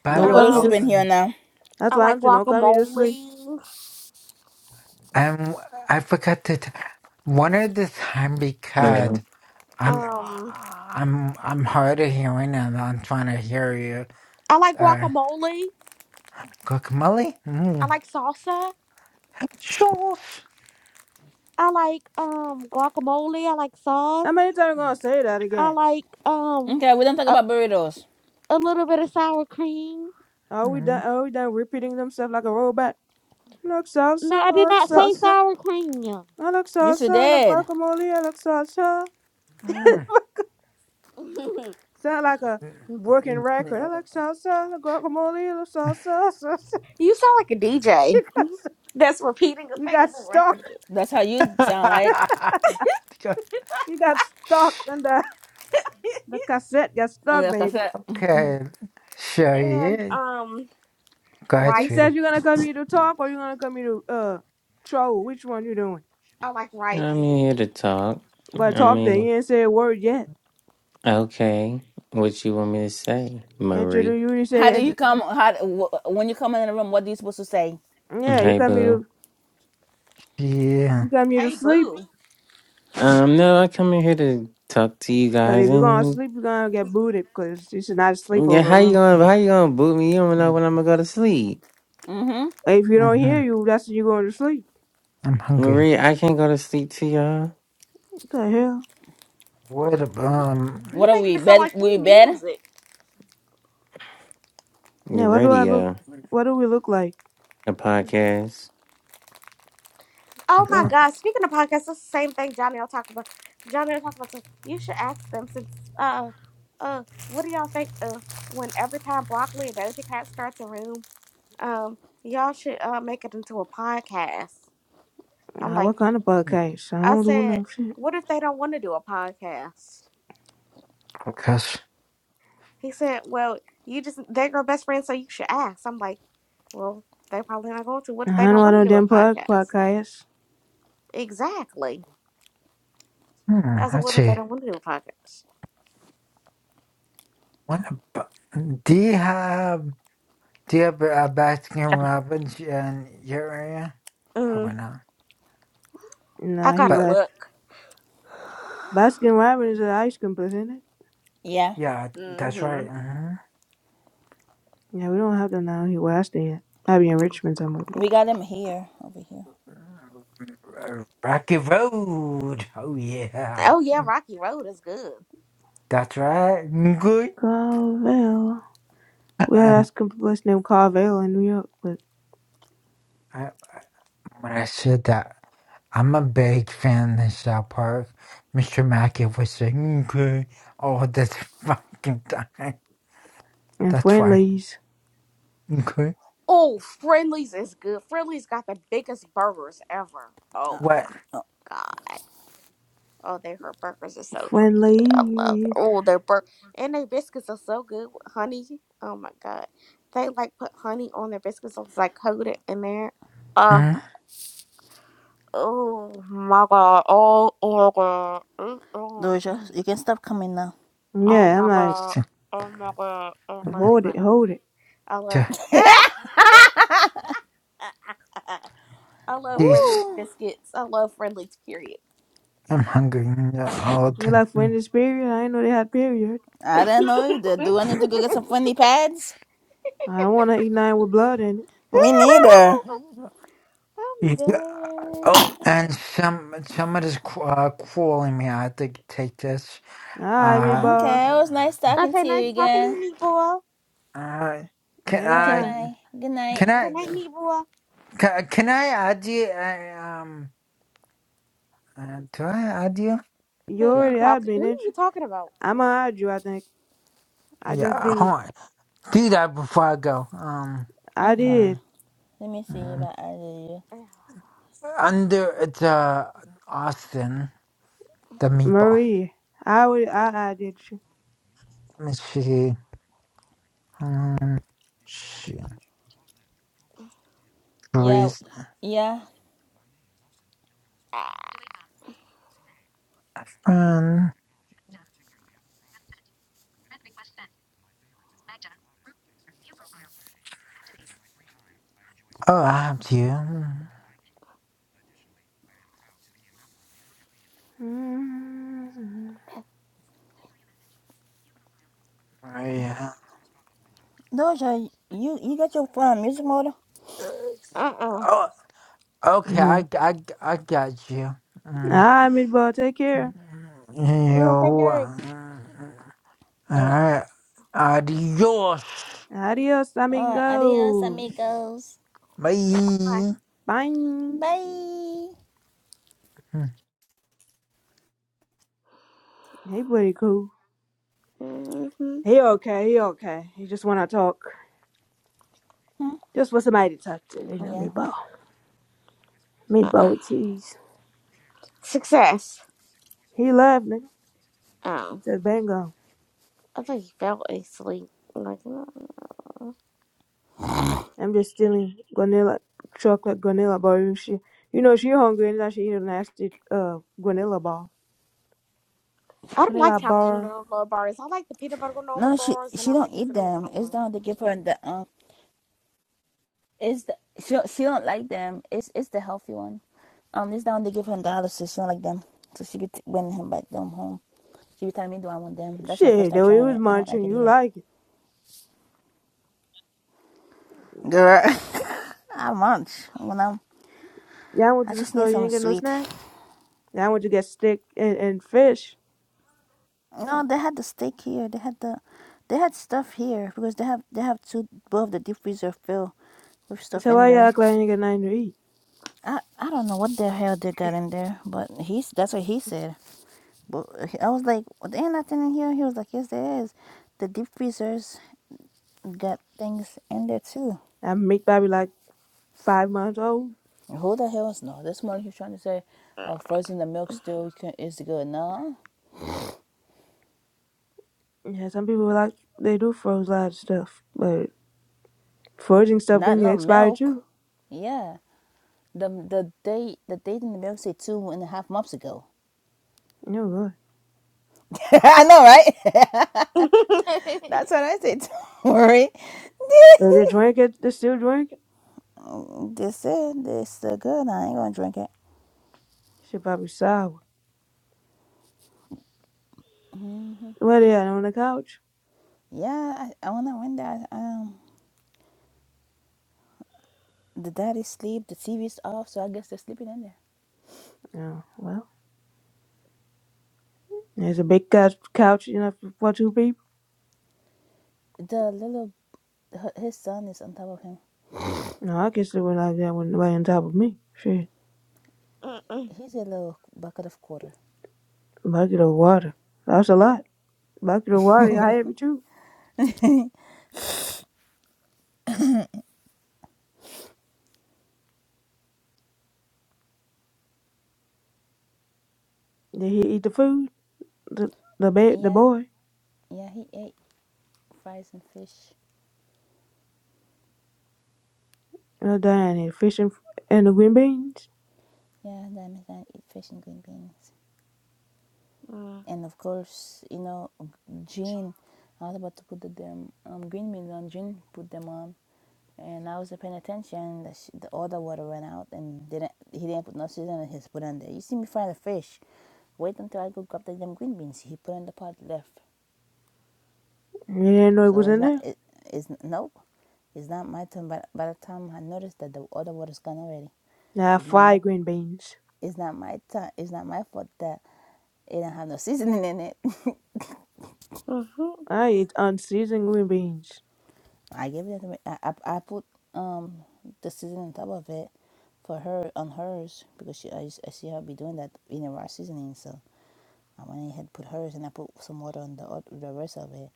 Speaker 2: by
Speaker 5: Don't
Speaker 1: Don't
Speaker 2: the
Speaker 5: go
Speaker 2: way,
Speaker 1: come
Speaker 5: to
Speaker 1: here to.
Speaker 2: oh,
Speaker 5: sleep
Speaker 3: Um,
Speaker 5: in
Speaker 1: s-
Speaker 5: here
Speaker 2: um,
Speaker 5: now.
Speaker 1: That's
Speaker 3: I
Speaker 1: why I'm
Speaker 3: like
Speaker 1: saying don't come here to sleep.
Speaker 3: guacamole.
Speaker 2: I'm, I forgot to, t- one of the time because
Speaker 7: Yeah,
Speaker 2: I'm,
Speaker 3: Um,
Speaker 2: I'm, I'm hard of hearing and I'm trying to hear you.
Speaker 3: I like
Speaker 2: Uh,
Speaker 3: guacamole.
Speaker 2: guacamole?
Speaker 3: I
Speaker 2: Mm.
Speaker 3: like salsa.
Speaker 2: Sauce?
Speaker 3: I like um guacamole. I like sauce.
Speaker 1: How many times gonna say that
Speaker 3: I
Speaker 1: again?
Speaker 3: like um
Speaker 5: Okay, we don't talk
Speaker 3: a,
Speaker 5: about burritos.
Speaker 3: a little bit of sour cream.
Speaker 1: Are we
Speaker 2: Mm.
Speaker 1: done? Are we done repeating themselves like a robot? Look
Speaker 3: No,
Speaker 1: salsa,
Speaker 3: I
Speaker 1: I
Speaker 3: did
Speaker 1: look
Speaker 3: not say
Speaker 1: salsa,
Speaker 3: sour cream.
Speaker 1: I look
Speaker 5: You sure
Speaker 1: salsa, I look
Speaker 5: did.
Speaker 1: guacamole, I look salsa.
Speaker 2: Mm.
Speaker 1: Sound like a working record. I look salsa, I look guacamole, I look salsa, salsa.
Speaker 3: You sound like a DJ that's repeating
Speaker 1: You
Speaker 3: a thing
Speaker 1: got
Speaker 3: on the
Speaker 1: stuck.
Speaker 3: record.
Speaker 5: That's how
Speaker 2: Go-
Speaker 5: you sound like.
Speaker 1: She got stuck and the, the cassette got stuck,
Speaker 5: Like I
Speaker 1: baby.
Speaker 5: said,
Speaker 2: okay,
Speaker 3: again.
Speaker 2: so
Speaker 3: and
Speaker 2: yeah,
Speaker 3: um,
Speaker 2: go ahead,
Speaker 1: She
Speaker 3: rice.
Speaker 1: says
Speaker 2: sweetie.
Speaker 1: you gonna come here to talk or you gonna come here to uh troll. Which one you doing?
Speaker 3: I like rice.
Speaker 7: I'm here to talk.
Speaker 1: I'm gonna
Speaker 7: I
Speaker 1: talk then.
Speaker 7: mean,
Speaker 1: You ain't say a word yet.
Speaker 7: okay, what you want me to say, Marie?
Speaker 1: Introduce you did
Speaker 5: how
Speaker 1: say
Speaker 5: do you come? How when you come in the room? What are you supposed to say?
Speaker 1: and, yeah, you
Speaker 7: Hey,
Speaker 1: come here
Speaker 7: boo.
Speaker 1: to
Speaker 2: Yeah,
Speaker 1: you come here to sleep.
Speaker 3: Ooh,
Speaker 7: Um, no, I come in here to talk to you
Speaker 1: Cause
Speaker 7: guys,
Speaker 1: if you're gonna
Speaker 7: and
Speaker 1: sleep you're gonna get booted because this is not a
Speaker 7: yeah,
Speaker 1: sleepover
Speaker 7: how you
Speaker 1: room.
Speaker 7: gonna how you gonna boot me? You don't know
Speaker 2: mm-hmm.
Speaker 7: when I'm gonna go to sleep,
Speaker 5: Mm-hmm.
Speaker 1: If you don't hear you, that's when you're going to sleep.
Speaker 2: I'm hungry.
Speaker 7: Marie. I can't go to sleep to y'all.
Speaker 1: What the hell?
Speaker 2: What about,
Speaker 5: What
Speaker 3: you
Speaker 2: um,
Speaker 5: are
Speaker 3: making
Speaker 5: we
Speaker 3: it sound
Speaker 5: bed?
Speaker 3: like we
Speaker 5: We bed?
Speaker 3: music.
Speaker 7: Your
Speaker 1: Yeah, what do I look
Speaker 7: radio,
Speaker 1: what do we look like?
Speaker 7: a podcast.
Speaker 3: Oh
Speaker 2: I'm
Speaker 3: my
Speaker 1: Uh,
Speaker 2: hungry
Speaker 3: God! Speaking of podcasts, that's the same thing Johnny. I'll talk about Johnny. will talk about some. You should ask them since uh uh, what do y'all think? Uh, when every time broccoli or Doja Cat starts a room, um, y'all should uh make it into a podcast. I'm like,
Speaker 1: what kind of podcast? I
Speaker 3: I
Speaker 1: don't do
Speaker 3: said,
Speaker 1: no shit.
Speaker 3: what if they don't want to do a podcast?
Speaker 2: because,
Speaker 3: He said, Well, you just, they're your best friend, so you should ask. I'm like, Well, they probably not going to. What
Speaker 1: I
Speaker 3: if they
Speaker 1: don't
Speaker 3: don't
Speaker 1: know
Speaker 3: want to
Speaker 1: no
Speaker 3: do a
Speaker 1: damn pod-
Speaker 3: podcast?
Speaker 1: podcast.
Speaker 3: Exactly.
Speaker 2: hmm,
Speaker 3: I said,
Speaker 2: let's
Speaker 3: What if they
Speaker 2: see.
Speaker 3: don't want to do a podcast?
Speaker 2: What about, do you have, do you have a Baskin Robbins in your area? Probably
Speaker 3: Mm,
Speaker 2: not.
Speaker 3: I
Speaker 1: Nah, he
Speaker 3: gotta
Speaker 2: But
Speaker 1: left.
Speaker 3: look.
Speaker 1: Baskin Robbins is an ice cream place, isn't it?
Speaker 5: Yeah,
Speaker 2: yeah, that's right.
Speaker 3: Mm-hmm.
Speaker 2: uh
Speaker 1: Yeah, we don't have them down here where I stay at. I be in Richmond somewhere, but
Speaker 5: we got him here, over here.
Speaker 2: huh. Rocky Road. Oh yeah,
Speaker 3: Oh, yeah, Rocky Road is good.
Speaker 2: that's right. Good.
Speaker 1: Carvel. We had an
Speaker 2: Um,
Speaker 1: ice cream place named Carvel in New York, but
Speaker 2: I, when I said that, I'm a big fan of South Park. Mr. Mackey was saying good all the fucking time.
Speaker 1: and
Speaker 2: That's why.
Speaker 1: Friendlies,
Speaker 2: Good.
Speaker 3: Oh, Friendly's is good. Friendly's got the biggest burgers ever. Oh,
Speaker 5: Oh,
Speaker 2: What?
Speaker 5: oh.
Speaker 3: my God. Oh, their her burgers are so freaky. I love their
Speaker 1: Friendlies.
Speaker 3: oh their bur and their biscuits are so good with honey. Oh my god, they like put honey on their biscuits. So it's like coated in there. Oh,
Speaker 2: Mm?
Speaker 3: oh my god. Oh, oh my god. Oh, oh,
Speaker 5: Doja,
Speaker 3: mm.
Speaker 5: you can stop coming now.
Speaker 3: oh
Speaker 1: Yeah, I'm
Speaker 3: my
Speaker 1: like,
Speaker 3: god.
Speaker 2: So,
Speaker 3: Oh my god. I love
Speaker 1: hold it,
Speaker 3: honey.
Speaker 1: hold it.
Speaker 3: I love.
Speaker 2: so,
Speaker 3: I love Friendly's
Speaker 2: this,
Speaker 5: Ooh,
Speaker 3: biscuits. I love Friendly's period.
Speaker 2: I'm hungry all
Speaker 1: You're
Speaker 2: the
Speaker 1: like Friendlies period. I didn't know they had period.
Speaker 5: I don't know either. Do I need to go get some funny pads?
Speaker 1: I don't want to eat nothing with blood in it.
Speaker 5: Me neither.
Speaker 2: time.
Speaker 3: I'm
Speaker 2: Yeah. Oh,
Speaker 3: dead.
Speaker 2: and some someone is ca- uh, calling me. I have to take this.
Speaker 1: All right,
Speaker 2: Uh,
Speaker 1: meatball,
Speaker 5: Okay, it was nice talking
Speaker 3: Okay,
Speaker 5: to
Speaker 3: nice
Speaker 5: you
Speaker 3: talking to
Speaker 5: again.
Speaker 3: you, Meatball.
Speaker 2: uh, can
Speaker 5: All right,
Speaker 2: I?
Speaker 1: anytime.
Speaker 5: bye. Good night.
Speaker 2: Can
Speaker 3: Good
Speaker 2: I?
Speaker 3: night, Meatball.
Speaker 2: Can, can I add you? I, um, uh, do I add you?
Speaker 1: You
Speaker 3: Who you
Speaker 2: Yeah.
Speaker 1: already
Speaker 3: talk?
Speaker 1: had me,
Speaker 3: Who
Speaker 1: didn't
Speaker 3: you
Speaker 1: you?
Speaker 3: talking about?
Speaker 1: I'ma hide you. I think I just
Speaker 2: Yeah. Hold
Speaker 1: did.
Speaker 2: on. Do that before I go. Um.
Speaker 1: I
Speaker 5: Okay,
Speaker 1: did.
Speaker 2: mm,
Speaker 5: let me see if
Speaker 2: mm.
Speaker 5: I added you.
Speaker 3: Uh
Speaker 2: Under it's uh Austin the meatball.
Speaker 1: Marie, I will. I, I did you.
Speaker 2: Let me see. Um. She
Speaker 5: Yeah,
Speaker 2: agrees.
Speaker 5: yeah.
Speaker 2: Oh, I have to. Mm,
Speaker 1: Mm.
Speaker 2: Yeah.
Speaker 5: Doja, you you got your um, music model.
Speaker 2: Uh,
Speaker 3: oh.
Speaker 2: Oh, okay. I,
Speaker 1: No.
Speaker 2: I, I got you. Mm.
Speaker 1: I'm about take care.
Speaker 3: I'm gonna take
Speaker 2: You.
Speaker 3: your ring.
Speaker 2: uh, All
Speaker 5: All right.
Speaker 2: right. Adios.
Speaker 1: Adios,
Speaker 5: All right, adios,
Speaker 1: amigos.
Speaker 5: amigos.
Speaker 3: Bye.
Speaker 2: Bye.
Speaker 1: Bye.
Speaker 5: Bye.
Speaker 1: Hey, buddy, cool.
Speaker 3: Mm-hmm.
Speaker 1: He okay. He okay. He just wanna talk. Just for somebody to talk to. You know,
Speaker 5: Yeah.
Speaker 1: meatball. Meatball with cheese.
Speaker 3: Success.
Speaker 1: He left, nigga. He
Speaker 3: Oh,
Speaker 1: said, "Bango."
Speaker 3: I thought you fell asleep. Like, no. I
Speaker 1: I'm just stealing vanilla chocolate vanilla bar. And she, you know, she hungry and now she eat a nasty uh vanilla bar.
Speaker 3: don't like
Speaker 1: Vanilla
Speaker 3: chocolate
Speaker 1: bar.
Speaker 3: granola bars. I like the peanut butter granola
Speaker 5: No, she
Speaker 3: bars, and
Speaker 5: she
Speaker 3: I
Speaker 5: don't
Speaker 3: like the
Speaker 5: eat
Speaker 3: cinnamon
Speaker 5: them.
Speaker 3: granola.
Speaker 5: It's the
Speaker 3: bars.
Speaker 5: one they give her in the um It's the she don't, she don't like them. It's it's the healthy one. Um, this down they give him dialysis. She don't like them, so she be t- bringing him back them home. She be telling me, "Do I want them?" That's my first
Speaker 1: Shit,
Speaker 5: time
Speaker 1: though, he
Speaker 5: trying
Speaker 1: was
Speaker 5: it. I don't like
Speaker 1: munching.
Speaker 5: it
Speaker 1: You
Speaker 5: either.
Speaker 1: like it.
Speaker 5: Girl, I munch when I'm.
Speaker 1: Yeah, I went
Speaker 5: I
Speaker 1: to the
Speaker 5: just need
Speaker 1: store. You
Speaker 5: something
Speaker 1: ain't get no
Speaker 5: sweet.
Speaker 1: snacks. Yeah, I went to get steak and, and fish.
Speaker 5: No, they had the steak here. They had the, they had stuff here because they have they have two both the deep freezer filled with stuff
Speaker 1: So
Speaker 5: in
Speaker 1: why you
Speaker 5: there.
Speaker 1: act like you ain't get nothing to eat?
Speaker 5: I I don't know what the hell they got in there, but he's that's what he said. But I was like, well, "Ain't nothing in here." He was like, "Yes, there is. The deep freezers got things in there too."
Speaker 1: I make baby like five months old.
Speaker 5: Who the hell knows? no? This morning he was trying to say, "Oh, frozen the milk still you is good." No,
Speaker 1: Yeah, some people like they do froze a lot of stuff, but foraging stuff can
Speaker 5: not
Speaker 1: get
Speaker 5: no
Speaker 1: expired
Speaker 5: milk.
Speaker 1: too.
Speaker 5: Yeah, the the date the date in the milk say two and a half months ago.
Speaker 1: No
Speaker 5: I know, right? That's what I said. Don't worry.
Speaker 1: Did you drink it? They still drink it?
Speaker 5: they said they're still good. I ain't gonna drink it.
Speaker 1: She probably sour. What they at on the couch?
Speaker 5: Yeah, I, I wanna win that. Um, The daddy sleep. The TV's off, so I guess they're sleeping in
Speaker 1: Oh, well. There's a big couch, couch enough for for two people.
Speaker 5: there. The little h- his son is on top of him.
Speaker 1: No, I guess they were like that when right on top of me. Shit.
Speaker 3: Mm-mm.
Speaker 5: He's a little bucket of quarter.
Speaker 1: Bucket of water. That's a lot. Bucket of water, I have it too. Did he eat the food? The the ba- the
Speaker 5: Yeah,
Speaker 1: boy.
Speaker 5: yeah. He ate fries and fish.
Speaker 1: No dying here. Fish and, and the green beans.
Speaker 5: Yeah, that means I eat fish and green beans.
Speaker 3: Mm.
Speaker 5: And of course, you know, Jean. I was about to put the damn um, green beans on. Jean put them on, and I wasn't paying attention. The, sh- the order water ran out, and didn't he didn't put no seasoning. He just put on there. You see me fry the fish. Wait until I go grab the damn green beans. He put in the pot left.
Speaker 1: He didn't know it was
Speaker 5: So it's
Speaker 1: in
Speaker 5: not
Speaker 1: there.
Speaker 5: it it's nope. It's not my turn. But by the time I noticed that the other water's gone already,
Speaker 1: Now I
Speaker 5: it's not my
Speaker 1: green beans.
Speaker 5: it's not my time. It's not my fault that it don't have no seasoning in it.
Speaker 3: Mhm.
Speaker 1: I eat unseasoned green beans.
Speaker 5: I gave it. to I, I I put um the seasoning on top of it for her on hers because she I, I see her be doing that in the raw seasoning. So I went ahead and put hers and I put some water on the oth- the rest of it.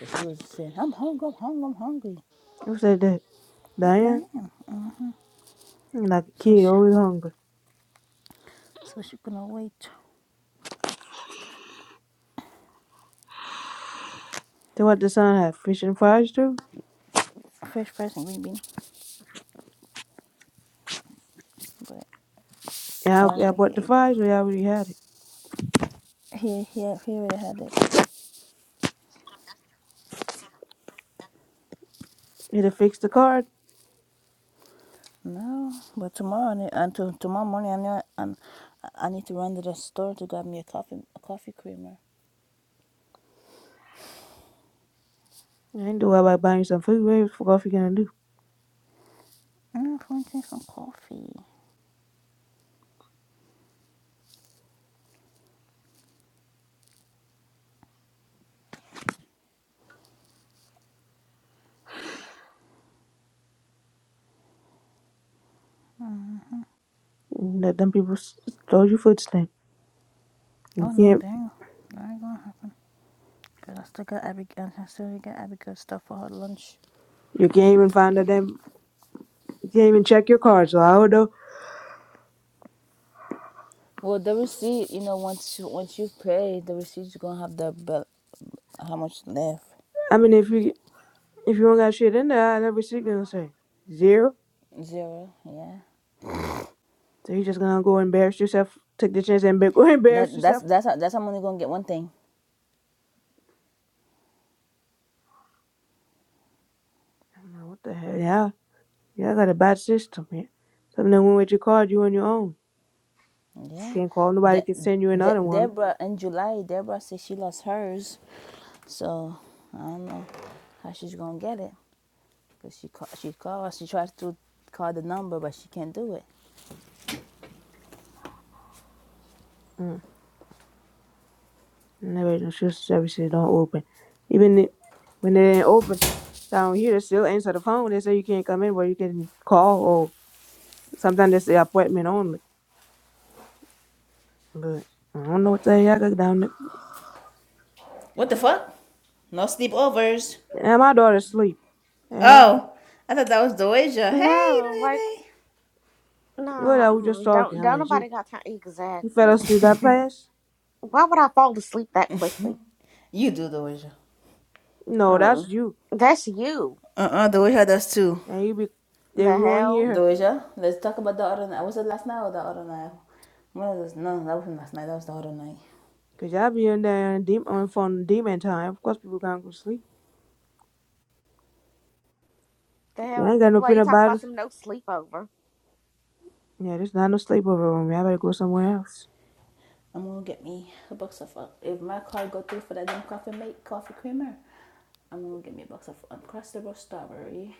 Speaker 5: But she was saying, "I'm hungry. I'm hungry. I'm hungry."
Speaker 1: Who said that? Diane?
Speaker 5: Damn.
Speaker 1: Like a
Speaker 5: So
Speaker 1: kid,
Speaker 5: she
Speaker 1: always hungry.
Speaker 5: so she couldn't wait.
Speaker 1: Then what the son have? Fish and fries too?
Speaker 5: Fresh Prince and Green Bean, but I
Speaker 1: Yeah, I,
Speaker 5: don't
Speaker 1: yeah, I
Speaker 5: think he
Speaker 1: bought the
Speaker 5: ate that.
Speaker 1: fries, we already had it.
Speaker 5: He he he already had it.
Speaker 1: Need to fix the card.
Speaker 5: No, but tomorrow I need, until tomorrow morning I know I'm, I need to run to the store to get me a coffee a coffee creamer.
Speaker 1: I ain't do worry about buying some food. What the fuck you gonna do?
Speaker 5: I'm going to drink some coffee.
Speaker 1: Let them people s- stole your food stamp. You
Speaker 5: Oh no,
Speaker 1: can't
Speaker 5: dang, that ain't gonna happen. Cause I still got Abigail. I still got Abigail stuff for her lunch
Speaker 1: you can't
Speaker 5: this
Speaker 1: even find
Speaker 5: week.
Speaker 1: a damn you can't even check your card, so I don't know.
Speaker 5: Well, the receipt, you know, once you once you pay, the receipt you're gonna have the bill. how much left?
Speaker 1: I mean if you if you don't got shit in there, that receipt gonna say zero.
Speaker 5: Zero. Yeah.
Speaker 1: So you just gonna go embarrass yourself, take the chance and be- go embarrass
Speaker 5: That that's
Speaker 1: yourself.
Speaker 5: that's that's I'm only gonna get one thing.
Speaker 1: I'm like, what the hell? Yeah, yeah, I got a bad system here. Something that went with your card, you on your own.
Speaker 5: Yeah.
Speaker 1: Can't call nobody
Speaker 5: De-
Speaker 1: can send you
Speaker 5: De-
Speaker 1: another one
Speaker 5: Deborah in July, Deborah said she lost hers. So I don't know how she's gonna get it. Cause she call- she called, she tried to call the number, but she can't do it.
Speaker 1: Mm. Never insurance services don't open. Even i- when they ain't open down here, they still answer the phone. They say you can't come in, but you can call, or sometimes they say appointment only. But I don't know what the heck I got down there.
Speaker 5: What the fuck? No sleepovers.
Speaker 1: And my daughter's asleep. The hell?
Speaker 5: Oh, I thought that was Doja. Hey,
Speaker 3: no, like,
Speaker 5: Lene.
Speaker 1: What
Speaker 3: nah,
Speaker 1: are we just
Speaker 3: mm, don't,
Speaker 1: talking? I
Speaker 3: don't
Speaker 1: mean,
Speaker 3: nobody
Speaker 1: she,
Speaker 3: got time.
Speaker 1: she fell
Speaker 3: Exactly.
Speaker 1: asleep that fast?
Speaker 3: Why would I fall asleep that quickly?
Speaker 5: You do Doja.
Speaker 1: No, that's
Speaker 3: Mm.
Speaker 1: you.
Speaker 3: That's you.
Speaker 5: Uh-uh, Doja does too.
Speaker 1: And you be, then
Speaker 3: The
Speaker 1: we don't hear
Speaker 3: hell?
Speaker 1: her.
Speaker 5: Doja, let's talk about the other night. Was it last night or the other night? One of those. No, that wasn't last night. That was the other night.
Speaker 1: Cause y'all be in there in dem- on phone demon time. Of course, people can't go sleep.
Speaker 3: The
Speaker 1: You
Speaker 3: hell?
Speaker 1: ain't got no
Speaker 3: Why you
Speaker 1: peanut
Speaker 3: talk about
Speaker 1: butter.
Speaker 3: some no sleepover?
Speaker 1: Yeah, there's not no sleepover room. Y'all better go somewhere else.
Speaker 5: I'm gonna get me a box of uh, if my card go through for that damn coffee make coffee creamer, I'm gonna get me a box of uncrustable strawberry.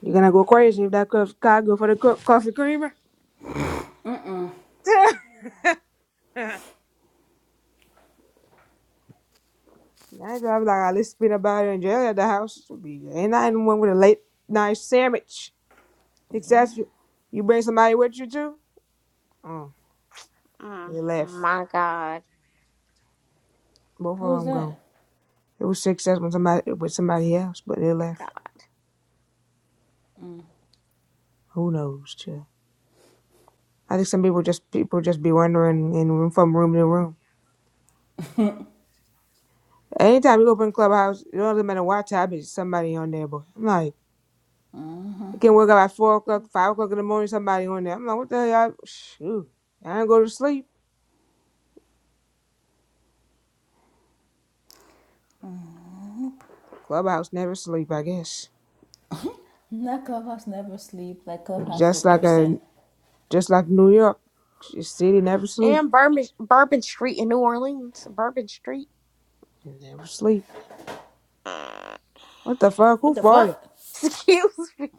Speaker 1: You're gonna go
Speaker 5: Cool.
Speaker 1: crazy if that cup God go for the co- coffee creamer. now if y'all be like, "Ah, let's spin about it in jail at the house. Be ain't nothing wrong with a late night sandwich.
Speaker 5: Yeah.
Speaker 1: Texas, you, you bring somebody with you too. Oh,
Speaker 3: Mm.
Speaker 1: they left.
Speaker 3: My God.
Speaker 1: Both
Speaker 5: Who
Speaker 1: of
Speaker 5: is
Speaker 1: them gone.
Speaker 5: that?
Speaker 1: It was success with somebody with somebody else, but they left.
Speaker 3: God.
Speaker 1: Who knows? Too. I think some people just people just be wandering in room from room to room. Anytime you open Clubhouse, it doesn't matter what tab is somebody on there, boy. I'm like, you can wake up at four o'clock, five o'clock in the morning, somebody on there. I'm like, what the hell? Shoot, I ain't go to sleep. Clubhouse never sleep, I guess.
Speaker 5: That clubhouse never sleep like clubhouse is a
Speaker 1: Just like a,
Speaker 5: person.
Speaker 1: just like New York, the city never sleep,
Speaker 3: And Bourbon, Bourbon Street in New Orleans. Bourbon Street.
Speaker 1: It never sleep.
Speaker 3: Mm.
Speaker 1: What the fuck?
Speaker 5: What
Speaker 1: Who
Speaker 5: the
Speaker 1: farted?
Speaker 5: fuck?
Speaker 3: Excuse me.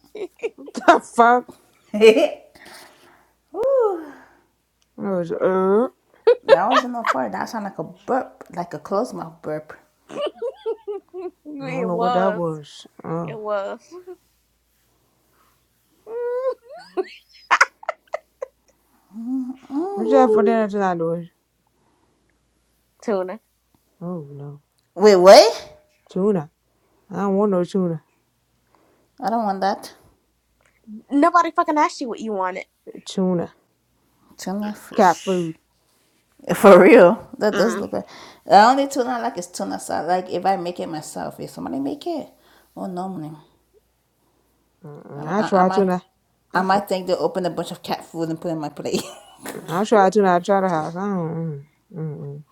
Speaker 1: What the fuck?
Speaker 5: that
Speaker 1: I was, uh,
Speaker 5: wasn't no fart. That sounded like a burp, like a closed mouth burp.
Speaker 3: it
Speaker 1: I don't know what that
Speaker 3: was.
Speaker 1: was. Oh,
Speaker 3: It was.
Speaker 1: what you have for dinner tonight, Doris?
Speaker 3: Tuna.
Speaker 1: Oh no,
Speaker 5: Wait, what?
Speaker 1: tuna. I don't want no tuna.
Speaker 5: I don't want that.
Speaker 3: Nobody fucking asked you what you wanted.
Speaker 1: Tuna,
Speaker 5: Tuna
Speaker 1: cat
Speaker 5: fish.
Speaker 1: food.
Speaker 5: For real, that does
Speaker 3: Mm.
Speaker 5: look like. The only tuna I like is tuna salad. Like if I make it myself, if somebody make it, oh no, man. I,
Speaker 1: Mm-mm. I
Speaker 5: I, I
Speaker 1: tried
Speaker 5: might,
Speaker 1: to
Speaker 5: I might think to open a bunch of cat food and put it in my plate.
Speaker 1: I tried to not try to house. don't. mm, Mm-mm.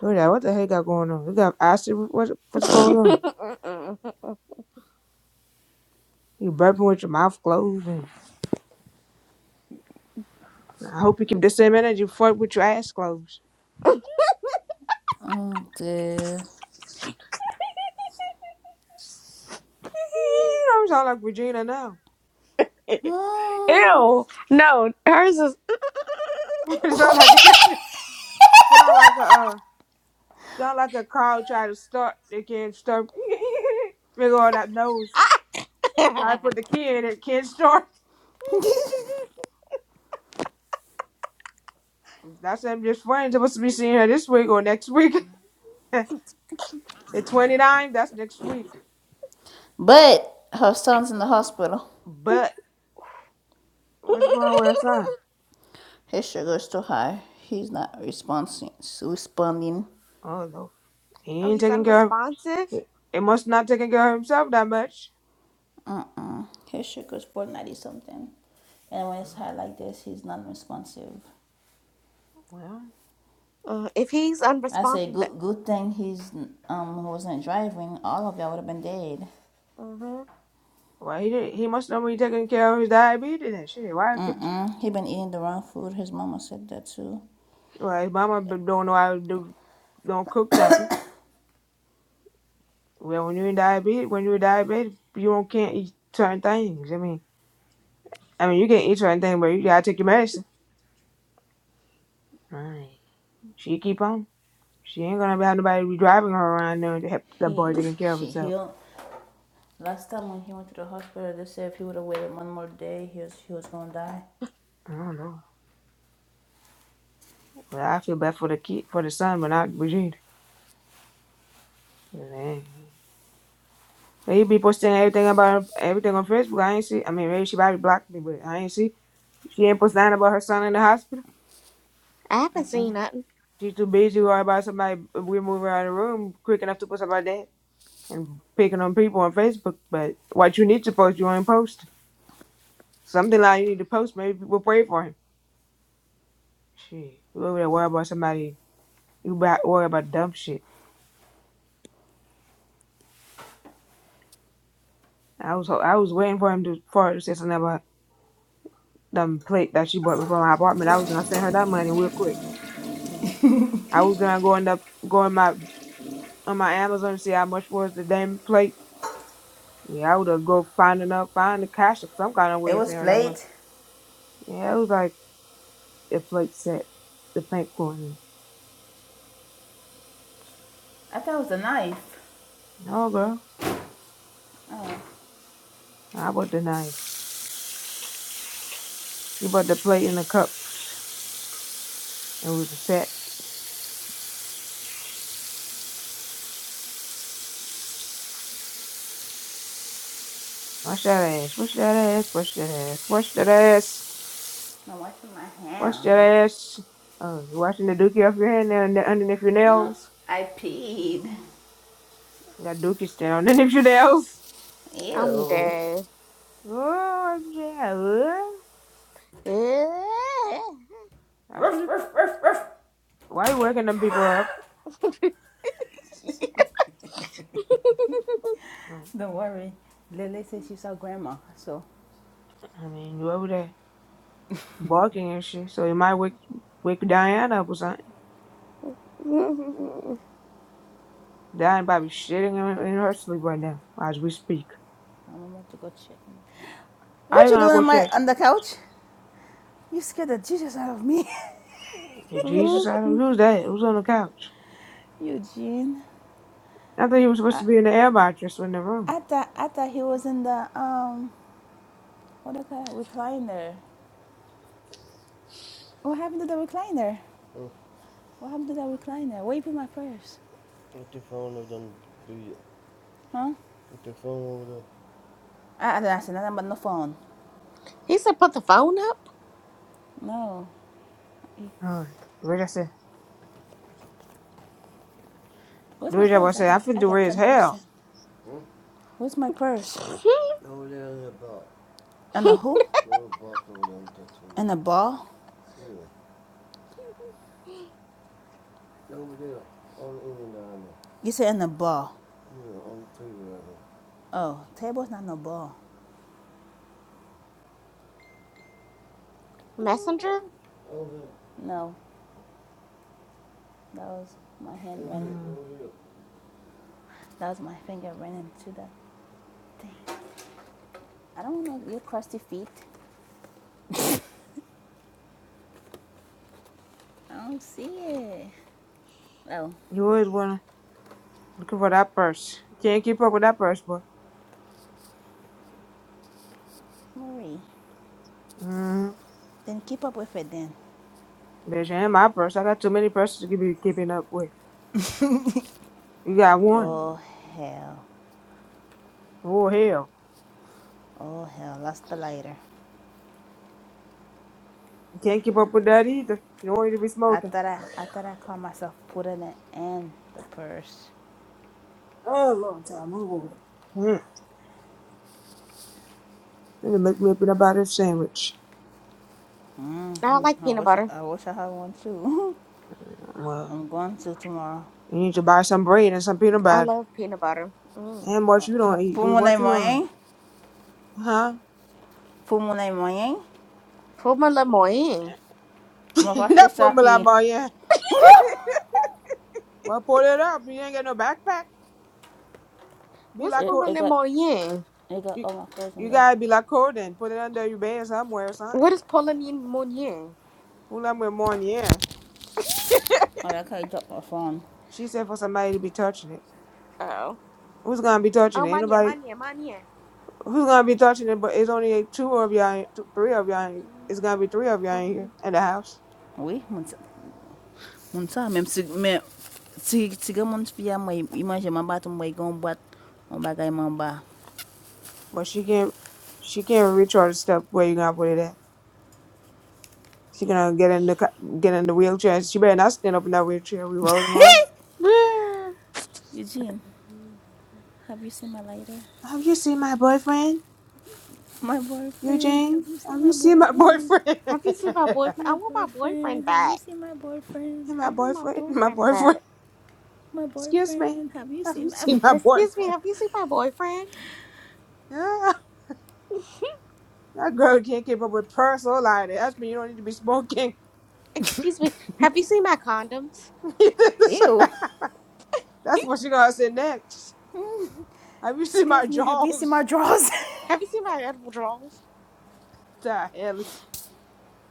Speaker 1: Do that. What the hell got going on? You got acid. What, what's going on?
Speaker 3: Mm-mm.
Speaker 1: You burping with your mouth closed. And I hope you keep the same energy for with your ass closed.
Speaker 5: oh dear.
Speaker 1: you sound like Regina now.
Speaker 5: Hmm.
Speaker 3: Ew. No, hers is.
Speaker 1: You sound like sound like a uh, sound like a cow trying to start. They can't start. Big on that nose. Try to put the key in. It can't start. That's them just friends. I'm supposed to be seeing her this week or next week. the 29th. That's next week.
Speaker 5: But her son's in the hospital.
Speaker 3: oh,
Speaker 1: But what's going on with her son?
Speaker 5: His sugar is too high. He's not responding. Responding.
Speaker 1: Oh Lord, he ain't
Speaker 3: he's
Speaker 1: taking care of.
Speaker 3: unresponsive.
Speaker 1: He must not taking care of himself that much.
Speaker 5: His sugar is 490 something, and when it's
Speaker 1: Uh,
Speaker 5: high like this, he's not responsive.
Speaker 1: Well,
Speaker 3: Uh, if he's
Speaker 5: I say
Speaker 3: unresponsive, but
Speaker 5: good, good thing he's um wasn't driving. All of y'all would have been dead.
Speaker 3: uh
Speaker 1: well, he did, he must not be taking care of his diabetes and shit. Why keep?
Speaker 5: Mm, he been eating the wrong food. His mama said that too.
Speaker 1: Well, his mama b- don't know how to do, don't cook nothing. Well, when you're in diabetes, when you're diabetic, you don't can't eat certain things. I mean, I mean, you can eat certain things, but you gotta take your medicine. Right. She keep on. She ain't gonna have nobody be driving her around knowing to help the
Speaker 5: He,
Speaker 1: boy taking care of
Speaker 5: she
Speaker 1: himself.
Speaker 5: he'll Last time when he went to the hospital, they said if he would have waited one more day, he was he was gonna die.
Speaker 1: I don't know. Well, I feel bad for the kid, for the son, but not Brigitte. Man. You be posting everything about her, everything on Facebook. I ain't see. I mean, maybe she probably blocked me, but I ain't see. She ain't posting nothing about her son in the hospital.
Speaker 3: I haven't seen nothing.
Speaker 1: She's too busy worried about somebody. We move her out of the room quick enough to post about that and picking on people on Facebook. But what you need to post, you ain't post. Something like you need to post. Maybe people pray for him. Shit, you over there worry about somebody. You about worry about dumb shit. I was ho- I was waiting for him to for her to say something about them plate that she bought me for my apartment. I was gonna send her that money real quick. I was gonna go end up going my on my Amazon to see how much was the damn plate. Yeah, I would have go find enough, find the cash of some kind of
Speaker 5: It
Speaker 1: way to
Speaker 5: was
Speaker 1: send her that money.
Speaker 5: plate.
Speaker 1: Yeah, it was like a plate set, the pink one. And,
Speaker 5: I thought it was a knife.
Speaker 1: no, girl,
Speaker 5: Oh,
Speaker 1: I bought the knife. She bought the plate and the cups. It was a set. Wash that ass, wash that ass, wash that ass, wash that ass,
Speaker 5: I'm washing my
Speaker 1: wash that
Speaker 5: hands.
Speaker 1: ass. Oh, you washing the dookie off your hand and underneath your
Speaker 5: No,
Speaker 1: nails?
Speaker 5: I peed.
Speaker 1: Got Dookie standing on anything else.
Speaker 3: I'm
Speaker 5: Ew.
Speaker 3: dead.
Speaker 1: Oh, yeah. uh, I
Speaker 5: Ruff,
Speaker 1: should have.
Speaker 5: ruff, ruff, ruff.
Speaker 1: Why you waking them people up? No,
Speaker 5: Don't worry. Lily says she saw grandma, so
Speaker 1: I mean, you over there barking and shit, so you might wake wake Diana up or something. Diana probably shitting in, in her sleep right now as we speak.
Speaker 5: I'm about to go check.
Speaker 1: I
Speaker 5: What you
Speaker 1: gonna
Speaker 5: doing
Speaker 1: go
Speaker 5: on my
Speaker 1: check.
Speaker 5: on the couch? You scared the Jesus out of me,
Speaker 1: Is Jesus out of Who's that? Who's on the couch?
Speaker 5: Eugene.
Speaker 1: I thought he was supposed to be in the air mattress in the room.
Speaker 5: I thought I thought he was in the um what do you call it recliner. What happened to the recliner? What happened to that recliner? Where you put my purse? Huh? I don't asked nothing but no phone.
Speaker 3: he said, "Put the phone up."
Speaker 5: No.
Speaker 1: Oh, what way I said,
Speaker 5: Where's
Speaker 1: the
Speaker 5: my
Speaker 1: way I
Speaker 5: purse?
Speaker 1: was
Speaker 5: I
Speaker 1: saying,
Speaker 5: got
Speaker 1: I feel
Speaker 5: I
Speaker 1: the
Speaker 5: got
Speaker 1: way as
Speaker 5: ten
Speaker 1: hell.
Speaker 5: percent. Where's my purse? And a who? And a ball? You said and a ball. Oh, table's not no ball.
Speaker 3: Messenger.
Speaker 5: No, that was my hand running.
Speaker 1: Mm.
Speaker 5: That was my finger running to that thing. I don't know your crusty feet. I don't see it. Oh,
Speaker 1: You always wanna looking for that purse. You can't keep up with that purse, boy.
Speaker 5: Marie.
Speaker 1: Mm.
Speaker 5: Then keep up with it then.
Speaker 1: Bitch, and my purse. I got too many purses to be keeping up with. You got one.
Speaker 3: Mm.
Speaker 5: Oh hell.
Speaker 1: Oh hell.
Speaker 5: Oh hell. Lost the lighter.
Speaker 1: You can't keep up with that either. You don't need to be
Speaker 5: I
Speaker 1: smoking.
Speaker 5: thought I, I thought I caught myself putting it in the purse.
Speaker 1: Hmm. Need to make me a peanut butter sandwich.
Speaker 5: Mm
Speaker 3: I
Speaker 5: hmm
Speaker 3: don't like
Speaker 5: I
Speaker 3: peanut
Speaker 5: wish
Speaker 3: butter.
Speaker 5: I wish I had one too.
Speaker 1: Well,
Speaker 5: I'm going to tomorrow.
Speaker 1: you need to buy some bread and some peanut
Speaker 3: I
Speaker 1: butter.
Speaker 3: love peanut butter. Mm.
Speaker 1: And what you don't eat, with
Speaker 5: Pumune
Speaker 1: what you don't eat.
Speaker 5: moyen,
Speaker 1: Huh?
Speaker 5: pumune moyen.
Speaker 3: Puma le moyen.
Speaker 5: My pastor
Speaker 1: that put me like
Speaker 5: Saki,
Speaker 1: my yeah. Well pull it up. You ain't got no backpack. Be
Speaker 3: What's
Speaker 1: like
Speaker 5: it
Speaker 1: a
Speaker 3: Puma
Speaker 5: it
Speaker 3: le
Speaker 5: got
Speaker 3: moyen?
Speaker 5: it got
Speaker 1: you,
Speaker 5: all my clothes in
Speaker 1: you
Speaker 5: there.
Speaker 1: gotta be like her then. Put it under your bed somewhere or something.
Speaker 3: What is Pauline Mounier?
Speaker 1: Pull up with more in the air.
Speaker 5: Oh, that guy dropped my phone.
Speaker 1: She said for somebody to be touching it.
Speaker 3: Oh.
Speaker 1: Who's gonna be touching
Speaker 3: Oh,
Speaker 1: it? Ain't
Speaker 3: Manier,
Speaker 1: nobody.
Speaker 3: Manier, Manier.
Speaker 1: who's gonna be touching it? But it's only two of y'all, in- two, three of y'all. in-
Speaker 3: Mm,
Speaker 1: It's gonna be three of y'all in here
Speaker 3: Pauline-
Speaker 1: in the house.
Speaker 5: Oui, mon sa, mon sa, même si mais si si que mon fils a moi image ma bat moi gon bat on bagay man ba.
Speaker 1: But she can't, she can't reach all the stuff where you gonna put it at. She gonna get in the co- get in the wheelchair. and She better not stand up in that wheelchair. We rolling her.
Speaker 3: Boo.
Speaker 5: Eugene, have you seen my lighter?
Speaker 1: Have you seen my boyfriend,
Speaker 5: My boyfriend, have
Speaker 1: Eugene?
Speaker 5: you
Speaker 1: Have
Speaker 5: seen
Speaker 1: you
Speaker 5: my
Speaker 1: seen my
Speaker 3: I want,
Speaker 5: boyfriend?
Speaker 1: boyfriend?
Speaker 3: have you seen my boyfriend? I
Speaker 5: My
Speaker 3: want my boyfriend
Speaker 5: boyfriend, have you
Speaker 3: back.
Speaker 5: seen my boyfriend?
Speaker 1: Hey,
Speaker 3: I
Speaker 1: my
Speaker 3: want my
Speaker 1: boyfriend, my
Speaker 3: boyfriend back.
Speaker 1: boyfriend.
Speaker 5: My
Speaker 1: Excuse me.
Speaker 5: boyfriend, have you
Speaker 1: Have you
Speaker 5: seen my.
Speaker 1: seen my
Speaker 3: Excuse me,
Speaker 1: boyfriend?
Speaker 3: have you seen my boyfriend?
Speaker 1: Yeah. That girl can't keep up with purse or like that. That's when you don't need to be smoking.
Speaker 3: Excuse me, have you seen my condoms?
Speaker 5: Ew.
Speaker 1: That's what she gonna say next. Have you seen my
Speaker 5: Excuse me, have you seen my
Speaker 1: jaws?
Speaker 5: drawers?
Speaker 3: Have you seen my edible drawers?
Speaker 1: Die, Ellie.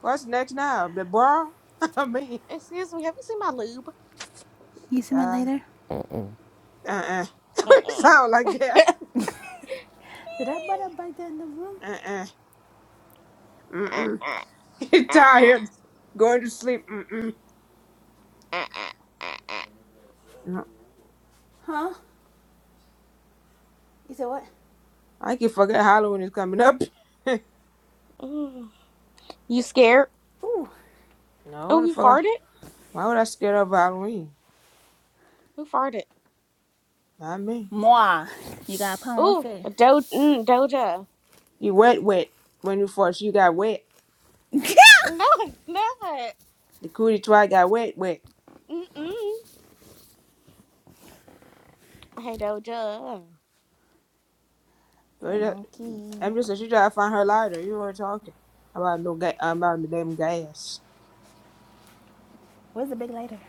Speaker 1: What's next now? The bra? I mean,
Speaker 3: Excuse me, have you seen my lube?
Speaker 5: You see my
Speaker 1: die.
Speaker 5: lighter?
Speaker 1: Uh-uh. What
Speaker 3: Mm-mm.
Speaker 1: sound like that?
Speaker 5: Did I buy that bike there in the room?
Speaker 1: Uh-uh.
Speaker 3: Uh,
Speaker 1: Mm-mm.
Speaker 3: uh,
Speaker 1: You're
Speaker 3: uh, uh,
Speaker 1: tired. Going to sleep. Mm-mm.
Speaker 3: uh, uh, uh.
Speaker 1: No.
Speaker 5: huh? You said what?
Speaker 1: I can forget Halloween is coming up. no,
Speaker 3: Mm. You scared?
Speaker 5: Ooh.
Speaker 3: Oh,
Speaker 1: what the
Speaker 3: who
Speaker 1: fuck? I-
Speaker 3: farted?
Speaker 1: Why would I scare of Halloween?
Speaker 3: Who farted?
Speaker 1: Not me.
Speaker 5: Moi. You got a problem with
Speaker 3: Ooh,
Speaker 5: it?
Speaker 3: Do- mm, Doja.
Speaker 1: you wet, wet. When you first, you got wet.
Speaker 3: No, never.
Speaker 1: The cootie try got wet, wet.
Speaker 3: Mm-mm. Hey, Doja.
Speaker 5: Hey, monkey.
Speaker 1: I'm just said she tried to find her lighter. You were talking about no ga- about the damn gas.
Speaker 5: Where's the big lighter?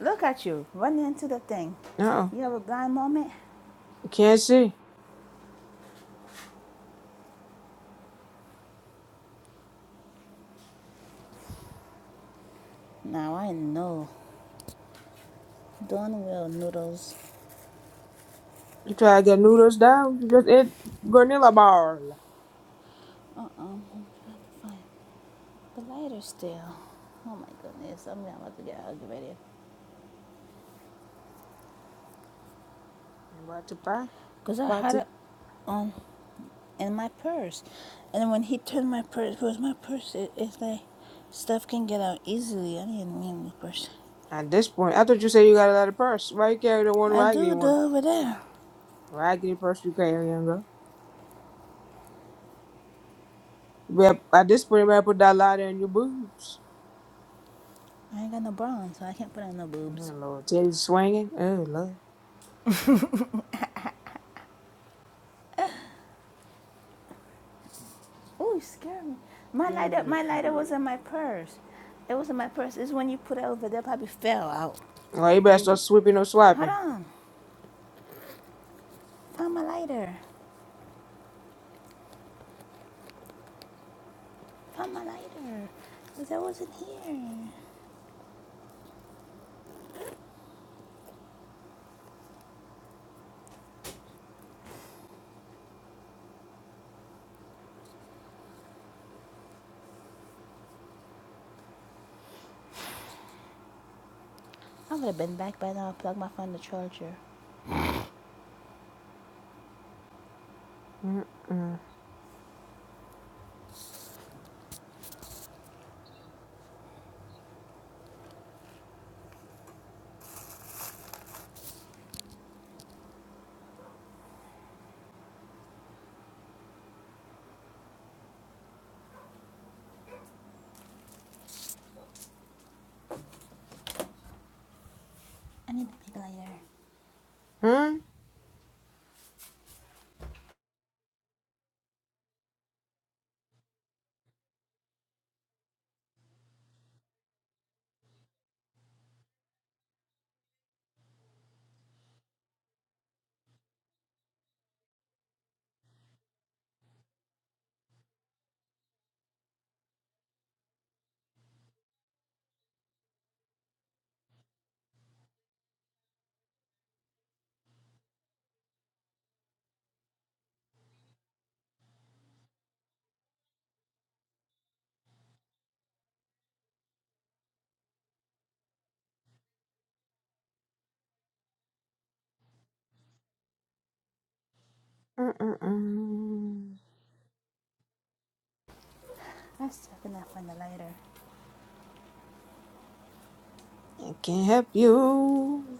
Speaker 5: Look at you running into the thing.
Speaker 1: No,
Speaker 5: You have a blind moment?
Speaker 1: you can't see.
Speaker 5: Now I know. Done well, noodles.
Speaker 1: You try to get noodles down. You just eat granola bar.
Speaker 5: Uh uh I'm trying to find the lighter still. Oh my goodness, I'm about to get aggravated.
Speaker 1: I'm about to buy,
Speaker 5: because I
Speaker 1: about
Speaker 5: had
Speaker 1: to.
Speaker 5: it um in my purse. And when he turned my purse, where's my purse? is It, it's like stuff can get out easily. I didn't mean the purse.
Speaker 1: At this point, I thought you said you got a lot of purse. Why you carry the one
Speaker 5: I do
Speaker 1: raggedy
Speaker 5: it
Speaker 1: one?
Speaker 5: over there.
Speaker 1: Raggedy purse you carry, young girl. You better- At this point, you better put that lighter in your boobs.
Speaker 5: I ain't got no bra on, so I can't put on no
Speaker 1: Oh
Speaker 5: boobs.
Speaker 1: Lord, Teddy's swinging. Oh Lord.
Speaker 5: Oh, you scared me. My yeah, lighter, my lighter was in my purse. It was in my purse. It's when you put it over there, probably fell out.
Speaker 1: Oh, you better start sweeping or
Speaker 5: Hold
Speaker 1: swiping.
Speaker 5: on. Found my lighter. Found my lighter. Cause I wasn't here. I would have been back by now. I plugged my phone in the charger.
Speaker 1: Mm-mm.
Speaker 5: I need a big lighter.
Speaker 1: Hmm? Mm-mm-mm.
Speaker 5: I'm stuck in that the lighter.
Speaker 1: I can't help you.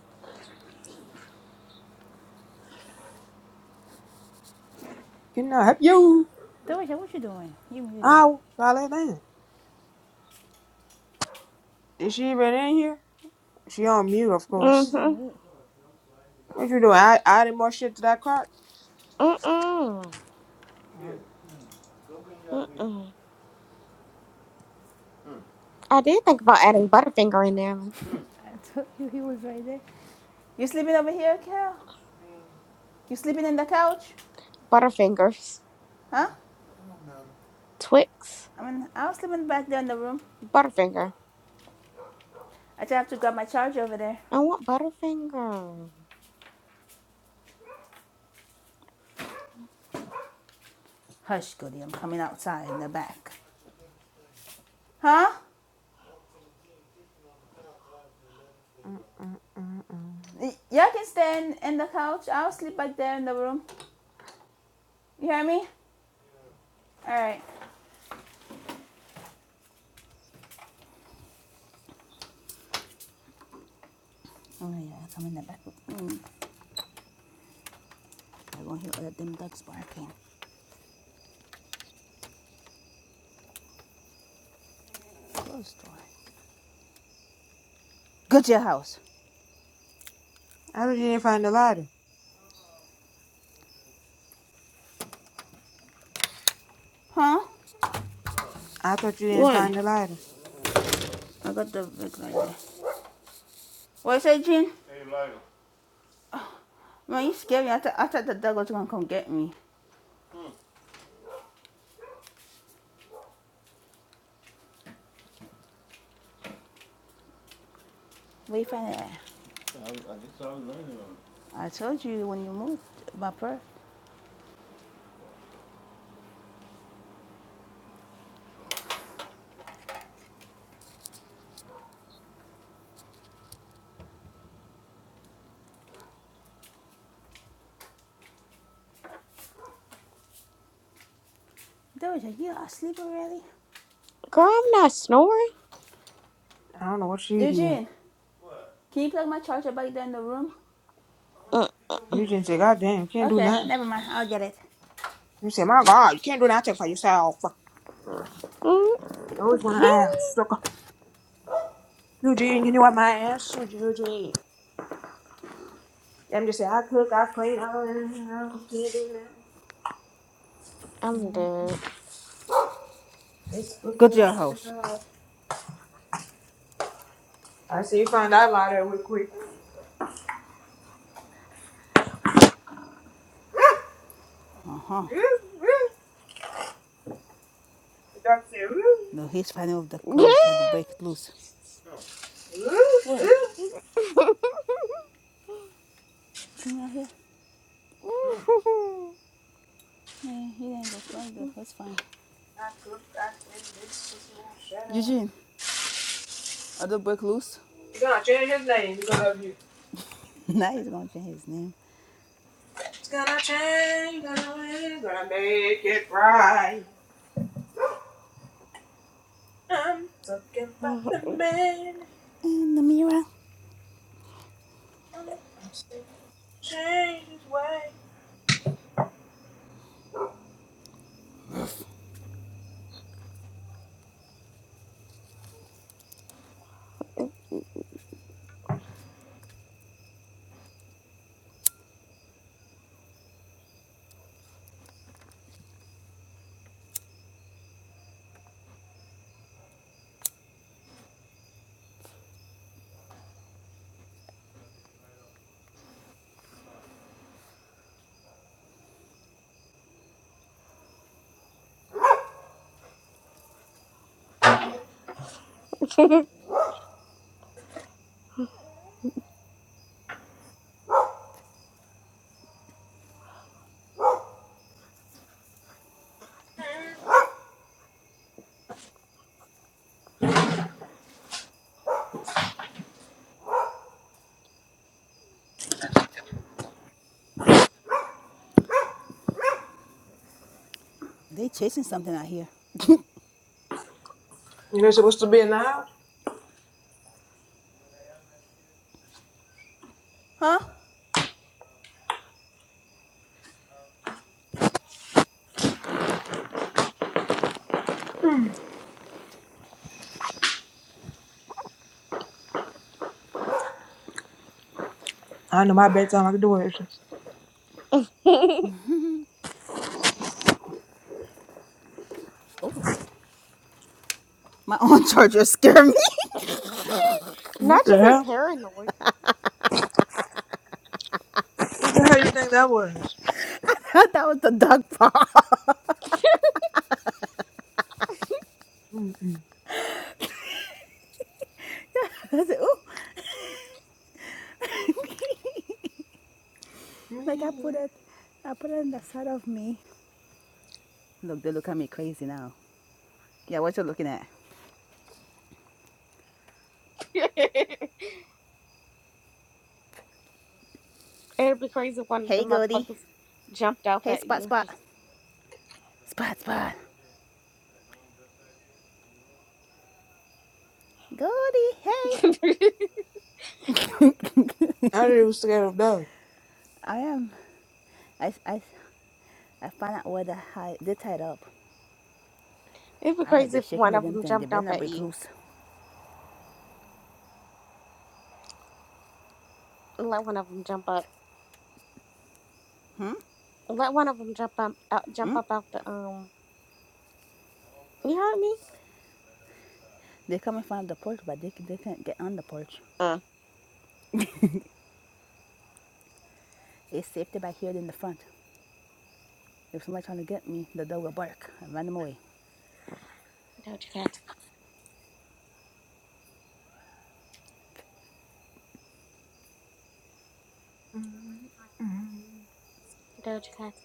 Speaker 1: Can I help you?
Speaker 5: Doja, what you doing? You muted.
Speaker 1: Ow, fell down. Is she even in here? She on mute, of
Speaker 5: Yeah, she's
Speaker 1: course.
Speaker 3: Mm-hmm.
Speaker 5: on mute.
Speaker 1: What you doing? I added more shit to that cart?
Speaker 3: Mm-mm.
Speaker 1: Oh.
Speaker 3: Mm-mm. I did think about adding Butterfinger in there. like,
Speaker 5: I told you he was right there. You sleeping over here, Cal? You sleeping in the couch?
Speaker 3: Butterfingers.
Speaker 5: Huh?
Speaker 3: Twix.
Speaker 5: I mean, I was sleeping back there in the room.
Speaker 3: Butterfinger.
Speaker 5: I just have to grab my charger over there.
Speaker 3: I want Butterfinger.
Speaker 5: Hush, Goody, I'm coming outside in the back. Huh? Y'all can stay in, in the couch. I'll sleep back there in the room. You hear me? All right. Oh, yeah, I'm in the back Mm, I won't hear all of them dogs barking. Close door. Go to your house.
Speaker 1: I thought you didn't find the lighter.
Speaker 5: Huh?
Speaker 1: I thought you didn't
Speaker 5: Why?
Speaker 1: find the lighter.
Speaker 5: I got the big light there. Well, I said, Jean, man, you scared me. I, thought- I thought the dog was going to come get me. Where you find it I told you when you moved, my purse. Doja, you asleep already?
Speaker 3: Girl, I'm not snoring.
Speaker 1: I don't know what she here.
Speaker 5: Eugene, can you plug my charger back there in the room?
Speaker 3: Mm-mm.
Speaker 1: Eugene said, God damn, you can't do
Speaker 5: Okay,
Speaker 1: nothing.
Speaker 5: never mind. I'll get it.
Speaker 1: You say, my God, you can't do nothing for yourself. You always want to ask, sucker. Eugene, you know what my ass Eugene. Them just say, I cook, I clean, I don't, know, I don't can't do nothing.
Speaker 3: I'm dead.
Speaker 1: It's supposed to
Speaker 5: Go to
Speaker 1: wash
Speaker 5: your
Speaker 1: it
Speaker 5: house.
Speaker 1: out. I see you find that lighter real quick.
Speaker 5: Uh huh.
Speaker 1: The dog said,
Speaker 5: No,
Speaker 1: "Woo,
Speaker 5: he's finding off the cord trying to break it loose.
Speaker 1: woo,
Speaker 5: What?
Speaker 1: woo."
Speaker 5: Come out here. Man, he didn't go plug it. That's fine.
Speaker 1: I cooked, I cleaned, this pussy won't shut up.
Speaker 5: Eugene, are they break loose?
Speaker 1: He's gonna change his name because of you.
Speaker 5: now he's gonna change his name.
Speaker 1: It's gonna change, gonna win, gonna make it right. I'm talking about the man.
Speaker 5: And the mirror.
Speaker 1: I'm saying change his way. Mm.
Speaker 5: They chasing something out here.
Speaker 1: You're supposed to be in the house.
Speaker 5: huh?
Speaker 1: I know my bedtime. I can do it.
Speaker 5: My own charger scared me.
Speaker 3: Not
Speaker 1: What
Speaker 3: you
Speaker 1: the
Speaker 3: get
Speaker 1: hell?
Speaker 3: paranoid.
Speaker 1: What the hell you think that was?
Speaker 5: that was the dog paw.
Speaker 1: Mm-mm.
Speaker 5: I said, ooh. like I put
Speaker 1: Me.
Speaker 5: it, I put it on the side of me. Look, they look at me crazy now. Yeah, what you looking at?
Speaker 3: It'd be crazy if one of the
Speaker 5: Hey, Goldie.
Speaker 3: motherfuckers jumped off
Speaker 5: Hey,
Speaker 3: at
Speaker 5: Spot
Speaker 3: you.
Speaker 5: Spot. Spot Spot. Goldie, hey.
Speaker 3: Just it'd
Speaker 1: I really was scared of dogs.
Speaker 5: I am. I, I, I found out where the high, they tied up.
Speaker 3: be
Speaker 5: I heard
Speaker 3: crazy
Speaker 5: they're
Speaker 3: if
Speaker 5: shaking
Speaker 3: one
Speaker 5: the
Speaker 3: of
Speaker 5: damn
Speaker 3: them
Speaker 5: thing. They
Speaker 3: jumped
Speaker 5: better
Speaker 3: up
Speaker 5: not
Speaker 3: at
Speaker 5: break
Speaker 3: you.
Speaker 5: loose.
Speaker 3: let one of them jump up. Let one of them jump up. Out, jump up out the um. You heard me?
Speaker 5: They come in front of the porch, but they, they can't get on the porch.
Speaker 3: Uh,
Speaker 5: It's safer back here than the front. If somebody trying to get me, the dog will bark and run them away.
Speaker 3: Doja Cat. Doja Cat.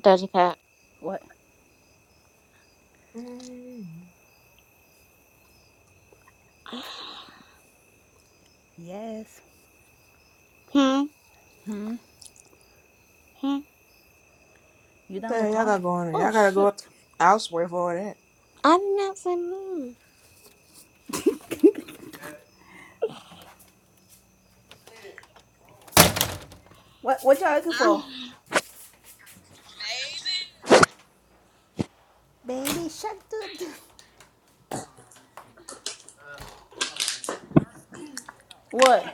Speaker 3: Doja Cat.
Speaker 5: What? Yes.
Speaker 3: Hmm. Hmm.
Speaker 5: You
Speaker 1: What
Speaker 5: down
Speaker 1: the
Speaker 5: here
Speaker 1: hell y'all
Speaker 5: call me?
Speaker 1: got going on?
Speaker 5: Oh
Speaker 1: Y'all gotta go out-
Speaker 5: shit.
Speaker 1: elsewhere for all that.
Speaker 3: I did not say moon.
Speaker 5: What what y'all looking for? Baby shut the door. What?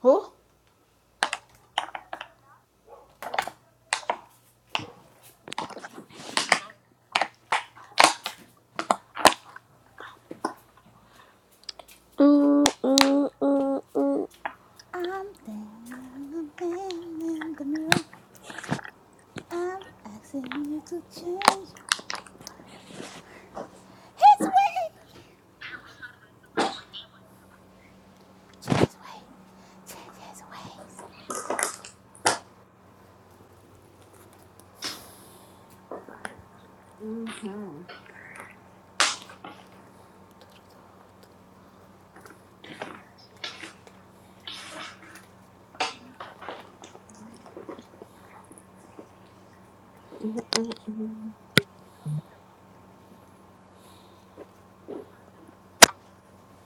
Speaker 5: Who?
Speaker 3: Mm, mm, mm, mm.
Speaker 5: I'm down in the in the mirror. I'm asking you to change.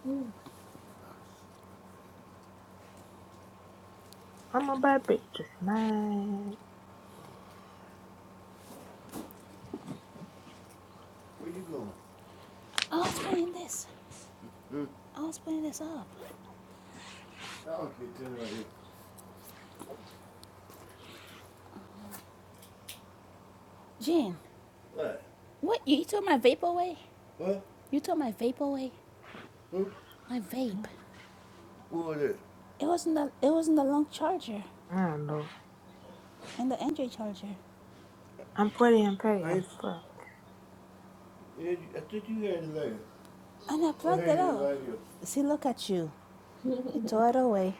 Speaker 3: Mm,
Speaker 1: I'm a bad bitch, man.
Speaker 5: I was playing this. I was playing this up. Jen, what you took my vape away? You took my vape away? My vape. It wasn't the it wasn't the long charger
Speaker 1: I don't know.
Speaker 5: and the Android charger.
Speaker 1: I'm pretty and pretty. I'm full.
Speaker 5: And I plugged it out. See look at you. e tore it away.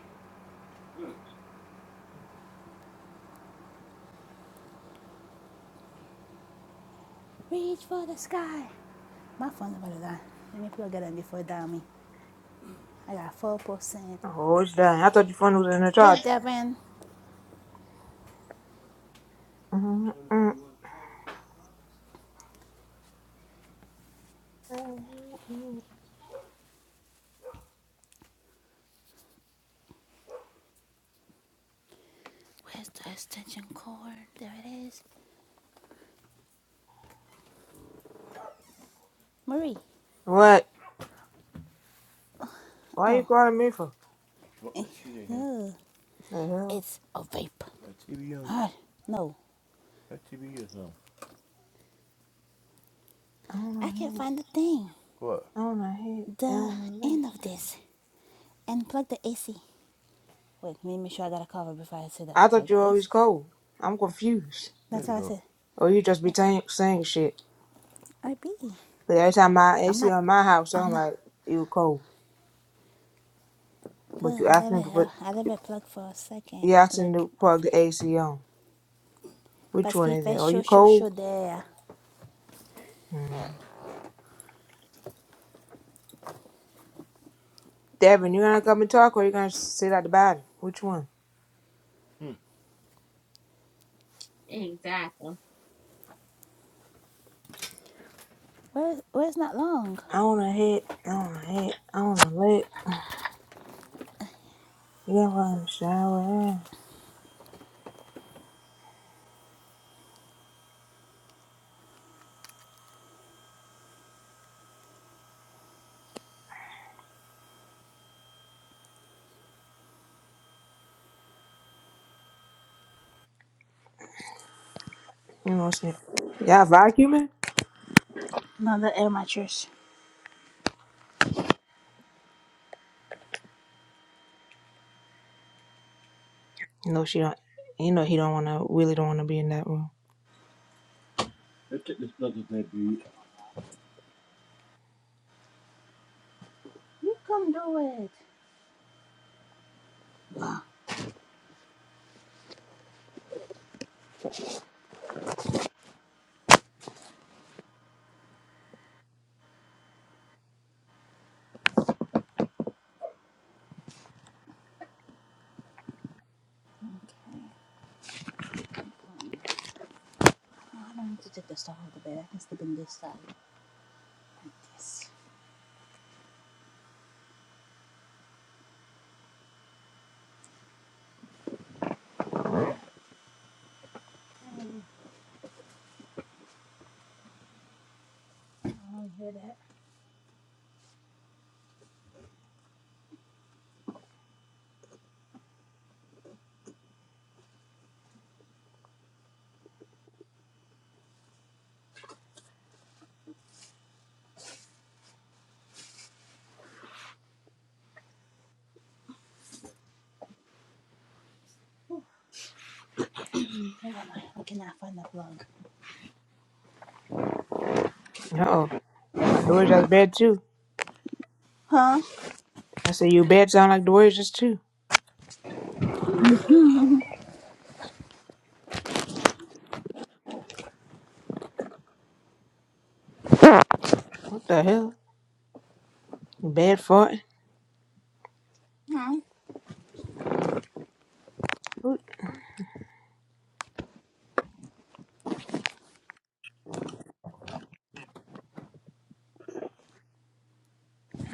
Speaker 5: Reach for the sky. My phone's about to die. Let me plug it in before it die on me. I got four percent.
Speaker 1: Oh, it's done. I thought your phone was in the
Speaker 5: Hey
Speaker 1: charge.
Speaker 5: Devin,
Speaker 1: Mm, mm, mm.
Speaker 5: where's the extension cord? There it is. Marie.
Speaker 1: What? Why you
Speaker 5: Oh.
Speaker 1: calling me for?
Speaker 5: What Eh, is she again? ugh,
Speaker 1: The hell?
Speaker 5: It's a vape. Ah, no,
Speaker 1: I don't
Speaker 5: I can't
Speaker 1: know.
Speaker 5: find the thing.
Speaker 1: I don't know. I
Speaker 5: The
Speaker 1: don't know.
Speaker 5: end of this. And plug the AC. Wait, let me make sure I got a cover before I say
Speaker 1: I
Speaker 5: that. Plug
Speaker 1: thought you
Speaker 5: the
Speaker 1: were always
Speaker 5: AC.
Speaker 1: cold. I'm confused.
Speaker 5: That's we how I said.
Speaker 1: Or you just be
Speaker 5: That's how
Speaker 1: saying saying shit.
Speaker 5: I be.
Speaker 1: But every time my
Speaker 5: I'm
Speaker 1: AC
Speaker 5: not.
Speaker 1: on my house,
Speaker 5: I'm
Speaker 1: I'm
Speaker 5: not.
Speaker 1: like, you cold. But
Speaker 5: Well,
Speaker 1: you
Speaker 5: I never,
Speaker 1: asking to put
Speaker 5: I, never plugged for a second.
Speaker 1: you asking
Speaker 5: Like,
Speaker 1: to
Speaker 5: a
Speaker 1: plug
Speaker 5: few.
Speaker 1: the AC on. Which
Speaker 5: parce
Speaker 1: one
Speaker 5: qu'il
Speaker 1: is
Speaker 5: fait
Speaker 1: it? Are
Speaker 5: chaud,
Speaker 1: you
Speaker 5: chaud,
Speaker 1: cold?
Speaker 5: chaud there.
Speaker 1: Hmm. Devin, you gonna come and talk or you gonna sit at the bottom? Which one?
Speaker 5: Where, where's not long?
Speaker 1: I wanna hit, I wanna hit, I wanna lick. You gonna fucking shower. You know what I'm saying? Y'all vacuuming?
Speaker 5: Another air mattress.
Speaker 1: You know she don't you know he don't wanna Willie don't wanna be in that room.
Speaker 5: Come do it. Okay. I don't need to take the stuff out of the bed. I can sleep in this side. Like this. I don't hear that. Never mind. I cannot find the plug.
Speaker 1: Uh oh. Like Doris's bed too.
Speaker 5: Huh?
Speaker 1: I said your bed sound like Doris's too. What the hell? Your bed farting?
Speaker 5: Huh?
Speaker 1: Who-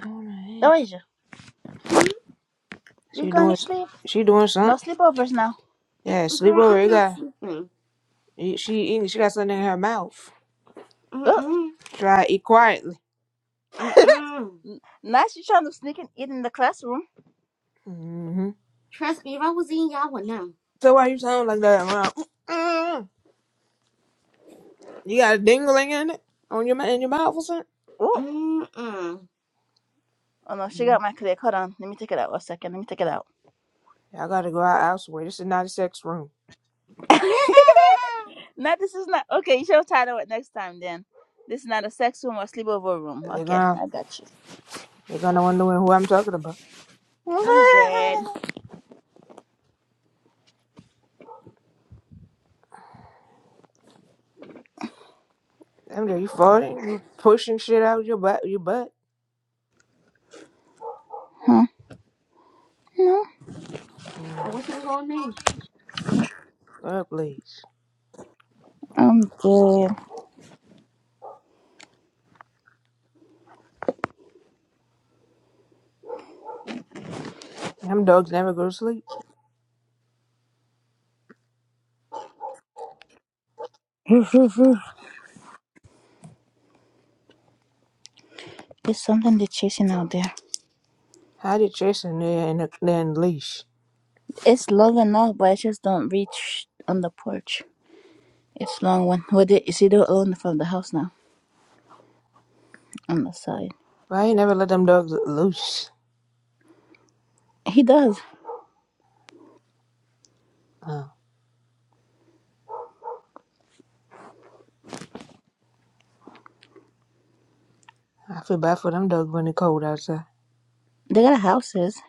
Speaker 1: I wanna hit.
Speaker 5: Doja, you
Speaker 1: She
Speaker 5: going to
Speaker 1: doing
Speaker 5: sleep?
Speaker 1: she doing
Speaker 5: No
Speaker 1: something.
Speaker 5: sleepovers now.
Speaker 1: Yeah,
Speaker 3: Girl,
Speaker 1: sleepover,
Speaker 3: I'm
Speaker 1: you
Speaker 3: not
Speaker 1: got
Speaker 3: sleeping.
Speaker 1: she eating she got something in her mouth.
Speaker 5: Oh,
Speaker 3: Mm-mm.
Speaker 1: Try to eat quietly.
Speaker 3: Mm-mm.
Speaker 5: now she's trying to sneak and eat in the classroom.
Speaker 1: Mm-hmm.
Speaker 3: Trust me, if I was in, y'all would know.
Speaker 1: So why you sound like that? Wow. Mm. You got a dingling in it on your ma- in your mouth or something?
Speaker 5: Oh,
Speaker 3: Mm-mm.
Speaker 5: oh no, she
Speaker 1: Yeah.
Speaker 5: got my click. Hold on. Let me take it out for a second. Let me take it out.
Speaker 1: Y'all gotta go out elsewhere. This is not a sex room.
Speaker 5: No, this is not okay. You should have titled it next time then. This is not a sex room or sleepover room.
Speaker 1: They're
Speaker 5: Okay,
Speaker 1: gonna
Speaker 5: I got you.
Speaker 1: they're gonna wonder who I'm talking about.
Speaker 3: I'm dead.
Speaker 1: MJ, you farting? You pushing shit out your butt? Your butt?
Speaker 3: I
Speaker 1: Hmm.
Speaker 3: wish it was on me.
Speaker 1: God, please.
Speaker 5: I'm good.
Speaker 1: Them dogs never go to sleep.
Speaker 5: Roof, roof, roof. There's something they're chasing out there.
Speaker 1: How they chasing there in their in the leash?
Speaker 5: It's long enough, but I just don't reach on the porch. It's long one. What did Isidro own from the house now? On the side.
Speaker 1: Why you never let them dogs loose?
Speaker 5: He does.
Speaker 1: Oh, I feel bad for them dogs when it's cold outside.
Speaker 5: They got houses.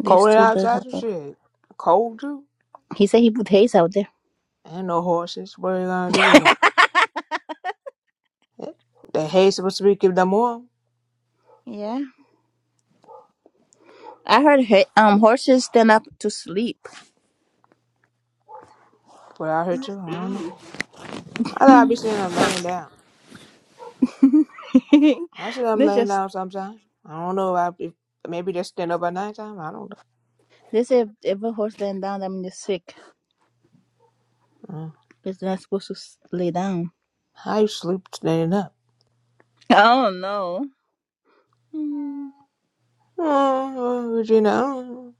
Speaker 5: These
Speaker 1: Cold
Speaker 5: two does
Speaker 1: outside
Speaker 5: have
Speaker 1: and
Speaker 5: them.
Speaker 1: shit. Cold too.
Speaker 5: He said he put hay out there.
Speaker 1: Ain't no horses. What are you gonna do with 'em? The hay supposed to be keep them warm.
Speaker 5: Yeah. I heard he- um horses stand up to sleep.
Speaker 1: But I heard too. I don't know.
Speaker 3: Mm.
Speaker 1: I thought I'd be seeing them laying down. I see them
Speaker 5: they
Speaker 1: laying
Speaker 5: just
Speaker 1: down sometime. I don't know if, I, if maybe they stand up at nighttime. I don't know.
Speaker 5: They say if, if a horse laying down, that means it's sick.
Speaker 1: Mm.
Speaker 5: It's not supposed to s- lay down.
Speaker 1: How you sleep standing up?
Speaker 5: I don't know. Mm,
Speaker 1: Mm, well, Regina, mm.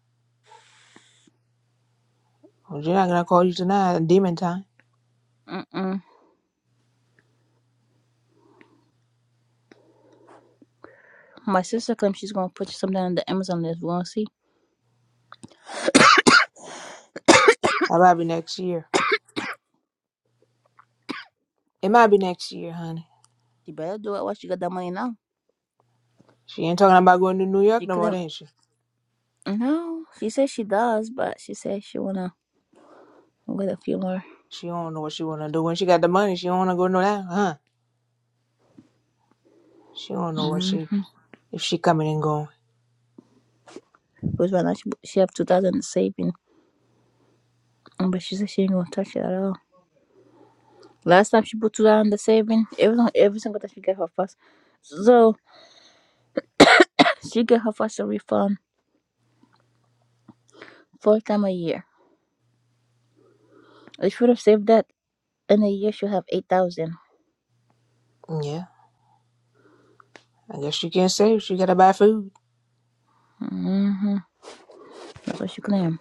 Speaker 1: Regina, I'm gonna call you tonight. Demon time.
Speaker 5: Mm-mm. My sister claims she's gonna put something on the Amazon list. We're gonna see.
Speaker 1: That might be next year. It might be next year, honey.
Speaker 5: She better do it while she got that money now.
Speaker 1: She ain't talking about going to New
Speaker 5: She
Speaker 1: York no more,
Speaker 5: claim
Speaker 1: then she?
Speaker 5: no. She says she does, but she says she wanna wait a few more.
Speaker 1: She don't know what she wanna do. When she got the money, she don't wanna go no that, huh? She don't know what
Speaker 5: Mm.
Speaker 1: she if she coming and going.
Speaker 5: Because right now she she have two thousand saving, Mm, but she says she ain't gonna touch it at all. Last time she put two thousand in the saving, every every single time she get her first, so she get her first refund four time a year. I should have saved that. In a year, she'll have 8,000.
Speaker 1: Yeah. I guess she can't save. She gotta buy food,
Speaker 5: Mm-hmm. That's what she claimed.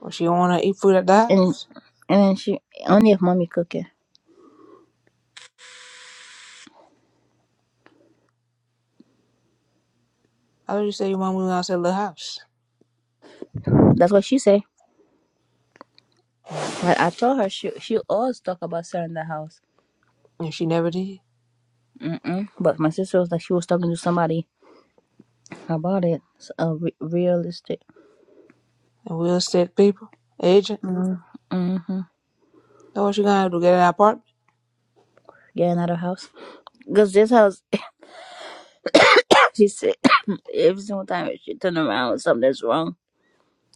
Speaker 1: or she don't wanna eat food at the
Speaker 5: And
Speaker 1: house.
Speaker 5: and then she only if mommy cooking.
Speaker 1: I did you say you want to move out the house?
Speaker 5: That's what she say.
Speaker 1: Uh,
Speaker 5: But I told her she she always talk about selling the house.
Speaker 1: and she never did.
Speaker 5: Mm-mm. But my sister was like she was talking to somebody about it. So, uh, re- realistic.
Speaker 1: And we real estate people, agent,
Speaker 5: Mm-hmm.
Speaker 1: know what you gonna do? Get an apartment?
Speaker 5: Get another house. Cause this house, she said every single time she turn around, something's wrong.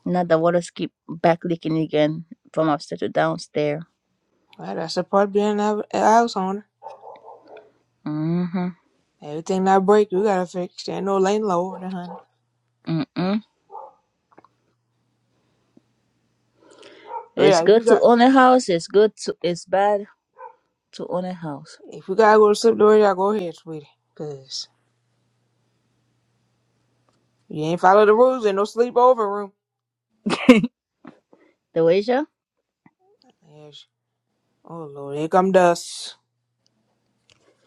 Speaker 5: Now the waters keep back leaking again.
Speaker 1: Well, that's the part being a a house owner. Everything that break, you gotta fix. There ain't no lane lower than honey. So yeah, if you got, if you gotta go to sleep, do all Go ahead, sweetie, cause you ain't follow the rules. Ain't no sleepover room.
Speaker 5: The wager.
Speaker 1: Yes. Oh Lord, here come dust.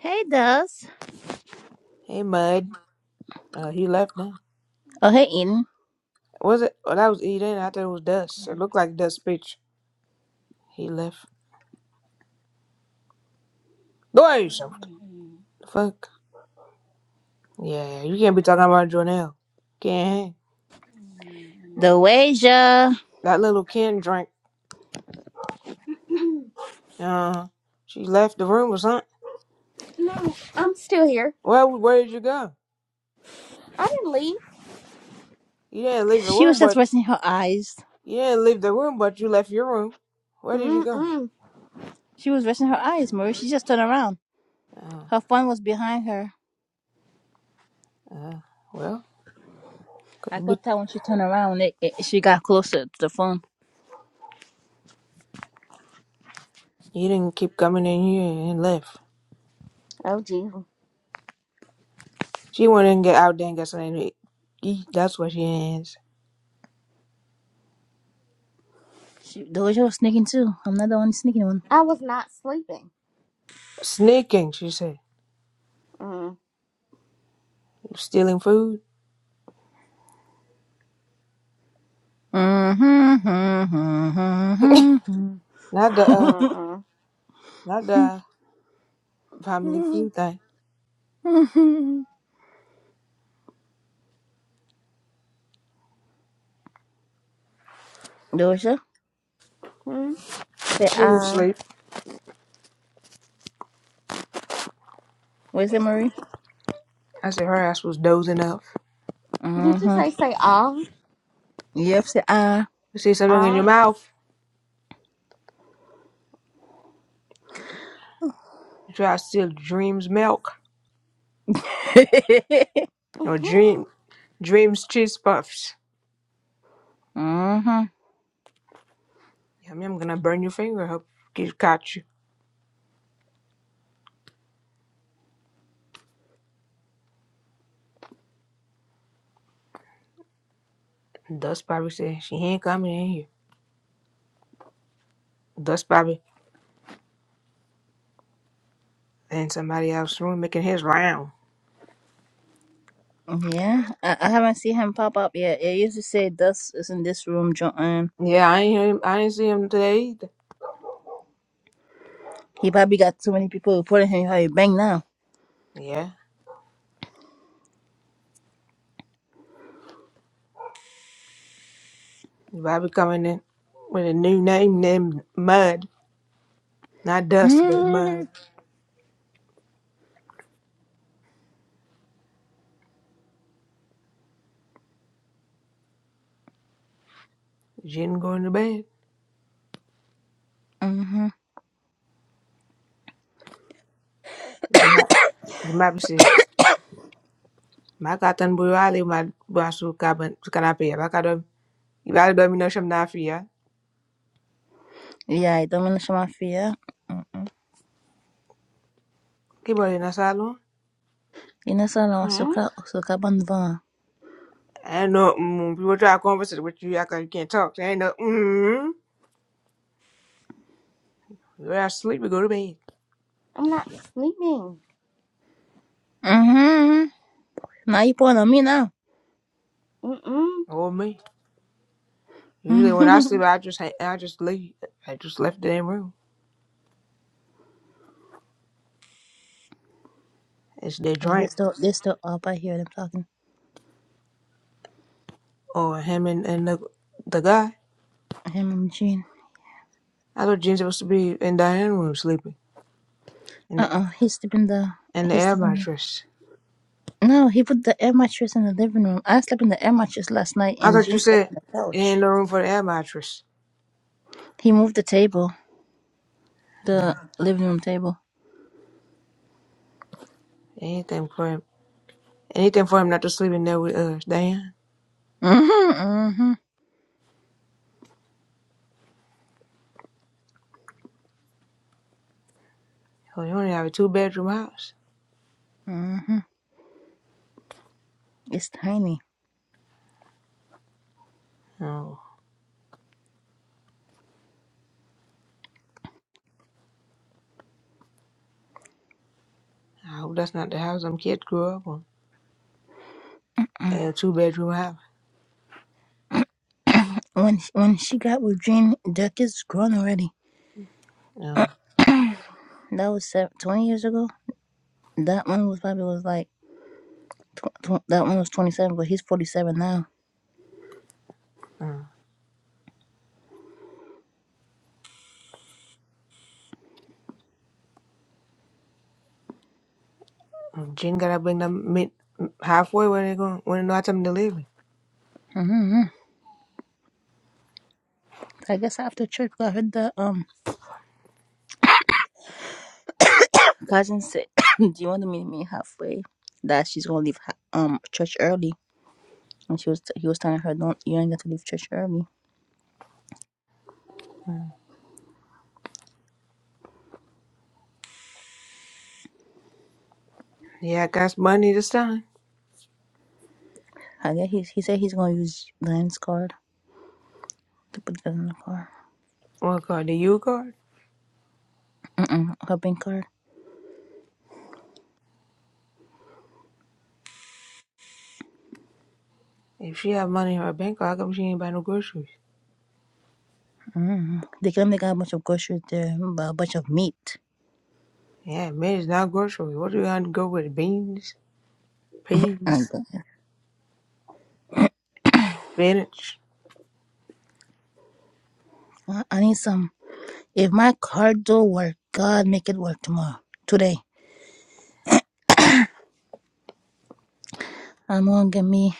Speaker 5: Hey, Dust.
Speaker 1: Hey mud. Uh, he left now.
Speaker 5: Oh, hey, Eden.
Speaker 1: Was it? Oh, that was Eden. I thought it was Dust. So, It looked like Dust bitch. He left. Go at yourself. The fuck? Yeah, you can't be talking about Jonelle. Can't hang.
Speaker 5: Doasia.
Speaker 1: That little Ken drink. Uh, she left the room or something.
Speaker 3: no, I'm still here.
Speaker 1: Well, where did you go?
Speaker 3: I didn't leave.
Speaker 1: You didn't leave the
Speaker 5: She was
Speaker 1: room,
Speaker 5: just
Speaker 1: but
Speaker 5: resting her eyes.
Speaker 1: you didn't leave the room, but you left your room. Where did you go?
Speaker 3: Mm-mm.
Speaker 5: She was resting her eyes, Marie. She just turned around.
Speaker 1: Uh,
Speaker 5: Her phone was behind her.
Speaker 1: uh, well, 'cause
Speaker 5: I
Speaker 1: you be-
Speaker 5: caught that when she turned around, it, it- she got closer to the phone.
Speaker 1: you didn't keep coming in here and left.
Speaker 3: Oh, gee.
Speaker 1: She went and get out there and got something to eat. That's what she is.
Speaker 5: She, Doja was sneaking too. I'm not the only sneaking one.
Speaker 3: I was not sleeping.
Speaker 1: Sneaking, she said.
Speaker 3: Mm.
Speaker 1: You stealing food? Not the uh,
Speaker 3: Mm-mm.
Speaker 1: not the family feud thing.
Speaker 5: Doja,
Speaker 3: Hmm?
Speaker 5: say
Speaker 1: She
Speaker 5: ah.
Speaker 1: was
Speaker 5: Uh,
Speaker 1: asleep.
Speaker 5: Where's it, Marie?
Speaker 1: I said her ass was dozing off.
Speaker 3: Did you
Speaker 5: Mm-hmm.
Speaker 3: say, say, ah?
Speaker 5: Yep, say ah.
Speaker 1: You see something in your
Speaker 3: Ah?
Speaker 1: mouth? You try to steal Dream's milk or
Speaker 3: Mm-hmm.
Speaker 1: Dream Dream's cheese puffs.
Speaker 5: mm-hmm.
Speaker 1: I mean, I'm gonna burn your finger. Hope get caught you. Dust Bobby said she ain't coming in here. Dust Bobby in somebody else's room making his round.
Speaker 5: Yeah, I, I haven't seen him pop up yet. It used to say Dust is in this room, John.
Speaker 1: Yeah, I ain't hear him. I didn't see him today either.
Speaker 5: He probably got too many people reporting him. How you bang now?
Speaker 1: Yeah, Bobby coming in with a new name named Mud, not Dust, but
Speaker 5: Mm-hmm.
Speaker 1: Mud. She didn't go into bed. Jima- Jimabisi, maka tan buru ali ma basu kaban kanape ya baka dom ibali domination na afia.
Speaker 5: Yeah, I don't E aí, dominante mafia.
Speaker 1: Kibo na salo.
Speaker 5: E no salão,
Speaker 3: Hmm?
Speaker 5: açúcar, açúcar bandvana.
Speaker 1: I know mm, people try to converse with you after you can't talk. so I know mm, you're asleep. We go to bed.
Speaker 3: I'm not sleeping.
Speaker 5: Mm-hmm. Now you pulling on me now.
Speaker 3: Mm-mm.
Speaker 1: Oh me. Usually when I sleep, I just ha- I just leave. I just left the damn room. It's their
Speaker 5: Oh,
Speaker 1: drink
Speaker 5: this the, this the up. I hear them talking.
Speaker 1: or him and, and the the guy.
Speaker 5: Him and Gene.
Speaker 1: I thought Jen's supposed to be in Diane's room sleeping in the,
Speaker 5: Uh-uh. He's sleeping the,
Speaker 1: in the
Speaker 5: he's
Speaker 1: air
Speaker 5: sleeping
Speaker 1: mattress.
Speaker 5: no, he put the air mattress in the living room. I slept in the air mattress last night
Speaker 1: I
Speaker 5: and
Speaker 1: thought
Speaker 5: Jean
Speaker 1: you
Speaker 5: slept
Speaker 1: said
Speaker 5: on the
Speaker 1: it
Speaker 5: couch.
Speaker 1: ain't no room for the air mattress. Uh, Anything for him. Anything for him not to sleep in there with us. Damn. Hell, you only have a two bedroom house. No. I hope that's not the house them kids grew up on. A two bedroom house.
Speaker 5: When, when she got with Jean, the kid's grown already.
Speaker 1: No.
Speaker 5: That was seven, 20 years ago. That one was probably was like, tw- tw- that one was 27, but he's 47 now.
Speaker 1: Mm. Mm. Jen gotta bring them mid halfway where they going when they know how time to live. in.
Speaker 5: Mm-hmm. I guess after church, I heard the, um, cousin said, "Do you want to meet me halfway?" That she's gonna leave ha- um church early, and she was t- he was telling her, "Don't you ain't got to leave church early."
Speaker 1: Yeah, I got some money this time.
Speaker 5: I guess he he said he's gonna use Lion's card to put that in the car.
Speaker 1: What card? The U card?
Speaker 5: Mm-mm, her bank card.
Speaker 1: If she have money in her bank, how come she ain't buy no groceries?
Speaker 5: Mm-mm. They came. They got a bunch of groceries there, but a bunch of meat.
Speaker 1: Yeah, man, it's not groceries. What do you want to go with? Beans,
Speaker 5: And
Speaker 1: peas, spinach.
Speaker 5: I, I need some. If my card don't work, God make it work tomorrow, today. I'm gonna get me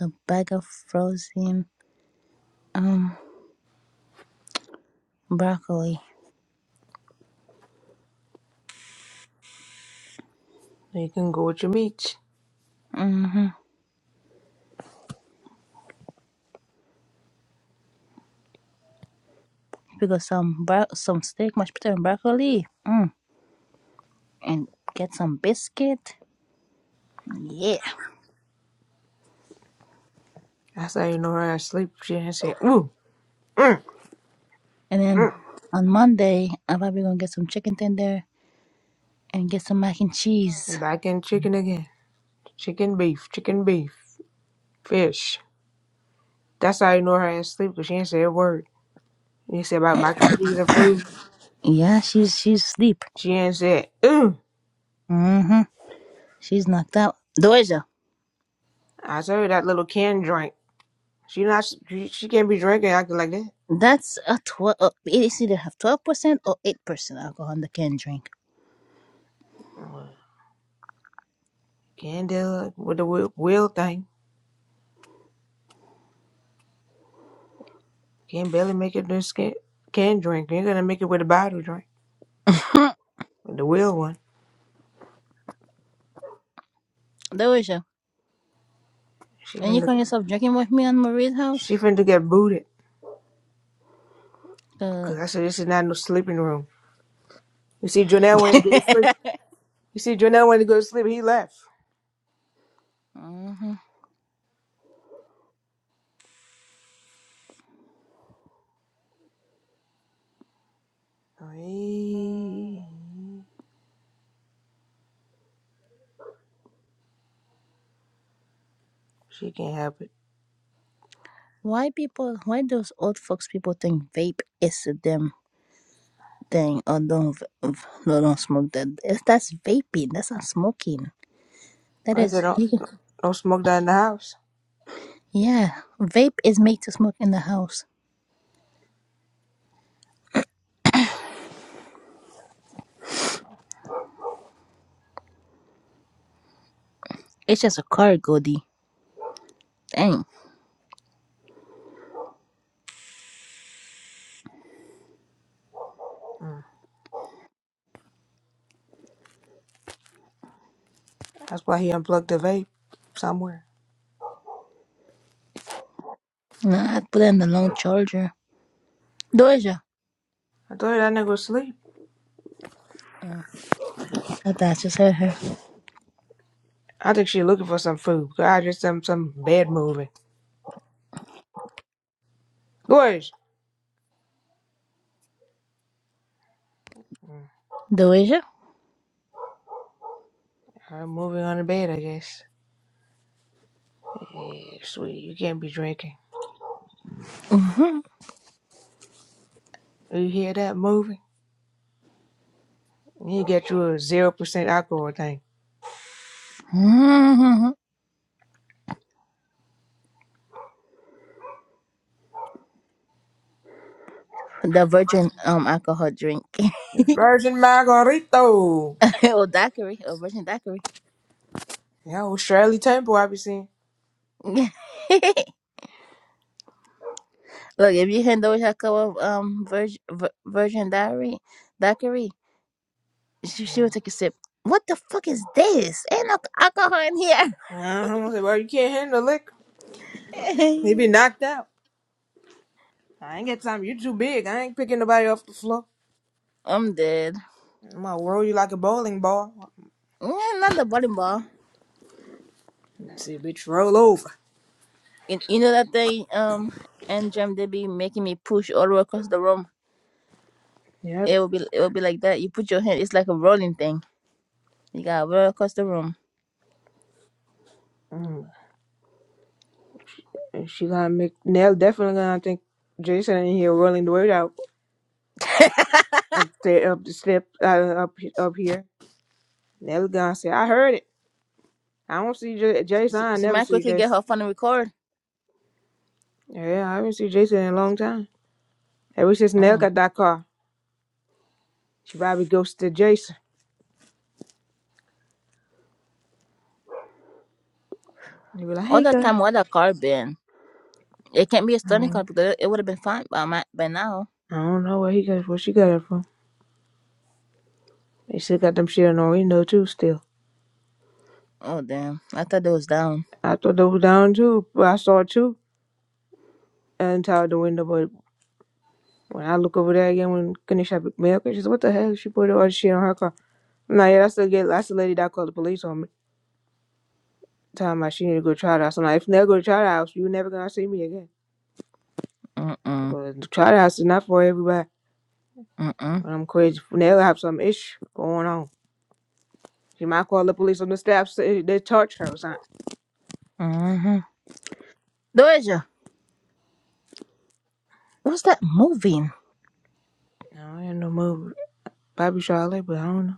Speaker 5: a bag of frozen um broccoli.
Speaker 1: You can go with your meats.
Speaker 5: Mm-hmm. pick up some bro- some steak, mashed potato, and broccoli, mm, and get some biscuit. Yeah.
Speaker 1: That's how you know her ass sleep. She ain't say, ooh. mm,
Speaker 5: And then
Speaker 1: Mm.
Speaker 5: on Monday, I'm probably gonna get some chicken tender and get some mac and cheese.
Speaker 1: And back in chicken again. Chicken beef, chicken beef, fish. That's how I know her ass sleep because she ain't say a word. You said about mac and cheese or food.
Speaker 5: Yeah, she's she's asleep.
Speaker 1: She ain't said, ooh.
Speaker 5: Mm-hmm. She's knocked out. Doja,
Speaker 1: I told her that little canned drink. She not she, she can't be drinking acting like that.
Speaker 5: that's a twelve. Uh, it's either have twelve percent or eight percent alcohol in the can drink.
Speaker 1: Well, Canned deal with the wheel, wheel thing. Can't barely make it this can can drink. You're gonna make it with a bottle drink. With the wheel one.
Speaker 5: Doja,
Speaker 1: She
Speaker 5: and you call
Speaker 1: finna
Speaker 5: yourself drinking with me on Marie's house?
Speaker 1: she finna get booted.
Speaker 5: Uh,
Speaker 1: Cause I said this is not no sleeping room. You see Jonelle went to go to sleep. You see Jonelle went to go to sleep, he left.
Speaker 5: mhm.
Speaker 1: Hey, she can't help it.
Speaker 5: Why people? Why those old folks people think vape is them thing Oh, don't v- v- no, don't smoke that. It's, that's vaping. That's not smoking. That
Speaker 1: Like I
Speaker 5: is
Speaker 1: said, don't,
Speaker 5: you can
Speaker 1: don't smoke that in the house.
Speaker 5: yeah. Vape is made to smoke in the house. It's just a car, Goldie. Dang.
Speaker 1: Mm. That's why he unplugged the vape somewhere.
Speaker 5: Nah, I put it in the long charger. Doja.
Speaker 1: I told her that nigga was asleep.
Speaker 5: I thought I just heard her.
Speaker 1: I think she looking for some food. God, just some some bed moving. Gorge.
Speaker 5: Doja.
Speaker 1: I'm moving on the bed, I guess. Yeah, sweetie, you can't be drinking. You hear that moving? You get you a zero percent alcohol thing.
Speaker 5: hmm the virgin um alcohol drink.
Speaker 1: Virgin Margarito.
Speaker 5: Oh, daiquiri. Or virgin daiquiri.
Speaker 1: Yeah, old Shirley Temple I be seeing.
Speaker 5: Look, if you can Doja cup of um virgin vir- virgin daiquiri, daiquiri, She, she
Speaker 1: Mm.
Speaker 5: would take a sip. What the fuck is this? Ain't no alcohol in
Speaker 1: Uh-huh. I said, Well, you can't handle liquor. He be
Speaker 5: here.
Speaker 1: knocked out. I ain't got time. You too big. I ain't picking nobody off the floor.
Speaker 5: I'm dead.
Speaker 1: I'm gonna roll you like a bowling ball.
Speaker 5: Mm, not the bowling ball.
Speaker 1: See, bitch, roll over.
Speaker 5: You, you know that thing, um, and Jam they be making me push all the way across the room.
Speaker 1: Yep.
Speaker 5: It will be it will be like that. You put your hand, it's like a rolling thing. You gotta roll across the room.
Speaker 1: Mm. And she gonna make Nell definitely gonna think Jason in here rolling the weight out up the up the step uh, up up here. Nell gonna say, I heard it. I don't see J- Jason.
Speaker 5: She,
Speaker 1: I
Speaker 5: she
Speaker 1: never
Speaker 5: might
Speaker 1: see
Speaker 5: quickly get
Speaker 1: Jason.
Speaker 5: her phone and record.
Speaker 1: Yeah, I haven't seen Jason in a long time. Ever since Nell got that car, she probably ghosted Jason. They be like, Hey, girl. Mm.
Speaker 5: Oh.
Speaker 1: I don't know where he got where she got it from. They still got them shit on the window too. Still. I thought they was down too. But I saw two until the window. But when I look over there again, when Kanisha picked me up, she said, "What the hell? She put all the shit on her car." I'm like, "Yeah, that's the get. That's the lady that called the police on me." Time like she need to go to try the house. I'm like, "If you never go to try the house, you never gonna see me again." Because the try house is not for everybody. And I'm crazy. Nella have some issue going on. She might call the police on the staff. Say they touch her or something. I don't have no move. Probably Charlotte, but I don't know.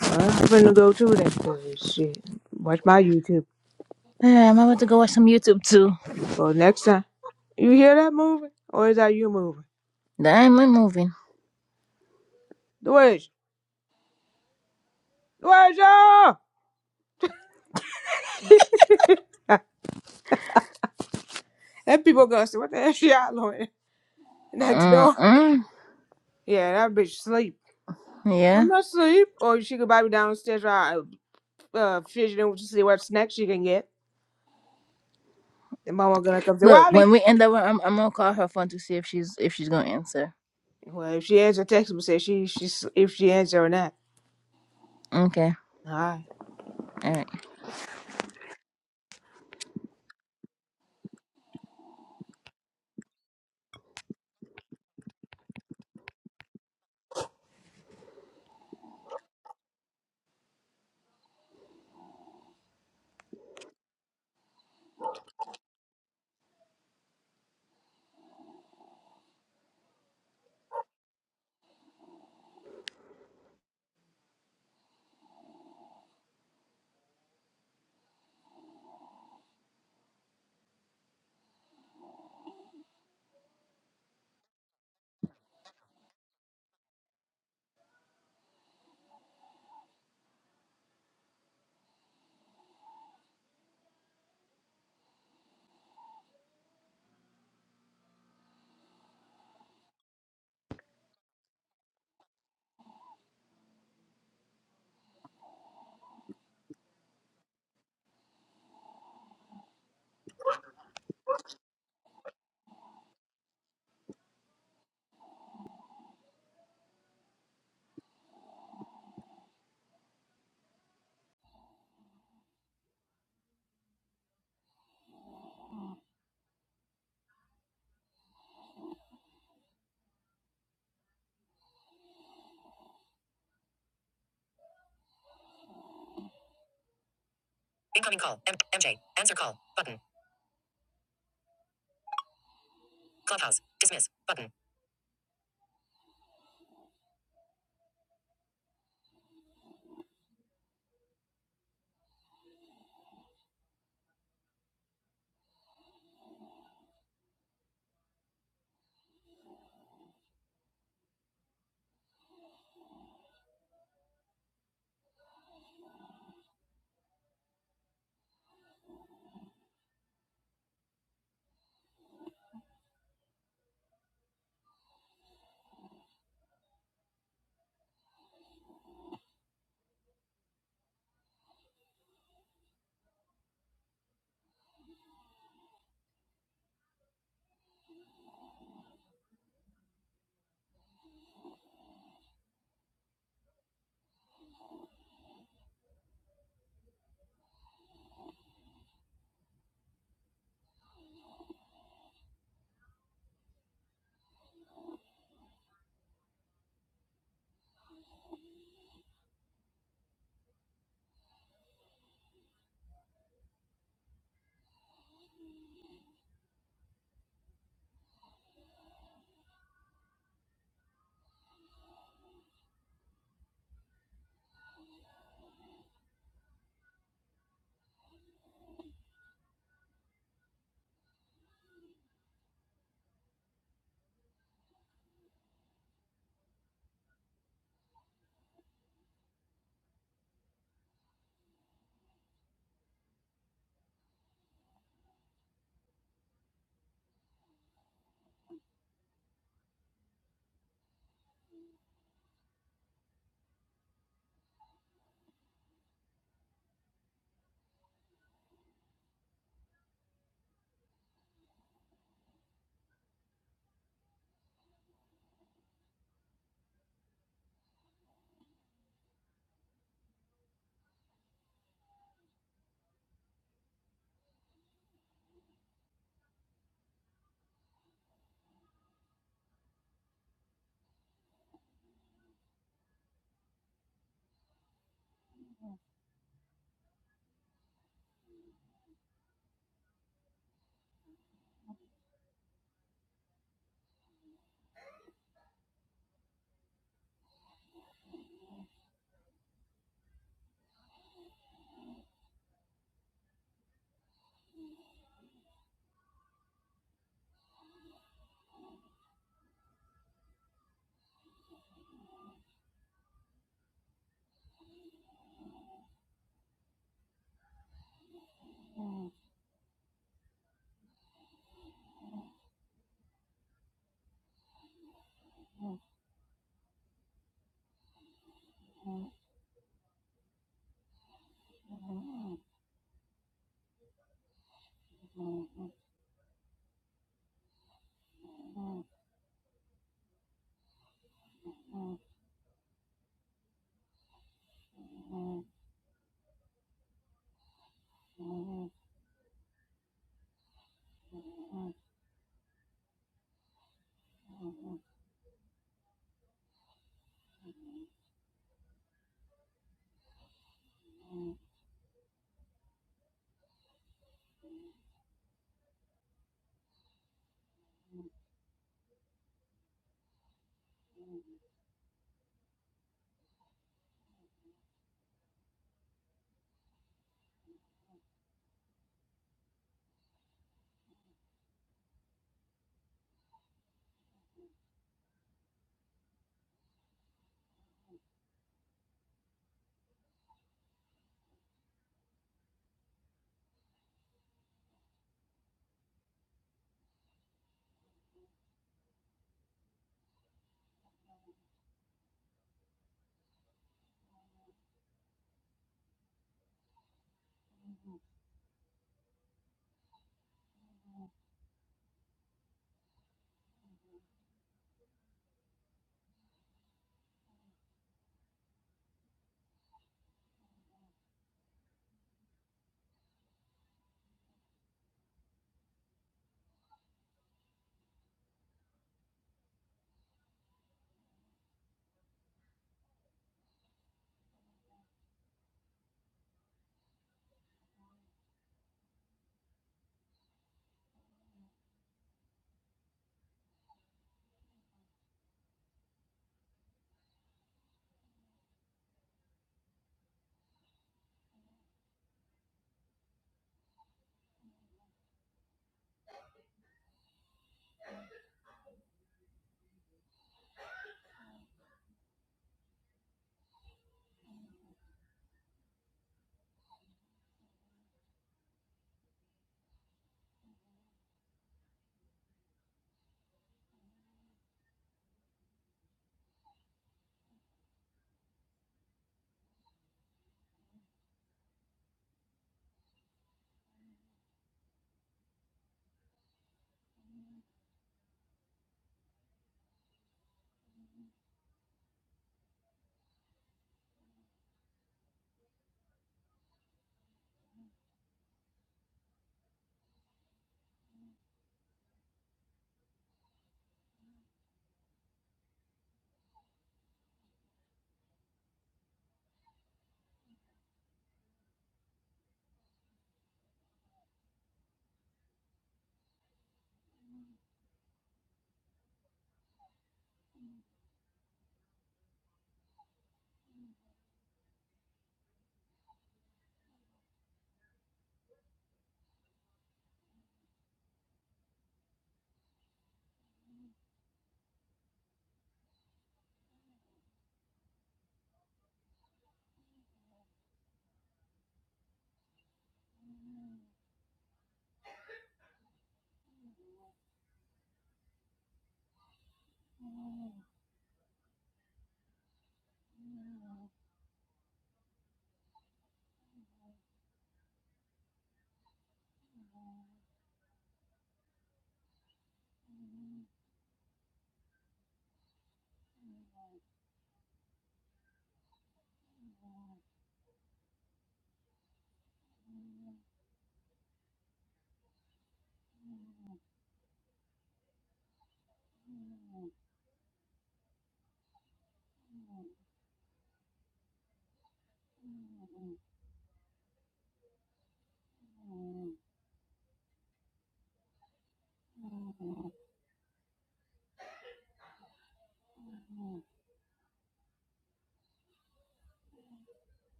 Speaker 1: I'm finna go to that 'cause shit. Watch my YouTube. Go next time. You hear that moving? Or is that you moving? Dweja! Dweja! And people gonna say, what the hell she out doing? Next door. Yeah, that bitch sleep. I'm not sleep. Or she could buy me downstairs while I uh, fidgeting to see what snack she can get. Then mama gonna come say, Wally. Well, if she answer text me, say she, she, if she answer or not. alright.
Speaker 3: Incoming call. M- MJ. Answer call. Button. Clubhouse. Dismiss. Button.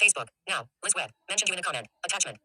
Speaker 3: Facebook. Now. Liz Web. Mentioned you in a comment. Attachment.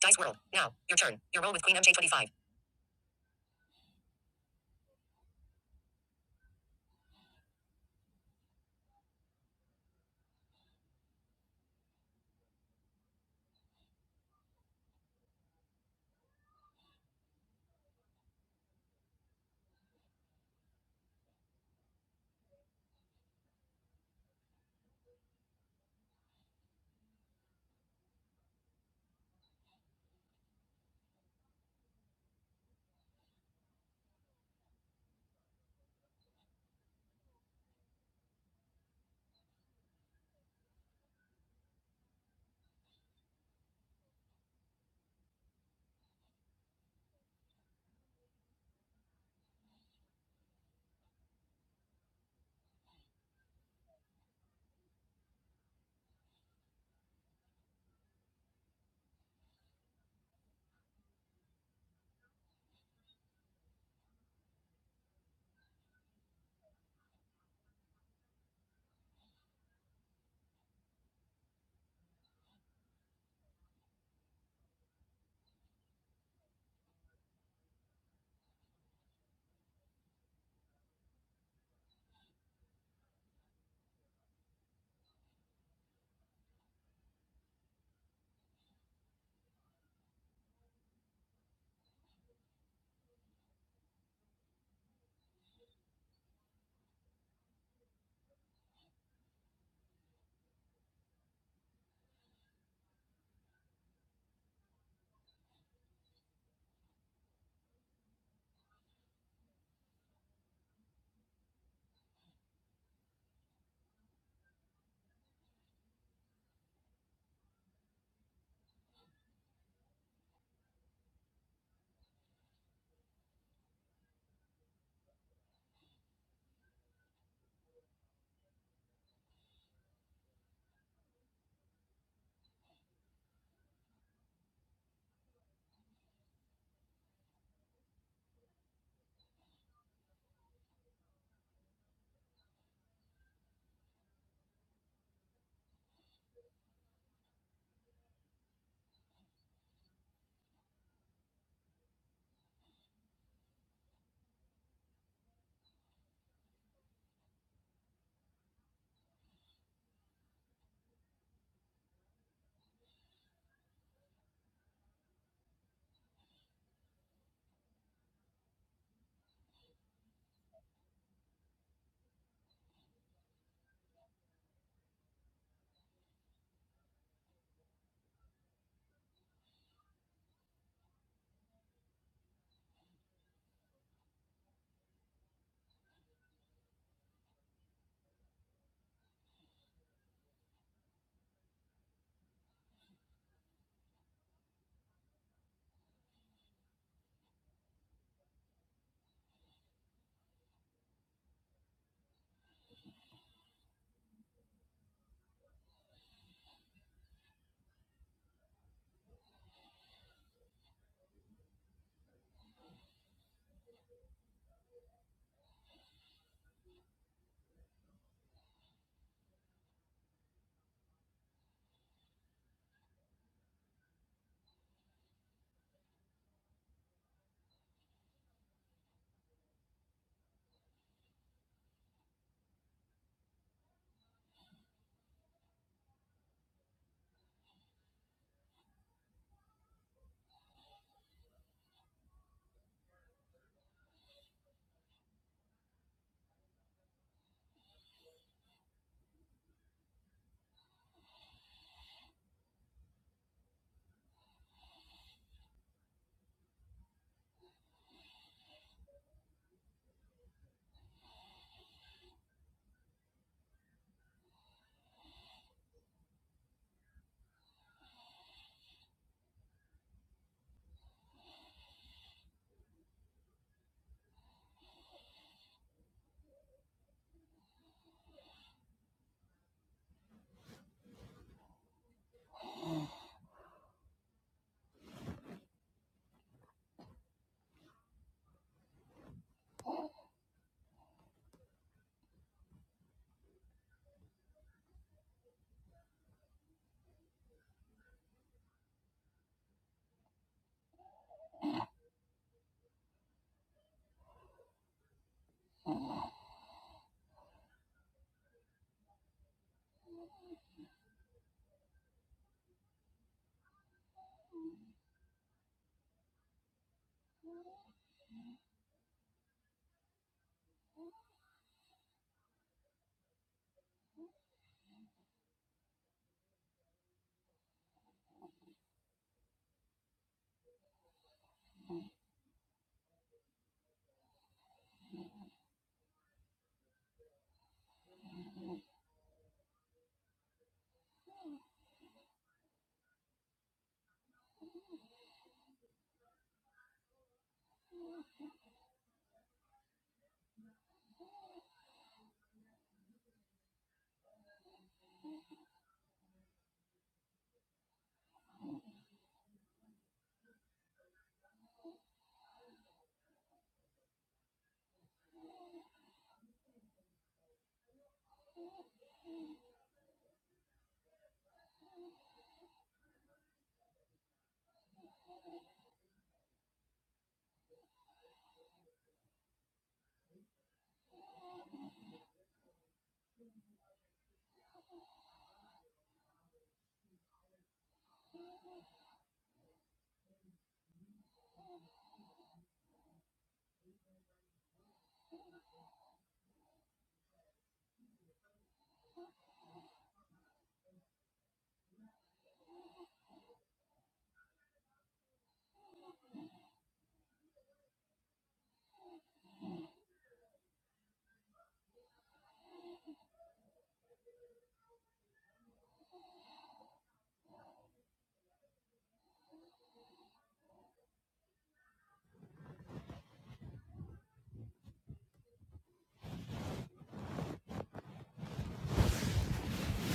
Speaker 3: Dice World. Now, your turn. Your roll with Queen MJ25.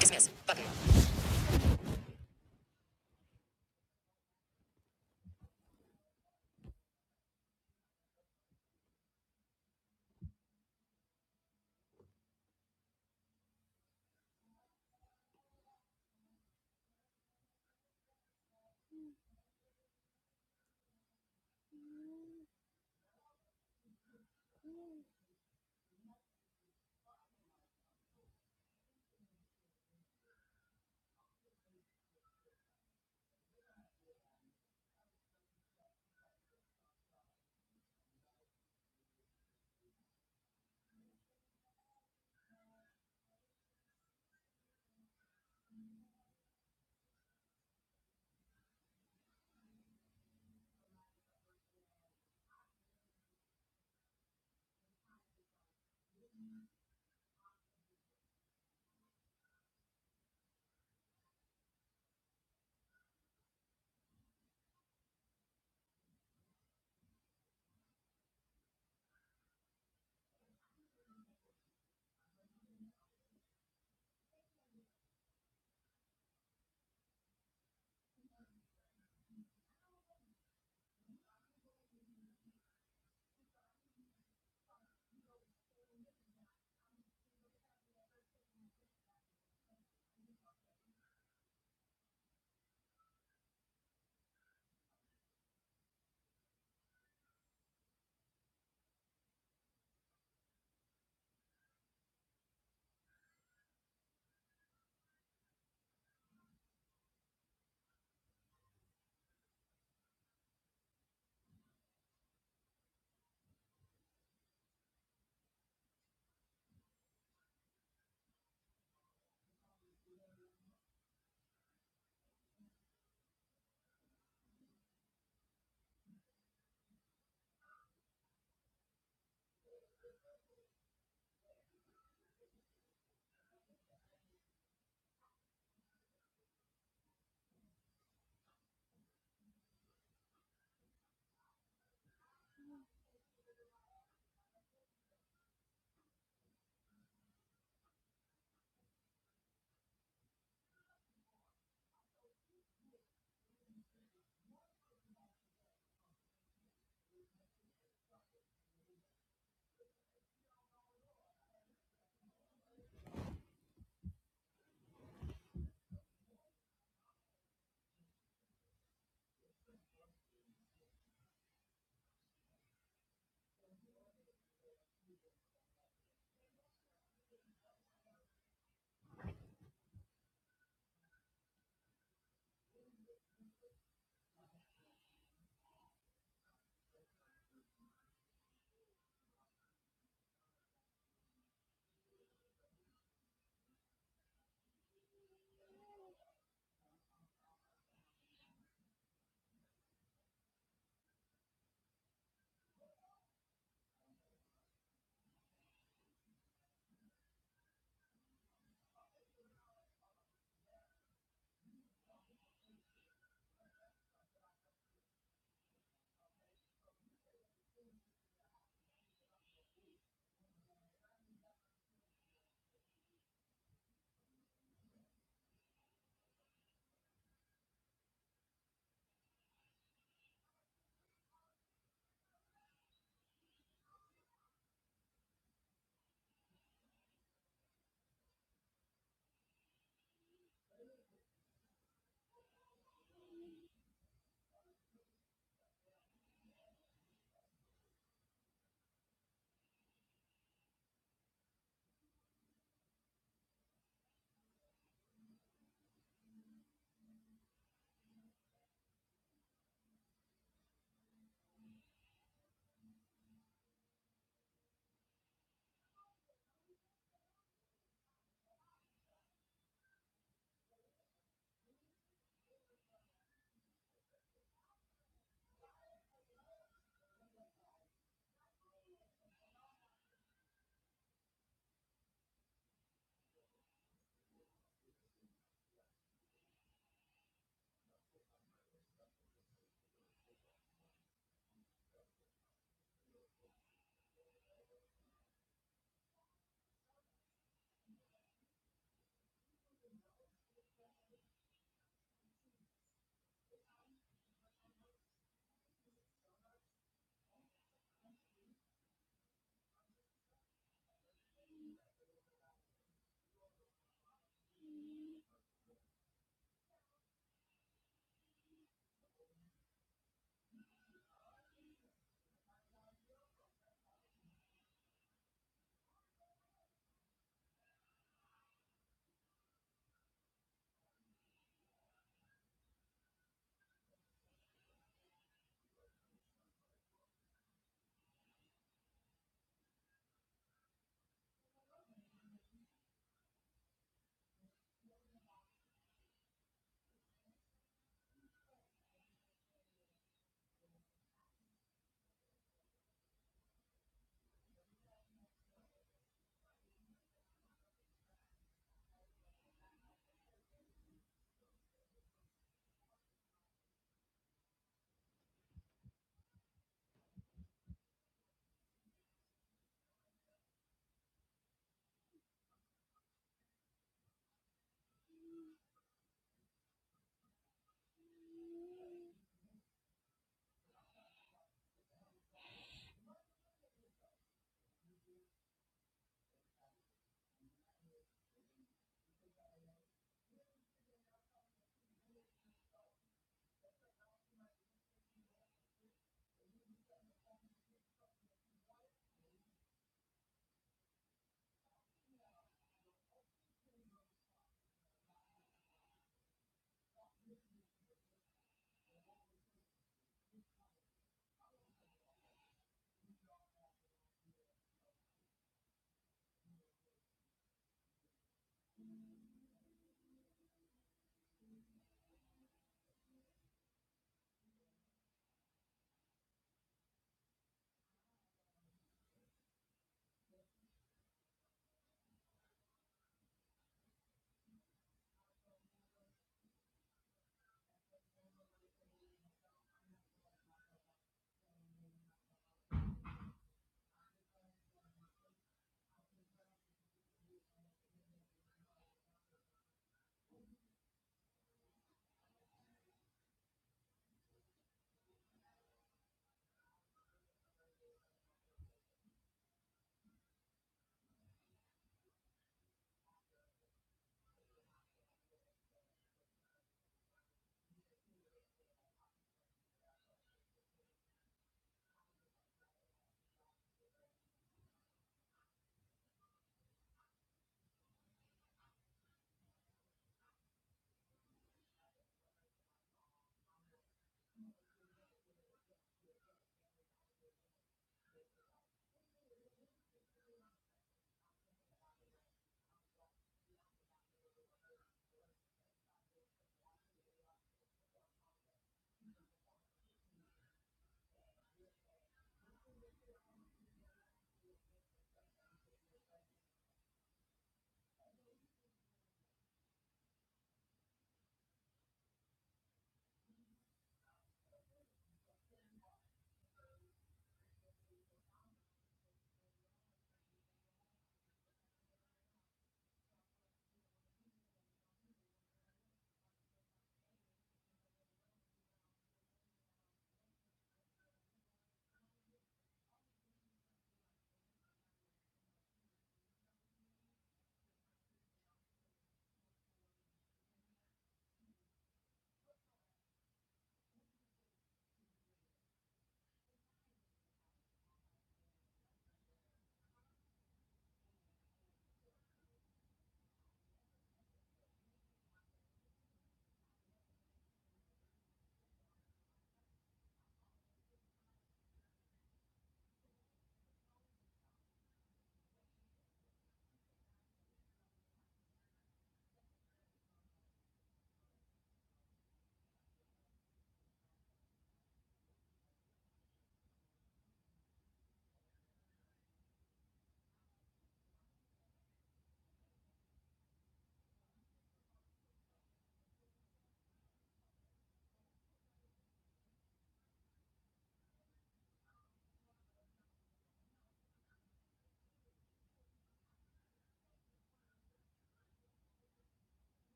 Speaker 3: Dismiss. Button.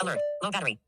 Speaker 3: Alert. Low battery.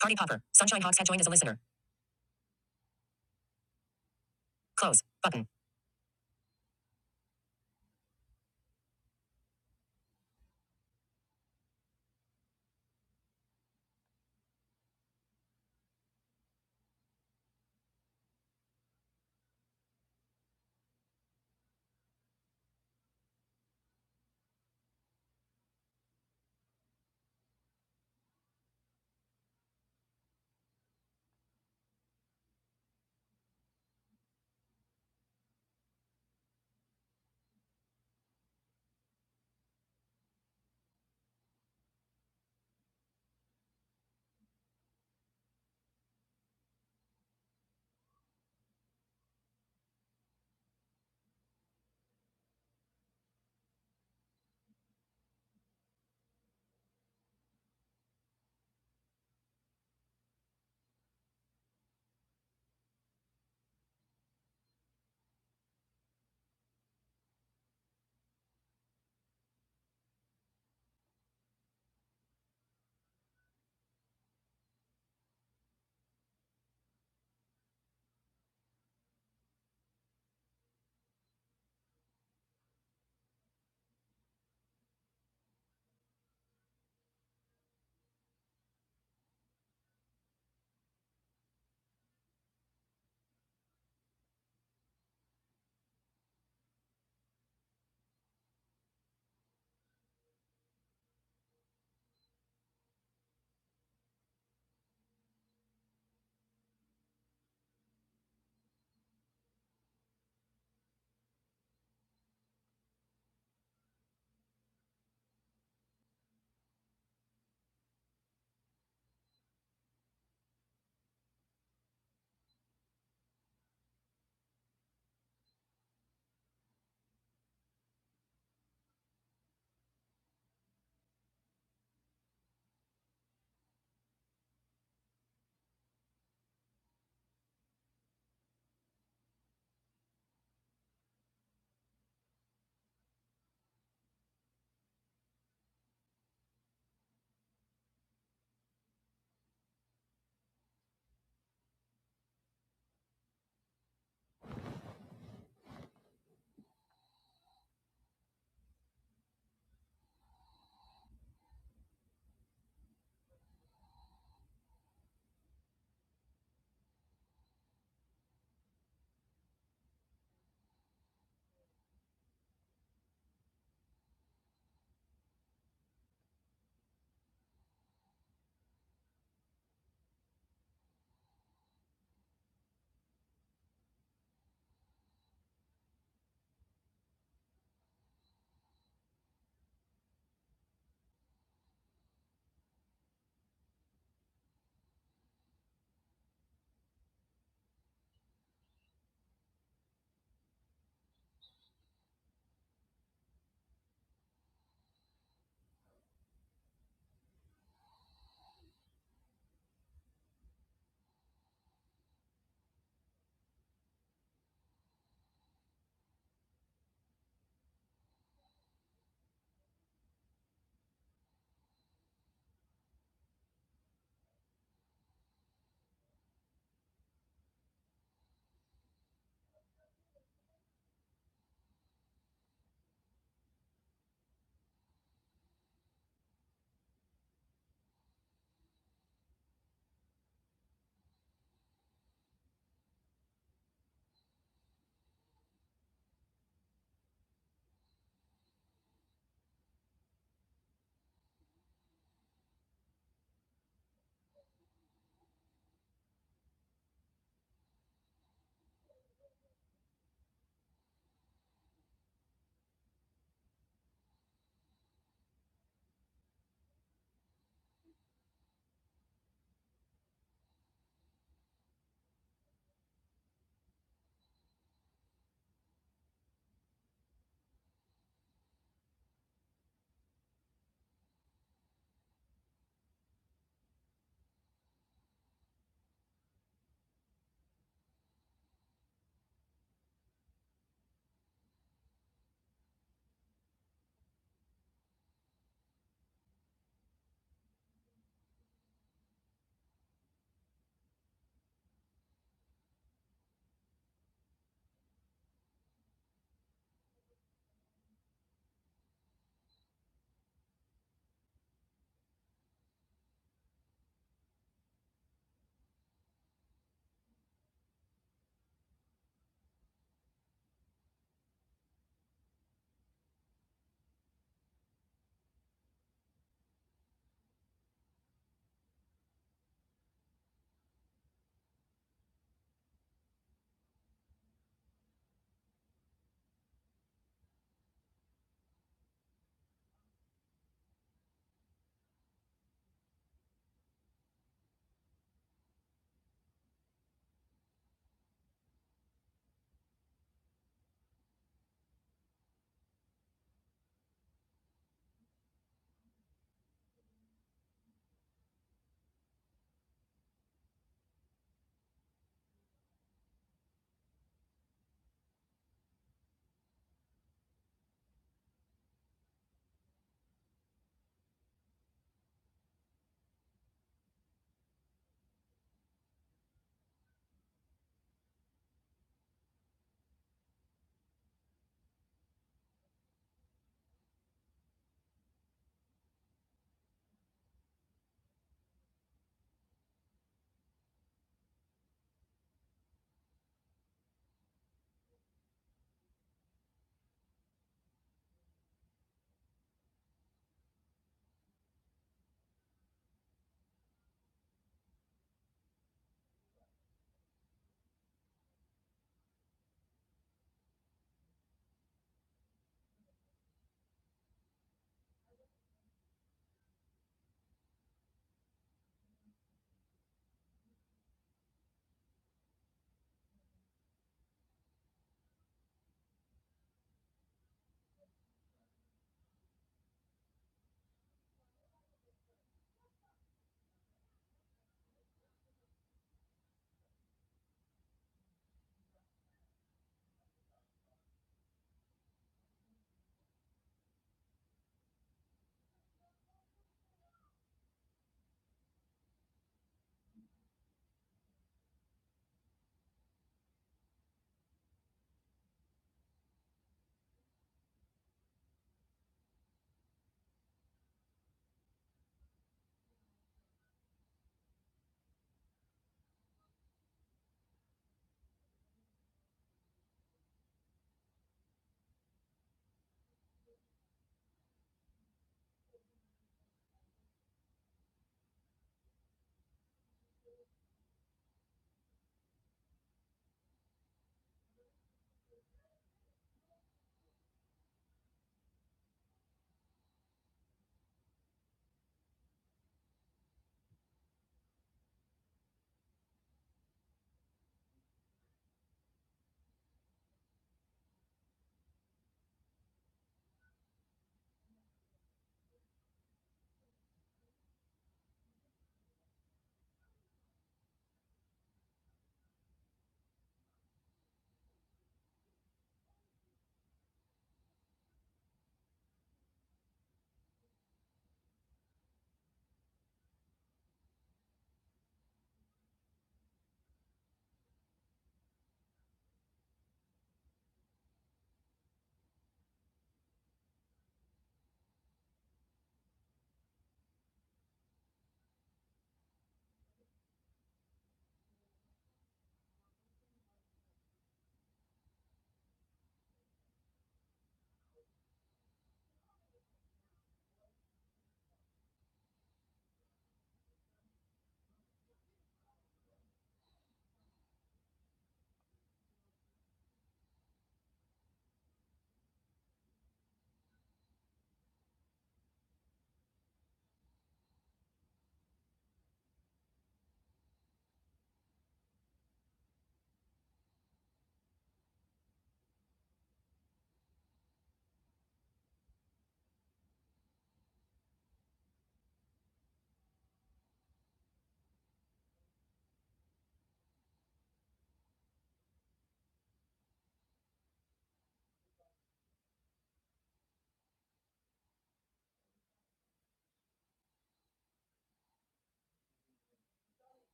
Speaker 3: Party Popper. Sunshine Hawks had joined as a listener. Close. Button.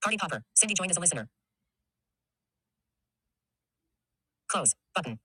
Speaker 3: Party Popper. Cindy joined as a listener. Close. Button.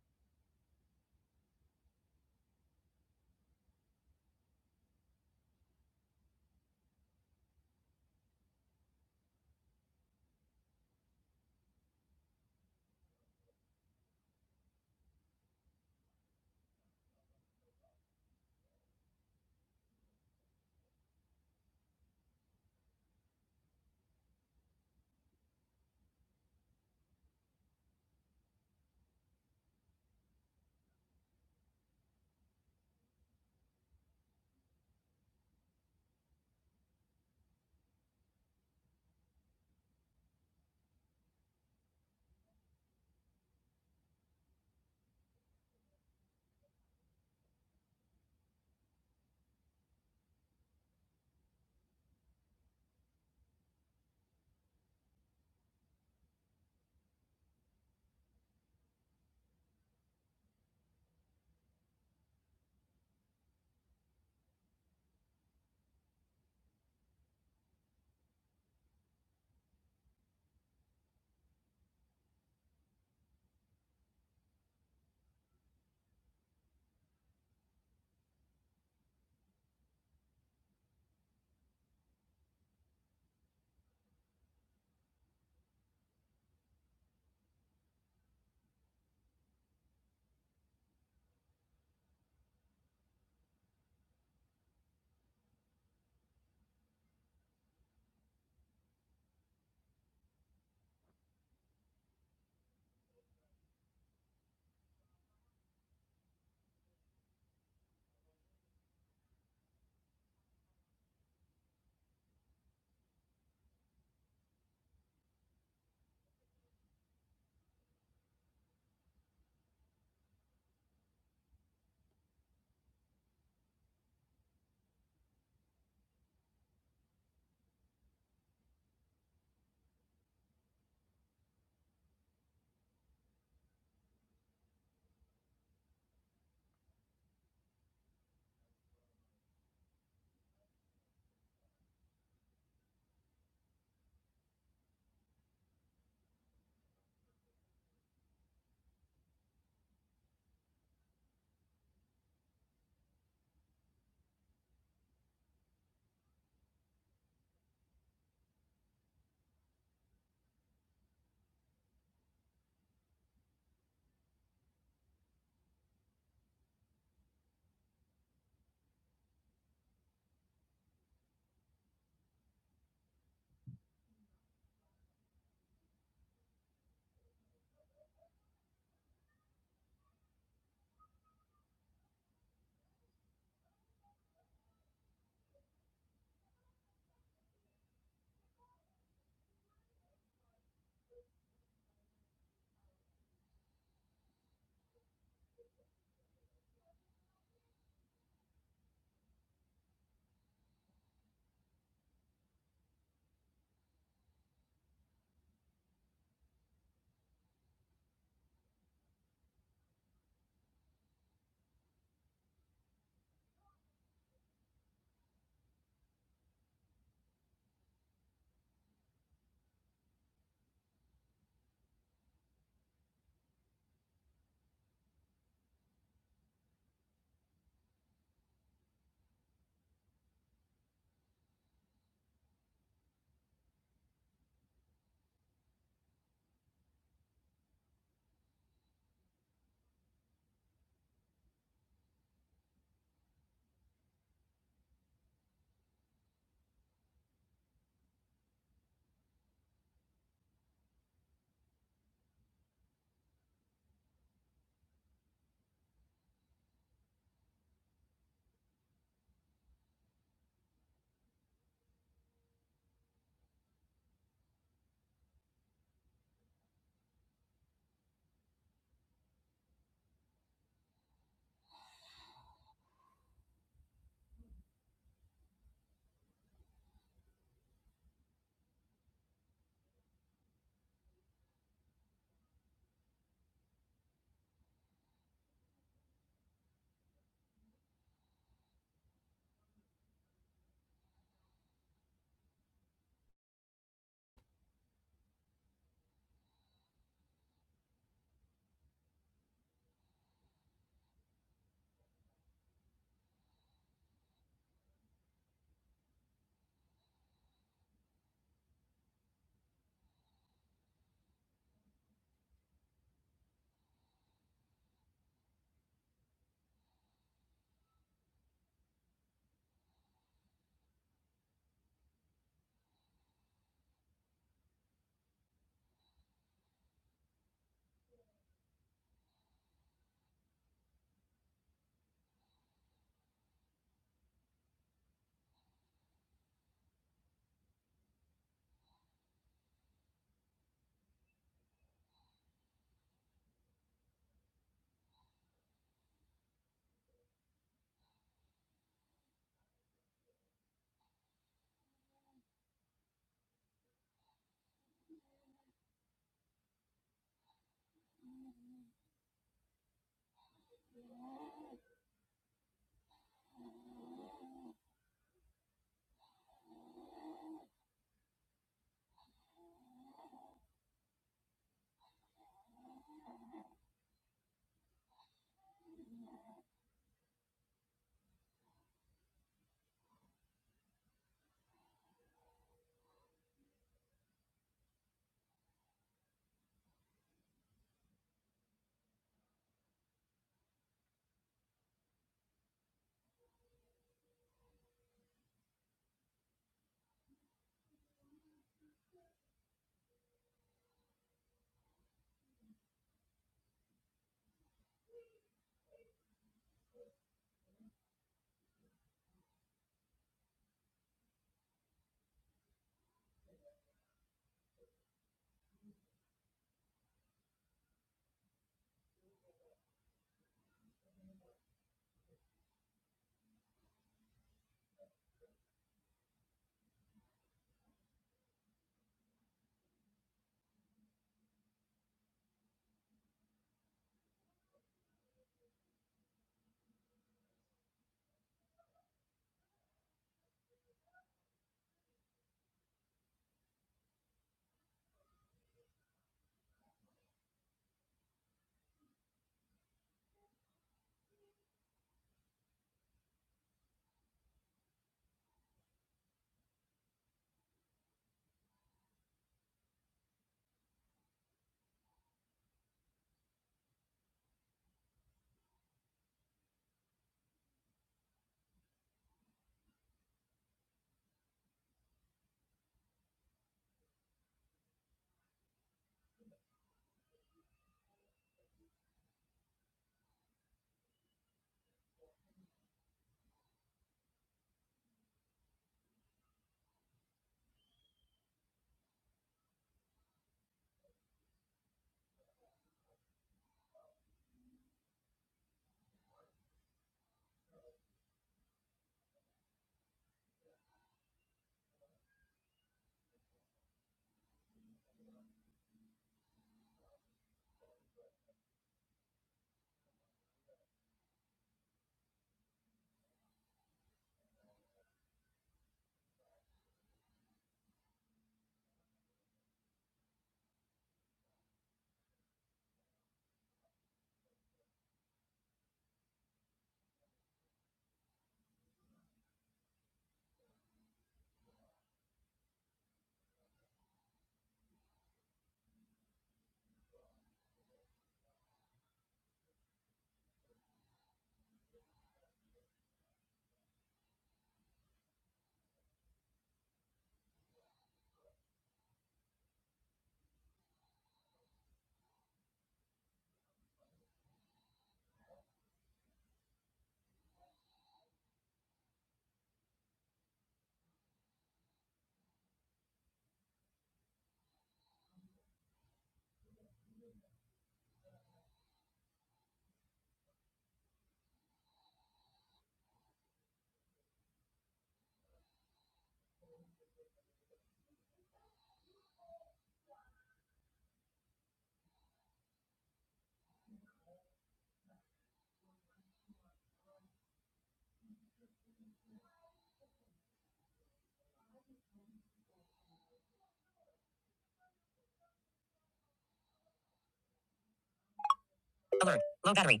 Speaker 3: Alert. Low battery.